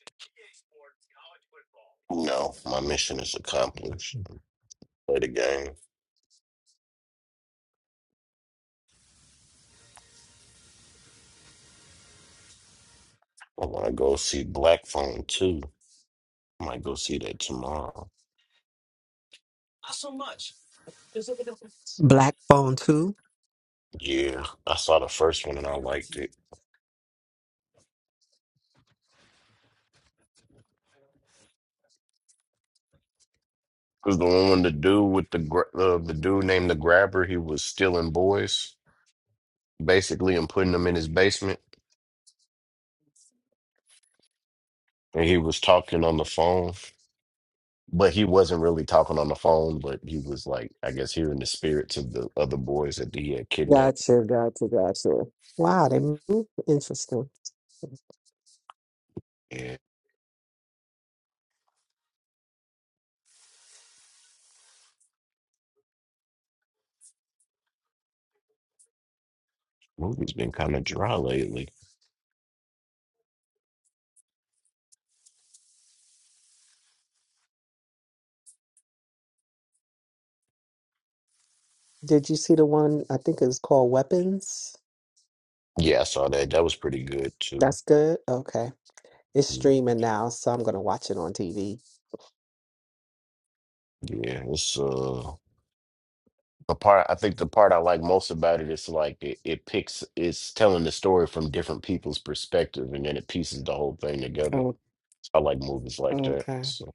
No, my mission is accomplished. Play the game. I want to go see Black Phone 2. I might go see that tomorrow. Black phone 2? Yeah, I saw the first one and I liked it. Cause the one with the dude with the gra- uh, the dude named the Grabber, he was stealing boys basically and putting them in his basement, and he was talking on the phone. but he wasn't really talking on the phone, but he was like, I guess hearing the spirits of the other boys that he had kidnapped. Gotcha, gotcha, gotcha. Wow, they move interesting. And movie's been kind of dry lately. Did you see the one, I think it's called Weapons? Yeah, I saw that. That was pretty good too. That's good. Okay. It's Mm, streaming now, so I'm gonna watch it on TV. Yeah, it's uh the part I think the part I like most about it is like it, it picks it's telling the story from different people's perspective and then it pieces the whole thing together. Oh, I like movies like that. okay. So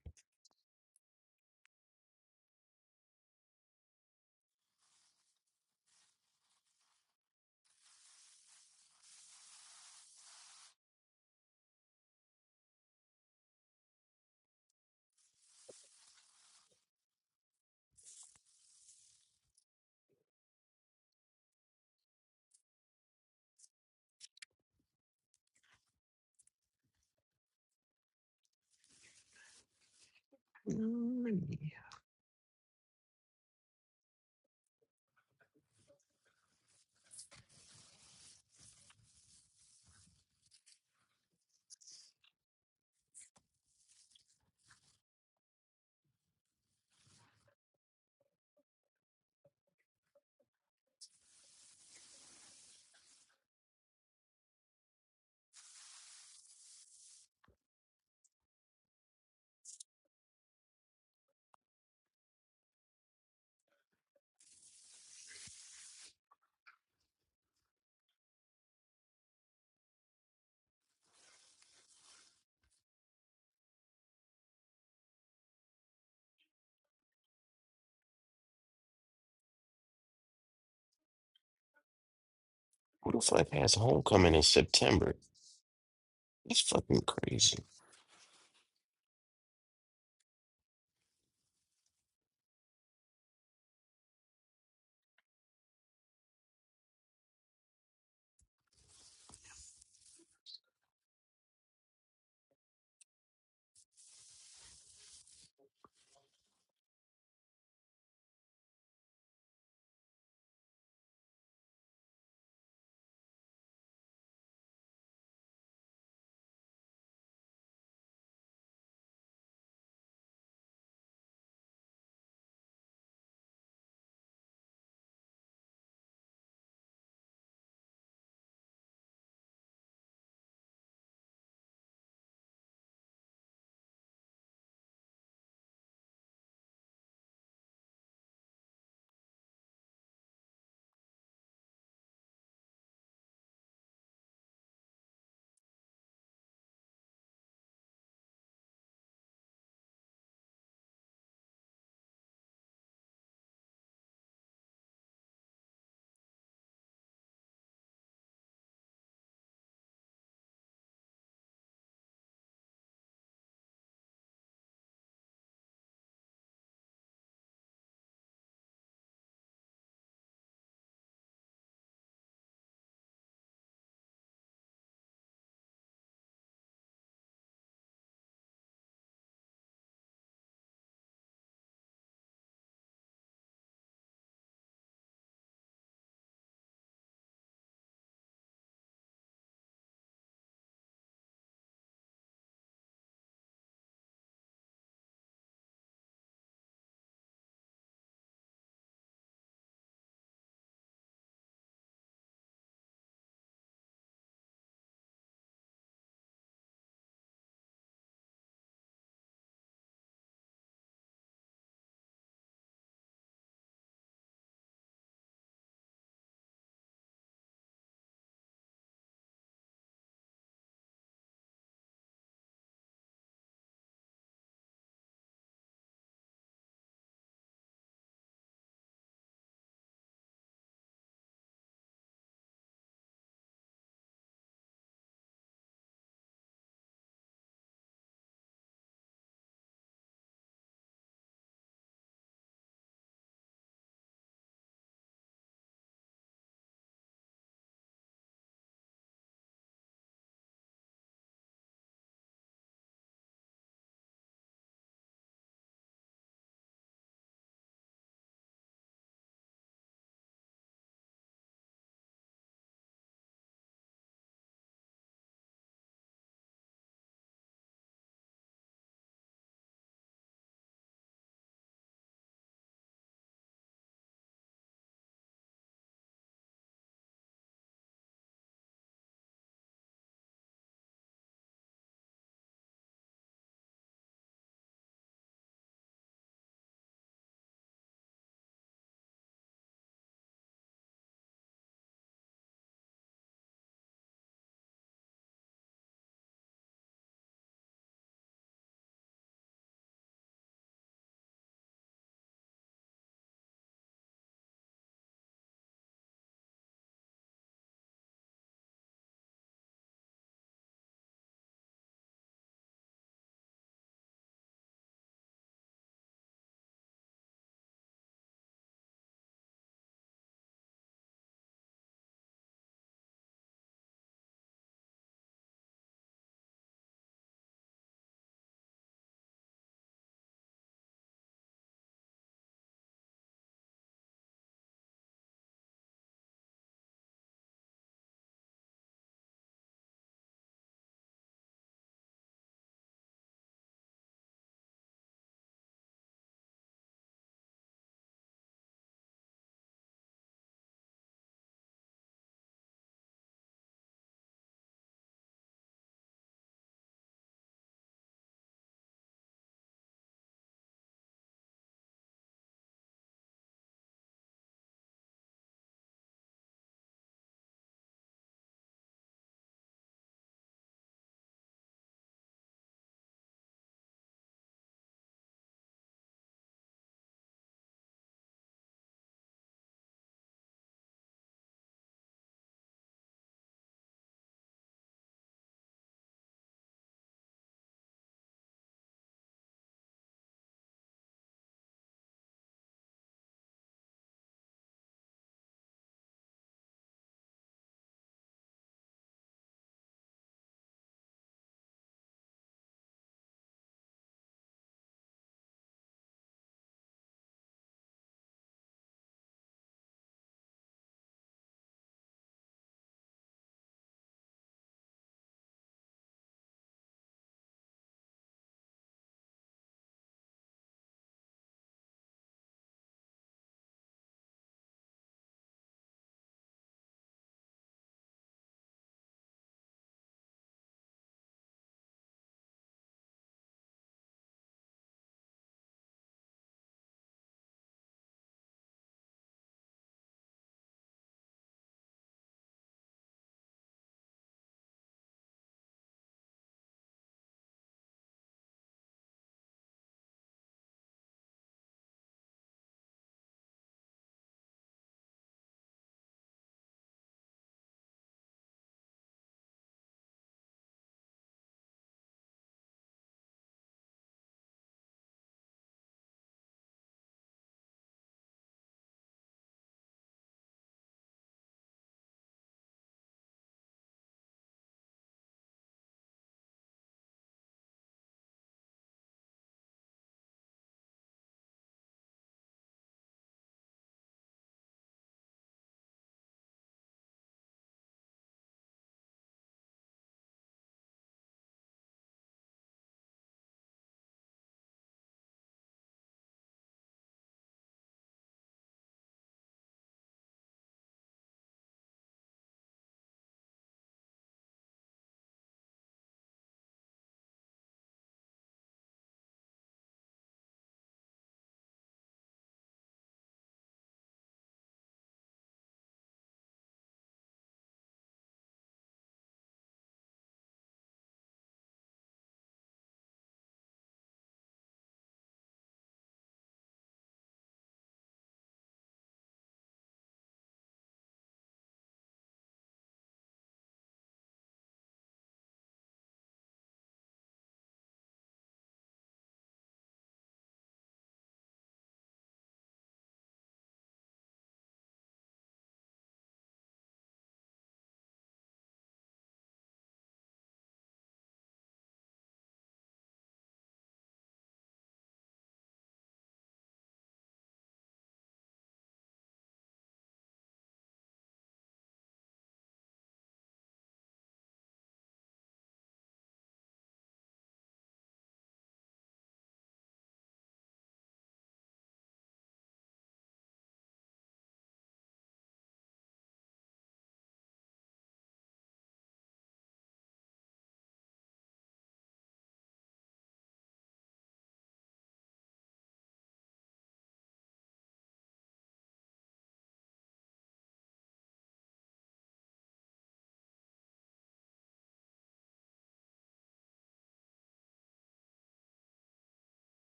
what the fuck has homecoming in September? That's fucking crazy.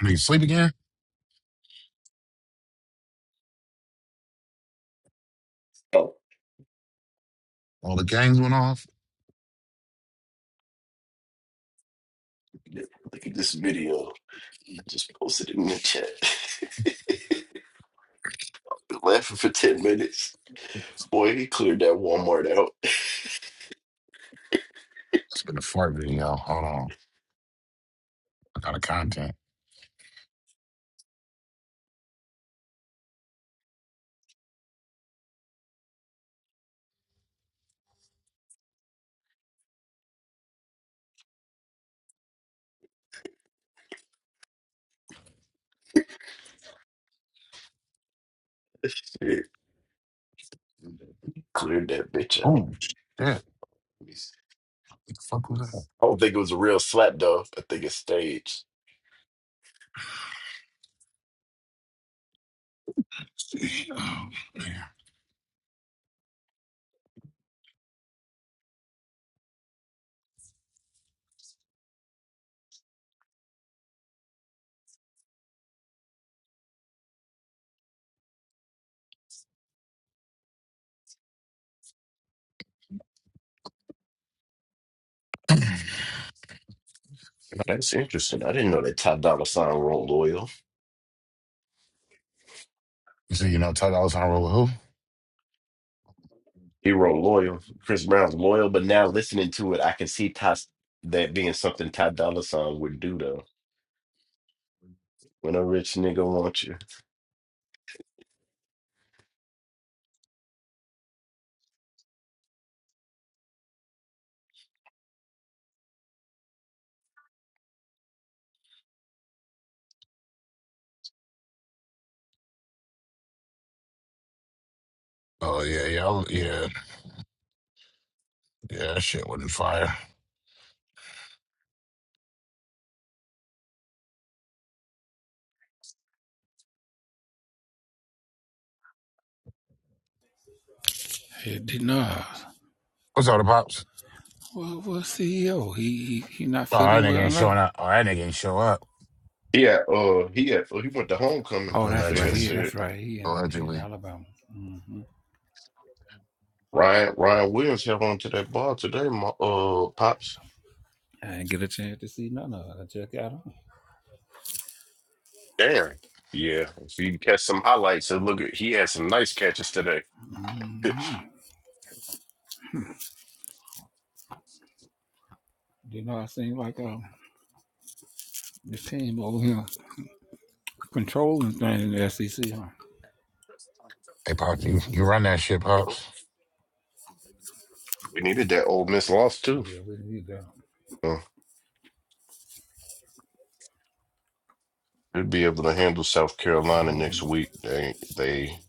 I need to sleep again. Oh, All the gangs went off. yeah, look at this video. Just posted it in the chat. Been laughing for 10 minutes. Boy, he cleared that Walmart out. It's been a fart video. Hold on. I got a content. Shit, cleared that bitch out. Oh, shit. What Let me see. the fuck was that? I don't think it was a real slap, though. I think it's staged. Oh, man. That's interesting. I didn't know that Top Dollar sign rolled oil. You see, you know, Todd, I was on a roll with who? He wrote Loyal. Chris Brown's Loyal, but now listening to it, I can see Ty, that being something Ty Dolla Sign would do though. When a rich nigga wants you. Oh, yeah, yeah, I'll- yeah. Yeah, that shit wasn't fire. Hey, Dinar. What's all the pops? Well, well, CEO, he, he he not Oh, that feeling nigga well. ain't showing No. up. Oh, that nigga ain't show up. Yeah, uh he had oh, he went to homecoming. Oh, that's They right. had Allegedly. He that's said right. He in he in Allegedly. Alabama. Ryan Ryan Williams held on to that ball today, my uh pops. I didn't get a chance to see none of it. I just got on. Damn. Yeah. If you catch some highlights and look at he had some nice catches today. we You know, I seem like um, this team over here controlling things in the SEC. Huh? Hey, pops, you, you run that shit, Pops. needed that old miss loss too. Yeah, we need that. So they'll be able to handle South I Carolina hope we next week. They they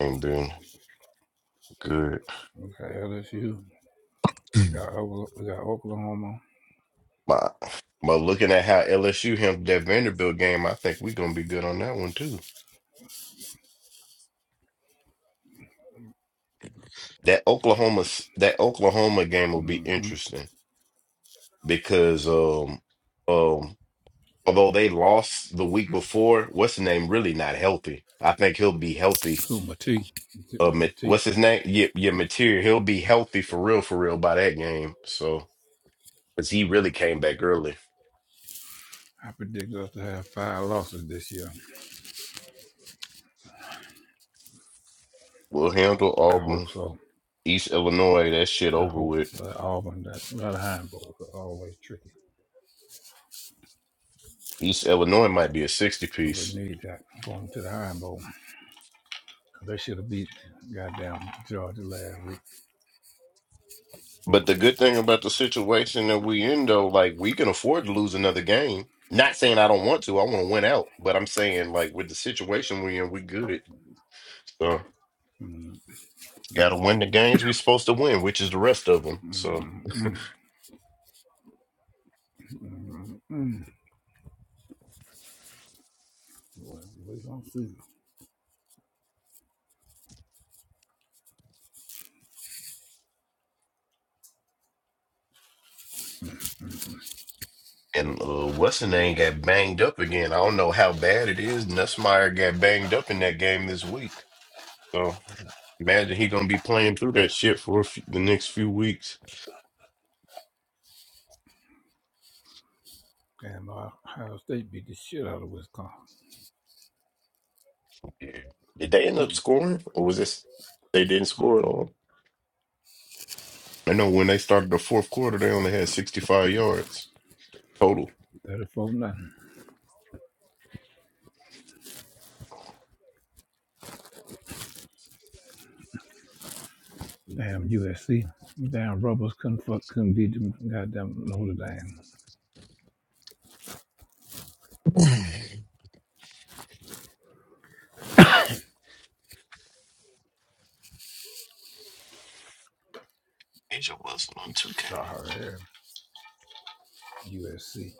ain't been good. we got LSU. We got, Okla- we got Oklahoma. But but looking at how LSU handled that Vanderbilt game, I think we're gonna be good on that one too. That Oklahoma that Oklahoma game will be Mm-hmm. interesting because um um although they lost the week before, what's the name really not healthy. I think he'll be healthy. Ooh, Matee. Uh, Ma- Matee. what's his name? Yeah, yeah, material. He'll be healthy for real, for real by that game. So, cause he really came back early. I predict us to have five losses this year. We'll handle I hope Auburn, so. East Illinois. That shit I over hope. with. But Auburn, that, that Iron Bowl is always tricky. East Illinois might be a sixty But we piece. need that going to the Iron Bowl. They should have beat goddamn Georgia last week. But the good thing about the situation that we in though, like we can afford to lose another game. Not saying I don't want to, I want to win out, but I'm saying like with the situation we in, we good. So gotta win the games we supposed to win, which is the rest of them. So Well, we gonna see. and uh, what's the name got banged up again. I don't know how bad it is. Nussmeier got banged up in that game this week. So imagine he gonna be playing through that shit for a few, the next few weeks. Damn, Ohio State beat the shit out of Wisconsin. Yeah. Did they end up scoring, or was this they didn't score at all? I know when they started the fourth quarter, they only had 65 yards total. 34 nothing. Damn, USC. Damn, Rebels couldn't fuck, couldn't beat them. Goddamn Notre Dame. I Asia Wilson on 2K. Sorry, USC.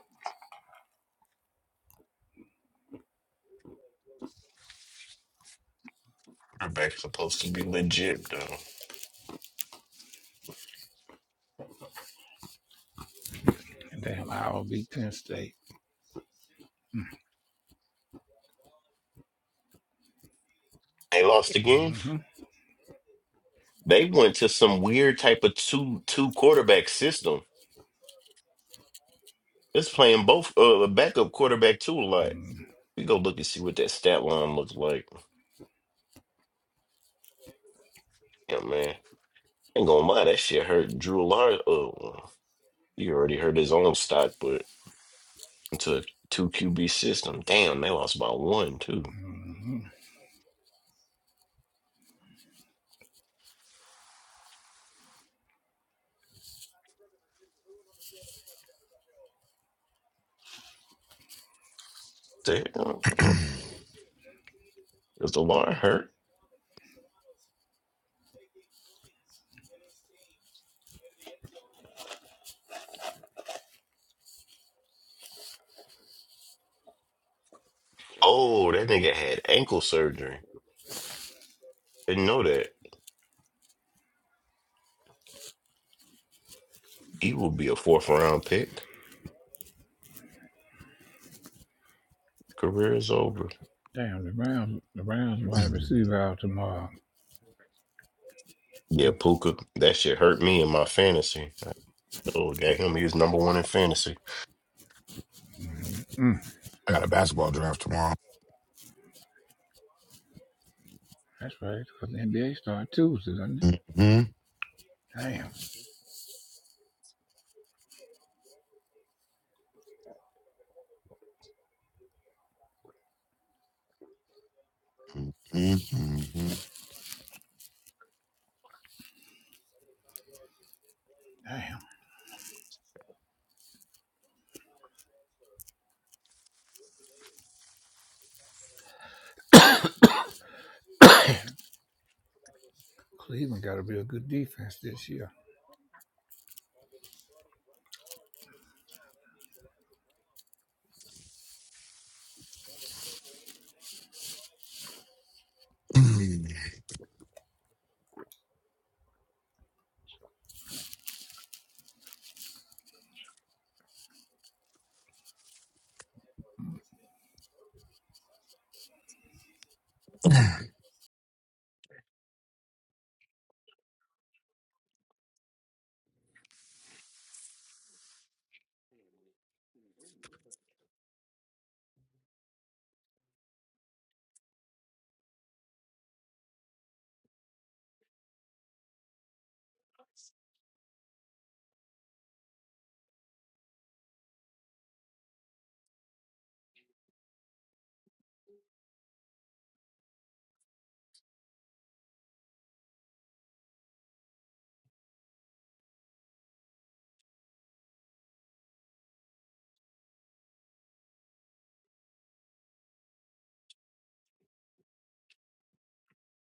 Quarterback supposed to be legit, though. Damn, Iowa beat Penn State. They lost again. Mm-hmm. They went to some weird type of two two quarterback system. It's playing both uh a backup quarterback too a lot. Mm-hmm. We go look and see what that stat line looks like. Yeah, man. Ain't gonna lie, that shit hurt Drew Lar. Oh, he already hurt his own stock, but into a two QB system. Damn, they lost by one too. Damn, uh, is the line hurt? Oh, that nigga had ankle surgery. Didn't know that. He will be a fourth round pick. Career is over. Damn, the Browns, the Browns wide receiver out tomorrow. Yeah, Puka, that shit hurt me in my fantasy. I told got him he was number one in fantasy. Mm, got a basketball draft tomorrow. that's right, because the NBA started Tuesday, doesn't it? hmm Damn, hmm damn. Cleveland got a real good defense this year. hmm